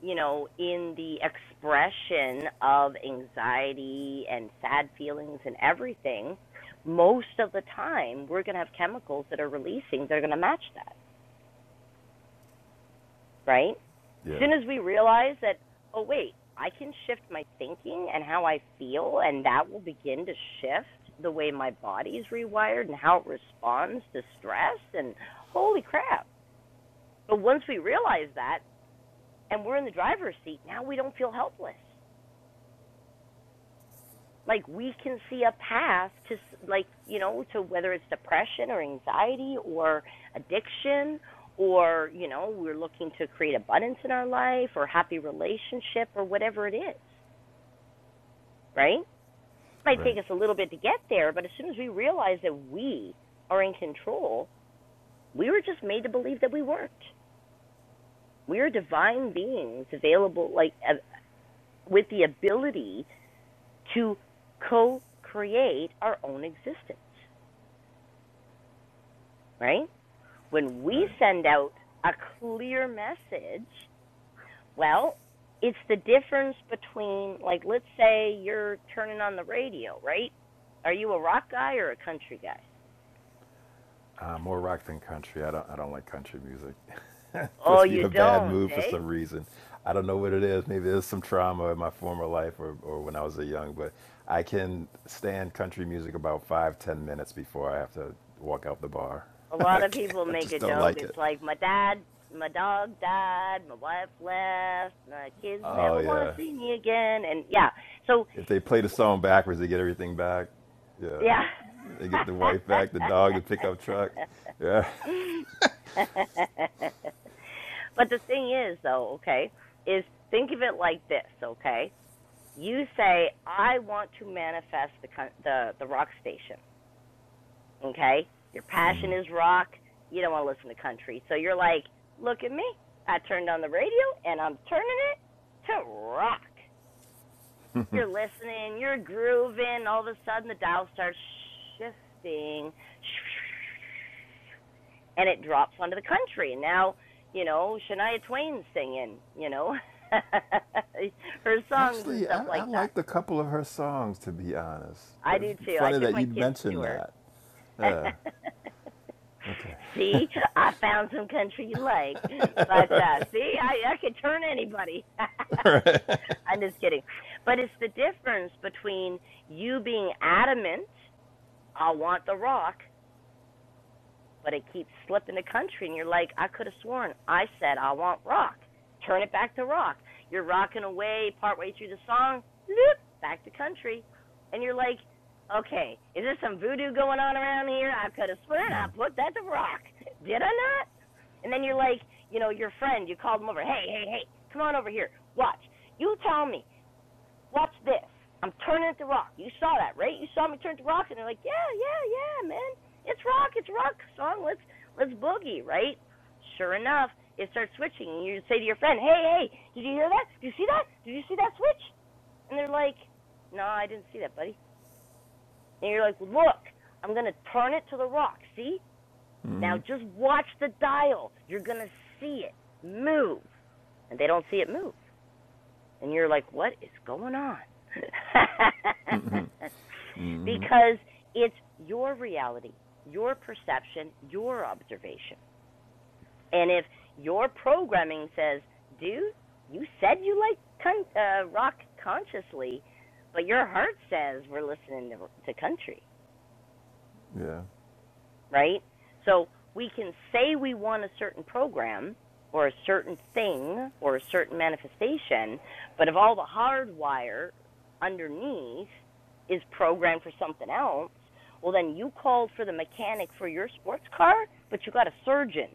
A: you know, in the expression of anxiety and sad feelings and everything, most of the time we're going to have chemicals that are releasing that are going to match that. right? As
E: Yeah.
A: Soon as we realize that, oh, wait, I can shift my thinking and how I feel, and that will begin to shift the way my body's rewired and how it responds to stress. And holy crap. But once we realize that and we're in the driver's seat, now we don't feel helpless. like we can see a path to like you know to whether it's depression or anxiety or addiction or you know we're looking to create abundance in our life or happy relationship or whatever it is right It might
E: Right.
A: take us a little bit to get there but as soon as we realize that we are in control we were just made to believe that we weren't we are divine beings available like uh, with the ability to co-create our own existence right When we
E: Right.
A: send out a clear message, well, it's the difference between, like, let's say you're turning on the radio, right? Are you a rock guy or a country guy?
E: Uh, more rock than country. I don't. I don't like country music.
A: Oh,
E: Puts me
A: you
E: in a bad
A: don't,
E: mood for
A: eh?
E: some reason. I don't know what it is. Maybe there's some trauma in my former life or, or when I was a young. But I can stand country music about five, ten minutes before I have to walk out the bar.
A: A lot
E: I
A: of
E: can't.
A: people
E: I
A: make
E: just
A: a
E: don't
A: joke.
E: like it.
A: It's like my dad, my dog died, my wife left, my kids
E: Oh
A: never want
E: yeah.
A: to see me again, and yeah. So,
E: If they
A: w-
E: play the
A: w-
E: song backwards, they get everything back. Yeah.
A: yeah.
E: They get the wife back, the dog, the pickup truck. Yeah.
A: but the thing is, though, okay, is think of it like this, okay? You say, I want to manifest the the the rock station, okay? Your passion is rock. You don't want to listen to country, so you're like, look at me. I turned on the radio and I'm turning it to rock. You're listening, you're grooving. All of a sudden, the dial starts shifting and it drops onto the country. And now, you know, Shania Twain's singing, you know, her songs and
E: Actually,
A: stuff
E: I, I
A: like that.
E: liked a couple of her songs, to be honest.
A: I
E: That's
A: do too. I
E: funny
A: took
E: that
A: my
E: you would
A: kids to
E: mentioned
A: her.
E: that. Okay.
A: see, I found some country you like. But uh see, I I could turn anybody. I'm just kidding. But it's the difference between you being adamant, I want the rock, but it keeps slipping the country and you're like i could have sworn i said i want rock turn it back to rock you're rocking away partway through the song loop, back to country and you're like okay is there some voodoo going on around here i could have sworn i put that to rock did i not and then you're like you know your friend you called him over hey hey hey come on over here watch you tell me Watch this. I'm turning it to rock. You saw that, right? You saw me turn it to rock, and they're like, yeah, yeah, yeah, man. It's rock. It's rock song. Let's let's boogie, right? Sure enough, it starts switching. And you say to your friend, hey, hey, did you hear that? Did you see that? Did you see that switch? And they're like, no, I didn't see that, buddy. And you're like, look, I'm gonna turn it to the rock. See? Now just watch the dial. You're gonna see it move, and they don't see it move and you're like, what is going on? because it's your reality, your perception, your observation. And if your programming says, dude, you said you like con- uh, rock consciously, but your heart says we're listening to, to country.
E: Yeah.
A: right? So we can say we want a certain program or a certain thing or a certain manifestation, but if all the hardwire underneath is programmed for something else, well, then you called for the mechanic for your sports car, but you got a surgeon,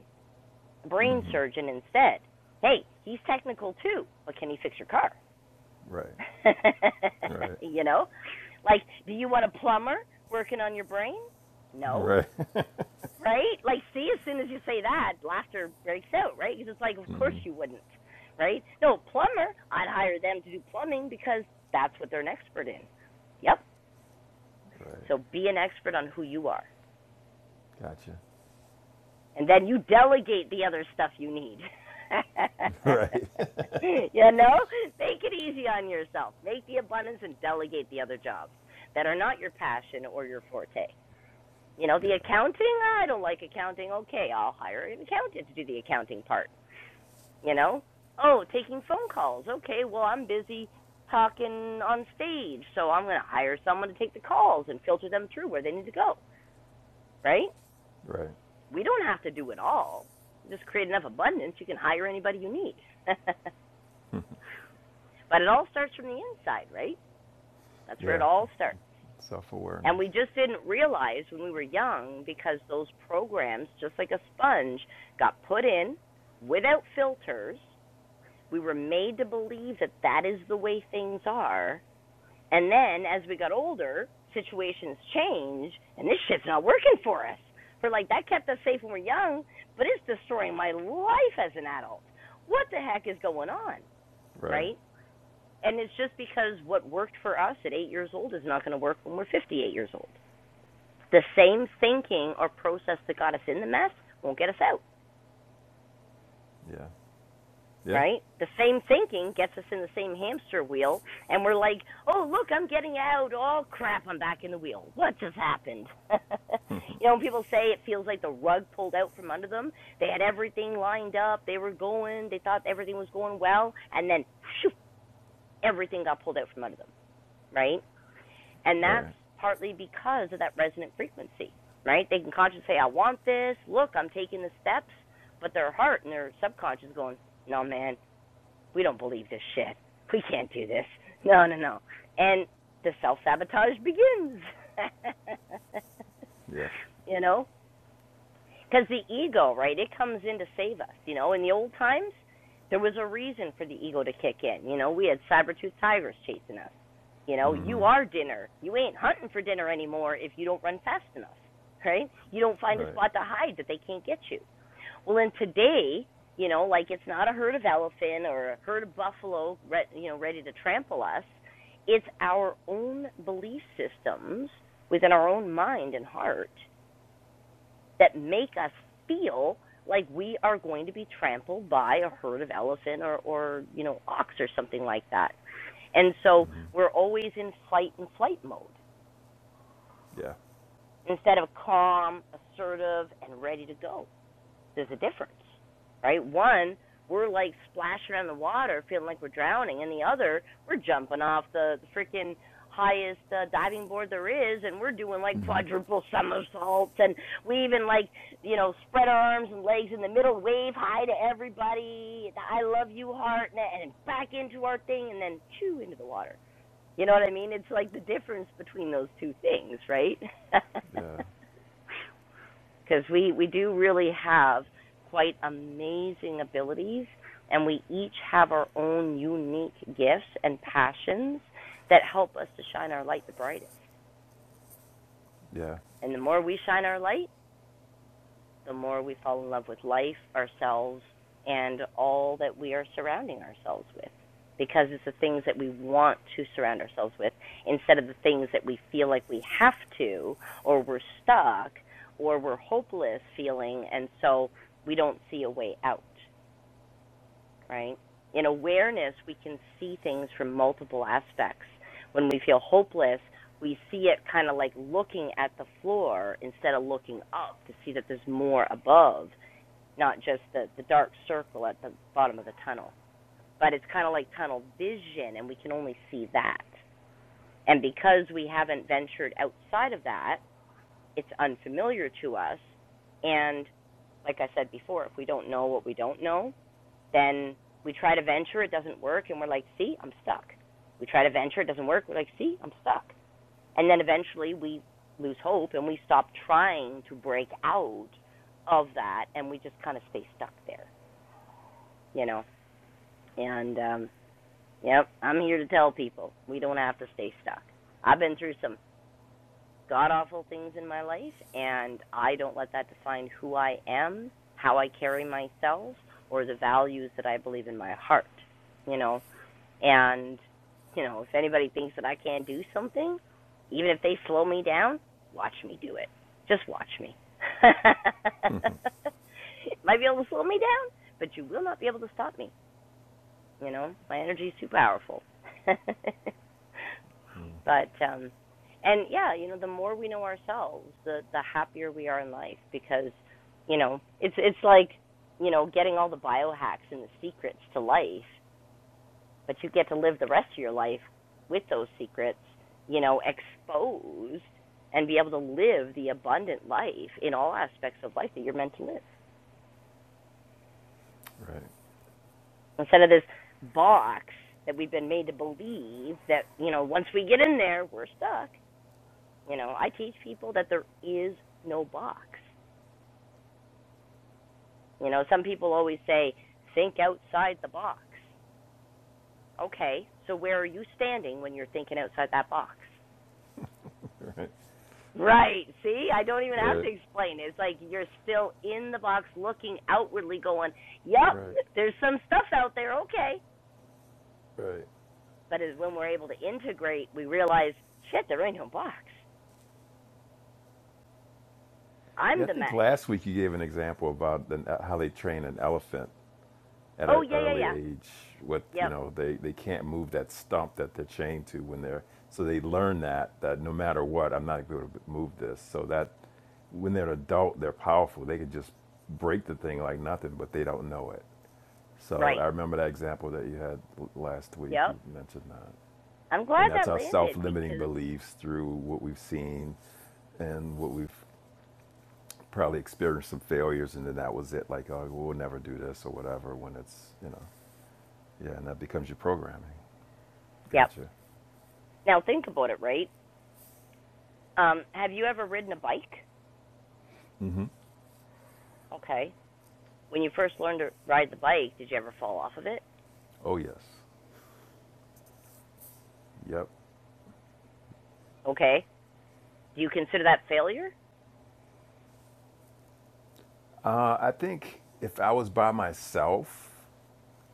A: a brain surgeon instead. Hey, he's technical too, but can he fix your car?
E: Right. Right.
A: you know? Like, do you want a plumber working on your brain? No
E: Right.
A: right? Like, see, as soon as you say that, laughter breaks out, right? Because it's like, of
E: mm
A: course
E: hmm
A: you wouldn't, right? No, plumber, I'd hire them to do plumbing because that's what they're an expert in. Yep. So
E: Right.
A: be an expert on who you are,
E: Gotcha.
A: and then you delegate the other stuff you need.
E: Right.
A: you know, make it easy on yourself. Make the abundance and delegate the other jobs that are not your passion or your forte. You know, the
E: yeah.
A: accounting, I don't like accounting. Okay, I'll hire an accountant to do the accounting part. You know? Oh, taking phone calls. Okay, well, I'm busy talking on stage, so I'm going to hire someone to take the calls and filter them through where they need to go, right?
E: Right.
A: We don't have to do it all. Just create enough abundance, you can hire anybody you need. but it all starts from the inside, right? That's where it
E: Yeah.
A: all starts.
E: Self
A: And
E: awareness.
A: we just didn't realize when we were young because those programs, just like a sponge, got put in without filters. We were made to believe that that is the way things are. And then as we got older, situations change, and this shit's not working for us. We're like, that kept us safe when we we're young, but it's destroying my life as an adult. What the heck is going on?
E: Right.
A: Right? And it's just because what worked for us at eight years old is not going to work when we're 58 years old. The same thinking or process that got us in the mess won't get us out.
E: Yeah. Yeah.
A: right? The same thinking gets us in the same hamster wheel, and we're like, oh, look, I'm getting out. Oh, crap, I'm back in the wheel. What just happened? you know, when people say it feels like the rug pulled out from under them, they had everything lined up, they were going, they thought everything was going well, and then shoo, everything got pulled out from under them, right? And that's
E: Right.
A: partly because of that resonant frequency, right? They can consciously say, I want this, look, I'm taking the steps, but their heart and their subconscious going, no, man, we don't believe this shit. We can't do this. No, no, no. And the self sabotage begins.
E: Yeah.
A: you know, because the ego, right? It comes in to save us. You know, in the old times, there was a reason for the ego to kick in. You know, we had saber-toothed tigers chasing us. You know,
E: mm hmm
A: you are dinner. You ain't hunting for dinner anymore if you don't run fast enough, right? You don't find a
E: Right.
A: spot to hide that they can't get you. Well, in today, you know, like it's not a herd of elephant or a herd of buffalo, you know, ready to trample us. It's our own belief systems within our own mind and heart– that make us feel like we are going to be trampled by a herd of elephant or, or you know ox or something like that and
E: mm
A: so
E: hmm
A: we're always in fight and flight mode
E: Yeah.
A: instead of calm assertive and ready to go there's a difference, right? One, we're like splashing around the water, feeling like we're drowning, and the other, we're jumping off the, the freaking highest uh, diving board there is, and we're doing like
E: mm hmm
A: quadruple somersaults, and we even like you know spread our arms and legs in the middle, wave hi to everybody, the I love you heart, and, and back into our thing, and then chew into the water. You know what I mean? It's like the difference between those two things, right?
E: Yeah.
A: because we we do really have quite amazing abilities and we each have our own unique gifts and passions that help us to shine our light the brightest
E: Yeah.
A: and the more we shine our light the more we fall in love with life, ourselves, and all that we are surrounding ourselves with. Because it's the things that we want to surround ourselves with instead of the things that we feel like we have to, or we're stuck, or we're hopeless feeling, and so we don't see a way out, right? In awareness, we can see things from multiple aspects. When we feel hopeless, we see it kind of like looking at the floor instead of looking up to see that there's more above not just the the dark circle at the bottom of the tunnel. But it's kind of like tunnel vision, and we can only see that. And because we haven't ventured outside of that, it's unfamiliar to us. And like I said before, if we don't know what we don't know, then we try to venture, it doesn't work, and we're like, see, I'm stuck. We try to venture, it doesn't work, we're like, see, I'm stuck. And then eventually we lose hope and we stop trying to break out of that and we just kind of stay stuck there, you know? And um yep, I'm here to tell people we don't have to stay stuck. I've been through some god awful things in my life and I don't let that define who I am, how I carry myself, or the values that I believe in my heart, you know. And you know, if anybody thinks that I can't do something, even if they slow me down, watch me do it. Just watch me. Might be able to slow me down, but you will not be able to stop me. You know, my energy is too powerful. but um and yeah, you know, the more we know ourselves, the the happier we are in life because, you know, it's it's like, you know, getting all the biohacks and the secrets to life, but you get to live the rest of your life with those secrets, you know, exposed and be able to live the abundant life in all aspects of life that you're meant to live.
E: Right.
A: Instead of this box that we've been made to believe that, you know, once we get in there, we're stuck. You know, I teach people that there is no box. You know, some people always say, think outside the box. Okay, so where are you standing when you're thinking outside that box?
E: Right.
A: Right. See, I don't even have to
E: Right.
A: explain. It's like you're still in the box looking outwardly, going, yep,
E: Right.
A: there's some stuff out there. Okay.
E: Right.
A: But as when we're able to integrate, we realize, shit, there ain't no box. I'm
E: Yeah, I
A: the
E: think
A: magic.
E: last week you gave an example about the, how they train an elephant at
A: Oh,
E: an
A: yeah, yeah,
E: early
A: yeah.
E: age. With you
A: Yep.
E: know, they, they can't move that stump that they're chained to when they're so they learn that that no matter what, I'm not going to move this. So that when they're an adult, they're powerful. They can just break the thing like nothing, but they don't know it. So
A: Right.
E: I remember that example that you had last week.
A: Yep.
E: You mentioned that,
A: I'm glad
E: and that's
A: that
E: our
A: landed
E: self-limiting
A: because,
E: beliefs through what we've seen and what we've probably experienced some failures and then that was it like oh we'll never do this or whatever when it's you know yeah and that becomes your programming
A: yep.
E: gotcha
A: Now think about it, right? Um, have you ever ridden a bike? Okay. When you first learned to ride the bike, did you ever fall off of it?
E: oh yes yep
A: Okay. Do you consider that failure?
E: uh, i think if i was by myself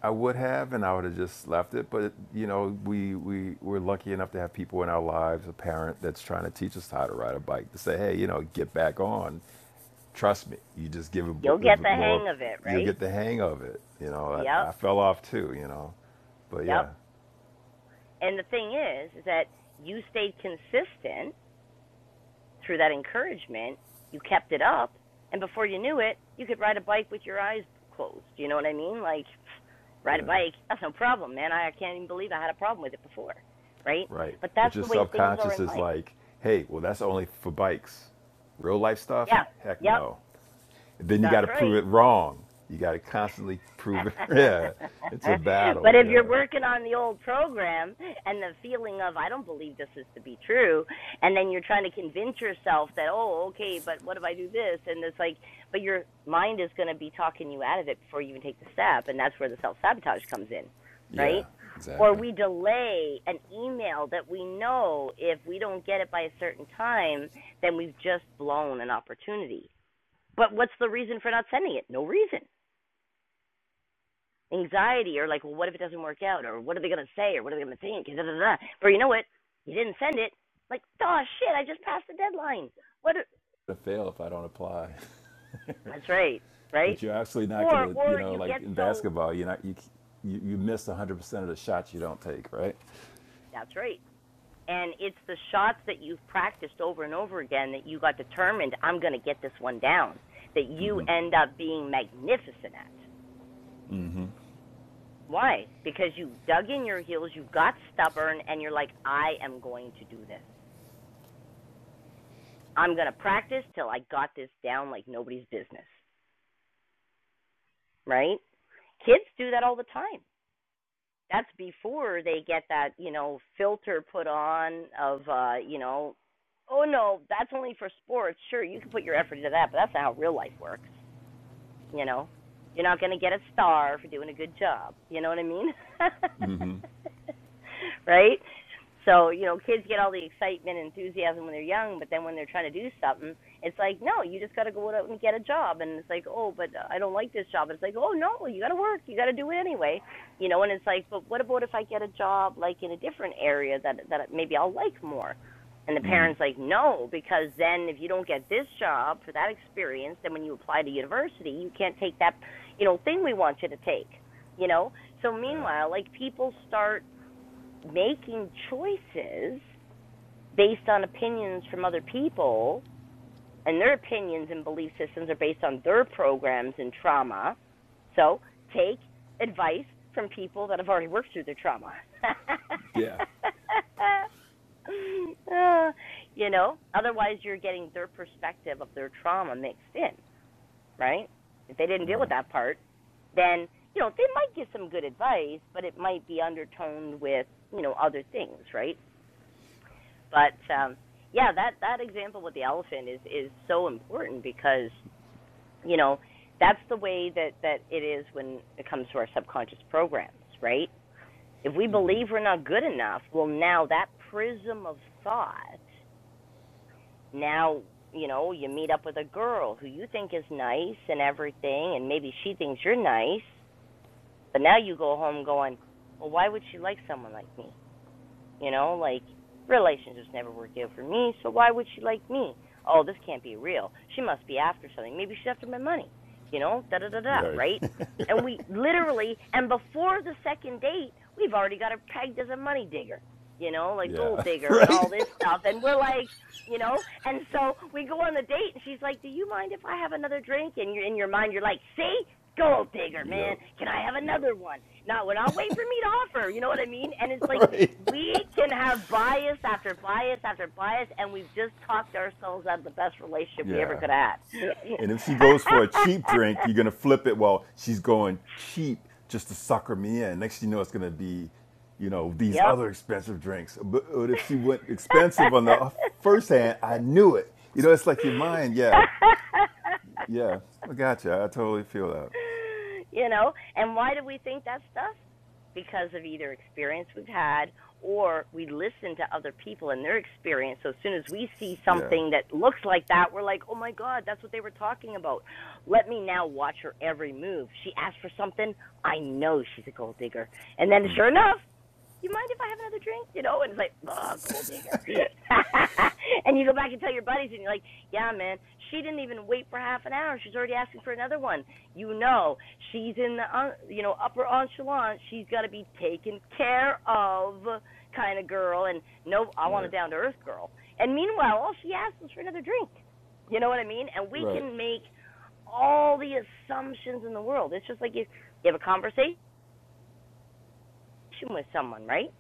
E: i would have and i would have just left it but you know we we we're lucky enough to have people in our lives a parent that's trying to teach us how to ride a bike to say hey you know get back on trust me you just give it,
A: You'll get the
E: more
A: hang of it,
E: you'll
A: right?
E: get the hang of it you know
A: Yep.
E: I, I fell off too you know but
A: Yep.
E: yeah
A: And the thing is, is that you stayed consistent through that encouragement. You kept it up, and before you knew it, you could ride a bike with your eyes closed. Do you know what I mean? Like ride a
E: Yeah,
A: bike, that's no problem, man. I, I can't even believe I had a problem with it before, right?
E: right.
A: But that's
E: But your
A: the way things are
E: subconscious
A: in
E: is
A: life.
E: like, hey, well, that's only for bikes. Real life stuff?
A: Yeah.
E: Heck
A: Yep.
E: no. And then you got
A: That's
E: to prove
A: right.
E: it wrong. You got to constantly prove it. yeah, it's a
A: but
E: battle.
A: if
E: Yeah,
A: you're working on the old program and the feeling of I don't believe this is to be true, and then you're trying to convince yourself that oh okay, but what if I do this? And it's like, but your mind is going to be talking you out of it before you even take the step, and that's where the self sabotage comes in, right?
E: Yeah,
A: Or
E: exactly.
A: we delay an email that we know if we don't get it by a certain time, then we've just blown an opportunity. But what's the reason for not sending it? No reason anxiety or like, well, what if it doesn't work out or what are they gonna say or what are they gonna think? Da, da, da. But you know what? You didn't send it. Like, oh shit, I just passed the deadline. What? a-
E: To fail if I don't apply.
A: That's right, right?
E: but you're actually not going
A: Or
E: to, you
A: or
E: know,
A: you get
E: like in
A: so
E: basketball, you're not you you, you miss 100% of the shots you don't take, right?
A: that's right. And it's the shots that you've practiced over and over again that you got determined, I'm going to get this one down, that you end up being magnificent at. Why? Because you dug in your heels, you got stubborn, and you're like, I am going to do this. I'm going to practice till I got this down like nobody's business, right? Kids do that all the time. That's before they get that, you know, filter put on of, uh, you know, oh no, that's only for sports. Sure, you can put your effort into that, but that's not how real life works. You know, you're not going to get a star for doing a good job. You know what I mean? right? So, you know, kids get all the excitement and enthusiasm when they're young, but then when they're trying to do something, it's like, no, you just got to go out and get a job. And it's like, oh, but I don't like this job. And It's like, oh, no, you got to work. You got to do it anyway. You know, and it's like, but what about if I get a job like in a different area that that maybe I'll like more? And the
E: Mm.
A: parents like, no, because then if you don't get this job for that experience, then when you apply to university, you can't take that, you know, thing we want you to take, you know? So
E: Yeah.
A: meanwhile, like people start making choices based on opinions from other people, and their opinions and belief systems are based on their programs and trauma. So take advice from people that have already worked through their trauma.
E: Yeah.
A: uh, you know, otherwise you're getting their perspective of their trauma mixed in, right? If they didn't deal
E: Right.
A: with that part, then you know they might give some good advice, but it might be undertoned with you know other things, right? But um, yeah, that that example with the elephant is is so important because you know that's the way that that it is when it comes to our subconscious programs, right? If we believe we're not good enough, well now that prism of thought now you know you meet up with a girl who you think is nice and everything and maybe she thinks you're nice but now you go home going well why would she like someone like me you know, like relationships never worked out for me, so why would she like me? Oh, this can't be real. She must be after something. Maybe she's after my money. You know, da da da da,
E: yeah.
A: right? And we literally, and before the second date, we've already got her pegged as a money digger. You know, like gold
E: Yeah.
A: digger and
E: right.
A: all this stuff. And we're like, you know. And so we go on the date, and she's like, "Do you mind if I have another drink?" And you're in your mind, you're like, "See, gold digger, man.
E: yep.
A: Can I have
E: Yep.
A: another one? Not when I'll wait for me to offer. You know what I mean? And it's like
E: right?
A: we can have bias after bias after bias, and we've just talked ourselves out of the best relationship we ever
E: Yeah.
A: could have had.
E: And if she goes for a cheap drink, you're gonna flip it. Well, she's going cheap just to sucker me in. Next thing you know, it's gonna be, you know, these
A: yep.
E: other expensive drinks. But, but if she went expensive on the uh, first hand, I knew it. You know, it's like your mind. Yeah, yeah. I gotcha. I totally feel that.
A: you know, and why do we think that stuff? Because of either experience we've had or we listen to other people and their experience. So as soon as we see
E: Yeah.
A: something that looks like that, we're like, oh my God, that's what they were talking about. Let me now watch her every move. She asked for something. I know she's a gold digger. And then sure enough, you mind if I have another drink? You know, and it's like, oh, gold digger. and you go back and tell your buddies, and you're like, yeah, man, she didn't even wait for half an hour. She's already asking for another one. You know, she's in the, uh, you know, upper echelon. She's got to be taken care of kind of girl. And no, I want
E: Right.
A: a down to earth girl. And meanwhile, all she asks is for another drink. You know what I mean? And we
E: Right.
A: can make all the assumptions in the world. It's just like you, you have a conversation with someone, right?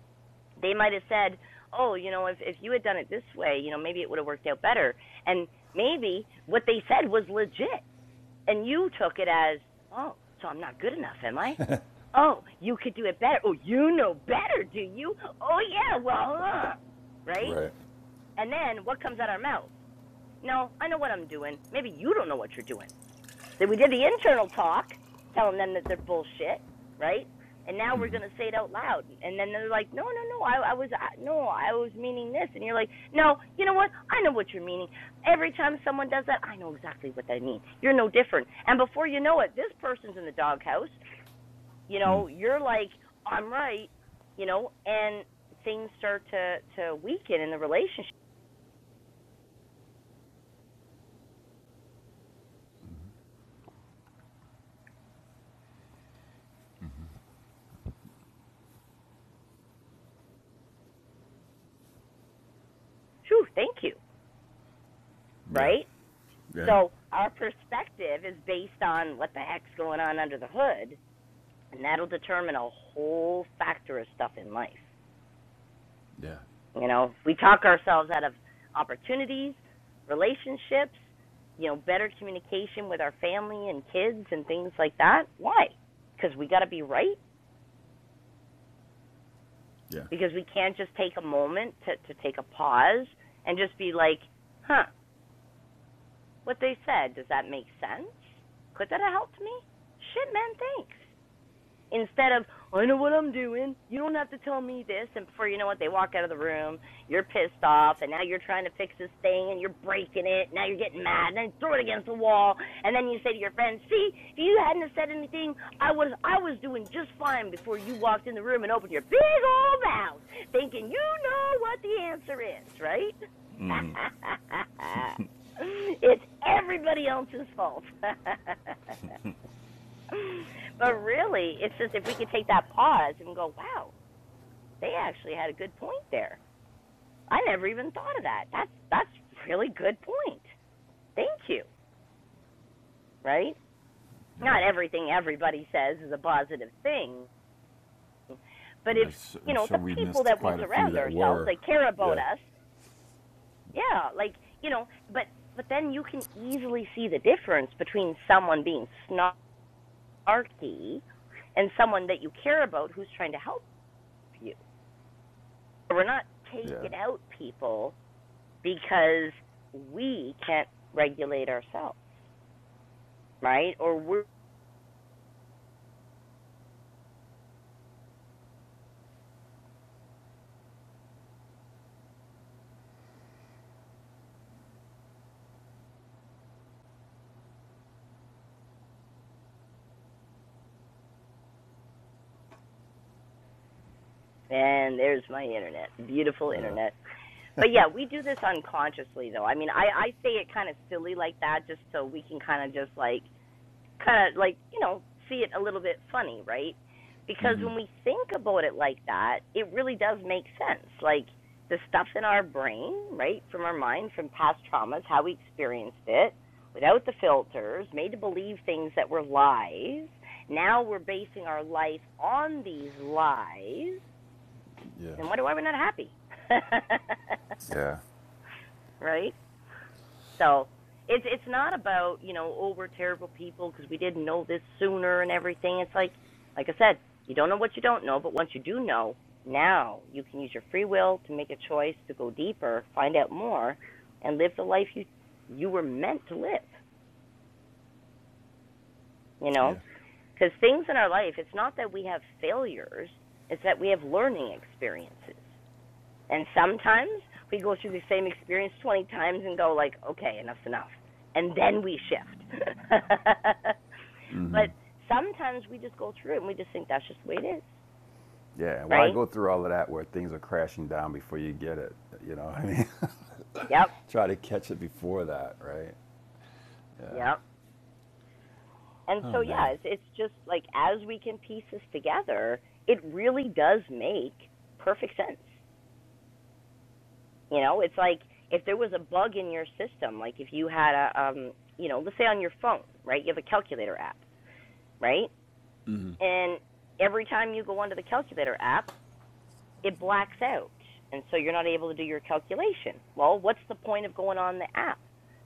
A: they might have said, "Oh, you know, if if you had done it this way, you know, maybe it would have worked out better." And maybe what they said was legit, and you took it as, "Oh, so I'm not good enough, am I?" Oh, you could do it better. Oh, you know better, do you? Oh yeah, well, uh, right?
E: Right.
A: And then what comes out our mouth? No, I know what I'm doing. Maybe you don't know what you're doing. So we did the internal talk, telling them that they're bullshit, right? And now we're gonna say it out loud, and then they're like, "No, no, no, I, I was, I, no, I was meaning this," and you're like, "No, you know what? I know what you're meaning. Every time someone does that, I know exactly what they mean. You're no different." And before you know it, this person's in the doghouse. You know, you're like, "I'm right," you know, and things start to to weaken in the relationship. Phew, thank you,
E: Yeah.
A: right?
E: Yeah.
A: So our perspective is based on what the heck's going on under the hood, and that'll determine a whole factor of stuff in life.
E: Yeah.
A: You know, if we talk ourselves out of opportunities, relationships, you know, better communication with our family and kids and things like that. Why? Because we got to be right.
E: Yeah.
A: Because we can't just take a moment to, to take a pause and just be like, huh, what they said, does that make sense? Could that have helped me? Shit, man, thanks. Instead of I know what I'm doing. You don't have to tell me this. And before you know it, they walk out of the room. You're pissed off, and now you're trying to fix this thing, and you're breaking it. Now you're getting mad, and then throw it against the wall. And then you say to your friends, "See, if you hadn't have said anything, I was I was doing just fine before you walked in the room and opened your big old mouth, thinking you know what the answer is, right?" it's everybody else's fault. but really, it's just if we could take that pause and go, wow, they actually had a good point there. I never even thought of that. That's that's really good point. Thank you. Right?
E: Yeah.
A: Not everything everybody says is a positive thing, but
E: But
A: if
E: it's
A: you know the people that we surround ourselves,
E: Her.
A: they care about
E: Yeah.
A: us. Yeah, like you know, but but then you can easily see the difference between someone being snarky and someone that you care about who's trying to help you. we're not
E: Yeah.
A: taking out people because we can't regulate ourselves, right? Or we're and there's my internet, beautiful internet. But yeah, we do this unconsciously though. I mean, I I say it kind of silly like that just so we can kind of just like kind of like you know see it a little bit funny, right? Because when we think about it like that, it really does make sense. Like the stuff in our brain, right, from our mind, from past traumas, how we experienced it, without the filters, made to believe things that were lies. Now we're basing our life on these lies.
E: Yeah.
A: and why do why we're not happy,
E: Yeah.
A: right? So it's it's not about you know oh we're terrible people because we didn't know this sooner and everything. It's like like I said, you don't know what you don't know, but once you do know, now you can use your free will to make a choice to go deeper, find out more, and live the life you you were meant to live. You know,
E: Yeah.
A: because things in our life, it's not that we have failures; it's that we have learning experiences. And sometimes we go through the same experience 20 times and go like, okay, enough's enough. And then we shift. but sometimes we just go through it and we just think that's just the way it is,
E: Yeah, why
A: right?
E: go through all of that where things are crashing down before you get it? You know what I mean?
A: Yep,
E: Try to catch it before that, right?
A: yep. And
E: Oh,
A: so
E: man.
A: yeah, it's, it's just like as we can piece this together, it really does make perfect sense. You know, it's like if there was a bug in your system, like if you had a um, you know, let's say on your phone, right? You have a calculator app, right? and every time you go onto the calculator app, it blacks out, and so you're not able to do your calculation. Well, what's the point of going on the app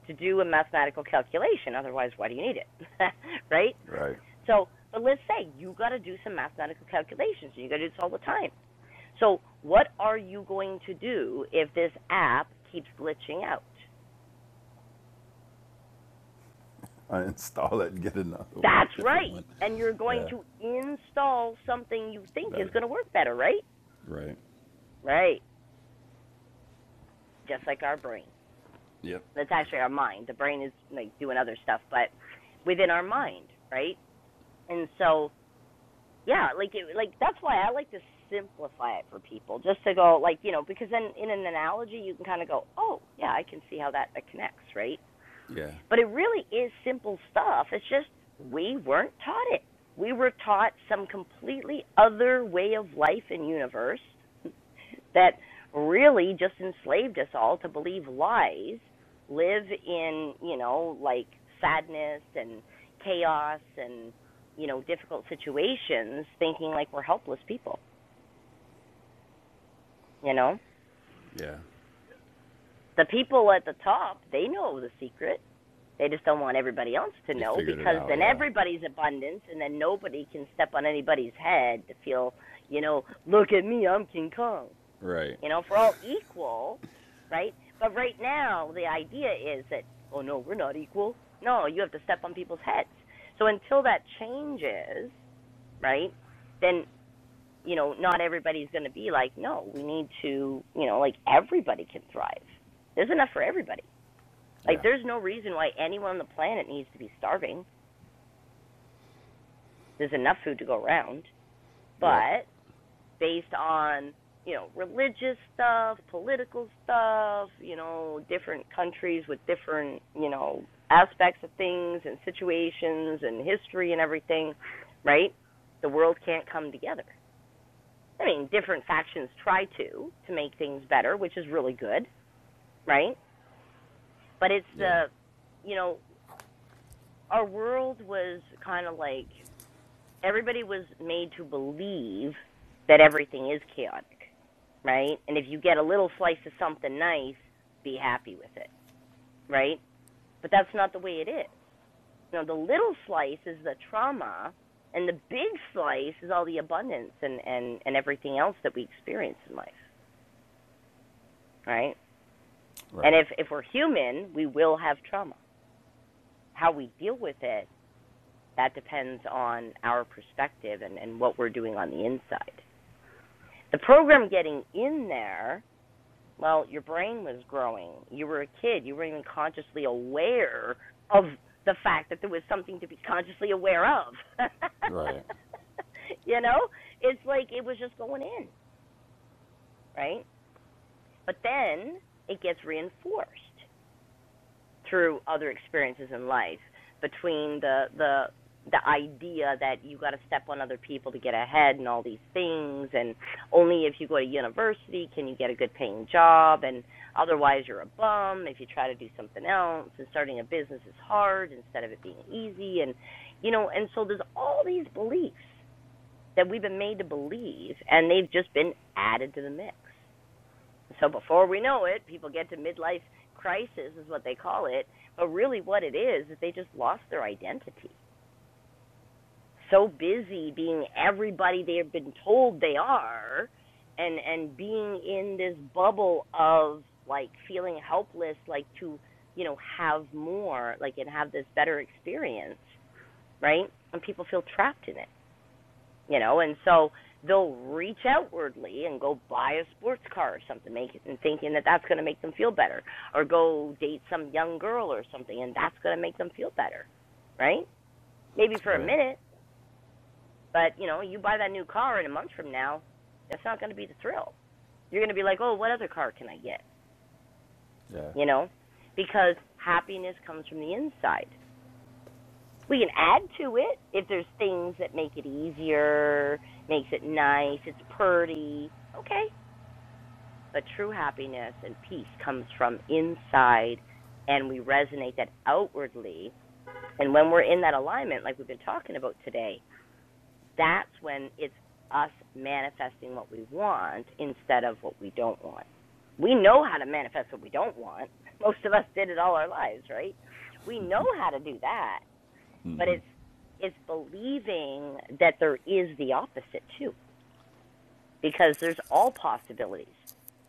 A: to do a mathematical calculation? Otherwise, why do you need it, right?
E: Right.
A: So, but let's say you got to do some mathematical calculations, and you got to do this all the time. So, what are you going to do if this app keeps glitching out?
E: Uninstall it and get another one,
A: That's
E: different
A: right.
E: one.
A: And you're going
E: Yeah,
A: to install something you think is
E: better.
A: going to work better, right?
E: Right.
A: Right. Just like our brain.
E: Yep.
A: That's actually our mind. The brain is like doing other stuff, but within our mind, right? And so, yeah, like it, like that's why I like to simplify it for people, just to go like you know, because then in an analogy you can kind of go, oh yeah, I can see how that, that connects, right?
E: Yeah.
A: But it really is simple stuff. It's just we weren't taught it. We were taught some completely other way of life and universe that really just enslaved us all to believe lies, live in, you know, like sadness and chaos and, you know, difficult situations, thinking like we're helpless people, you know?
E: Yeah.
A: The people at the top, they know the secret. They just don't want everybody else to
E: They
A: know
E: figured it
A: because
E: out.
A: then
E: Yeah.
A: everybody's abundance and then nobody can step on anybody's head to feel, you know, look at me, I'm King Kong.
E: Right.
A: You know, if we're all equal, right? But right now, the idea is that, oh no, we're not equal. No, you have to step on people's heads. So until that changes, right? Then you know, not everybody's going to be like, no, we need to, you know, like everybody can thrive. There's enough for everybody. Like,
E: Yeah.
A: there's no reason why anyone on the planet needs to be starving. There's enough food to go around.
E: Yep.
A: But based on you know religious stuff, political stuff, you know different countries with different you know aspects of things and situations and history and everything, right? The world can't come together. I mean, different factions try to to make things better, which is really good, right? But it's
E: Yeah.
A: the you know our world was kind of like everybody was made to believe that everything is chaotic, right? And if you get a little slice of something nice, be happy with it, right? But that's not the way it is. You know, the little slice is the trauma, and the big slice is all the abundance and and and everything else that we experience in life, right? And
E: Right.
A: if if we're human, we will have trauma. How we deal with it that depends on our perspective and and what we're doing on the inside. The program getting in there Well, your brain was growing. You were a kid. You weren't even consciously aware of the fact that there was something to be consciously aware of.
E: Right.
A: you know, it's like it was just going in, right? But then it gets reinforced through other experiences in life between the the the idea that you got to step on other people to get ahead and all these things and only if you go to university can you get a good paying job and otherwise you're a bum if you try to do something else and starting a business is hard instead of it being easy and you know and so there's all these beliefs that we've been made to believe and they've just been added to the mix so before we know it, people get to midlife crisis, is what they call it. But really, what it is, is they just lost their identity. So busy being everybody they have been told they are, and and being in this bubble of like feeling helpless, like to you know have more, like and have this better experience, right? And people feel trapped in it you know, and so they'll reach outwardly and go buy a sports car or something, make it, and thinking that that's going to make them feel better, or go date some young girl or something, and that's going to make them feel better, right? Maybe for a
E: Right.
A: minute, but you know, you buy that new car in a month from now, that's not going to be the thrill. You're going to be like, oh, what other car can I get?
E: Yeah.
A: You know, because happiness comes from the inside. We can add to it if there's things that make it easier, makes it nice, it's pretty. Okay, But true happiness and peace comes from inside, and we resonate that outwardly. And when we're in that alignment, like we've been talking about today, that's when it's us manifesting what we want instead of what we don't want. We know how to manifest what we don't want. Most of us did it all our lives, right? We know how to do that, but it's it's believing that there is the opposite too because there's all possibilities,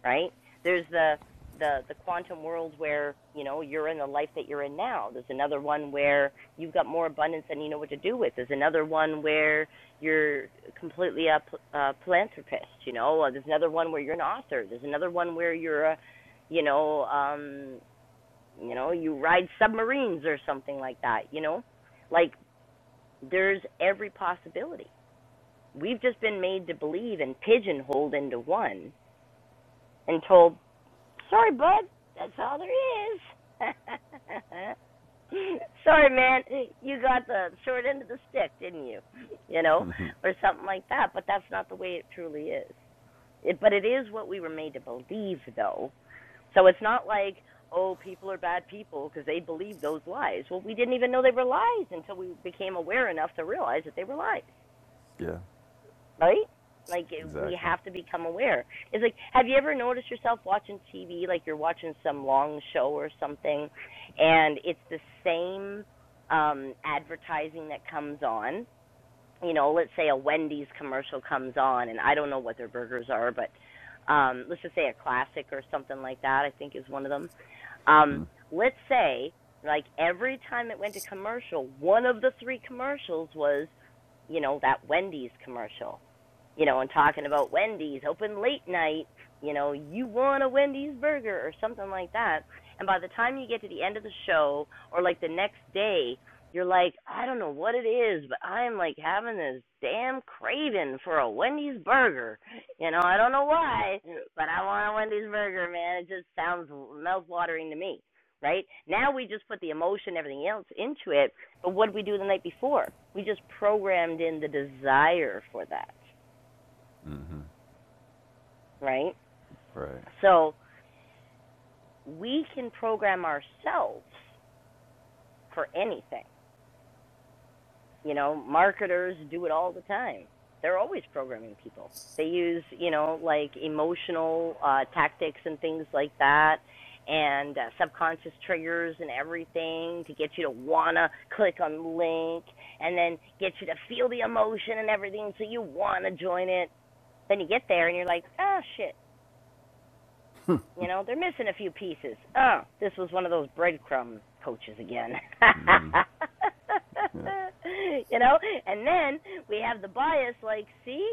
A: right? There's the the the quantum world where you know you're in the life that you're in now. There's another one where you've got more abundance than you know what to do with. There's another one where you're completely a a philanthropist. You know, Uh, there's another one where you're an author. There's another one where you're a, you know, um, you know, you ride submarines or something like that. You know, like there's every possibility. We've just been made to believe and pigeonholed into one and told, "Sorry, bud, that's all there is." Sorry, man, you got the short end of the stick, didn't you? You know, or something like that. But that's not the way it truly is. It, but it is what we were made to believe, though. So it's not like, oh, people are bad people because they believe those lies. Well, we didn't even know they were lies until we became aware enough to realize that they were lies
E: Yeah.
A: right? Like we
E: Exactly.
A: have to become aware. It's like, have you ever noticed yourself watching TV, like you're watching some long show or something, and it's the same um advertising that comes on. You know, let's say a Wendy's commercial comes on, and I don't know what their burgers are, but um let's just say a classic or something like that. I think is one of them. Um, let's say like every time it went to commercial, one of the three commercials was, you know, that Wendy's commercial you know, and talking about Wendy's open late night, you know, you want a Wendy's burger or something like that. And by the time you get to the end of the show or like the next day, you're like, I don't know what it is, but I'm like having this damn craving for a Wendy's burger. You know, I don't know why, but I want a Wendy's burger, man. It just sounds mouth-watering to me, right? Now we just put the emotion, everything else into it, but what did we do the night before? We just programmed in the desire for that right?
E: Right.
A: So we can program ourselves for anything. You know, marketers do it all the time. They're always programming people. They use, you know, like emotional uh, tactics and things like that, and uh, subconscious triggers and everything to get you to wanna click on the link, and then get you to feel the emotion and everything, so you wanna join it. Then you get there and you're like, ah, shit, You know, they're missing a few pieces. Oh, this was one of those breadcrumb coaches again.
E: Yeah.
A: you know, and then we have the bias like, see,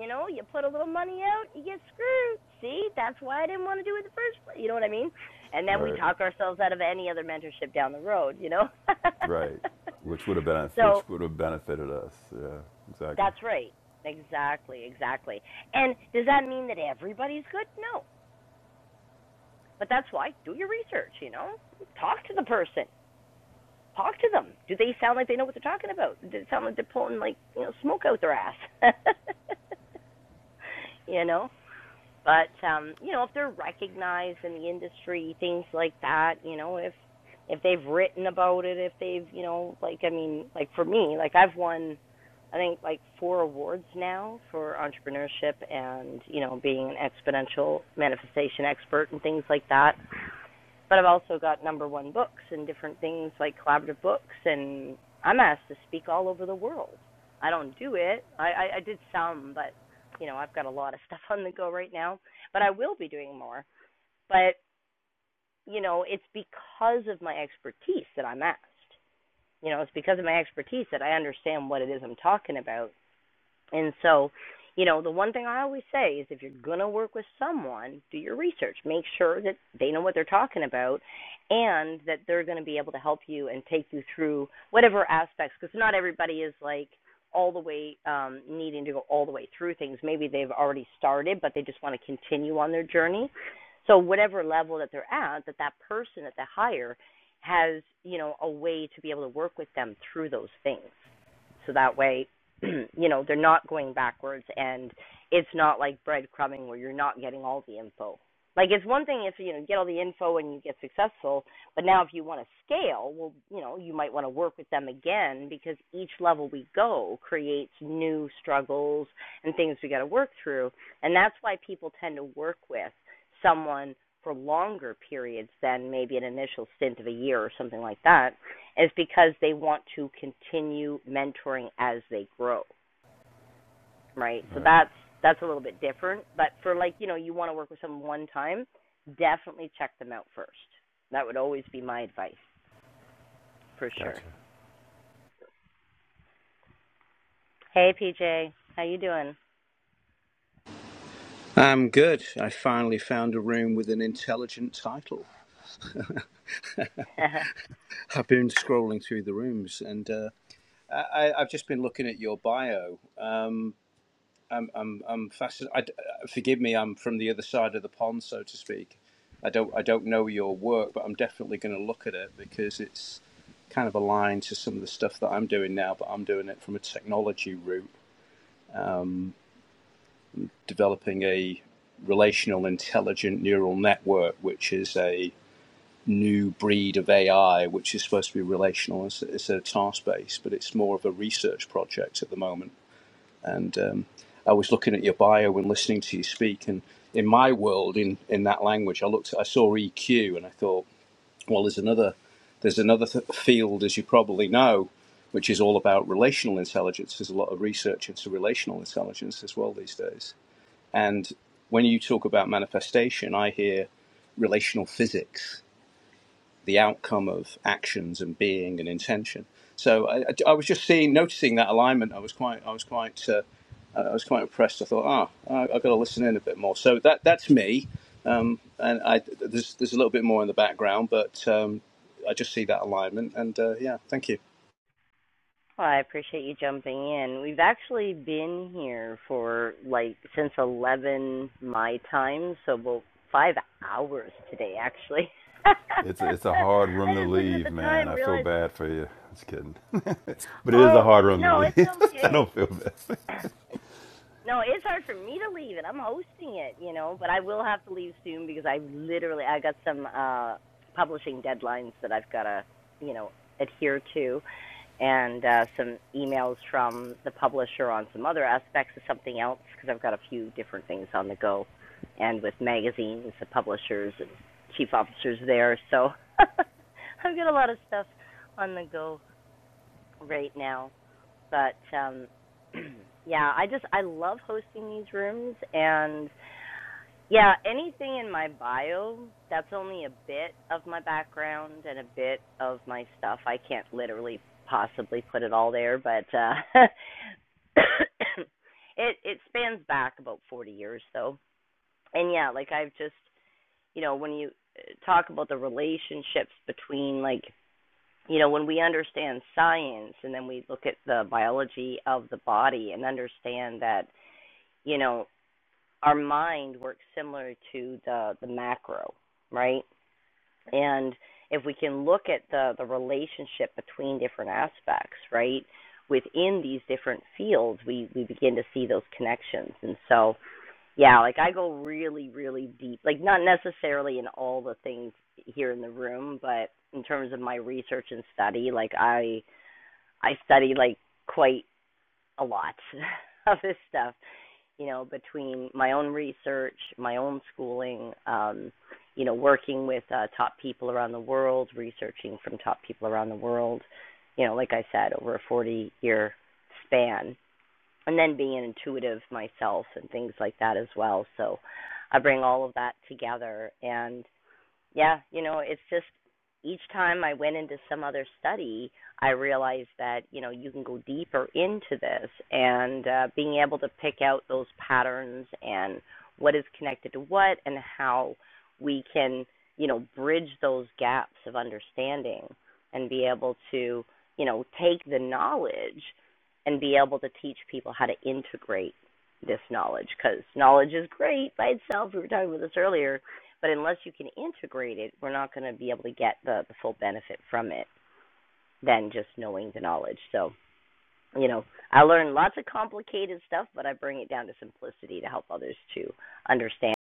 A: you know, you put a little money out, you get screwed. See, that's why I didn't want to do it in the first place. You know what I mean? And then we
E: Right.
A: talk ourselves out of any other mentorship down the road, you know?
E: Right. Which would have been
A: so
E: which would have benefited us. Yeah, exactly.
A: that's right. Exactly, exactly. And does that mean that everybody's good? No. But that's why do your research, you know. Talk to the person. Talk to them. Do they sound like they know what they're talking about? Does it sound like they're pulling like, you know, smoke out their ass? you know? But um, you know, if they're recognized in the industry, things like that, you know, if if they've written about it, if they've, you know, like I mean, like for me, like I've won I think like four awards now for entrepreneurship and, you know, being an exponential manifestation expert and things like that but I've also got number one books and different things like collaborative books, and I'm asked to speak all over the world. I don't do it. I, I, I did some, but you know, I've got a lot of stuff on the go right now, but I will be doing more. But you know, it's because of my expertise that I'm asked. You know, it's because of my expertise that I understand what it is I'm talking about. And so, you know, the one thing I always say is if you're going to work with someone, do your research. Make sure that they know what they're talking about and that they're going to be able to help you and take you through whatever aspects because not everybody is like all the way um needing to go all the way through things. Maybe they've already started but they just want to continue on their journey. So whatever level that they're at, that that person that they hire has, you know, a way to be able to work with them through those things so that way you know, they're not going backwards and it's not like breadcrumbing where you're not getting all the info. Like it's one thing if you know you get all the info and you get successful, but now if you want to scale, well, you know, you might want to work with them again because each level we go creates new struggles and things we got to work through. And that's why people tend to work with someone for longer periods than maybe an initial stint of a year or something like that is because they want to continue mentoring as they grow, right? So
E: Right.
A: that's that's a little bit different. But for like, you know, you want to work with someone one time, definitely check them out first. That would always be my advice for sure.
E: Gotcha.
A: Hey PJ, how you doing?
H: I'm good. I finally found a room with an intelligent title. I've been scrolling through the rooms, and uh, I, I- I've just been looking at your bio. Um, I'm, I'm, I'm fascinated. Forgive me, I'm from the other side of the pond, so to speak. I don't, I don't know your work, but I'm definitely going to look at it because it's kind of aligned to some of the stuff that I'm doing now. But I'm doing it from a technology route, developing a relational intelligent neural network, which is a new breed of AI, which is supposed to be relational instead of task based, but it's more of a research project at the moment. And um, I was looking at your bio and listening to you speak, and in my world, in in that language, I looked, I saw EQ, and I thought, well, there's another, there's another th- field, as you probably know, which is all about relational intelligence. There's a lot of research into relational intelligence as well these days. And when you talk about manifestation, I hear relational physics the outcome of actions and being and intention. So I, I- was just seeing, noticing that alignment. I was quite, I was quite, uh, I was quite impressed. I thought, ah, I, I've got to listen in a bit more. So that that's me, um, and I there's there's a little bit more in the background, but um, I just see that alignment, and uh, yeah, thank you.
A: well, I appreciate you jumping in. We've actually been here for like since 11 my time, so about 5 hours today actually.
E: It's a, it's a hard
A: I
E: room to
A: just looking at
E: leave,
A: the
E: man.
A: time
E: I feel
A: realized
E: bad for you. Just kidding. but it is a
A: Oh,
E: hard room
A: no,
E: to
A: it's
E: leave. I
A: okay.
E: don't feel bad.
A: no, it's hard for me to leave it. I'm hosting it, you know, but I will have to leave soon because I literally I got some uh publishing deadlines that I've got to, you know, adhere to and uh some emails from the publisher on some other aspects of something else because I've got a few different things on the go and with magazines, the publishers and chief officers there, so I've got a lot of stuff on the go right now but um yeah, I just I love hosting these rooms and yeah, anything in my bio that's only a bit of my background and a bit of my stuff. I can't literally possibly put it all there, but uh it it spans back about 40 years though. And yeah, like I've just, you know, when you uh, talk about the relationships between like you know, when we understand science and then we look at the biology of the body and understand that, you know, our mind works similar to the, the macro, right? And if we can look at the, the relationship between different aspects, right, within these different fields, we, we begin to see those connections. And so, yeah, like I go really, really deep, like not necessarily in all the things here in the room, but in terms of my research and study, like I I study like quite a lot of this stuff, you know, between my own research, my own schooling, um, you know, working with uh, top people around the world, researching from top people around the world, you know, like I said, over a 40 year span, and then being an intuitive myself and things like that as well. So I bring all of that together and yeah, you know, it's just each time I went into some other study, I realized that, you know, you can go deeper into this and uh, being able to pick out those patterns and what is connected to what and how we can, you know, bridge those gaps of understanding and be able to, you know, take the knowledge and be able to teach people how to integrate this knowledge because knowledge is great by itself. We were talking about this earlier but unless you can integrate it, we're not going to be able to get the, the full benefit from it than just knowing the knowledge. So, you know, I learn lots of complicated stuff, but I bring it down to simplicity to help others to understand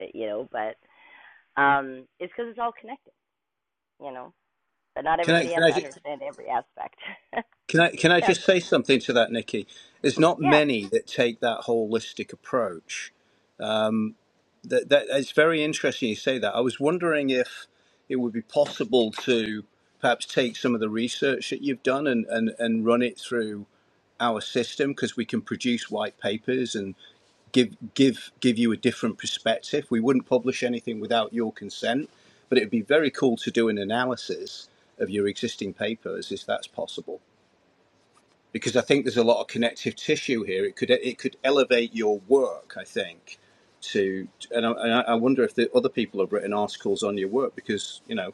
A: it, you know. But um, it's because it's all connected, you know. But not
H: Can I
A: everybody
H: can
A: has
H: I
A: to
H: ju-
A: understand every aspect.
H: can I can I
A: yeah,
H: just say something to that, Nikki? There's not
A: yeah,
H: many that take that holistic approach That, that it's very interesting you say that. I was wondering if it would be possible to perhaps take some of the research that you've done and, and, and run it through our system because we can produce white papers and give give give you a different perspective. We wouldn't publish anything without your consent, but it would be very cool to do an analysis of your existing papers if that's possible because I think there's a lot of connective tissue here. It could it could elevate your work, I think. To and I, and I wonder if the other people have written articles on your work because you know,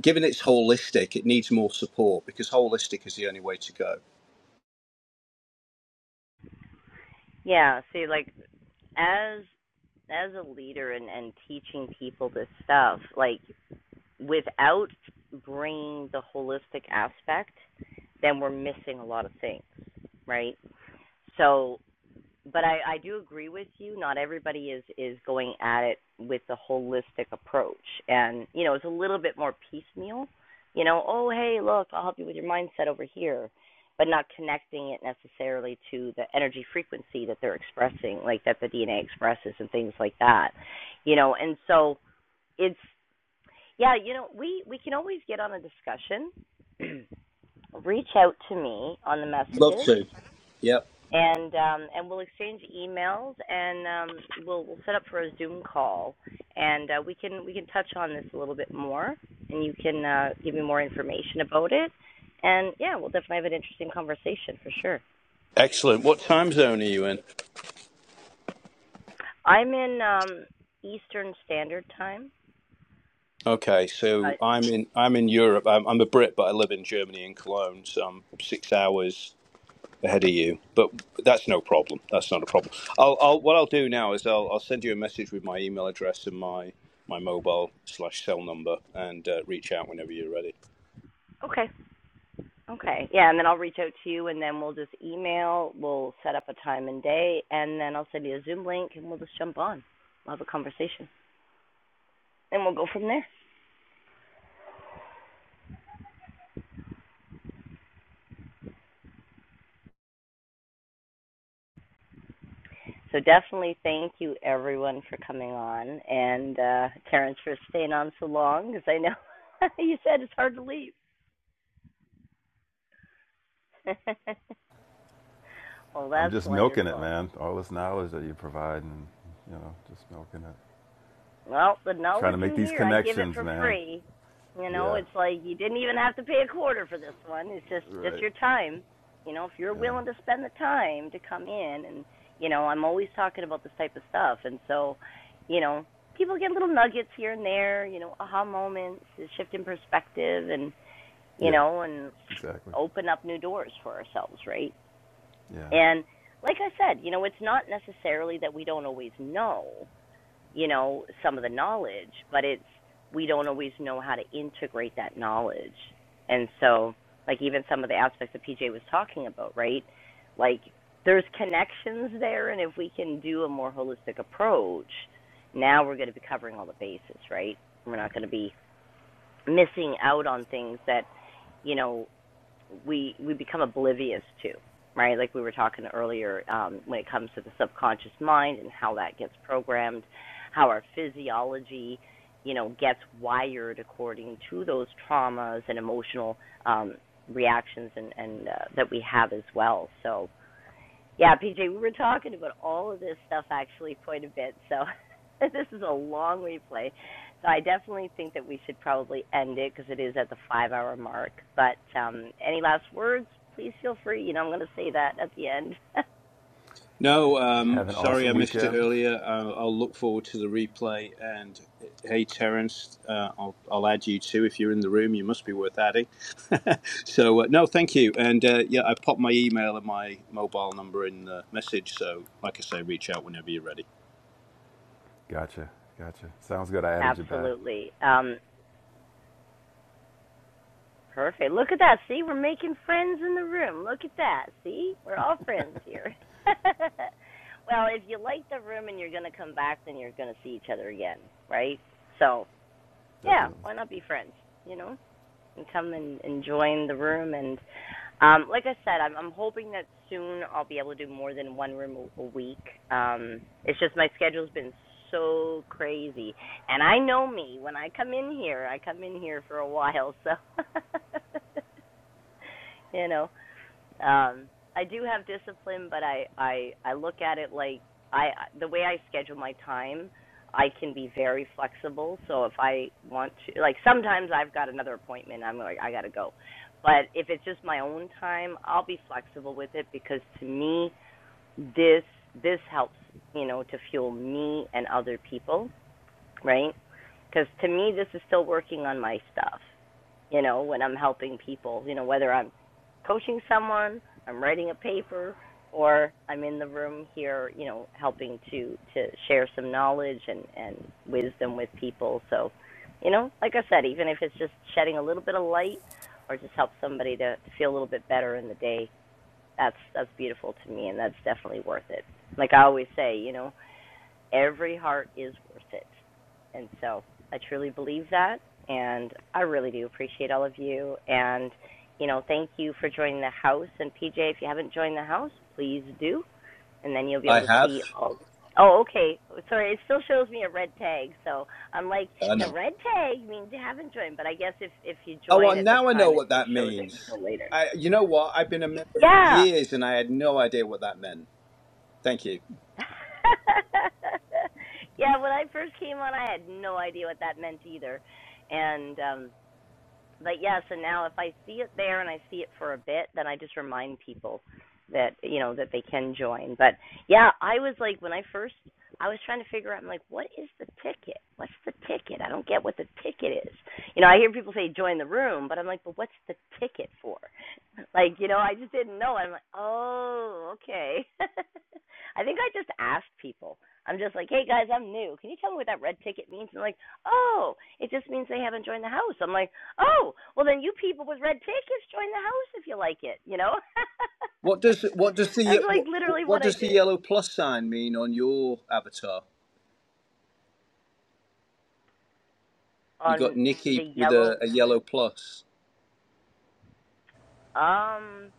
H: given it's holistic, it needs more support because holistic is the only way to go.
A: yeah. See, like as as a leader and and teaching people this stuff, like without bringing the holistic aspect, then we're missing a lot of things, right? So, but I, I do agree with you. Not everybody is is going at it with the holistic approach, and you know, it's a little bit more piecemeal. You know, oh hey, look, I'll help you with your mindset over here, but not connecting it necessarily to the energy frequency that they're expressing, like that the DNA expresses and things like that. You know, and so it's yeah, you know, we we can always get on a discussion. Reach out to me on the
H: Love
A: messages,
H: to. Yep.
A: and um, and we'll exchange emails, and um, we'll we'll set up for a Zoom call, and uh, we can we can touch on this a little bit more, and you can uh, give me more information about it, and yeah, we'll definitely have an interesting conversation for sure.
H: Excellent. What time zone are you in?
A: I'm in um, Eastern Standard Time.
H: Okay, so
A: Right.
H: I'm in I'm in Europe. I'm, I'm a Brit, but I live in Germany in Cologne. So I'm six hours. ahead of you. But that's no problem. That's not a problem. I'll, I'll what I'll do now is I'll, I'll send you a message with my email address and my my mobile slash cell number and uh, reach out whenever you're ready.
A: Okay. Okay. Yeah, and then I'll reach out to you and then we'll just email, we'll set up a time and day and then I'll send you a Zoom link and we'll just jump on. We'll have a conversation. And we'll go from there. So definitely thank you everyone for coming on and uh Terrence for staying on so long because I know you said it's hard to leave. well,
E: I'm
A: that's
E: just milking it,
A: wonderful.
E: man. All this knowledge that you're providing, you know, just milking it.
A: Well, the
E: Trying
A: knowledge
E: to make
A: in
E: these
A: here, I give it
E: connections,
A: for
E: man.
A: free. You know,
E: Yeah.
A: it's like you didn't even have to pay a quarter for this one. It's just just
E: Right.
A: your time. You know, if you're
E: Yeah.
A: willing to spend the time to come in and you know, I'm always talking about this type of stuff and so, you know, people get little nuggets here and there, you know, aha moments, a shift in perspective and you
E: Yeah.
A: know, and
E: Exactly.
A: open up new doors for ourselves, right?
E: Yeah.
A: And like I said, you know, it's not necessarily that we don't always know you know, some of the knowledge, but it's we don't always know how to integrate that knowledge. And so, like even some of the aspects that PJ was talking about, right? Like there's connections there and if we can do a more holistic approach, now we're going to be covering all the bases, right? We're not going to be missing out on things that, you know, we we become oblivious to, right? Like we were talking earlier, um, when it comes to the subconscious mind and how that gets programmed, how our physiology, you know, gets wired according to those traumas and emotional um, reactions and and uh, that we have as well. So yeah, PJ, we were talking about all of this stuff actually quite a bit, so this is a long replay. So I definitely think that we should probably end it because it is at the five-hour mark. But um, any last words? Please feel free. You know, I'm going to say that at the end.
H: No, um,
E: Have an
H: sorry I
E: awesome
H: missed it
E: weekend.
H: earlier. I'll, I'll look forward to the replay. And hey, Terence, uh, I'll, I'll add you too if you're in the room. You must be worth adding. so uh, no, thank you. And uh, yeah, I popped my email and my mobile number in the message. So like I say, reach out whenever you're ready.
E: Gotcha. Gotcha. Sounds good. I added you back.
A: Absolutely. Um, perfect. Look at that. See, we're making friends in the room. Look at that. See, we're all friends here. well, if you like the room and you're going to come back, then you're going to see each other again, right? So yeah,
E: Definitely.
A: why not be friends, you know? And come and, and join the room and um like I said, I'm I'm hoping that soon I'll be able to do more than one room a, a week. Um it's just my schedule's been so crazy. And I know me, when I come in here, I come in here for a while, so you know, um, I do have discipline, but I I I look at it like I the way I schedule my time, I can be very flexible. So if I want to, like sometimes I've got another appointment, I'm like I gotta go. But if it's just my own time, I'll be flexible with it because to me this this helps you know to fuel me and other people, right? Because to me this is still working on my stuff you know, when I'm helping people, you know, whether I'm coaching someone, I'm writing a paper, or I'm in the room here, you know, helping to to share some knowledge and and wisdom with people. So, you know, like I said, even if it's just shedding a little bit of light or just help somebody to, to feel a little bit better in the day, that's that's beautiful to me and that's definitely worth it. Like I always say, you know, every heart is worth it. And so I truly believe that. And I really do appreciate all of you. And, you know, thank you for joining the house. And PJ, if you haven't joined the house, please do. And then you'll be
H: I
A: able to
H: have.
A: see all. Oh, okay. Sorry, it still shows me a red tag. So I'm like,
H: I
A: the
H: know.
A: red tag means you haven't joined. But I guess if if you
H: Oh, well,
A: join at the
H: now I know
A: time, it
H: what
A: still
H: that
A: shows it
H: means.
A: until later.
H: I, you know what? I've been a member for
A: Yeah.
H: years, and I had no idea what that meant. Thank you.
A: yeah, when I first came on, I had no idea what that meant either. And um but yeah, so now if I see it there and I see it for a bit, then I just remind people that you know that they can join. But yeah, I was like when I first I was trying to figure out I'm like what is the ticket? What's the ticket? I don't get what the ticket is. You know, I hear people say join the room, but I'm like, but what's the ticket for? Like, you know, I just didn't know. I'm like, oh, okay. I think I just asked people. I'm just like, hey guys, I'm new. Can you tell me what that red ticket means? And they're like, oh, it just means they haven't joined the house. I'm like, oh, well then you people with red tickets join the house if you like it. You know,
H: What does what does the
A: that's like
H: what,
A: literally
H: what
A: what I
H: does the
A: did
H: yellow plus sign mean on your avatar? You got
A: on the
H: Nikki with
A: yellow.
H: a, a yellow plus.
A: Um,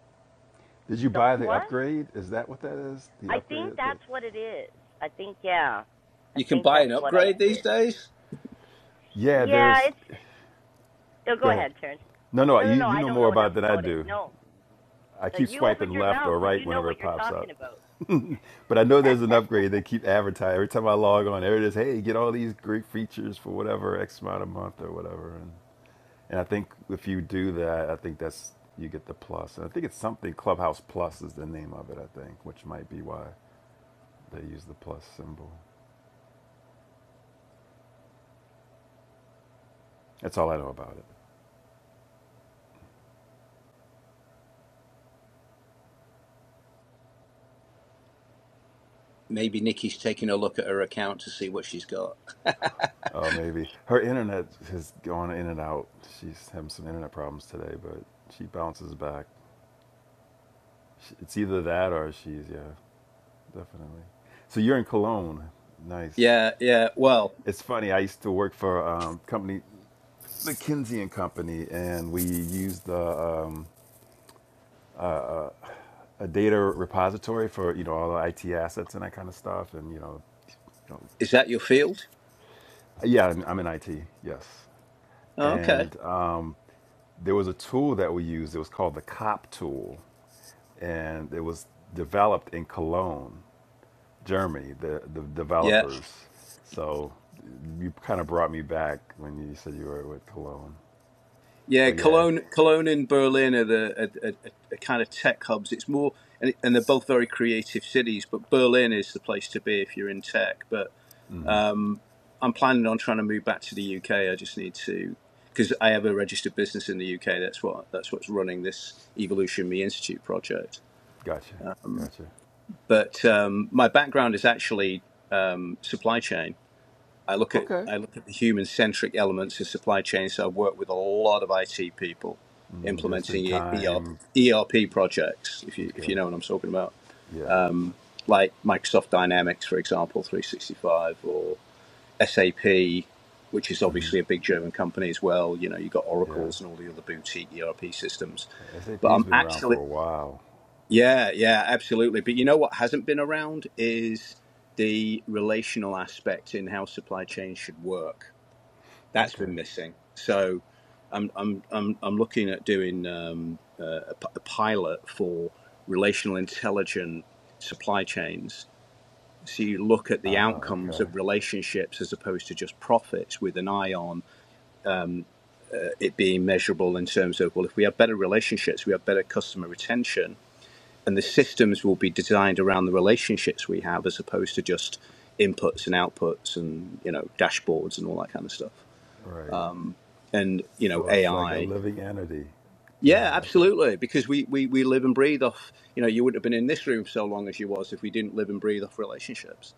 E: Did you
A: the
E: buy the
A: plus.
E: upgrade? Is that what that is? The
A: I think
E: upgrade thing?
A: that's what it is. I think yeah. I
H: You can
A: think
H: buy an
A: that's what I
H: upgrade these
A: did.
H: days.
E: Yeah,
A: Yeah,
E: there's.
A: it's No, go
E: Go ahead.
A: ahead, Taryn.
E: No, no,
A: No, no,
E: you,
A: no.
E: you
A: I
E: know
A: don't
E: more
A: know enough
E: about it than I
A: about it.
E: do.
A: No.
E: I
A: No,
E: keep
A: you
E: swiping
A: opened your
E: left
A: mouth,
E: or
A: so
E: right
A: you know
E: whenever it
A: what you're
E: pops
A: talking
E: up.
A: about.
E: But I know there's an upgrade they keep advertising. Every time I log on, there it is. Hey, get all these great features for whatever X amount a month or whatever. And, and I think if you do that, I think that's you get the plus. And I think it's something Clubhouse Plus is the name of it. I think, which might be why they use the plus symbol. That's all I know about it.
H: Maybe Nikki's taking a look at her account to see what she's got.
E: Oh, maybe her internet has gone in and out. She's having some internet problems today, but she bounces back. It's either that or she's yeah, definitely. So you're in Cologne. Nice.
H: Yeah, yeah. Well,
E: It's funny. I used to work for um, company McKinsey and Company, and we used the, um, a data repository for you know all the IT assets and that kind of stuff, and you know, you know
H: is that your field?
E: yeah, I'm I'm in IT. Yes,
H: Oh, okay.
E: and um, there was a tool that we used. It was called the COP tool and it was developed in Cologne, Germany. The the
H: Yeah.
E: developers. So you kind of brought me back when you said you were with Cologne.
H: Yeah,
E: But yeah,
H: Cologne, Cologne and Berlin are the are, are, are kind of tech hubs. It's more, and, and they're both very creative cities, but Berlin is the place to be if you're in tech. But
E: mm,
H: I'm planning on trying to move back to the UK. I just need to, because I have a registered business in the UK. That's what that's what's running this Evolution Me Institute project.
E: gotcha, gotcha.
H: But um, my background is actually um, supply chain. I look at
E: Okay,
H: I look at the human centric elements of supply chain. So I worked with a lot of IT people
E: mm, just in
H: implementing E- ERP
E: time.
H: ERP projects. If you if
E: Okay,
H: you know what I'm talking about,
E: yeah,
H: like Microsoft Dynamics, for example, 365, or SAP, which is
E: hmm
H: obviously a big German company as well. You know, you've got
E: yeah.
H: Oracle's and all the other boutique ERP systems. But
E: SAP's
H: I'm
E: been around
H: actually
E: for a while.
H: yeah, yeah, absolutely. But you know what hasn't been around is the relational aspect in how supply chains should work That's
E: Okay.
H: been missing. So I'm I'm I'm, I'm looking at doing um, uh, a, p- a pilot for relational intelligent supply chains. So you look at the
E: Ah,
H: outcomes
E: okay.
H: of relationships as opposed to just profits, with an eye on it being measurable in terms of well, if we have better relationships, we have better customer retention, and the systems will be designed around the relationships we have as opposed to just inputs and outputs and you know dashboards and all that kind of stuff.
E: Right.
H: And you know
E: So it's like a
H: AI.
E: living entity. Yeah,
H: Yeah,
E: I gotcha.
H: absolutely. Because we, we, we live and breathe off, you know, you wouldn't have been in this room so long as you was if we didn't live and breathe off relationships,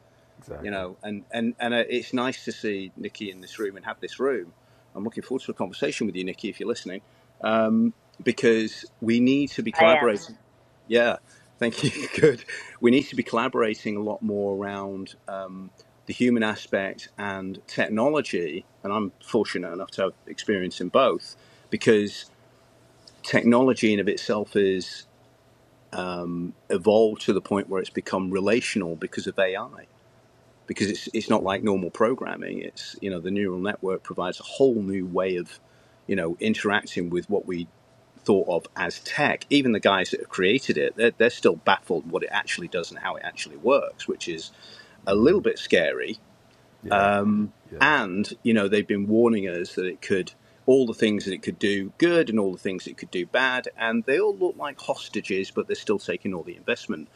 H: you
E: Exactly.
H: know, and, and, and uh, it's nice to see Nikki in this room and have this room. I'm looking forward to a conversation with you, Nikki, if you're listening, because we need to be
A: I am.
H: collaborating. Yeah, thank you. Good. We need to be collaborating a lot more around uh, the human aspect and technology. And I'm fortunate enough to have experience in both because technology in of itself is evolved to the point where it's become relational because of AI. Because it's it's not like
E: Mm-hmm.
H: normal programming. It's you know the neural network provides a whole new way of you know interacting with what we thought of as tech. Even the guys that have created it, they're, they're still baffled what it actually does and how it actually works, which is a
E: Mm-hmm.
H: little bit scary
E: Yeah, yeah.
H: and you know they've been warning us that it could all the things that it could do good and all the things it could do bad and they all look like hostages but they're still taking all the investment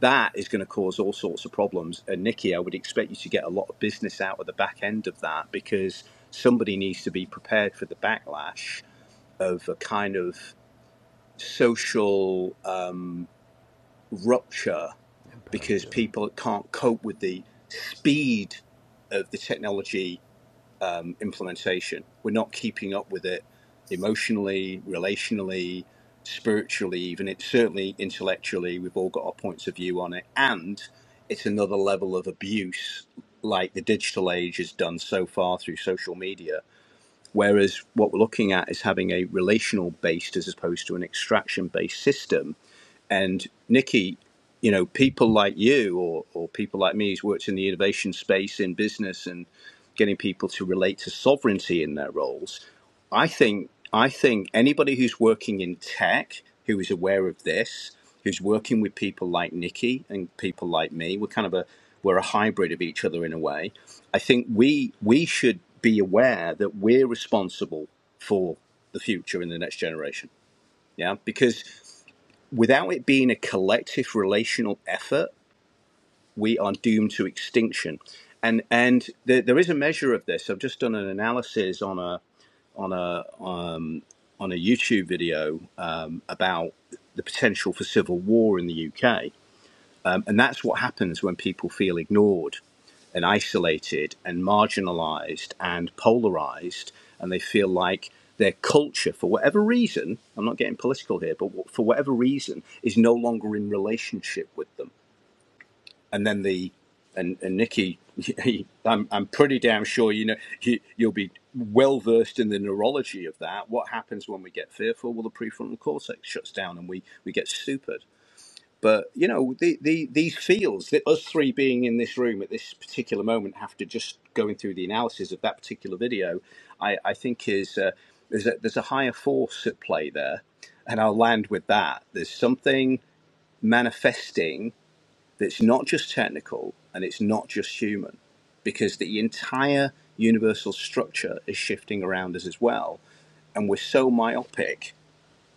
H: that is going to cause all sorts of problems and nikki i would expect you to get a lot of business out of the back end of that because somebody needs to be prepared for the backlash of a kind of social uh, rupture
E: Impact,
H: because
E: yeah.
H: people can't cope with the speed of the technology implementation. We're not keeping up with it emotionally, relationally, spiritually, even. It's certainly intellectually. We've all got our points of view on it. And it's another level of abuse, like the digital age has done so far through social media. Whereas what we're looking at is having a relational based as opposed to an extraction based system and Nikki, you know, people like you or, or people like me who's worked in the innovation space in business and getting people to relate to sovereignty in their roles. I think I think anybody who's working in tech who is aware of this, who's working with people like Nikki and people like me, we're kind of a we're a hybrid of each other in a way. I think we we should be aware that we're responsible for the future in the next generation. Yeah, because without it being a collective relational effort, we are doomed to extinction. And and there, there is a measure of this. I've just done an analysis on a on a on a YouTube video um, about the potential for civil war in the UK, um, and that's what happens when people feel ignored and isolated and marginalized and polarized and they feel like their culture for whatever reason i'm not getting political here but for whatever reason is no longer in relationship with them and then the and, and Nikki, he, I'm I'm pretty damn sure you know you, you'll be well versed in the neurology of that. What happens when we get fearful? Well, the prefrontal cortex shuts down and we we get stupid. But you know the, the these fields that us three being in this room at this particular moment after just going through the analysis of that particular video, I I think is uh, there's a, there's a higher force at play there, and I'll land with that. There's something manifesting that's not just technical and it's not just human because the entire universal structure is shifting around us as well and we're so myopic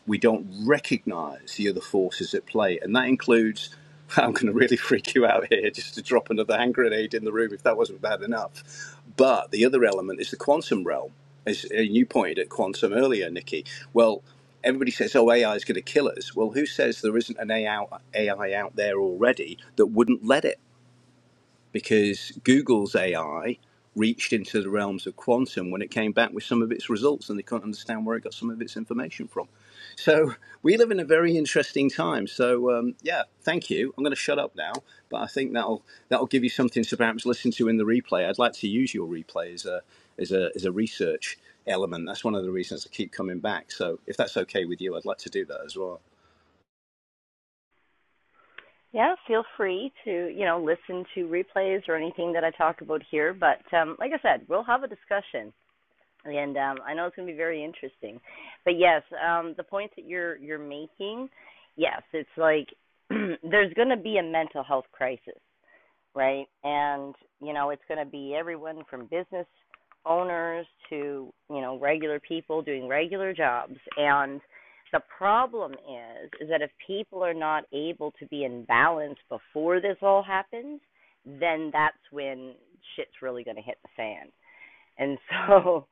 H: we don't recognize the other forces at play. And that includes, I'm going to really freak you out here just to drop another hand grenade in the room if that wasn't bad enough. But the other element is the quantum realm. As uh, you pointed at quantum earlier, Nikki. Well, everybody says, oh, AI is going to kill us. Well, who says there isn't an AI out there already that wouldn't let it? because Google's AI reached into the realms of quantum when it came back with some of its results, and they couldn't understand where it got some of its information from. So we live in a very interesting time. So um, yeah, thank you. I'm going to shut up now, but I think that'll that'll give you something to perhaps listen to in the replay. I'd like to use your replay as a as a as a research element. That's one of the reasons I keep coming back. So if that's okay with you, I'd like to do that as well.
A: Yeah, feel free to, you know, listen to replays or anything that I talk about here. But um, like I said, we'll have a discussion. And um, I know it's going to be very interesting. But yes, um, the point that you're you're making, yes, it's like there's going to be a mental health crisis. right? And you know, it's going to be everyone from business owners to you know regular people doing regular jobs. And the problem is, is that if people are not able to be in balance before this all happens, then that's when shit's really going to hit the fan. And so,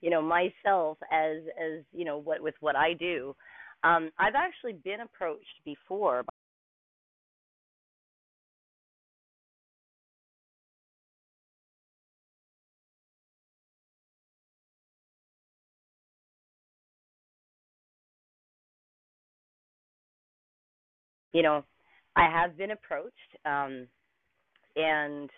A: you know, myself as as you know what with what I do, um, I've actually been approached before. You know, I have been approached. Um, and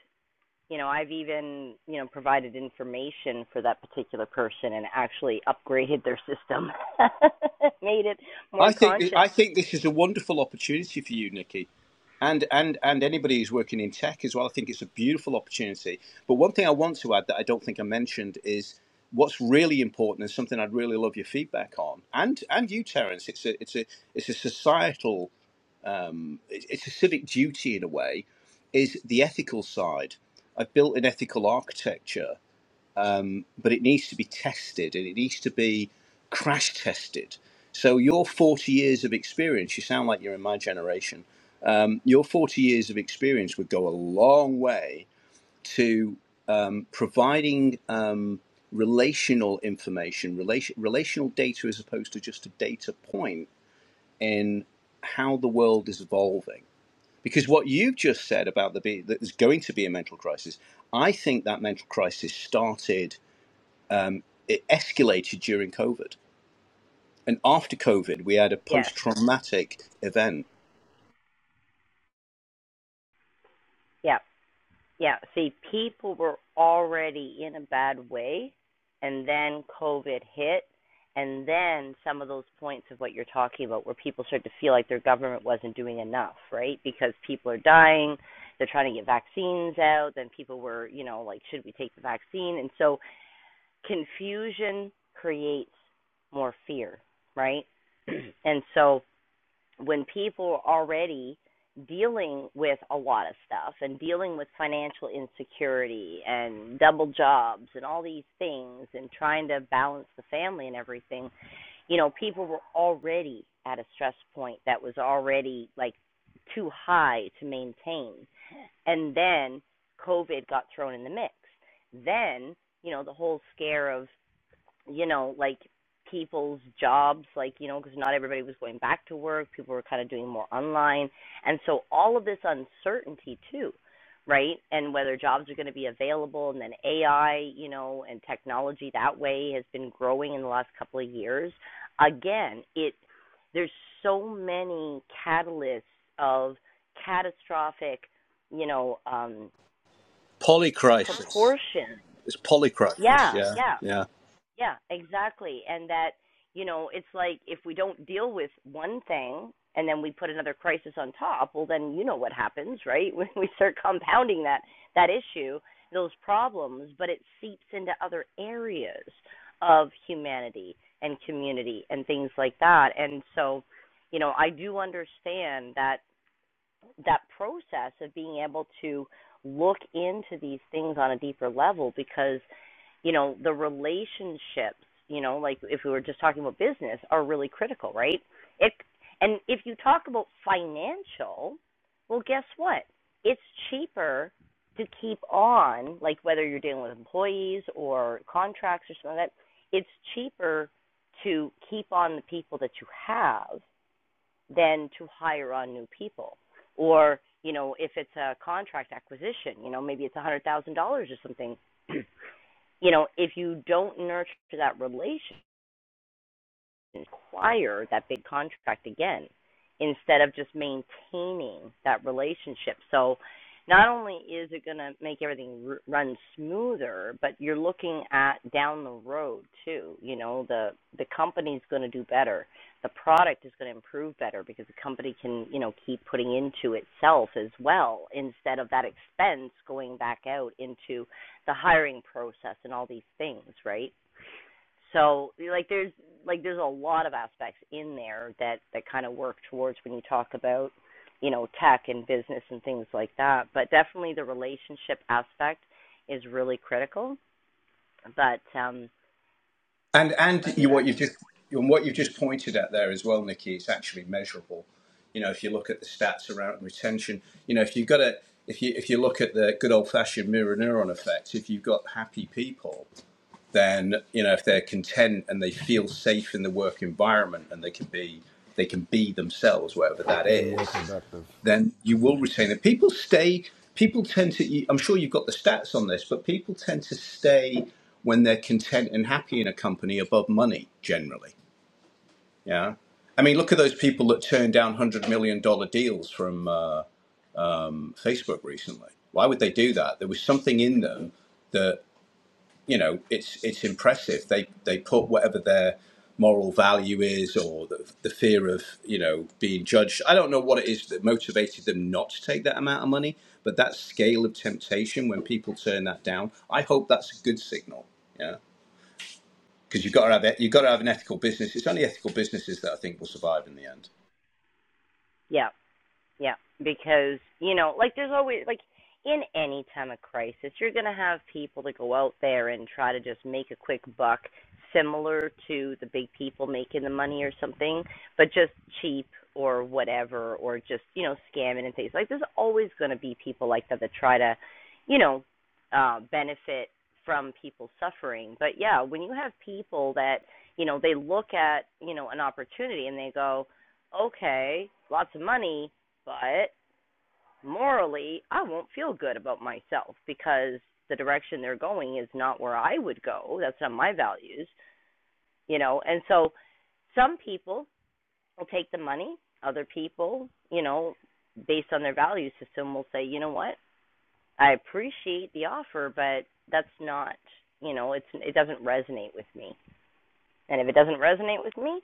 A: you know i've even you know provided information for that particular person and actually upgraded their system made it
H: I
A: more
H: think th-
A: conscious
H: I think this is a wonderful opportunity for you, Nikki, and and and anybody who's working in tech as well. I think it's a beautiful opportunity. But one thing I want to add that I don't think I mentioned is what's really important and something I'd really love your feedback on, and and you, Terence. It's a it's a it's a societal, it's it's a civic duty in a way, is the ethical side. I've built an ethical architecture but it needs to be tested and it needs to be crash tested. So your 40 years of experience, you sound like you're in my generation. um, Your 40 years of experience would go a long way to um, providing um, relational information, relation, relational data as opposed to just a data point in how the world is evolving. Because what you've just said about the be- that there's going to be a mental crisis, I think that mental crisis started, it escalated during COVID And after COVID, we had a
A: yes
H: post traumatic event,
A: yeah yeah see people were already in a bad way and then covid hit and then some of those points of what you're talking about where people start to feel like their government wasn't doing enough right because people are dying they're trying to get vaccines out then people were you know like should we take the vaccine and so confusion creates more fear, right? and so when people are already dealing with a lot of stuff and dealing with financial insecurity and double jobs and all these things and trying to balance the family and everything, you know, people were already at a stress point that was already like too high to maintain. And then COVID got thrown in the mix. Then, you know, the whole scare of you know, like people's jobs, like, you know, because not everybody was going back to work. People were kind of doing more online. And so all of this uncertainty, too, right? And whether jobs are going to be available. And then AI, you know, and technology that way has been growing in the last couple of years. Again, it, there's so many catalysts of catastrophic, you know, um,
H: polycrisis.
A: proportions.
H: It's polycrisis,
A: Yeah,
H: yeah,
A: yeah.
H: yeah.
A: Yeah, exactly. And that, you know, it's like if we don't deal with one thing and then we put another crisis on top, well then you know what happens, right? When we start compounding that that issue, those problems, but it seeps into other areas of humanity and community and things like that. And so, you know, I do understand that that process of being able to look into these things on a deeper level because you know the relationships you know like if we were just talking about business are really critical right it and if you talk about financial well guess what it's cheaper to keep on like whether you're dealing with employees or contracts or something like that it's cheaper to keep on the people that you have than to hire on new people or you know if it's a contract acquisition you know maybe it's a hundred thousand dollars or something you know if you don't nurture that relationship acquire that big contract again instead of just maintaining that relationship. So not only is it going to make everything r- run smoother, but you're looking at down the road too. You know, the the company's going to do better. The product is going to improve better because the company can, you know, keep putting into itself as well instead of that expense going back out into the hiring process and all these things, right? So like there's like there's a lot of aspects in there that that kind of work towards when you talk about you know tech and business and things like that. But definitely the relationship aspect is really critical. But um,
H: And and
A: he
H: you, what you've just and what you've just pointed at there as well, Nikki, it's actually measurable. You know, if you look at the stats around retention, you know, if you've got a if you if you look at the good old fashioned mirror neuron effect, if you've got happy people, then you know if they're content and they feel safe in the work environment and they can be they can be themselves, whatever that
E: and more
H: is,
E: productive.
H: then you will retain it. People stay. People tend to. I'm sure you've got the stats on this, but people tend to stay when they're content and happy in a company above money. Generally, yeah. I mean, look at those people that turned down one hundred million dollar deals from uh, Facebook recently. Why would they do that? There was something in them that you know, it's it's impressive. They they put whatever their moral value is, or the, the fear of you know being judged. I don't know what it is that motivated them not to take that amount of money, but that scale of temptation when people turn that down, I hope that's a good signal. Yeah, because you've got to have it. You've got to have an ethical business. It's only ethical businesses that I think will survive in the end.
A: yeah, Yeah, because you know, like there's always like in any time of crisis, you're going to have people that go out there and try to just make a quick buck, similar to the big people making the money or something, but just cheap or whatever, or just you know scamming and things like. There's always going to be people like that that try to, you know, uh, benefit from people suffering. But yeah, when you have people that you know they look at you know an opportunity and they go, okay, lots of money, but morally, I won't feel good about myself because the direction they're going is not where I would go. That's not my values, you know. And so some people will take the money, other people, you know, based on their value system will say, "You know what? I appreciate the offer, but that's not, you know, it's it doesn't resonate with me." And if it doesn't resonate with me,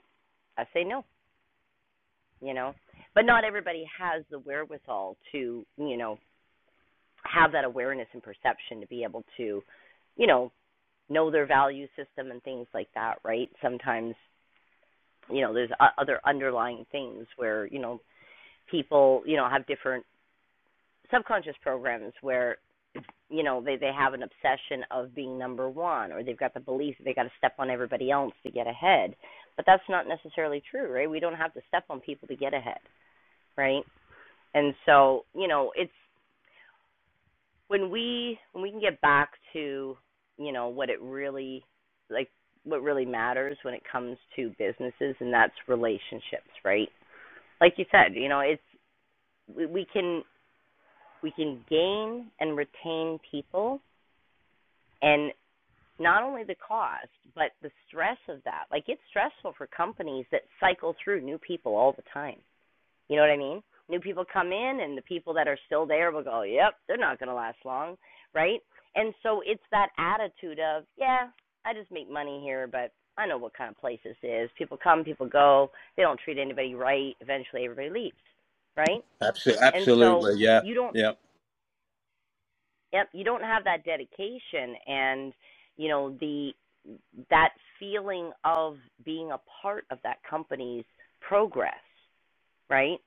A: I say no, you know. But not everybody has the wherewithal to, you know, have that awareness and perception to be able to, you know, know their value system and things like that, right? Sometimes, you know, there's other underlying things where, you know, people, you know, have different subconscious programs where, you know, they they have an obsession of being number 1 or they've got the belief that they got to step on everybody else to get ahead. But that's not necessarily true, right? We don't have to step on people to get ahead, right? And so, you know, it's when we when we can get back to you know what it really like what really matters when it comes to businesses and that's relationships right like you said you know it's we, we can we can gain and retain people and not only the cost but the stress of that like it's stressful for companies that cycle through new people all the time You know what I mean? New people come in, and the people that are still there will go, yep, they're not going to last long, right? And so it's that attitude of, yeah, I just make money here, but I know what kind of place this is. People come, people go. They don't treat anybody right. Eventually, everybody leaves, right?
H: Absolutely,
A: And so
H: absolutely, yeah,
A: you don't,
H: yeah.
A: yep, you don't have that dedication and you know the that feeling of being a part of that company's progress right?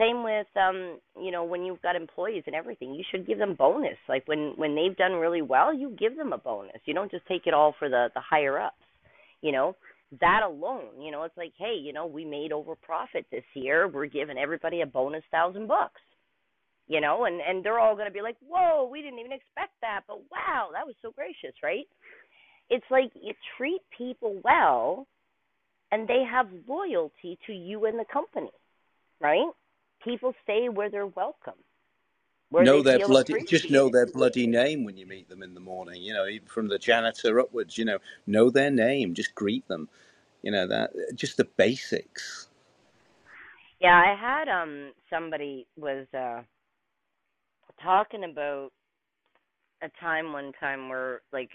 A: Same with um, you know, when you've got employees and everything, you should give them bonus. Like when when they've done really well, you give them a bonus. You don't just take it all for the the higher ups. You know, that alone, you know, it's like, hey, you know, we made over profit this year. We're giving everybody a bonus thousand bucks. You know, and and they're all going to be like, whoa, we didn't even expect that, but wow, that was so gracious, right? It's like you treat people well, and they have loyalty to you and the company right? People stay where they're welcome, where
H: know
A: they
H: their
A: feel
H: bloody just know
A: appreciated.
H: their bloody name when you meet them in the morning you know even from the janitor upwards you know know their name just greet them you know that just the basics
A: Yeah, I had um somebody was uh talking about a time one time where like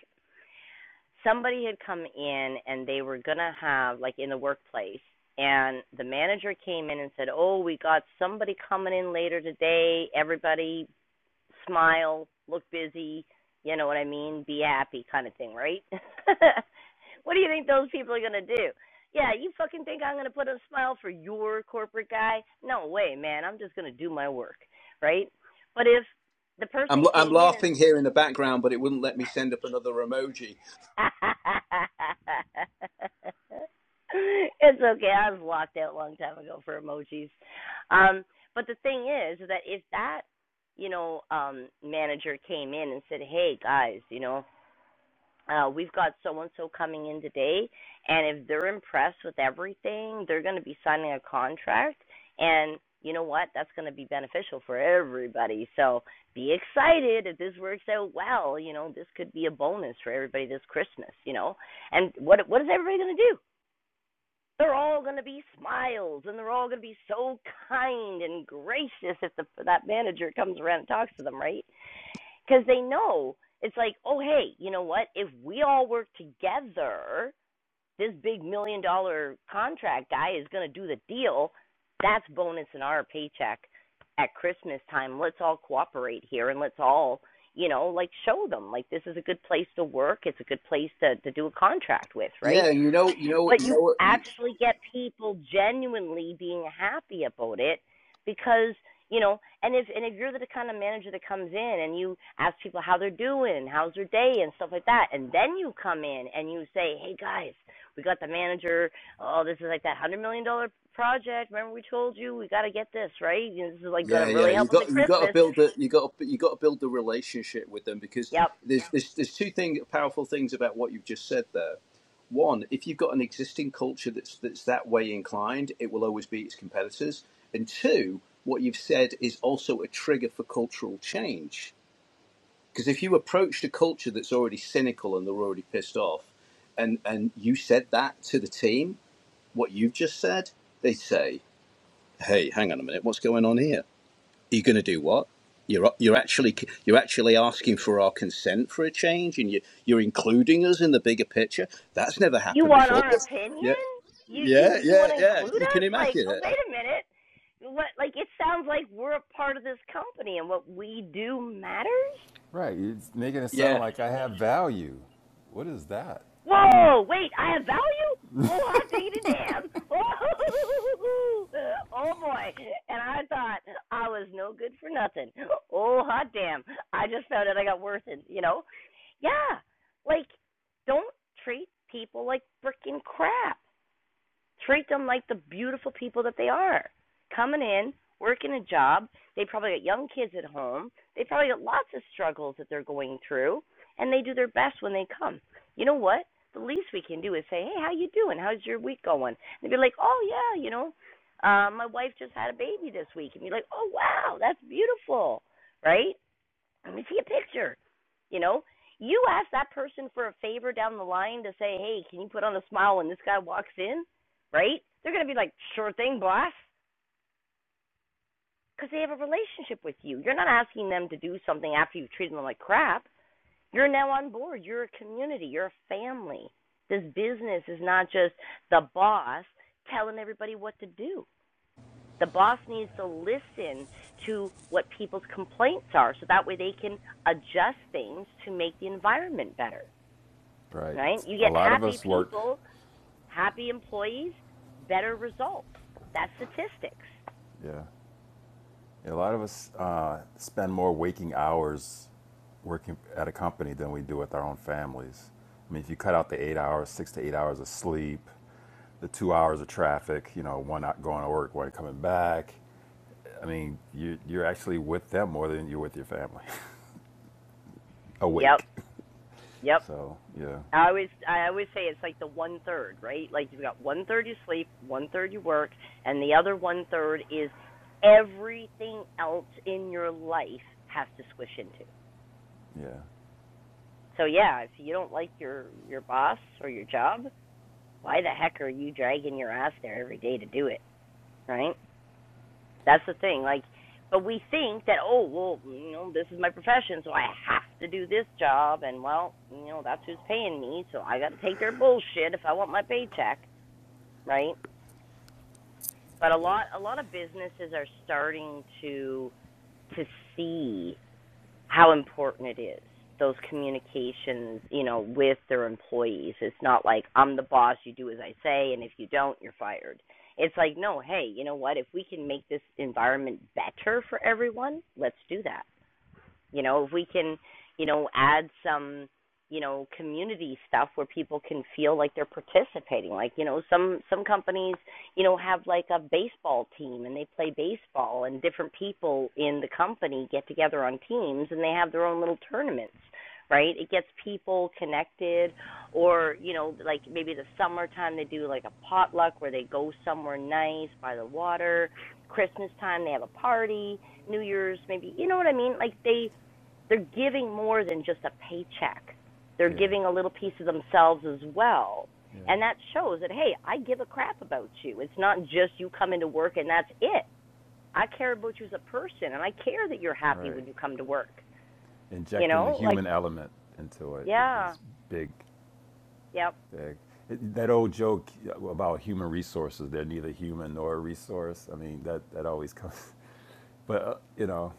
A: somebody had come in and they were going to have like in the workplace and the manager came in and said, "Oh, we got somebody coming in later today. Everybody smile, look busy, you know what I mean, be happy kind of thing, right? what do you think those people are gonna do? Yeah, you fucking think I'm gonna put a smile for your corporate guy? No way, man. I'm just gonna do my work, right? But if the
H: I'm
A: person
H: I'm
A: came in and
H: laughing here in the background, but it wouldn't let me send up another emoji.
A: it's okay. I was locked out a long time ago for emojis. Um, but the thing is that if that, you know, um, manager came in and said, "Hey guys, you know, uh, we've got so and so coming in today, and if they're impressed with everything, they're going to be signing a contract. And you know what? That's going to be beneficial for everybody. So be excited if this works out well. You know, this could be a bonus for everybody this Christmas. You know, and what what is everybody going to do? They're all going to be smiles, and they're all going to be so kind and gracious if the, that manager comes around and talks to them, right? because they know it's like, oh hey, you know what? If we all work together, this big million dollar contract guy is going to do the deal. That's bonus in our paycheck at Christmas time. Let's all cooperate here and let's all, you know, like show them like this is a good place to work. It's a good place to to do a contract with, right?
H: Yeah, you know, you know,
A: but
H: you know
A: you
H: what?
A: actually get people genuinely being happy about it because you know and if and if you're the kind of manager that comes in and you ask people how they're doing and how's their day and stuff like that and then you come in and you say hey guys we got the manager oh this is like that one hundred million dollar project remember we told you we got to get this right this is like going
H: Yeah,
A: to
H: yeah.
A: really
H: You
A: help us
H: got
A: at
H: you got to
A: christmas
H: build the you got to, you got to build the relationship with them because
A: yep
H: there's there's, there's two thing powerful things about what you've just said there. One, if you've got an existing culture that's that's that way inclined, it will always be its competitors. And two, what you've said is also a trigger for cultural change. Because if you approached a culture that's already cynical and they're already pissed off, and and you said that to the team, what you've just said, they say, "Hey, hang on a minute, what's going on here?" you're going to do what? You're you're actually you're actually asking for our consent for a change, and you you're including us in the bigger picture. That's never
A: You
H: happened
A: want
H: before.
A: our opinion?
H: Yeah,
A: You
H: yeah,
A: you you
H: yeah,
A: want to
H: yeah.
A: include
H: You can
A: us? Like,
H: imagine
A: oh
H: it.
A: wait a minute. What like it sounds like we're a part of this company and what we do matters?
E: Right. You're making it sound
H: Yeah,
E: like I have value. What is that?
A: Whoa, wait, I have value? Oh, I dig it damn. Oh, oh boy. And I thought I was no good for nothing. Oh, hot damn. I just found out I got worth it, you know? Yeah. Like, don't treat people like freaking crap. treat them like the beautiful people that they are. Coming in, working a job, they probably got young kids at home, they probably got lots of struggles that they're going through, and they do their best when they come. You know what? The least we can do is say, "Hey, how you doing? How's your week going?" And they'd be like, "Oh yeah, you know, um, my wife just had a baby this week," and you're like, "Oh wow, that's beautiful." Right? Let me see a picture. You know, you ask that person for a favor down the line to say, hey, can you put on a smile when this guy walks in, right? They're going to be like, sure thing, boss, because they have a relationship with you. You're not asking them to do something after you've treated them like crap. You're now on board. You're a community. You're a family. This business is not just the boss telling everybody what to do. The boss needs to listen to what people's complaints are so that way they can adjust things to make the environment better,
E: Right.
A: right? You
E: a
A: get
E: lot of
A: happy
E: us work,
A: people, happy employees, better results. That's statistics.
E: Yeah. a lot of us uh, spend more waking hours working at a company than we do with our own families. I mean, if you cut out the eight hours, six to eight hours of sleep, the two hours of traffic, you know, one out going to work, one coming back, I mean, you, you're actually with them more than you're with your family,
A: Yep,
E: awake.
A: yep.
E: So, yeah,
A: I always I always say it's like the one third, right? Like you've got one third you sleep, one third you work, and the other one third is everything else in your life has to squish into.
E: yeah.
A: So yeah, if you don't like your your boss or your job, why the heck are you dragging your ass there every day to do it, right? That's the
E: Yeah.
A: thing. Like, but we think that oh well, you know, this is my profession, so I have to do this job, and well, you know, that's who's paying me, so I got to take their bullshit if I want my paycheck, right? But a
E: Yeah,
A: lot a lot of businesses are starting to to see how important it is those communications you know with their employees it's not like i'm the boss you do as i say and if you don't you're fired it's like no hey you know what if we can make this environment better for everyone let's do that you know, if we can, you know, add some, you know, community stuff where people can feel like they're participating. Like, you know, some some companies, you know, have like a baseball team and they play baseball and different people in the company get together on teams and they have their own little tournaments right? It gets people connected, or you know, like maybe the summertime they do like a potluck where they go somewhere nice by the water. Christmas time they have a party. New Year's maybe you know what I mean? Like they they're giving more than just a paycheck. They're
E: yeah,
A: giving a little piece of themselves as well. And that
E: yeah.
A: shows that, hey, I give a crap about you. It's not just you come into work and that's it. I care about you as a person and I care that you're happy
E: right.
A: when you come to work. You
E: Injecting the
A: know, like,
E: human element into it is
A: yeah,
E: big,
A: yep.
E: big. It, that old joke about human resources—they're neither human nor a resource. I mean, that that always comes. But uh, you know,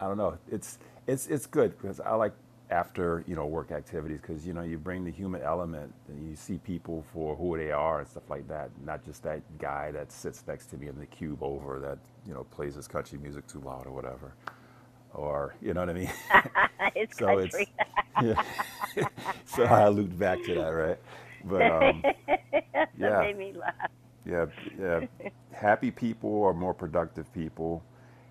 E: I don't know. It's it's it's good because I like after you know work activities because you know you bring the human element and you see people for who they are and stuff like that. Not just that guy that sits next to me in the cube over that you know plays his country music too loud or whatever, or you know what I mean.
A: it's
E: so
A: country.
E: it's yeah. So I looped back to that, right? But um,
A: That's what
E: yeah,
A: made me laugh.
E: yeah, yeah. Happy people are more productive people.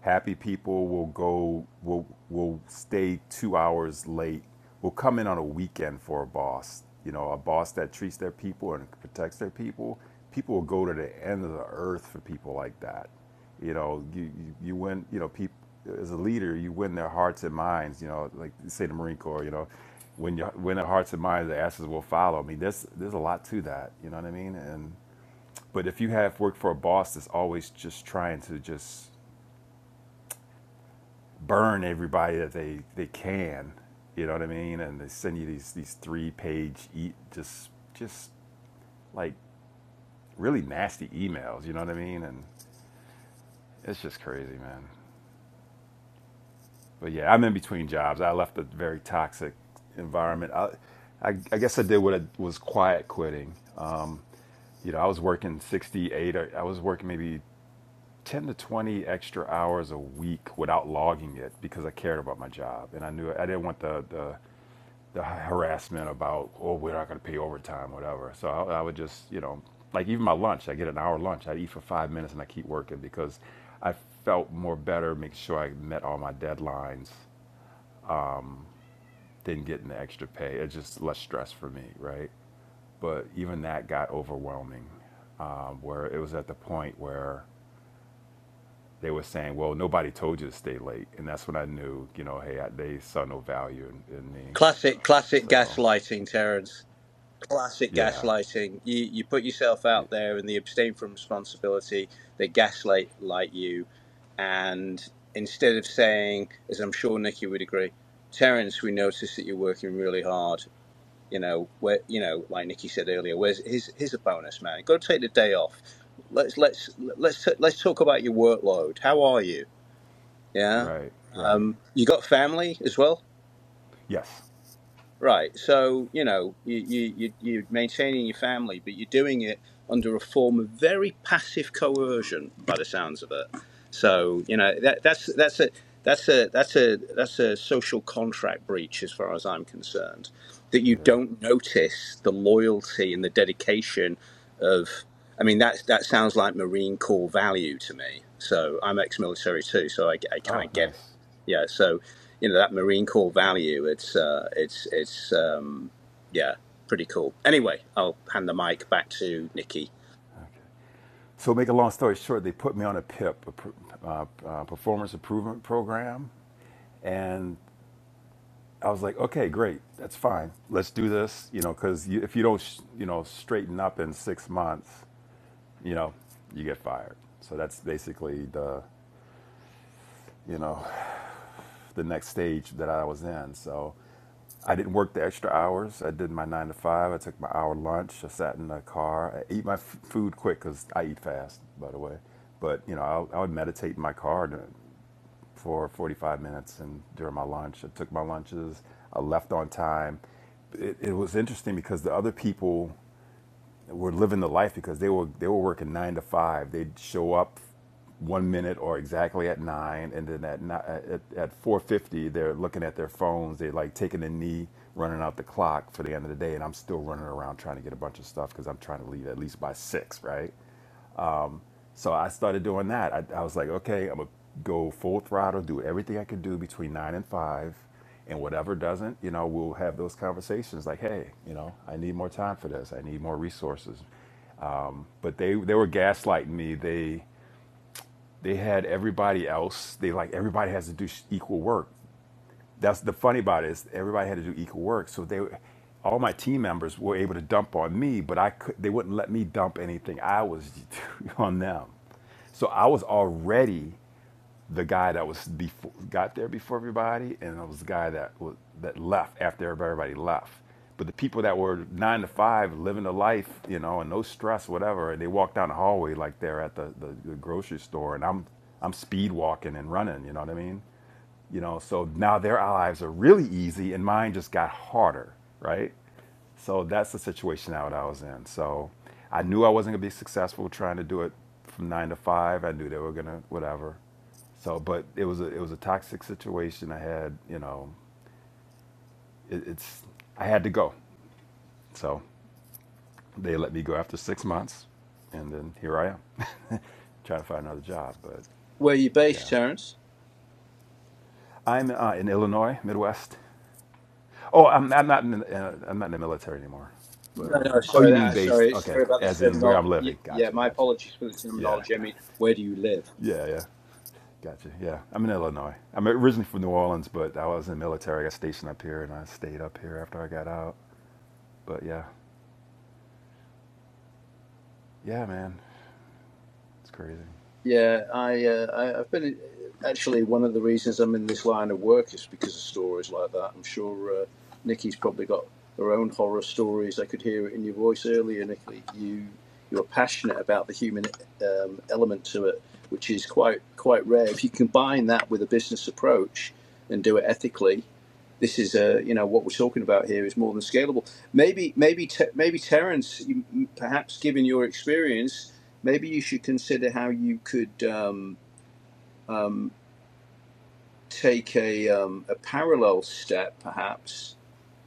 E: Happy people will go will will stay two hours late. Will come in on a weekend for a boss. You know, a boss that treats their people and protects their people. People will go to the end of the earth for people like that. You know, you you, you win. You know, people as a leader, you win their hearts and minds. You know, like say the Marine Corps. You know, when you win their hearts and minds, the ashes will follow. I mean, there's there's a lot to that. You know what I mean? And but if you have worked for a boss that's always just trying to just burn everybody that they, they can, you know what I mean? And they send you these these three page e- just just like really nasty emails, you know what I mean? And it's just crazy, man. But yeah, I'm in between jobs. I left a very toxic environment. I I, I guess I did what I was quiet quitting. Uh, you know, I was working 68. Or I was working maybe 10 to 20 extra hours a week without logging it because I cared about my job and I knew I didn't want the the, the harassment about oh we're not going to pay overtime whatever so I, I would just you know like even my lunch I get an hour lunch I eat for five minutes and I keep working because I felt more better make sure I met all my deadlines than getting the extra pay it's just less stress for me right but even that got overwhelming um, where it was at the point where they were saying, well, nobody told you to stay late. And that's when I knew, you know, hey, I, they saw no value in, in me.
H: classic, classic
E: So,
H: gaslighting, Terence. Classic
E: yeah.
H: gaslighting. You you put yourself
E: yeah.
H: out there, and they abstain from responsibility. They gaslight like you, and instead of saying, as I'm sure Nikki would agree, Terence, we noticed that you're working really hard. You know, where you know, like Nikki said earlier, where's here's here's a bonus, man. Go take the day off. Let's let's let's let's talk about your workload. How are you? Yeah,
E: Right, right.
H: you got family as well.
E: Yes.
H: Right. So, you know, you, you, you, you're maintaining your family, but you're doing it under a form of very passive coercion by the sounds of it. So, you know, that, that's, that's a, that's a, that's a, that's a social contract breach as far as I'm concerned, that you
E: Yeah.
H: don't notice the loyalty and the dedication of, I mean, that, that sounds like Marine Corps value to me. So I'm ex-military too. So I, I kind
E: Oh,
H: of get it
E: nice.
H: yeah. So, you know, that Marine Corps value, it's uh, it's it's um, yeah, pretty cool. Anyway, I'll hand the mic back to Nikki.
E: Okay. So, make a long story short, they put me on a PIP, a pr- uh, uh, performance improvement program. And I was like, okay, great. That's fine. Let's do this, you know, because you, if you don't, sh- you know, straighten up in six months, you know, you get fired. So that's basically the, you know, the next stage that I was in. So I didn't work the extra hours. I did my nine to five. I took my hour lunch. I sat in the car. I ate my f- food quick because I eat fast, by the way. But you know, i I would meditate in my car for 45 minutes, and during my lunch, I took my lunches. I left on time. It, it was interesting because the other people were living the life because they were they were working nine to five. They'd show up one minute or exactly at nine, and then at at, at four fifty, they're looking at their phones. They're like taking a knee, running out the clock for the end of the day, and I'm still running around trying to get a bunch of stuff because I'm trying to leave at least by six, right? So I started doing that. I, I was like, okay, I'm gonna go full throttle, do everything I can do between nine and five, and whatever doesn't, you know, we'll have those conversations like, hey, you know, I need more time for this. I need more resources but they they were gaslighting me. They they had everybody else. They like everybody has to do equal work. That's the funny about it is everybody had to do equal work. So they all my team members were able to dump on me, but I could they wouldn't let me dump anything. I was on them. So I was already the guy that was before, got there before everybody, and I was the guy that was, that left after everybody left. But the people that were nine to five, living the life, you know, and no stress, whatever, and they walk down the hallway like they're at the, the, the grocery store, and I'm I'm speed walking and running, you know what I mean? You know, so now their lives are really easy, and mine just got harder, right? So that's the situation out I was in. So I knew I wasn't gonna be successful trying to do it from nine to five. I knew they were gonna whatever. So, but it was a it was a toxic situation. I had you know, it, it's I had to go. So they let me go after six months, and then here I am, trying to find another job. But
H: Where are you based,
E: yeah,
H: Terence?
E: I'm uh, in Illinois, Midwest. Oh, I'm, I'm not. In uh, I'm not in the military anymore. But
H: No, no,
E: um, oh,
H: sorry,
E: you mean
H: that,
E: based?
H: sorry,
E: Okay,
H: sorry about the
E: as in where I'm
H: terminology.
E: living.
H: Yeah,
E: Gotcha,
H: my
E: gotcha.
H: apologies for the
E: Yeah,
H: terminology. I
E: g-
H: mean, where do you live?
E: yeah, yeah. Gotcha. Yeah, I'm in Illinois. I'm originally from New Orleans, but I was in the military. I got stationed up here, and I stayed up here after I got out. But yeah, yeah, man, it's crazy.
H: Yeah, I, uh, I I've been actually one of the reasons I'm in this line of work is because of stories like that. I'm sure uh, Nikki's probably got her own horror stories. I could hear it in your voice earlier, Nikki. You you're passionate about the human um, element to it, which is quite quite rare. If you combine that with a business approach and do it ethically, this is a you know what we're talking about here is more than scalable. Maybe maybe Te- maybe Terence, you, perhaps given your experience, maybe you should consider how you could um, take a um, a parallel step, perhaps,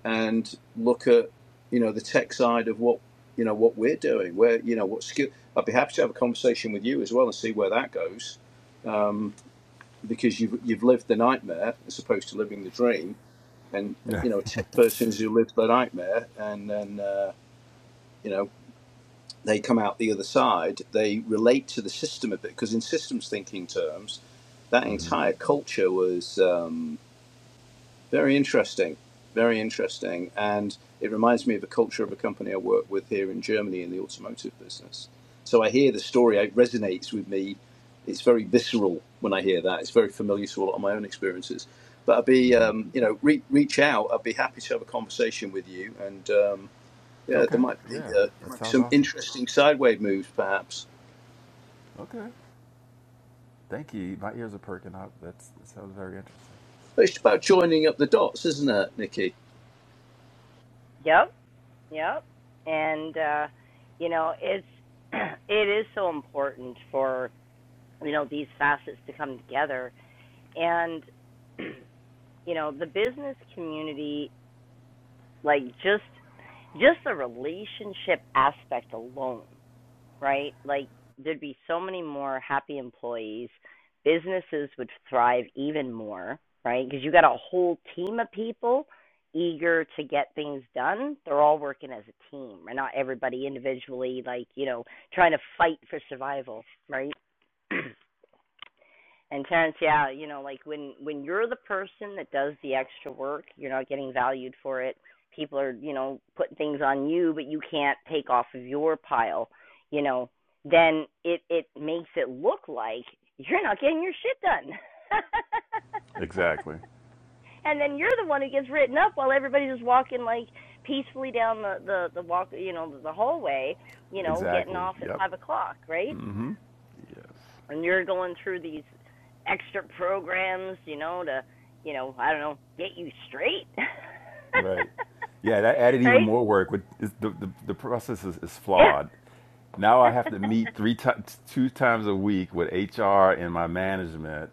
H: and look at you know the tech side of what you know what we're doing. Where you know what skill. I'd be happy to have a conversation with you as well and see where that goes because you've you've lived the nightmare as opposed to living the dream, and
E: Yeah.
H: you know a tech person who lived the nightmare and then. Uh, you know, they come out the other side, they relate to the system a bit because in systems thinking terms, that entire culture was um, very interesting, very interesting, and it reminds me of the culture of a company I work with here in Germany in the automotive business. So I hear the story, it resonates with me. It's very visceral when I hear that. It's very familiar to a lot of my own experiences. But I'd be, um, you know, re- reach out. I'd be happy to have a conversation with you and. Um, yeah, there
E: okay.
H: might be
E: Yeah,
H: uh, there
E: that
H: might be
E: sounds
H: some
E: awesome.
H: interesting sideway moves, perhaps.
E: Okay. Thank you. My ears are perking up. That's that sounds very interesting.
H: But it's about joining up the dots, isn't it, Nikki?
A: yep. Yep. And uh you know, it's it is so important for, you know, these facets to come together and you know, the business community like just just the relationship aspect alone right? Like there'd be so many more happy employees. Businesses would thrive even more, right? Because you got a whole team of people eager to get things done. They're all working as a team, and not everybody individually, like you know, trying to fight for survival, right? And Terrence, yeah, you know, like when when you're the person that does the extra work, you're not getting valued for it. People are, you know, putting things on you, but you can't take off of your pile. You know, then it it makes it look like you're not getting your shit done.
E: Exactly.
A: and then you're the one who gets written up while everybody's just walking like peacefully down the the the walk, you know, the hallway, you know, getting
E: Exactly.
A: off at
E: Yep.
A: five o'clock, right?
E: Yes.
A: and you're going through these extra programs, you know, to, you know, I don't know, get you straight.
E: Right. Yeah, that added even
A: right?
E: more work. With the, the the process is, is
A: Yeah.
E: flawed. Now I have to meet three times, two times a week with HR and my management,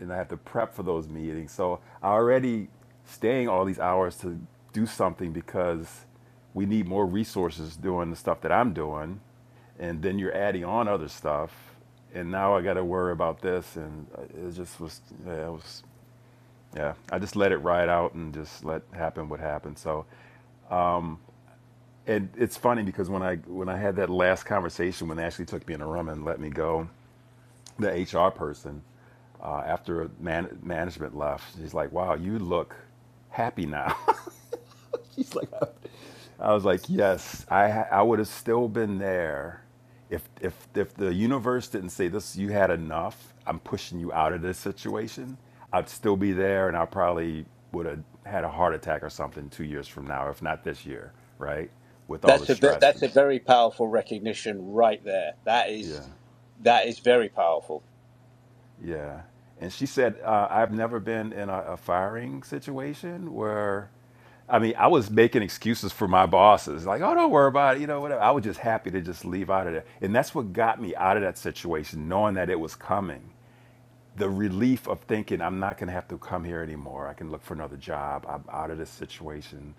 E: and I have to prep for those meetings. So I already staying all these hours to do something because we need more resources doing the stuff that I'm doing, and then you're adding on other stuff, and now I got to worry about this, and uh, it just was yeah, it was yeah, I just let it ride out and just let happen what happened. So, and it's funny because when I when I had that last conversation when they actually took me in a room and let me go, the HR person uh, after man- management left, she's like, "Wow, you look happy now." I was like, yes, I I would have still been there if if if the universe didn't say this, you had enough. I'm pushing you out of this situation. I'd still be there, and I probably would have had a heart attack or something two years from now, if not this year, right? With all the
H: That's a bit,
E: stress
H: that's
E: and
H: a very powerful recognition right there. That is
E: yeah.
H: that is very powerful.
E: Yeah. And she said, uh, I've never been in a, a firing situation where, I mean, I was making excuses for my bosses, like, oh, don't worry about it, you know, whatever. I was just happy to just leave out of there. And that's what got me out of that situation, knowing that it was coming. The relief of thinking, I'm not going to have to come here anymore. I can look for another job. I'm out of this situation.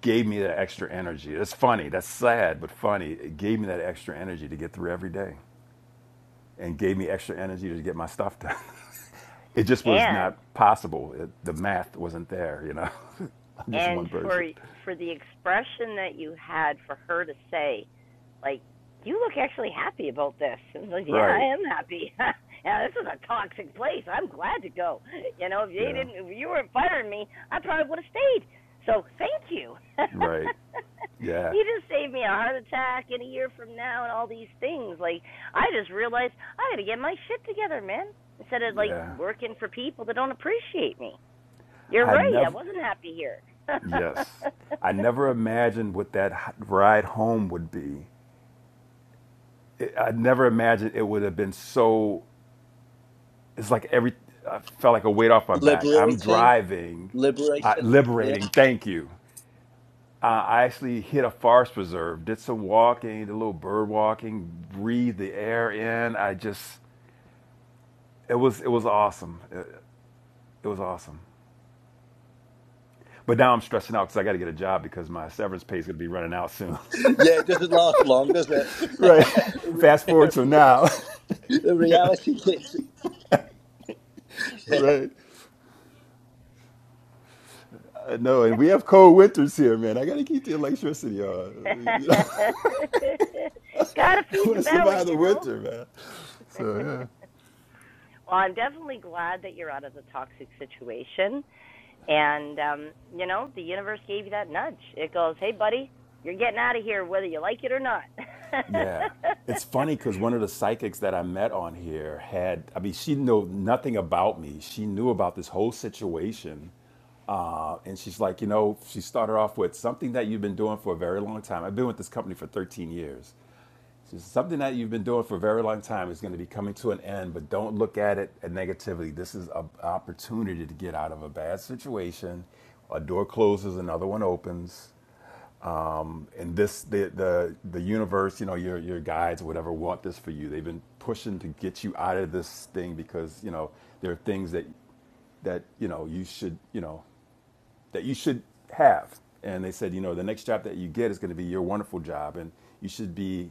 E: Gave me that extra energy. That's funny. That's sad, but funny. It gave me that extra energy to get through every day and gave me extra energy to get my stuff done. it just was
A: and
E: not possible. It, the math wasn't there, you know. I'm just
A: and
E: one
A: for
E: person.
A: for the expression that you had for her to say like you look actually happy about this and like yeah i
E: Right.
A: am happy yeah this is a toxic place i'm glad to go you know if they
E: Yeah.
A: didn't if you weren't firing me i probably would have stayed so thank you
E: Right. Yeah.
A: you just saved me a heart attack in a year from now and all these things like i just realized i gotta get my shit together man instead of like
E: Yeah.
A: working for people that don't appreciate me you're
E: I
A: right. I
E: never,
A: wasn't happy here.
E: yes. I never imagined what that h- ride home would be. It, I never imagined it would have been so, it's like every, I felt like a weight off my back. I'm
H: Liberating,
E: driving, I,
H: liberating. Yeah,
E: liberating, thank you. uh, I actually hit a forest preserve, did some walking, did a little bird walking, breathed the air in. I just, it was, it was awesome. It, it was awesome. But now I'm stressing out because I got to get a job because my severance pay is going to be running out soon.
H: yeah. It doesn't last long, does it?
E: Right. Fast forward to now.
H: the reality kicks. Yeah.
E: right. Uh, no, and we have cold winters here, man. I gotta keep the electricity on. You know, I
A: Gotta feed
E: want
A: the
E: to
A: belly,
E: survive the
A: you know?
E: winter, man. So yeah.
A: well, I'm definitely glad that you're out of the toxic situation. And, um, you know, the universe gave you that nudge. It goes, hey, buddy, you're getting out of here whether you like it or not.
E: Yeah. It's funny because one of the psychics that I met on here had, I mean, she knew nothing about me. She knew about this whole situation. Uh, and she's like, you know, she started off with something that you've been doing for a very long time. I've been with this company for 13 years. She says, something that you've been doing for a very long time is going to be coming to an end, but don't look at it at negativity. This is an opportunity to get out of a bad situation. A door closes, another one opens and this the the the universe you know your your guides or whatever want this for you they've been pushing to get you out of this thing because you know there are things that that you know you should you know that you should have and they said you know the next job that you get is going to be your wonderful job and you should be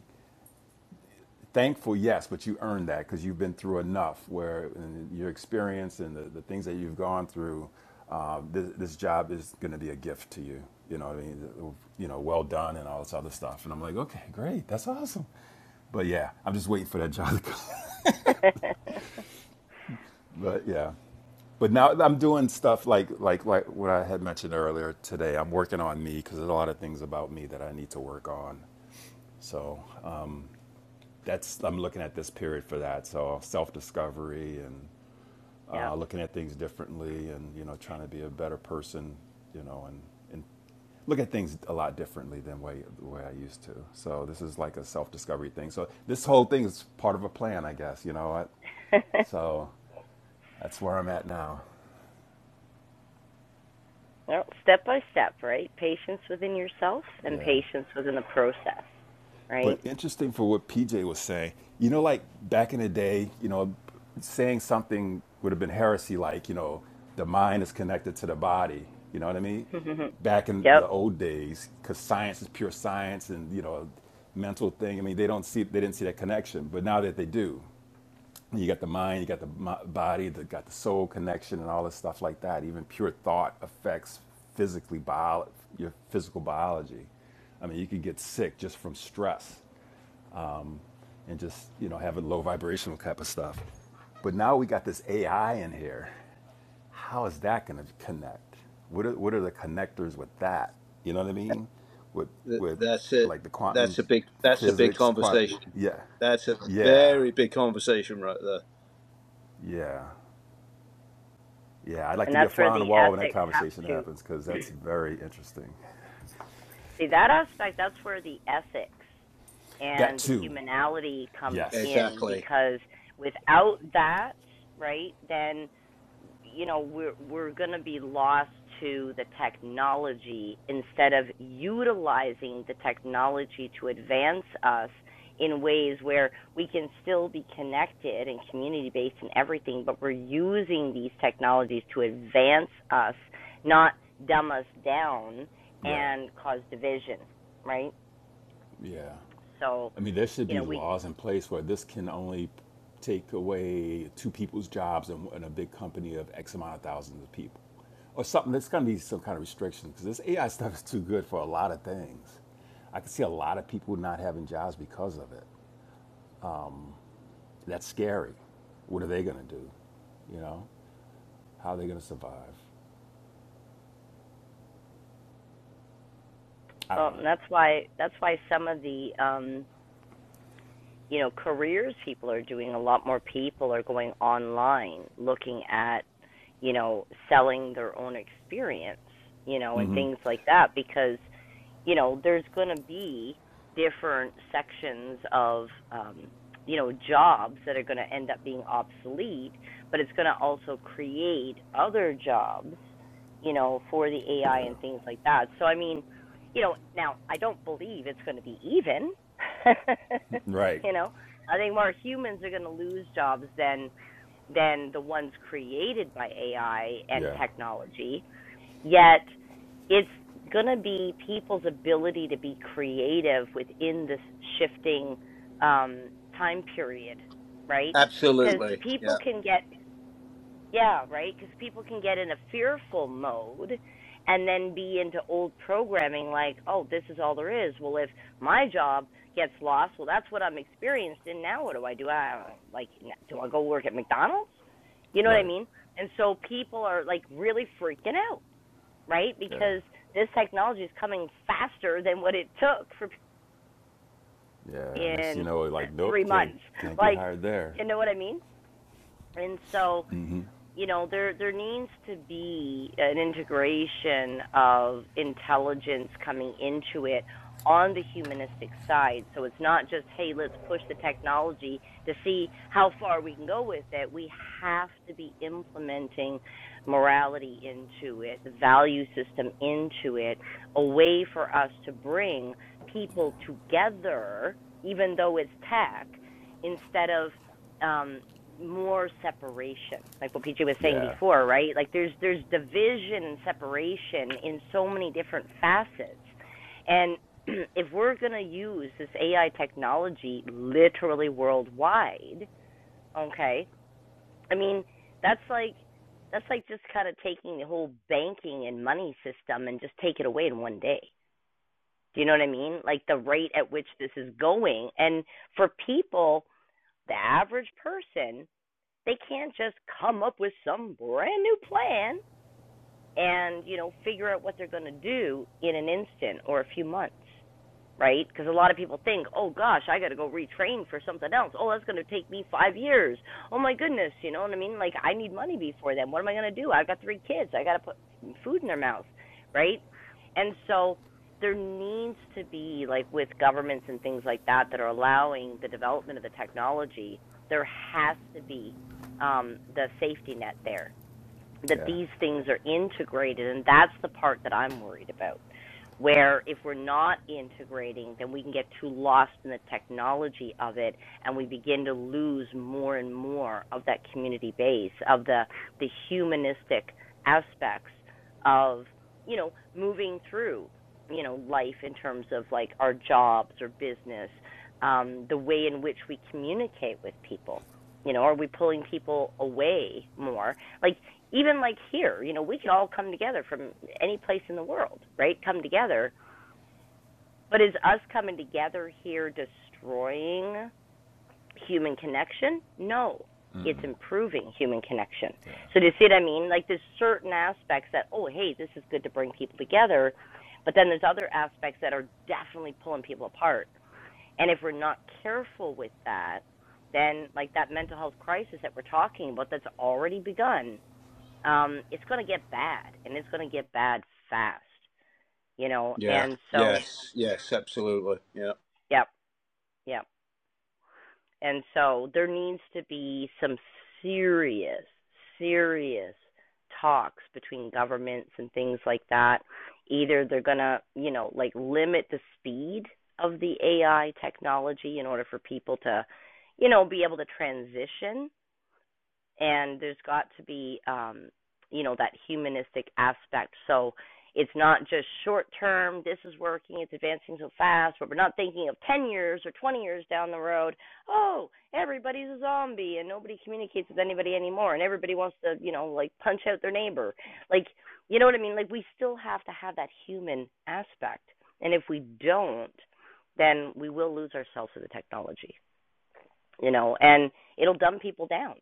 E: Thankful, yes, but you earned that because you've been through enough where and your experience and the, the things that you've gone through, uh, this, this job is going to be a gift to you. You know what I mean? You know, well done and all this other stuff. And I'm like, okay, great. That's awesome. But yeah, I'm just waiting for that job to come. But yeah. But now I'm doing stuff like like like what I had mentioned earlier today. I'm working on me because there's a lot of things about me that I need to work on. So that's I'm looking at this period for that. So self discovery and
A: yeah.
E: uh, looking at things differently and, you know, trying to be a better person, you know, and, and look at things a lot differently than way, the way I used to. So this is like a self-discovery thing. So this whole thing is part of a plan, I guess, you know. I, so that's where I'm at now.
A: well, step by step, right? Patience within yourself and
E: Yeah.
A: patience within the process, right?
E: But interesting for what PJ was saying. You know, like back in the day, you know, saying something would have been heresy, like, you know, the mind is connected to the body. You know what I mean? Back in
A: yep.
E: the old days, because science is pure science and, you know, mental thing. I mean, they don't see, they didn't see that connection. But now that they do, you got the mind, you got the body, you got the soul connection and all this stuff like that. Even pure thought affects physically bio, your physical biology. I mean, you could get sick just from stress and just, you know, having low vibrational type of stuff. But now we got this AI in here. How is that going to connect? What are, what are the connectors with that? You know what I mean? With,
H: Th-
E: with
H: That's it.
E: like the
H: That's
E: quantum
H: a big. That's a big
E: physics, quantum,
H: conversation.
E: yeah,
H: That's a
E: yeah,
H: very big conversation right there.
E: yeah, yeah. I'd like
A: And
E: to be a
A: that's where
E: fly on the
A: the
E: wall when that
A: ethics have
E: conversation
A: to
E: happens because that's very interesting.
A: See that aspect, that's where the ethics
E: That
A: and the
E: too.
A: humanality comes
E: Yes.
A: in
H: Exactly.
A: because without that, right, then you know we're we're going to be lost to the technology instead of utilizing the technology to advance us in ways where we can still be connected and community based and everything but we're using these technologies to advance us not dumb us down
E: Right.
A: and cause division, right?
E: Yeah.
A: So,
E: I mean, there should
A: you
E: be
A: know, we
E: laws in place where this can only take away two people's jobs in, in a big company of X amount of thousands of people, or something. There's going to be some kind of restriction because this AI stuff is too good for a lot of things. I can see a lot of people not having jobs because of it. That's scary. What are they going to do? You know, how are they going to survive? I don't
A: um,
E: know.
A: that's why that's why some of the um, you know careers people are doing a lot more people are going online looking at you know selling their own experience you know and things like that because you know there's going to be different sections of um you know jobs that are going to end up being obsolete but it's going to also create other jobs you know for the AI and things like that so i mean you know now i don't believe it's going to be even
E: Right.
A: You know, I think more humans are going to lose jobs than than the ones created by AI and
E: Yeah.
A: technology. Yet it's going to be people's ability to be creative within this shifting um, time period, right? Because
H: Absolutely.
A: people
H: Yeah.
A: can get yeah, right? Because people can get in a fearful mode and then be into old programming like, oh, this is all there is. Well, if my job gets lost, well, that's what I'm experienced in. Now, what do I do? I like, do I go work at McDonald's? You know what I
E: Right.
A: mean? And so people are like really freaking out, right?
E: Yeah.
A: Because this technology is coming faster than what it took for
E: Yeah. Next, thing
A: in
E: you know, like,
A: three
E: nope, can't
A: months.
E: can't get
A: Like,
E: hired there.
A: you know what I mean? And so you know there there needs to be an integration of intelligence coming into it on the humanistic side so it's not just hey let's push the technology to see how far we can go with it we have to be implementing morality into it the value system into it a way for us to bring
E: Yeah.
A: people together even though it's tech instead of um more separation like what pj was saying
E: Yeah.
A: before right like there's there's division and separation in so many different facets and if we're going to use this ai technology literally worldwide okay i mean that's like that's like just kind of taking the whole banking and money system and just take it away in one day do you know what i mean like the rate at which this is going and for people the average person they can't just come up with some brand new plan and you know figure out what they're going to do in an instant or a few months right because a lot of people think oh gosh i got to go retrain for something else oh that's going to take me 5 years oh my goodness you know what i mean like i need money before then what am i going to do i've got three kids i got to put food in their mouth right and so there needs to be like with governments and things like that that are allowing the development of the technology there has to be um the safety net there that
E: Yeah.
A: these things are integrated and that's the part that i'm worried about where if we're not integrating then we can get too lost in the technology of it and we begin to lose more and more of that community base of the the humanistic aspects of you know moving through you know life in terms of like our jobs or business um the way in which we communicate with people you know are we pulling people away more like even like here, you know, we can all come together from any place in the world, right? Come together. But is us coming together here destroying human connection? No, it's improving human connection.
E: Yeah.
A: So, do you see what I mean? Like, there's certain aspects that, oh, hey, this is good to bring people together. But then there's other aspects that are definitely pulling people apart. And if we're not careful with that, then, like that mental health crisis that we're talking about that's already begun, um, it's going to get bad, and it's going to get bad fast, you know.
H: Yeah.
A: And so,
H: Yes. Yes. Absolutely. Yeah.
A: yep, yep. And so there needs to be some serious, serious talks between governments and things like that. Either they're going to, you know, like limit the speed of the AI technology in order for people to, you know, be able to transition and there's got to be um you know that humanistic aspect so it's not just short term this is working it's advancing so fast but we're not thinking of 10 years or 20 years down the road oh everybody's a zombie and nobody communicates with anybody anymore and everybody wants to you know like punch out their neighbor like you know what i mean like we still have to have that human aspect and if we don't then we will lose ourselves to the technology you know, and it'll dumb people down,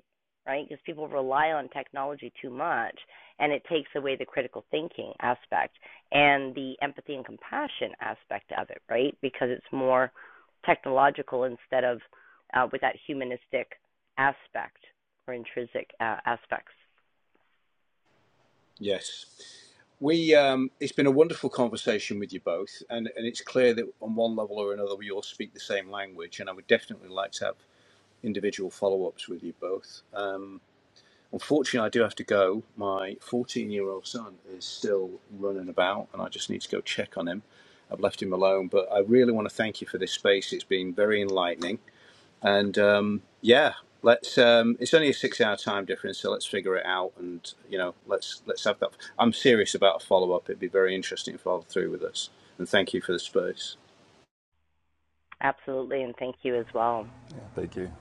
A: right? Because people rely on technology too much and it takes away the critical thinking aspect and the empathy and compassion aspect of it, right? Because it's more technological instead of uh, with that humanistic aspect or intrinsic uh, aspects.
H: Yes. We. Um, it's been a wonderful conversation with you both, and and it's clear that on one level or another we all speak the same language, and I would definitely like to have individual follow-ups with you both. Unfortunately, I do have to go. My 14-year-old son is still running about, and I just need to go check on him. I've left him alone, but I really want to thank you for this space. It's been very enlightening. and um, yeah let's um, it's only a six hour time difference so let's figure it out and you know let's let's have that i'm serious about a follow-up it'd be very interesting to follow through with us and thank you for the space
A: Absolutely, and thank you as well.
E: yeah. Thank you.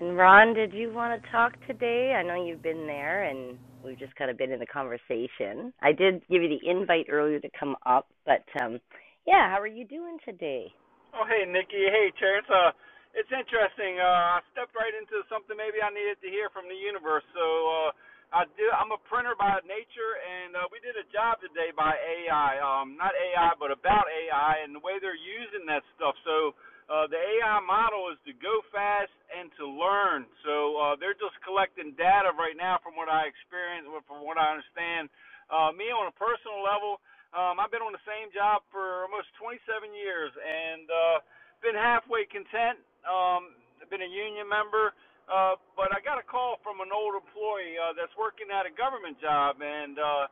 A: And Ron, did you want to talk today? I know you've been there and we've just kind of been in the conversation. I did give you the invite earlier to come up, but um yeah, how are you doing today?
I: Oh, hey, Nikki. Hey, Chair. It's, uh, it's interesting. Uh, I stepped right into something maybe I needed to hear from the universe. So uh, I do. I'm a printer by nature, and uh, we did a job today by AI. Um, not AI, but about AI and the way they're using that stuff. So uh, the AI model is to go fast and to learn. So uh, they're just collecting data right now, from what I experience, from what I understand. Uh, me on a personal level. Um, I've been on the same job for almost 27 years and uh, been halfway content. Um, I've been a union member, uh, but I got a call from an old employee uh, that's working at a government job, and uh,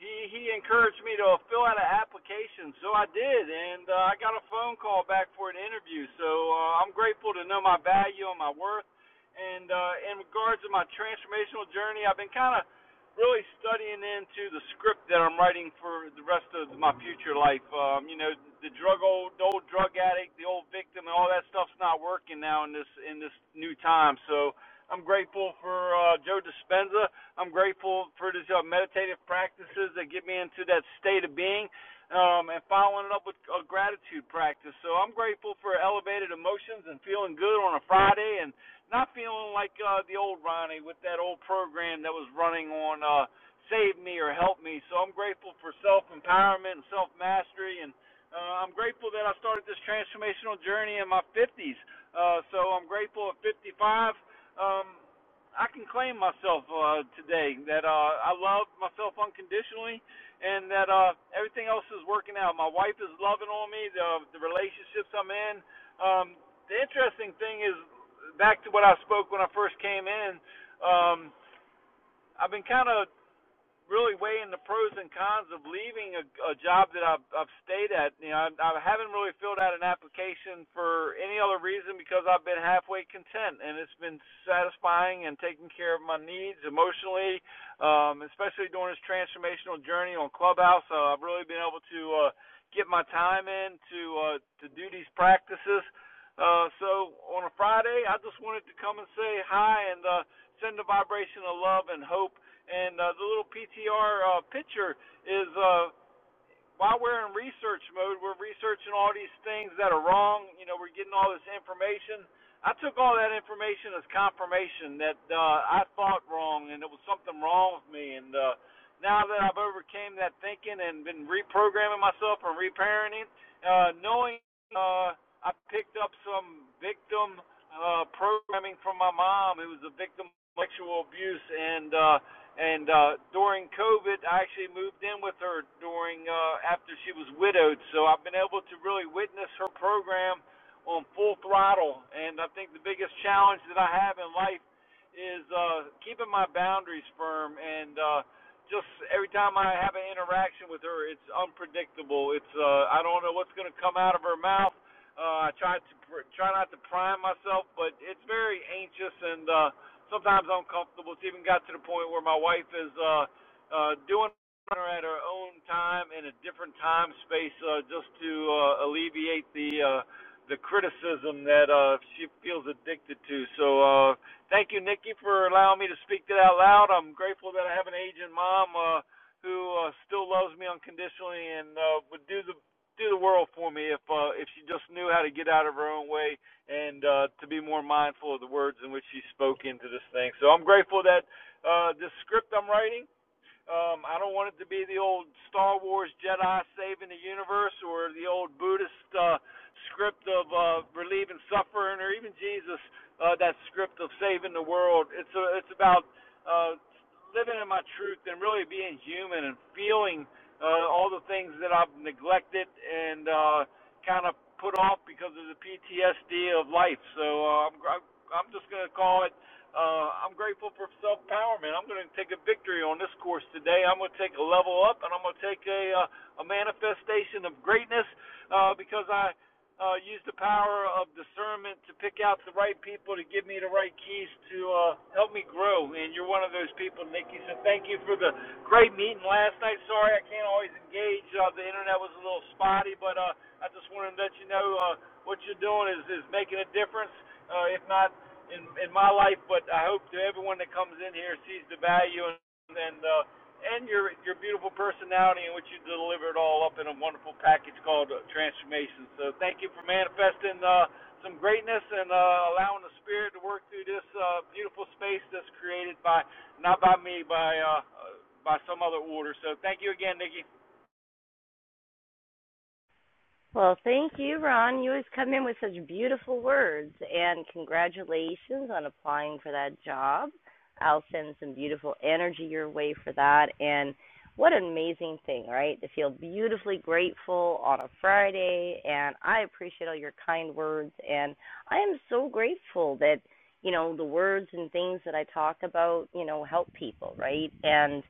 I: he he encouraged me to fill out an application, so I did, and uh, I got a phone call back for an interview. So uh, I'm grateful to know my value and my worth. And uh, in regards to my transformational journey, I've been kind of really studying into the script that I'm writing for the rest of my future life. Um, you know, the drug old the old drug addict, the old victim, and all that stuff's not working now in this in this new time. So I'm grateful for uh, Joe Dispenza I'm grateful for these uh, meditative practices that get me into that state of being, um, and following it up with a gratitude practice. So I'm grateful for elevated emotions and feeling good on a Friday, and not feeling like uh, the old Ronnie with that old program that was running on uh, Save Me or Help Me. So I'm grateful for self empowerment and self mastery and uh, I'm grateful that I started this transformational journey in my 50s. Uh, so I'm grateful at 55. Um, I can claim myself uh, today that uh, I love myself unconditionally, and that uh, everything else is working out. My wife is loving on me. The the relationships I'm in. Um, the interesting thing is back to what I spoke when I first came in. Um, I've been kind of really weighing the pros and cons of leaving a, a job that I've, I've stayed at. You know, I, I haven't really filled out an application for any other reason because I've been halfway content, and it's been satisfying and taking care of my needs emotionally, um, especially during this transformational journey on Clubhouse. Uh, I've really been able to uh, get my time in to uh, to do these practices. Uh, so on a Friday, I just wanted to come and say hi and uh, send a vibration of love and hope and uh, the little PTR uh, picture is uh, while we're in research mode, we're researching all these things that are wrong. You know, we're getting all this information. I took all that information as confirmation that uh, I thought wrong and it was something wrong with me. And uh, now that I've overcame that thinking and been reprogramming myself and reparenting, uh, knowing uh, I picked up some victim uh, programming from my mom who was a victim of sexual abuse. And uh, and uh, during COVID, I actually moved in with her during uh, after she was widowed. So I've been able to really witness her program on full throttle. And I think the biggest challenge that I have in life is uh, keeping my boundaries firm. And uh, just every time I have an interaction with her, it's unpredictable. It's uh, I don't know what's going to come out of her mouth. Uh, I try to pr- try not to prime myself, but it's very anxious and. Uh, sometimes uncomfortable. It's even got to the point where my wife is uh, uh, doing her at her own time in a different time space uh, just to uh, alleviate the uh, the criticism that uh, she feels addicted to. So uh, thank you, Nikki, for allowing me to speak that out loud. I'm grateful that I have an aging mom uh, who uh, still loves me unconditionally and uh, would do the do the world for me if uh, if she just knew how to get out of her own way and uh, to be more mindful of the words in which He spoke into this thing. So I'm grateful that uh, this script I'm writing um, I don't want it to be the old Star Wars Jedi saving the universe or the old Buddhist uh, script of uh, relieving suffering or even Jesus uh, that script of saving the world. It's a, it's about uh, living in my truth and really being human and feeling uh, all the things that I've neglected and uh, kind of put off because of the PTSD of life. So uh, I'm, I'm just going to call it uh, I'm grateful for self empowerment. I'm going to take a victory on this course today. I'm going to take a level up, and I'm going to take a uh, a manifestation of greatness uh, because I uh, used the power of discernment to pick out the right people to give me the right keys to uh, help me grow. And you're one of those people, Nikki. So thank you for the great meeting last night. Sorry I can't always engage. Uh, the internet was a little spotty, but uh, I just wanted to let you know uh, what you're doing is is making a difference. Uh, if not in in my life, but I hope to everyone that comes in here sees the value and and uh, and your your beautiful personality in which you deliver it all up in a wonderful package called uh, transformation. So thank you for manifesting uh, some greatness and uh, allowing the spirit to work through this uh, beautiful space that's created by not by me by. Uh, uh, by some other order. So thank you again, Nikki.
A: Well, thank you, Ron. You always come in with such beautiful words, and congratulations on applying for that job. I'll send some beautiful energy your way for that. And what an amazing thing, right? To feel beautifully grateful on a Friday. And I appreciate all your kind words. And I am so grateful that, you know, the words and things that I talk about, you know, help people, right? And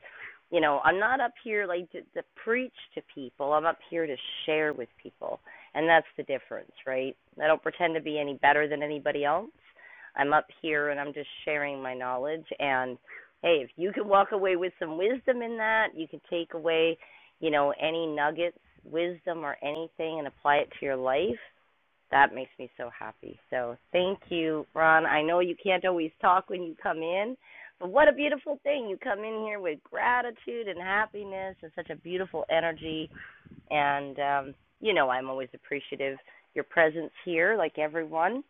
A: you know i'm not up here like to, to preach to people i'm up here to share with people and that's the difference right i don't pretend to be any better than anybody else i'm up here and i'm just sharing my knowledge and hey if you can walk away with some wisdom in that you can take away you know any nuggets wisdom or anything and apply it to your life that makes me so happy. So thank you, Ron. I know you can't always talk when you come in, but what a beautiful thing. You come in here with gratitude and happiness and such a beautiful energy. And, um, you know, I'm always appreciative of your presence here, like everyone.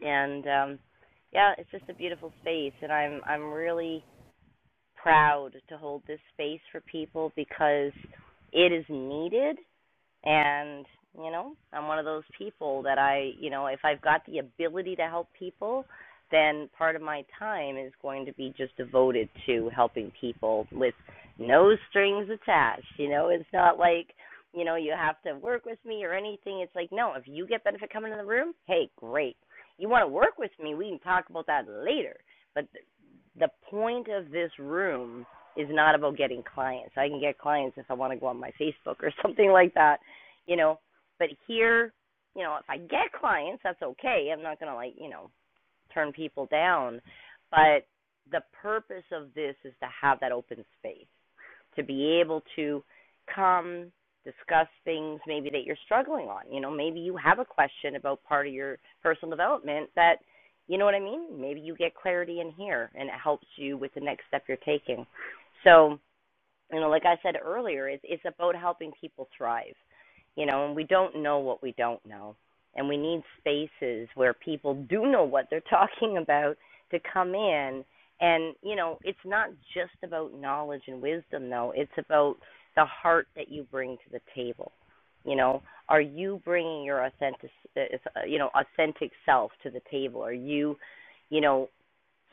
A: And, um, yeah, it's just a beautiful space. And I'm, I'm really proud to hold this space for people because it is needed and you know i'm one of those people that i you know if i've got the ability to help people then part of my time is going to be just devoted to helping people with no strings attached you know it's not like you know you have to work with me or anything it's like no if you get benefit coming in the room hey great you want to work with me we can talk about that later but the point of this room is not about getting clients. I can get clients if I want to go on my Facebook or something like that, you know. But here, you know, if I get clients, that's okay. I'm not going to like, you know, turn people down. But the purpose of this is to have that open space to be able to come discuss things maybe that you're struggling on. You know, maybe you have a question about part of your personal development that, you know what I mean? Maybe you get clarity in here and it helps you with the next step you're taking. So you know, like I said earlier, it's it's about helping people thrive. You know, and we don't know what we don't know. And we need spaces where people do know what they're talking about to come in and, you know, it's not just about knowledge and wisdom though. It's about the heart that you bring to the table. You know, are you bringing your authentic, uh, uh, you know, authentic self to the table? Are you, you know,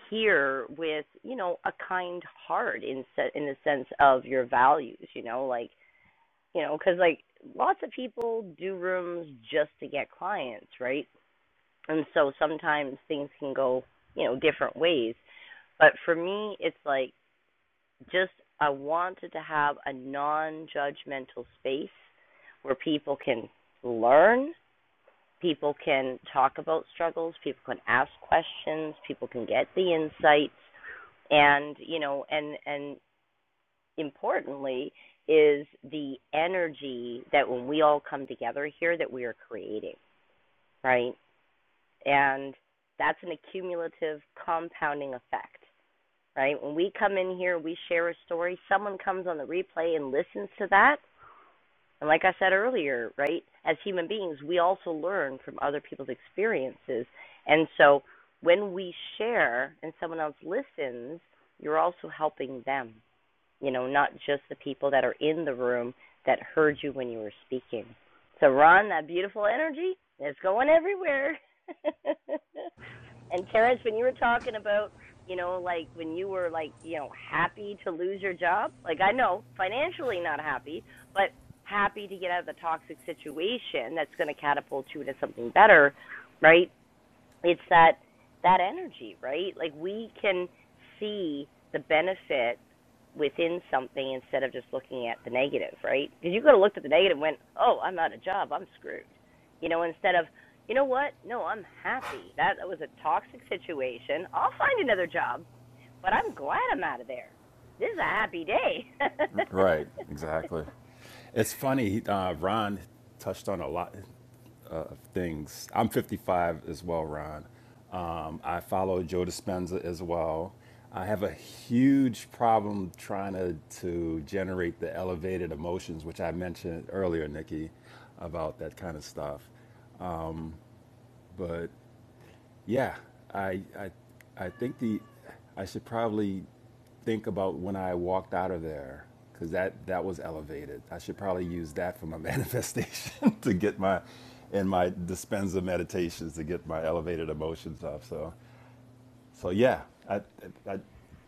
A: here with you know a kind heart in se- in the sense of your values you know like you know because like lots of people do rooms just to get clients right and so sometimes things can go you know different ways but for me it's like just i wanted to have a non judgmental space where people can learn people can talk about struggles people can ask questions people can get the insights and you know and and importantly is the energy that when we all come together here that we are creating right and that's an accumulative compounding effect right when we come in here we share a story someone comes on the replay and listens to that and like i said earlier right as human beings we also learn from other people's experiences and so when we share and someone else listens you're also helping them you know, not just the people that are in the room that heard you when you were speaking. So, Ron, that beautiful energy is going everywhere. and, Terrence, when you were talking about, you know, like when you were like, you know, happy to lose your job, like I know financially not happy, but happy to get out of the toxic situation that's going to catapult you into something better, right? it's that that energy, right? Like we can see the benefit within something instead of just looking at the negative, right? Because you could have looked at the negative and went, "Oh, I'm out of job. I'm screwed." You know, instead of, "You know what? No, I'm happy. That was a toxic situation. I'll find another job, but I'm glad I'm out of there. This is a happy day."
E: Right. Exactly. It's funny. Uh, Ron touched on a lot of things. I'm 55 as well, Ron. Um, I follow Joe Dispenza as well. I have a huge problem trying to, to generate the elevated emotions, which I mentioned earlier, Nikki, about that kind of stuff. But Yeah, I, I, I think the, I should probably think about when I walked out of there because that that was elevated. I should probably use that for my manifestation to get my, and my dispenser meditations to get my elevated emotions up. So, so yeah, I, I,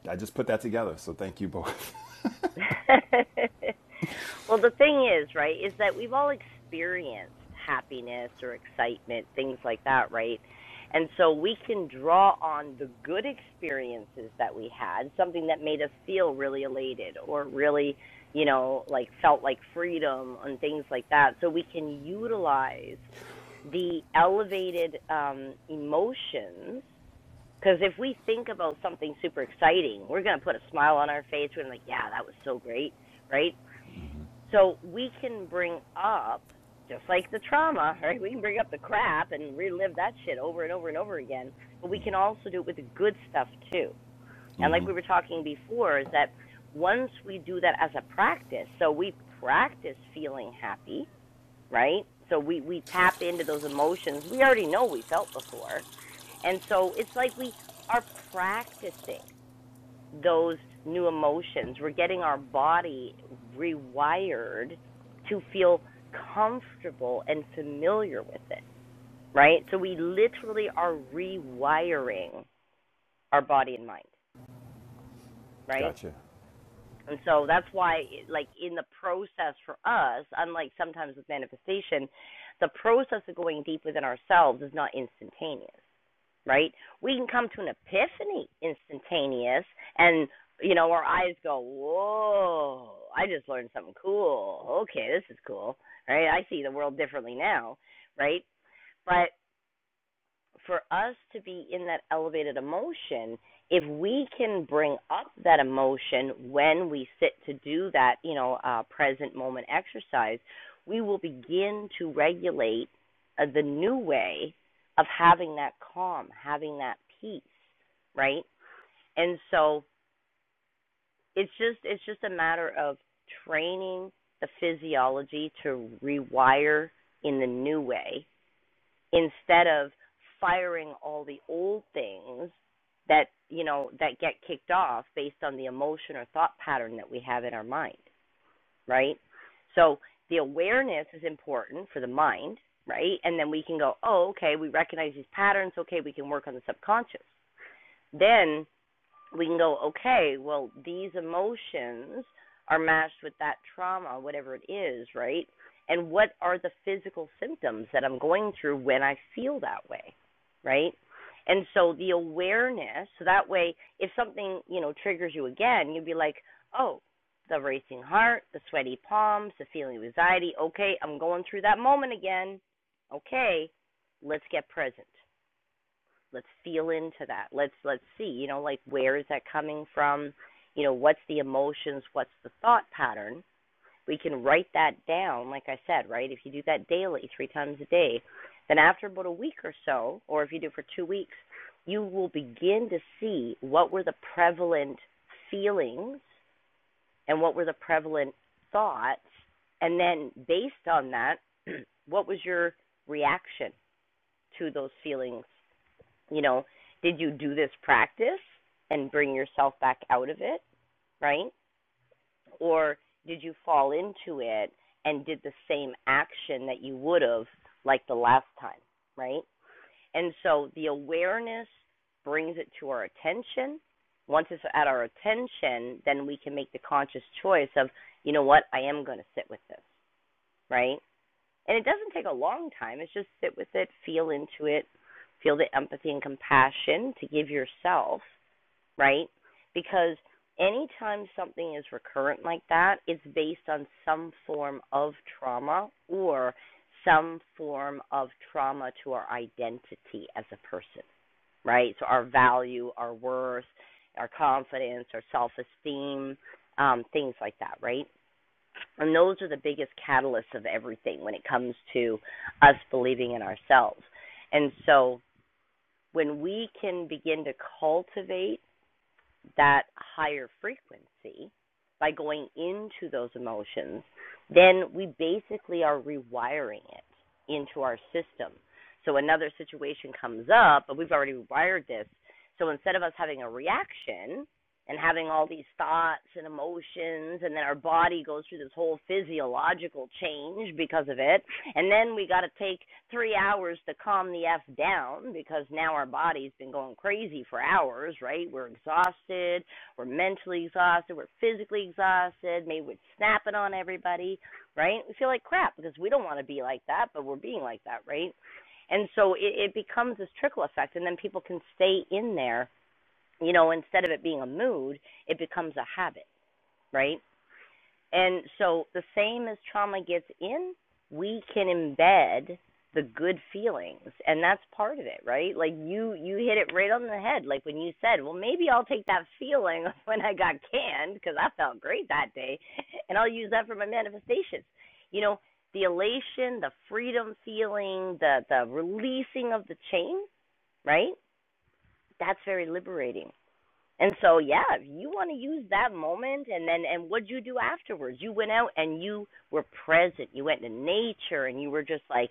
E: I just put that together. So thank you both.
A: well, the thing is, right, is that we've all experienced happiness or excitement, things like that, right? And so we can draw on the good experiences that we had, something that made us feel really elated or really, you know, like felt like freedom and things like that. So we can utilize the elevated um, emotions because if we think about something super exciting, we're going to put a smile on our face. We're gonna be like, yeah, that was so great, right? So we can bring up, just like the trauma, right? We can bring up the crap and relive that shit over and over and over again. But we can also do it with the good stuff too. And like
E: hmm
A: we were talking before, is that once we do that as a practice, so we practice feeling happy, right? So we, we tap into those emotions we already know we felt before and so it's like we are practicing those new emotions. We're getting our body rewired to feel comfortable and familiar with it, right? So we literally are rewiring our body and mind, right?
E: Gotcha.
A: And so that's why, like, in the process for us, unlike sometimes with manifestation, the process of going deep within ourselves is not instantaneous. right? We can come to an epiphany instantaneous and you know, our eyes go, Whoa, I just learned something cool. Okay, this is cool. Right? I see the world differently now, right? But for us to be in that elevated emotion, if we can bring up that emotion when we sit to do that, you know, uh, present moment exercise, we will begin to regulate uh, the new way of having that calm, having that peace, right? And so it's just it's just a matter of training the physiology to rewire in the new way instead of firing all the old things that you know that get kicked off based on the emotion or thought pattern that we have in our mind right so the awareness is important for the mind right and then we can go oh okay we recognize these patterns okay we can work on the subconscious then we can go, okay, well, these emotions are matched with that trauma, whatever it is, right? And what are the physical symptoms that I'm going through when I feel that way, right? And so the awareness, so that way, if something, you know, triggers you again, you'd be like, oh, the racing heart, the sweaty palms, the feeling of anxiety. Okay, I'm going through that moment again. Okay, let's get present let's feel into that let's let's see you know like where is that coming from you know what's the emotions what's the thought pattern we can write that down like i said right if you do that daily three times a day then after about a week or so or if you do it for two weeks you will begin to see what were the prevalent feelings and what were the prevalent thoughts and then based on that what was your reaction to those feelings you know, did you do this practice and bring yourself back out of it, right? Or did you fall into it and did the same action that you would have like the last time, right? And so the awareness brings it to our attention. Once it's at our attention, then we can make the conscious choice of, you know what, I am going to sit with this, right? and it doesn't take a long time. It's just sit with it, feel into it, feel the empathy and compassion to give yourself, right? Because anytime something is recurrent like that, it's based on some form of trauma or some form of trauma to our identity as a person, right? So our value, our worth, our confidence, our self esteem, um, things like that, right? I mean, those are the biggest catalysts of everything when it comes to us believing in ourselves. And so when we can begin to cultivate that higher frequency by going into those emotions, then we basically are rewiring it into our system. So another situation comes up, but we've already wired this. So instead of us having a reaction and having all these thoughts and emotions, and then our body goes through this whole physiological change because of it, and then we got to take three hours to calm the f down because now our body's been going crazy for hours right we're exhausted we're mentally exhausted we're physically exhausted maybe we're snapping on everybody right we feel like crap because we don't want to be like that but we're being like that right and so it, it becomes this trickle effect and then people can stay in there you know instead of it being a mood it becomes a habit right and so the same as trauma gets in, we can embed the good feelings and that's part of it right like you you hit it right on the head like when you said well maybe i'll take that feeling when i got canned because i felt great that day and i'll use that for my manifestations you know the elation the freedom feeling the the releasing of the chain right that's very liberating and so, yeah, you want to use that moment, and then, and what'd you do afterwards? You went out and you were present. You went to nature, and you were just like,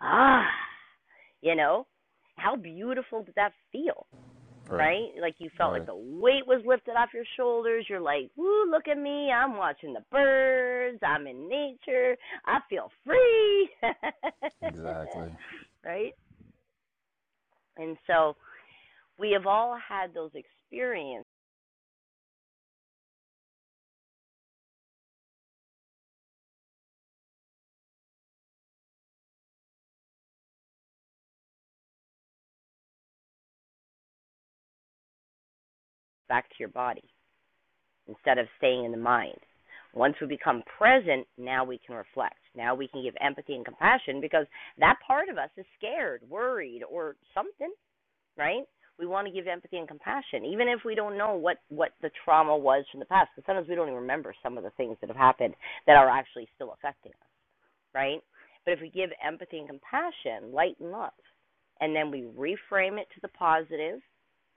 A: ah, you know, how beautiful did that feel,
E: Right.
A: right? Like you felt like
E: Right.
A: the weight was lifted off your shoulders. You're like, woo, look at me. I'm watching the birds. I'm in nature. I feel free,
E: Exactly.
A: right? And so, we have all had those experiences back to your body instead of staying in the mind. Once we become present, now we can reflect. Now we can give empathy and compassion because that part of us is scared, worried, or something, right? We want to give empathy and compassion, even if we don't know what what the trauma was from the past. Because sometimes we don't even remember some of the things that have happened that are actually still affecting us, right? But if we give empathy and compassion, light and love, and then we reframe it to the positive,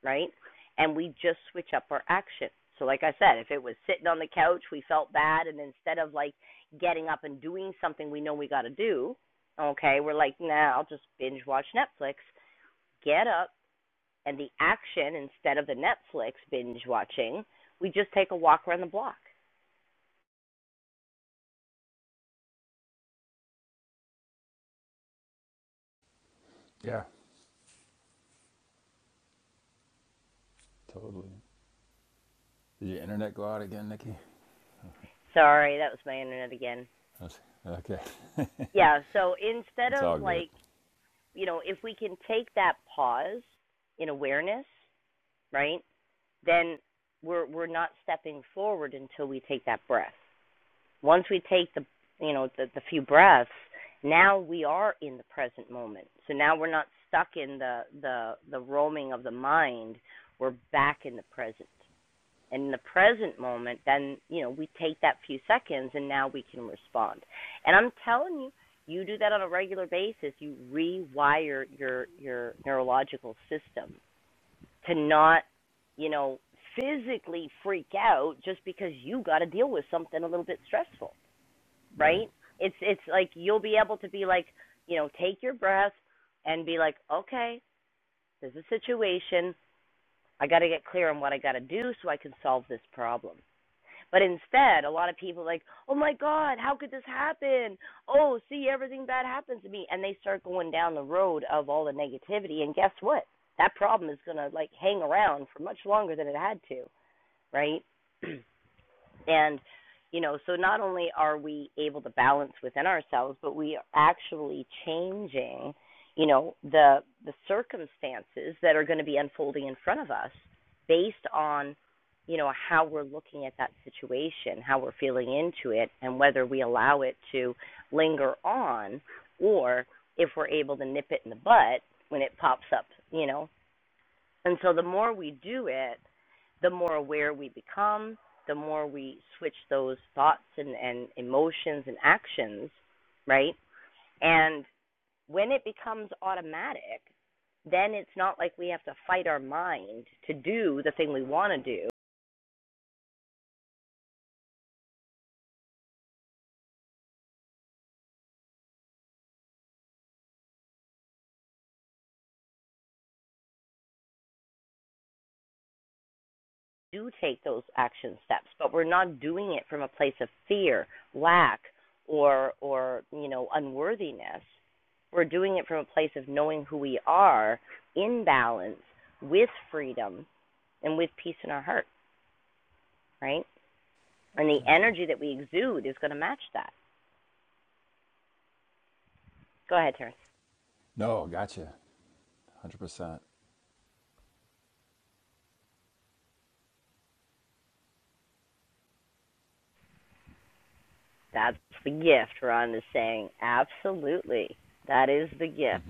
A: right? And we just switch up our action. So, like I said, if it was sitting on the couch, we felt bad, and instead of like getting up and doing something we know we got to do, okay, we're like, nah, I'll just binge watch Netflix. Get up, and the action instead of the Netflix binge watching, we just take a walk around the block.
E: Yeah, Totally. Did your internet go out again, Nikki?
A: Sorry, that was my internet again.
E: That's- okay.
A: Yeah, so instead
E: It's
A: of
E: all good.
A: like, you know, if we can take that pause in awareness, right, then we're we're not stepping forward until we take that breath. Once we take the you know the, the few breaths, now we are in the present moment. So now we're not stuck in the the the roaming of the mind. We're back in the present. And in the present moment, then you know we take that few seconds, and now we can respond. And I'm telling you, you do that on a regular basis. You rewire your your neurological system to not, you know, physically freak out just because you got to deal with something a little bit stressful,
E: right.
A: right? It's it's like you'll be able to be like, you know, take your breath and be like, okay, there's a situation. I got to get clear on what I got to do so I can solve this problem. But instead, a lot of people are like, "Oh my God, how could this happen? Oh, see, everything bad happens to me," and they start going down the road of all the negativity. And guess what? That problem is gonna like hang around for much longer than it had to, right? And, you know, so not only are we able to balance within ourselves, but we are actually changing, you know, the the circumstances that are going to be unfolding in front of us based on, you know, how we're looking at that situation, how we're feeling into it, and whether we allow it to linger on or if we're able to nip it in the butt when it pops up, you know. And so the more we do it, the more aware we become, the more we switch those thoughts and, and emotions and actions, right? And when it becomes automatic, then it's not like we have to fight our mind to do the thing we want to do. We do take those action steps, but we're not doing it from a place of fear, lack, or or you know unworthiness. We're doing it from a place of knowing who we are in balance with freedom and with peace in our heart. right? And the
E: Gotcha.
A: energy that we exude is going to match that. Go ahead, Terrence.
E: No, gotcha. 100%.
A: That's the gift. Ron is saying absolutely. That is the gift.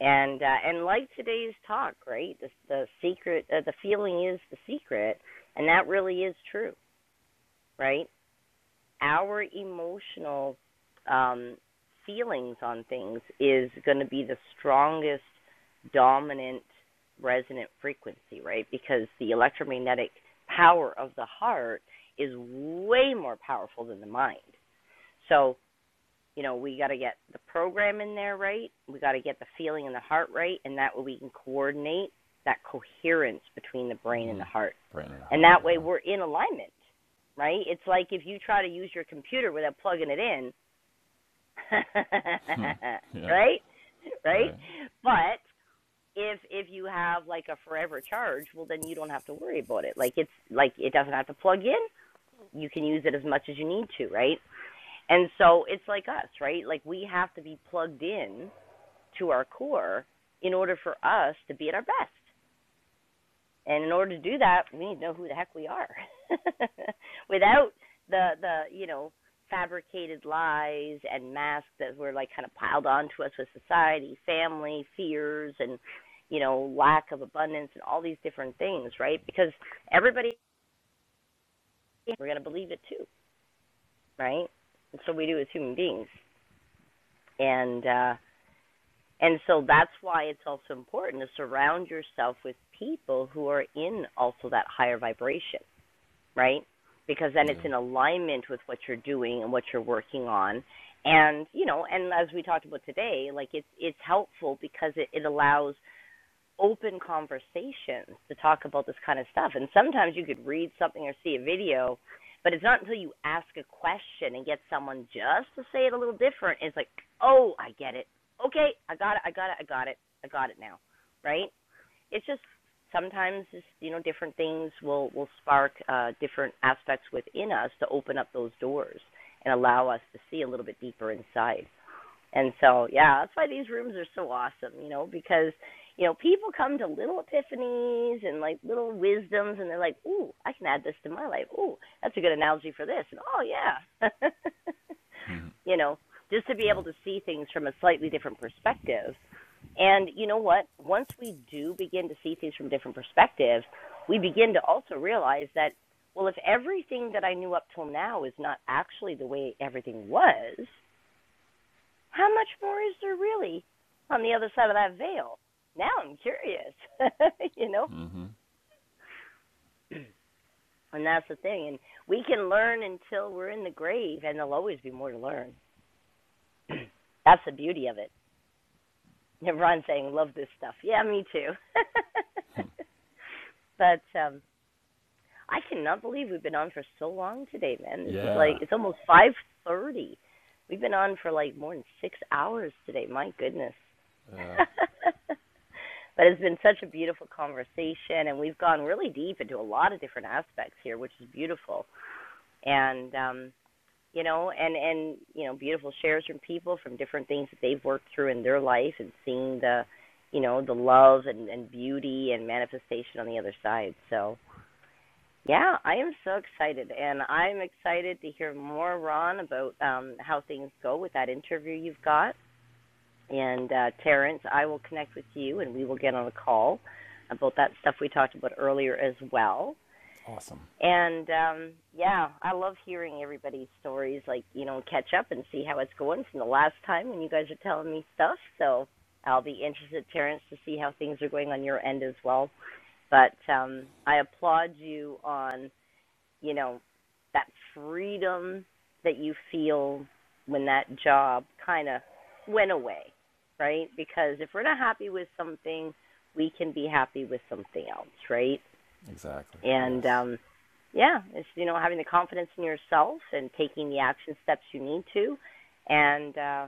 A: And uh, and like today's talk, right? The, the secret, uh, the feeling is the secret, and that really is true, right? our emotional um, feelings on things is going to be the strongest dominant resonant frequency, right? Because the electromagnetic power of the heart is way more powerful than the mind. So you know, we got to get the program in there right. We got to get the feeling in the heart right, and that way we can coordinate that coherence between the brain and the heart.
E: Brandon
A: And
E: Hart,
A: that way
E: yeah.
A: we're in alignment, right? It's like if you try to use your computer without plugging it in,
E: Yeah.
A: right? Right?
E: Right.
A: But if if you have like a forever charge, well then you don't have to worry about it. Like it's like it doesn't have to plug in. You can use it as much as you need to, right? And so it's like us, right? Like we have to be plugged in to our core in order for us to be at our best. And in order to do that, we need to know who the heck we are. Without the the, you know, fabricated lies and masks that were like kind of piled onto us with society, family, fears and you know, lack of abundance and all these different things, right? Because everybody we're going to believe it too, right? And so we do as human beings. And uh And so that's why it's also important to surround yourself with people who are in also that higher vibration, right? Because then
E: Yeah.
A: it's in alignment with what you're doing and what you're working on. And, you know, and as we talked about today, like it's it's helpful because it, it allows open conversations to talk about this kind of stuff. And sometimes you could read something or see a video, but it's not until you ask a question and get someone just to say it a little different. It's like, oh, I get it. Okay, I got it. I got it. I got it. I got it now. Right? It's just sometimes it's, you know different things will will spark uh, different aspects within us to open up those doors and allow us to see a little bit deeper inside. And so, yeah, that's why these rooms are so awesome, you know, because, you know, people come to little epiphanies and like little wisdoms and they're like, ooh, I can add this to my life. Ooh, that's a good analogy for this. And oh, yeah. you know, just to be
E: Yeah.
A: able to see things from a slightly different perspective. And you know what? Once we do begin to see things from a different perspectives, we begin to also realize that, well, if everything that I knew up till now is not actually the way everything was, how much more is there really on the other side of that veil? Now I'm curious, you know? And that's the thing. And we can learn until we're in the grave, and there'll always be more to learn. that's the beauty of it. And Ron's saying, love this stuff. Yeah, me too. but um I cannot believe we've been on for so long today, man. This is
E: Yeah.
A: like it's almost five thirty. We've been on for like more than six hours today. My goodness. But it's been such a beautiful conversation, and we've gone really deep into a lot of different aspects here, which is beautiful. And um, you know, and and you know, beautiful shares from people from different things that they've worked through in their life, and seeing the, you know, the love and, and beauty and manifestation on the other side. So yeah, I am so excited, and I'm excited to hear more, Ron, about um, how things go with that interview you've got. And uh, Terrence, I will connect with you and we will get on a call about that stuff we talked about earlier as well.
E: Awesome.
A: And um, yeah, I love hearing everybody's stories, like, you know, catch up and see how it's going from the last time when you guys are telling me stuff. So I'll be interested, Terrence, to see how things are going on your end as well. But um, I applaud you on you know, that freedom that you feel when that job kind of went away, right? Because if we're not happy with something, we can be happy with something else, right?
E: Exactly.
A: And
E: Yes.
A: um yeah, it's you know having the confidence in yourself and taking the action steps you need to, and uh,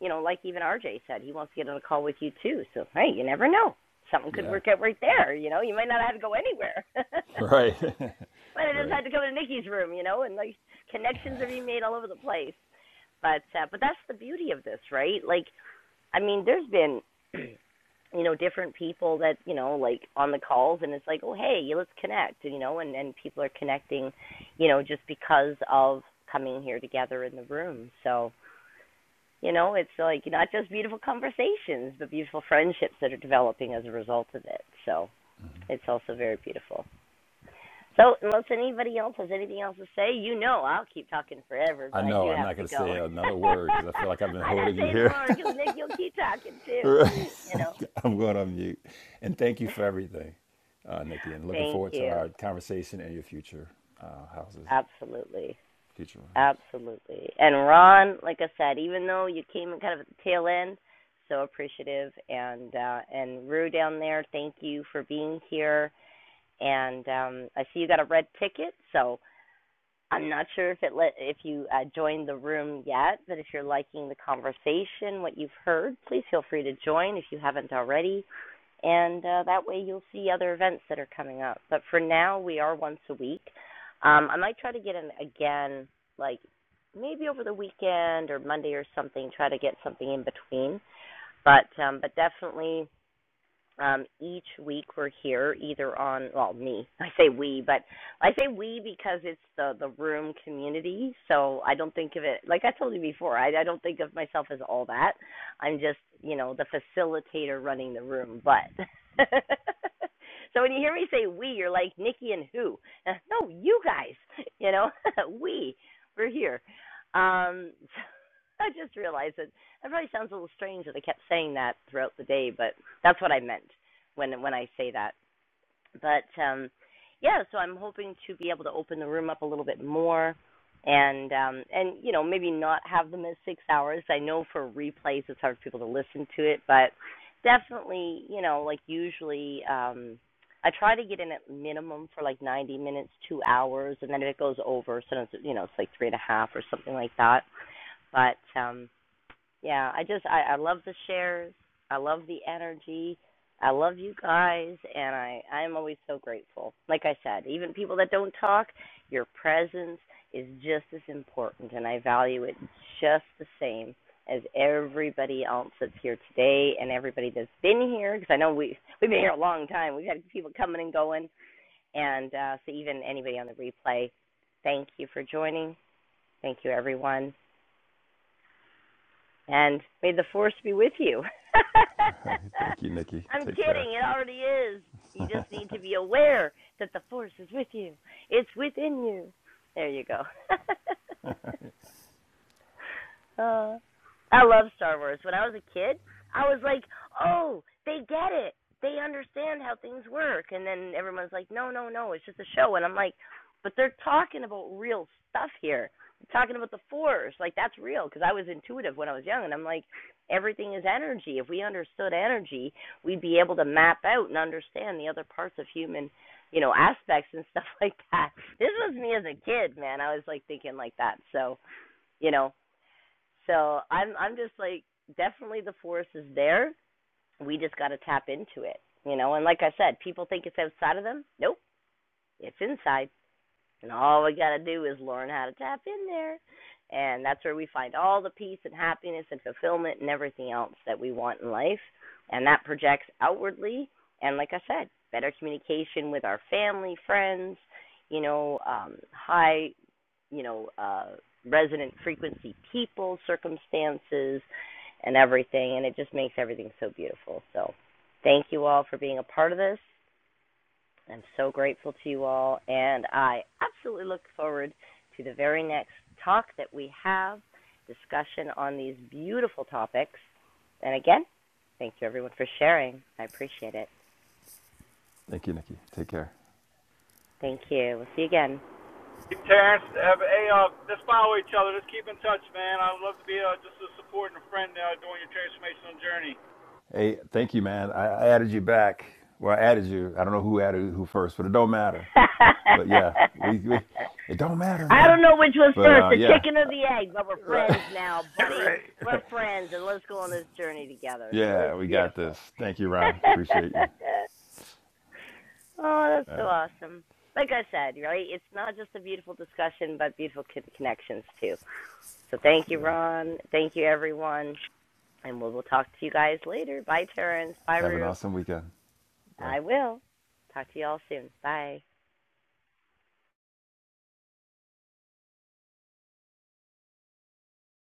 A: you know like even RJ said, he wants to get on a call with you too. So hey, you never know, something could
E: Yeah.
A: work out right there. You know, you might not have to go anywhere.
E: Right.
A: but I just had
E: right.
A: to come to Nikki's room, you know, and like connections are being made all over the place. But uh, but that's the beauty of this, right? Like, I mean, there's been, you know, different people that you know, like on the calls, and it's like, oh hey, let's connect, you know, and and people are connecting, you know, just because of coming here together in the room. So you know, it's like not just beautiful conversations, but beautiful friendships that are developing as a result of it. So it's also very beautiful. So, unless anybody else has anything else to say, you know I'll keep talking forever,
E: I
A: but I
E: know.
A: do
E: I'm
A: have
E: not
A: to
E: going to
A: go.
E: say another word because I feel like I've been
A: I'm not
E: holding you
A: saying no
E: here.
A: more because Nick, you'll keep talking too.
E: right.
A: You know.
E: I'm going on mute. And thank you for everything, uh, Nikki. And looking
A: Thank
E: forward to
A: you.
E: our conversation and your future uh, houses,
A: Absolutely.
E: future rooms.
A: Absolutely. And Ron, like I said, even though you came in kind of at the tail end, so appreciative. And uh, and Rue down there, thank you for being here. And um, I see you got a red ticket, so I'm not sure if it let if you uh, joined the room yet, but if you're liking the conversation, what you've heard, please feel free to join if you haven't already, and uh, that way you'll see other events that are coming up. But for now, we are once a week. Um, I might try to get in again, like maybe over the weekend or Monday or something. Try to get something in between, but um, but definitely um, each week we're here either on well me I say we but I say we because it's the the room community so I don't think of it like I told you before I I don't think of myself as all that I'm just you know the facilitator running the room but so when you hear me say we you're like Nikki and who no you guys you know we we're here um I just realized that that probably sounds a little strange that I kept saying that throughout the day, but that's what I meant when when I say that. But um yeah, so I'm hoping to be able to open the room up a little bit more and um and you know, maybe not have them as 6 hours. I know for replays it's hard for people to listen to it, but definitely, you know, like usually um I try to get in at minimum for like 90 minutes, two hours, and then if it goes over, sometimes you know it's like three and a half or something like that. But um, yeah, I just I, I love the shares. I love the energy. I love you guys, and I I'm always so grateful. Like I said, even people that don't talk, your presence is just as important, and I value it just the same as everybody else that's here today and everybody that's been here. Because I know we we've been here a long time. We've had people coming and going, and uh, so even anybody on the replay, thank you for joining. Thank you, everyone and may the force be with you.
E: thank you, Nikki.
A: I'm
E: Take care.
A: kidding, it already is. You just need to be aware that the force is with you. It's within you. There you go. Uh, I love Star Wars. When I was a kid, I was like, "Oh, they get it. They understand how things work." And then everyone's like, "No, no, no. It's just a show." And I'm like, "But they're talking about real stuff here. They're talking about the Force. Like that's real." Because I was intuitive when I was young, and I'm like, "Everything is energy. If we understood energy, we'd be able to map out and understand the other parts of human." you know aspects and stuff like that this was me as a kid man i was like thinking like that so you know so I'm I'm just like definitely the force is there. We just got to tap into it, you know. And like I said, people think it's outside of them. Nope, it's inside. And all we got to do is learn how to tap in there. And that's where we find all the peace and happiness and fulfillment and everything else that we want in life. And that projects outwardly. And like I said, better communication with our family, friends, you know, um, high you know, uh, resonant frequency people, circumstances, and everything. And it just makes everything so beautiful. So thank you all for being a part of this. I'm so grateful to you all. And I absolutely look forward to the very next talk that we have, discussion on these beautiful topics. And again, thank you everyone for sharing. I appreciate it.
E: Thank you, Nikki. Take care.
A: Thank you. We'll see you again.
I: Terrence, have, hey, uh, let's follow each other. Let's keep in touch, man. I'd love to be uh, just a support and a friend uh, during your transformational journey.
E: Hey, thank you, man. I, I added you back. Well, I added you. I don't know who added who first, but it don't matter. But yeah, we, we it don't matter,
A: I
E: man.
A: don't know which was
E: But
A: first,
E: uh,
A: the
E: yeah,
A: chicken or the egg, but we're
E: right,
A: friends now, buddy.
E: right.
A: We're friends, and let's go on this journey together. So that's
E: Yeah, we got this.
A: beautiful.
E: Thank you, Ron. Appreciate you.
A: oh, that's so awesome. Like I said, right? It's not just a beautiful discussion, but beautiful connections too. So thank you,
E: Yeah,
A: Ron. Thank you, everyone. And we'll, we'll talk to you guys later. Bye, Terrence. Bye,
E: have an
A: Rue.
E: awesome weekend. Bye.
A: I will. Talk to you all soon. Bye.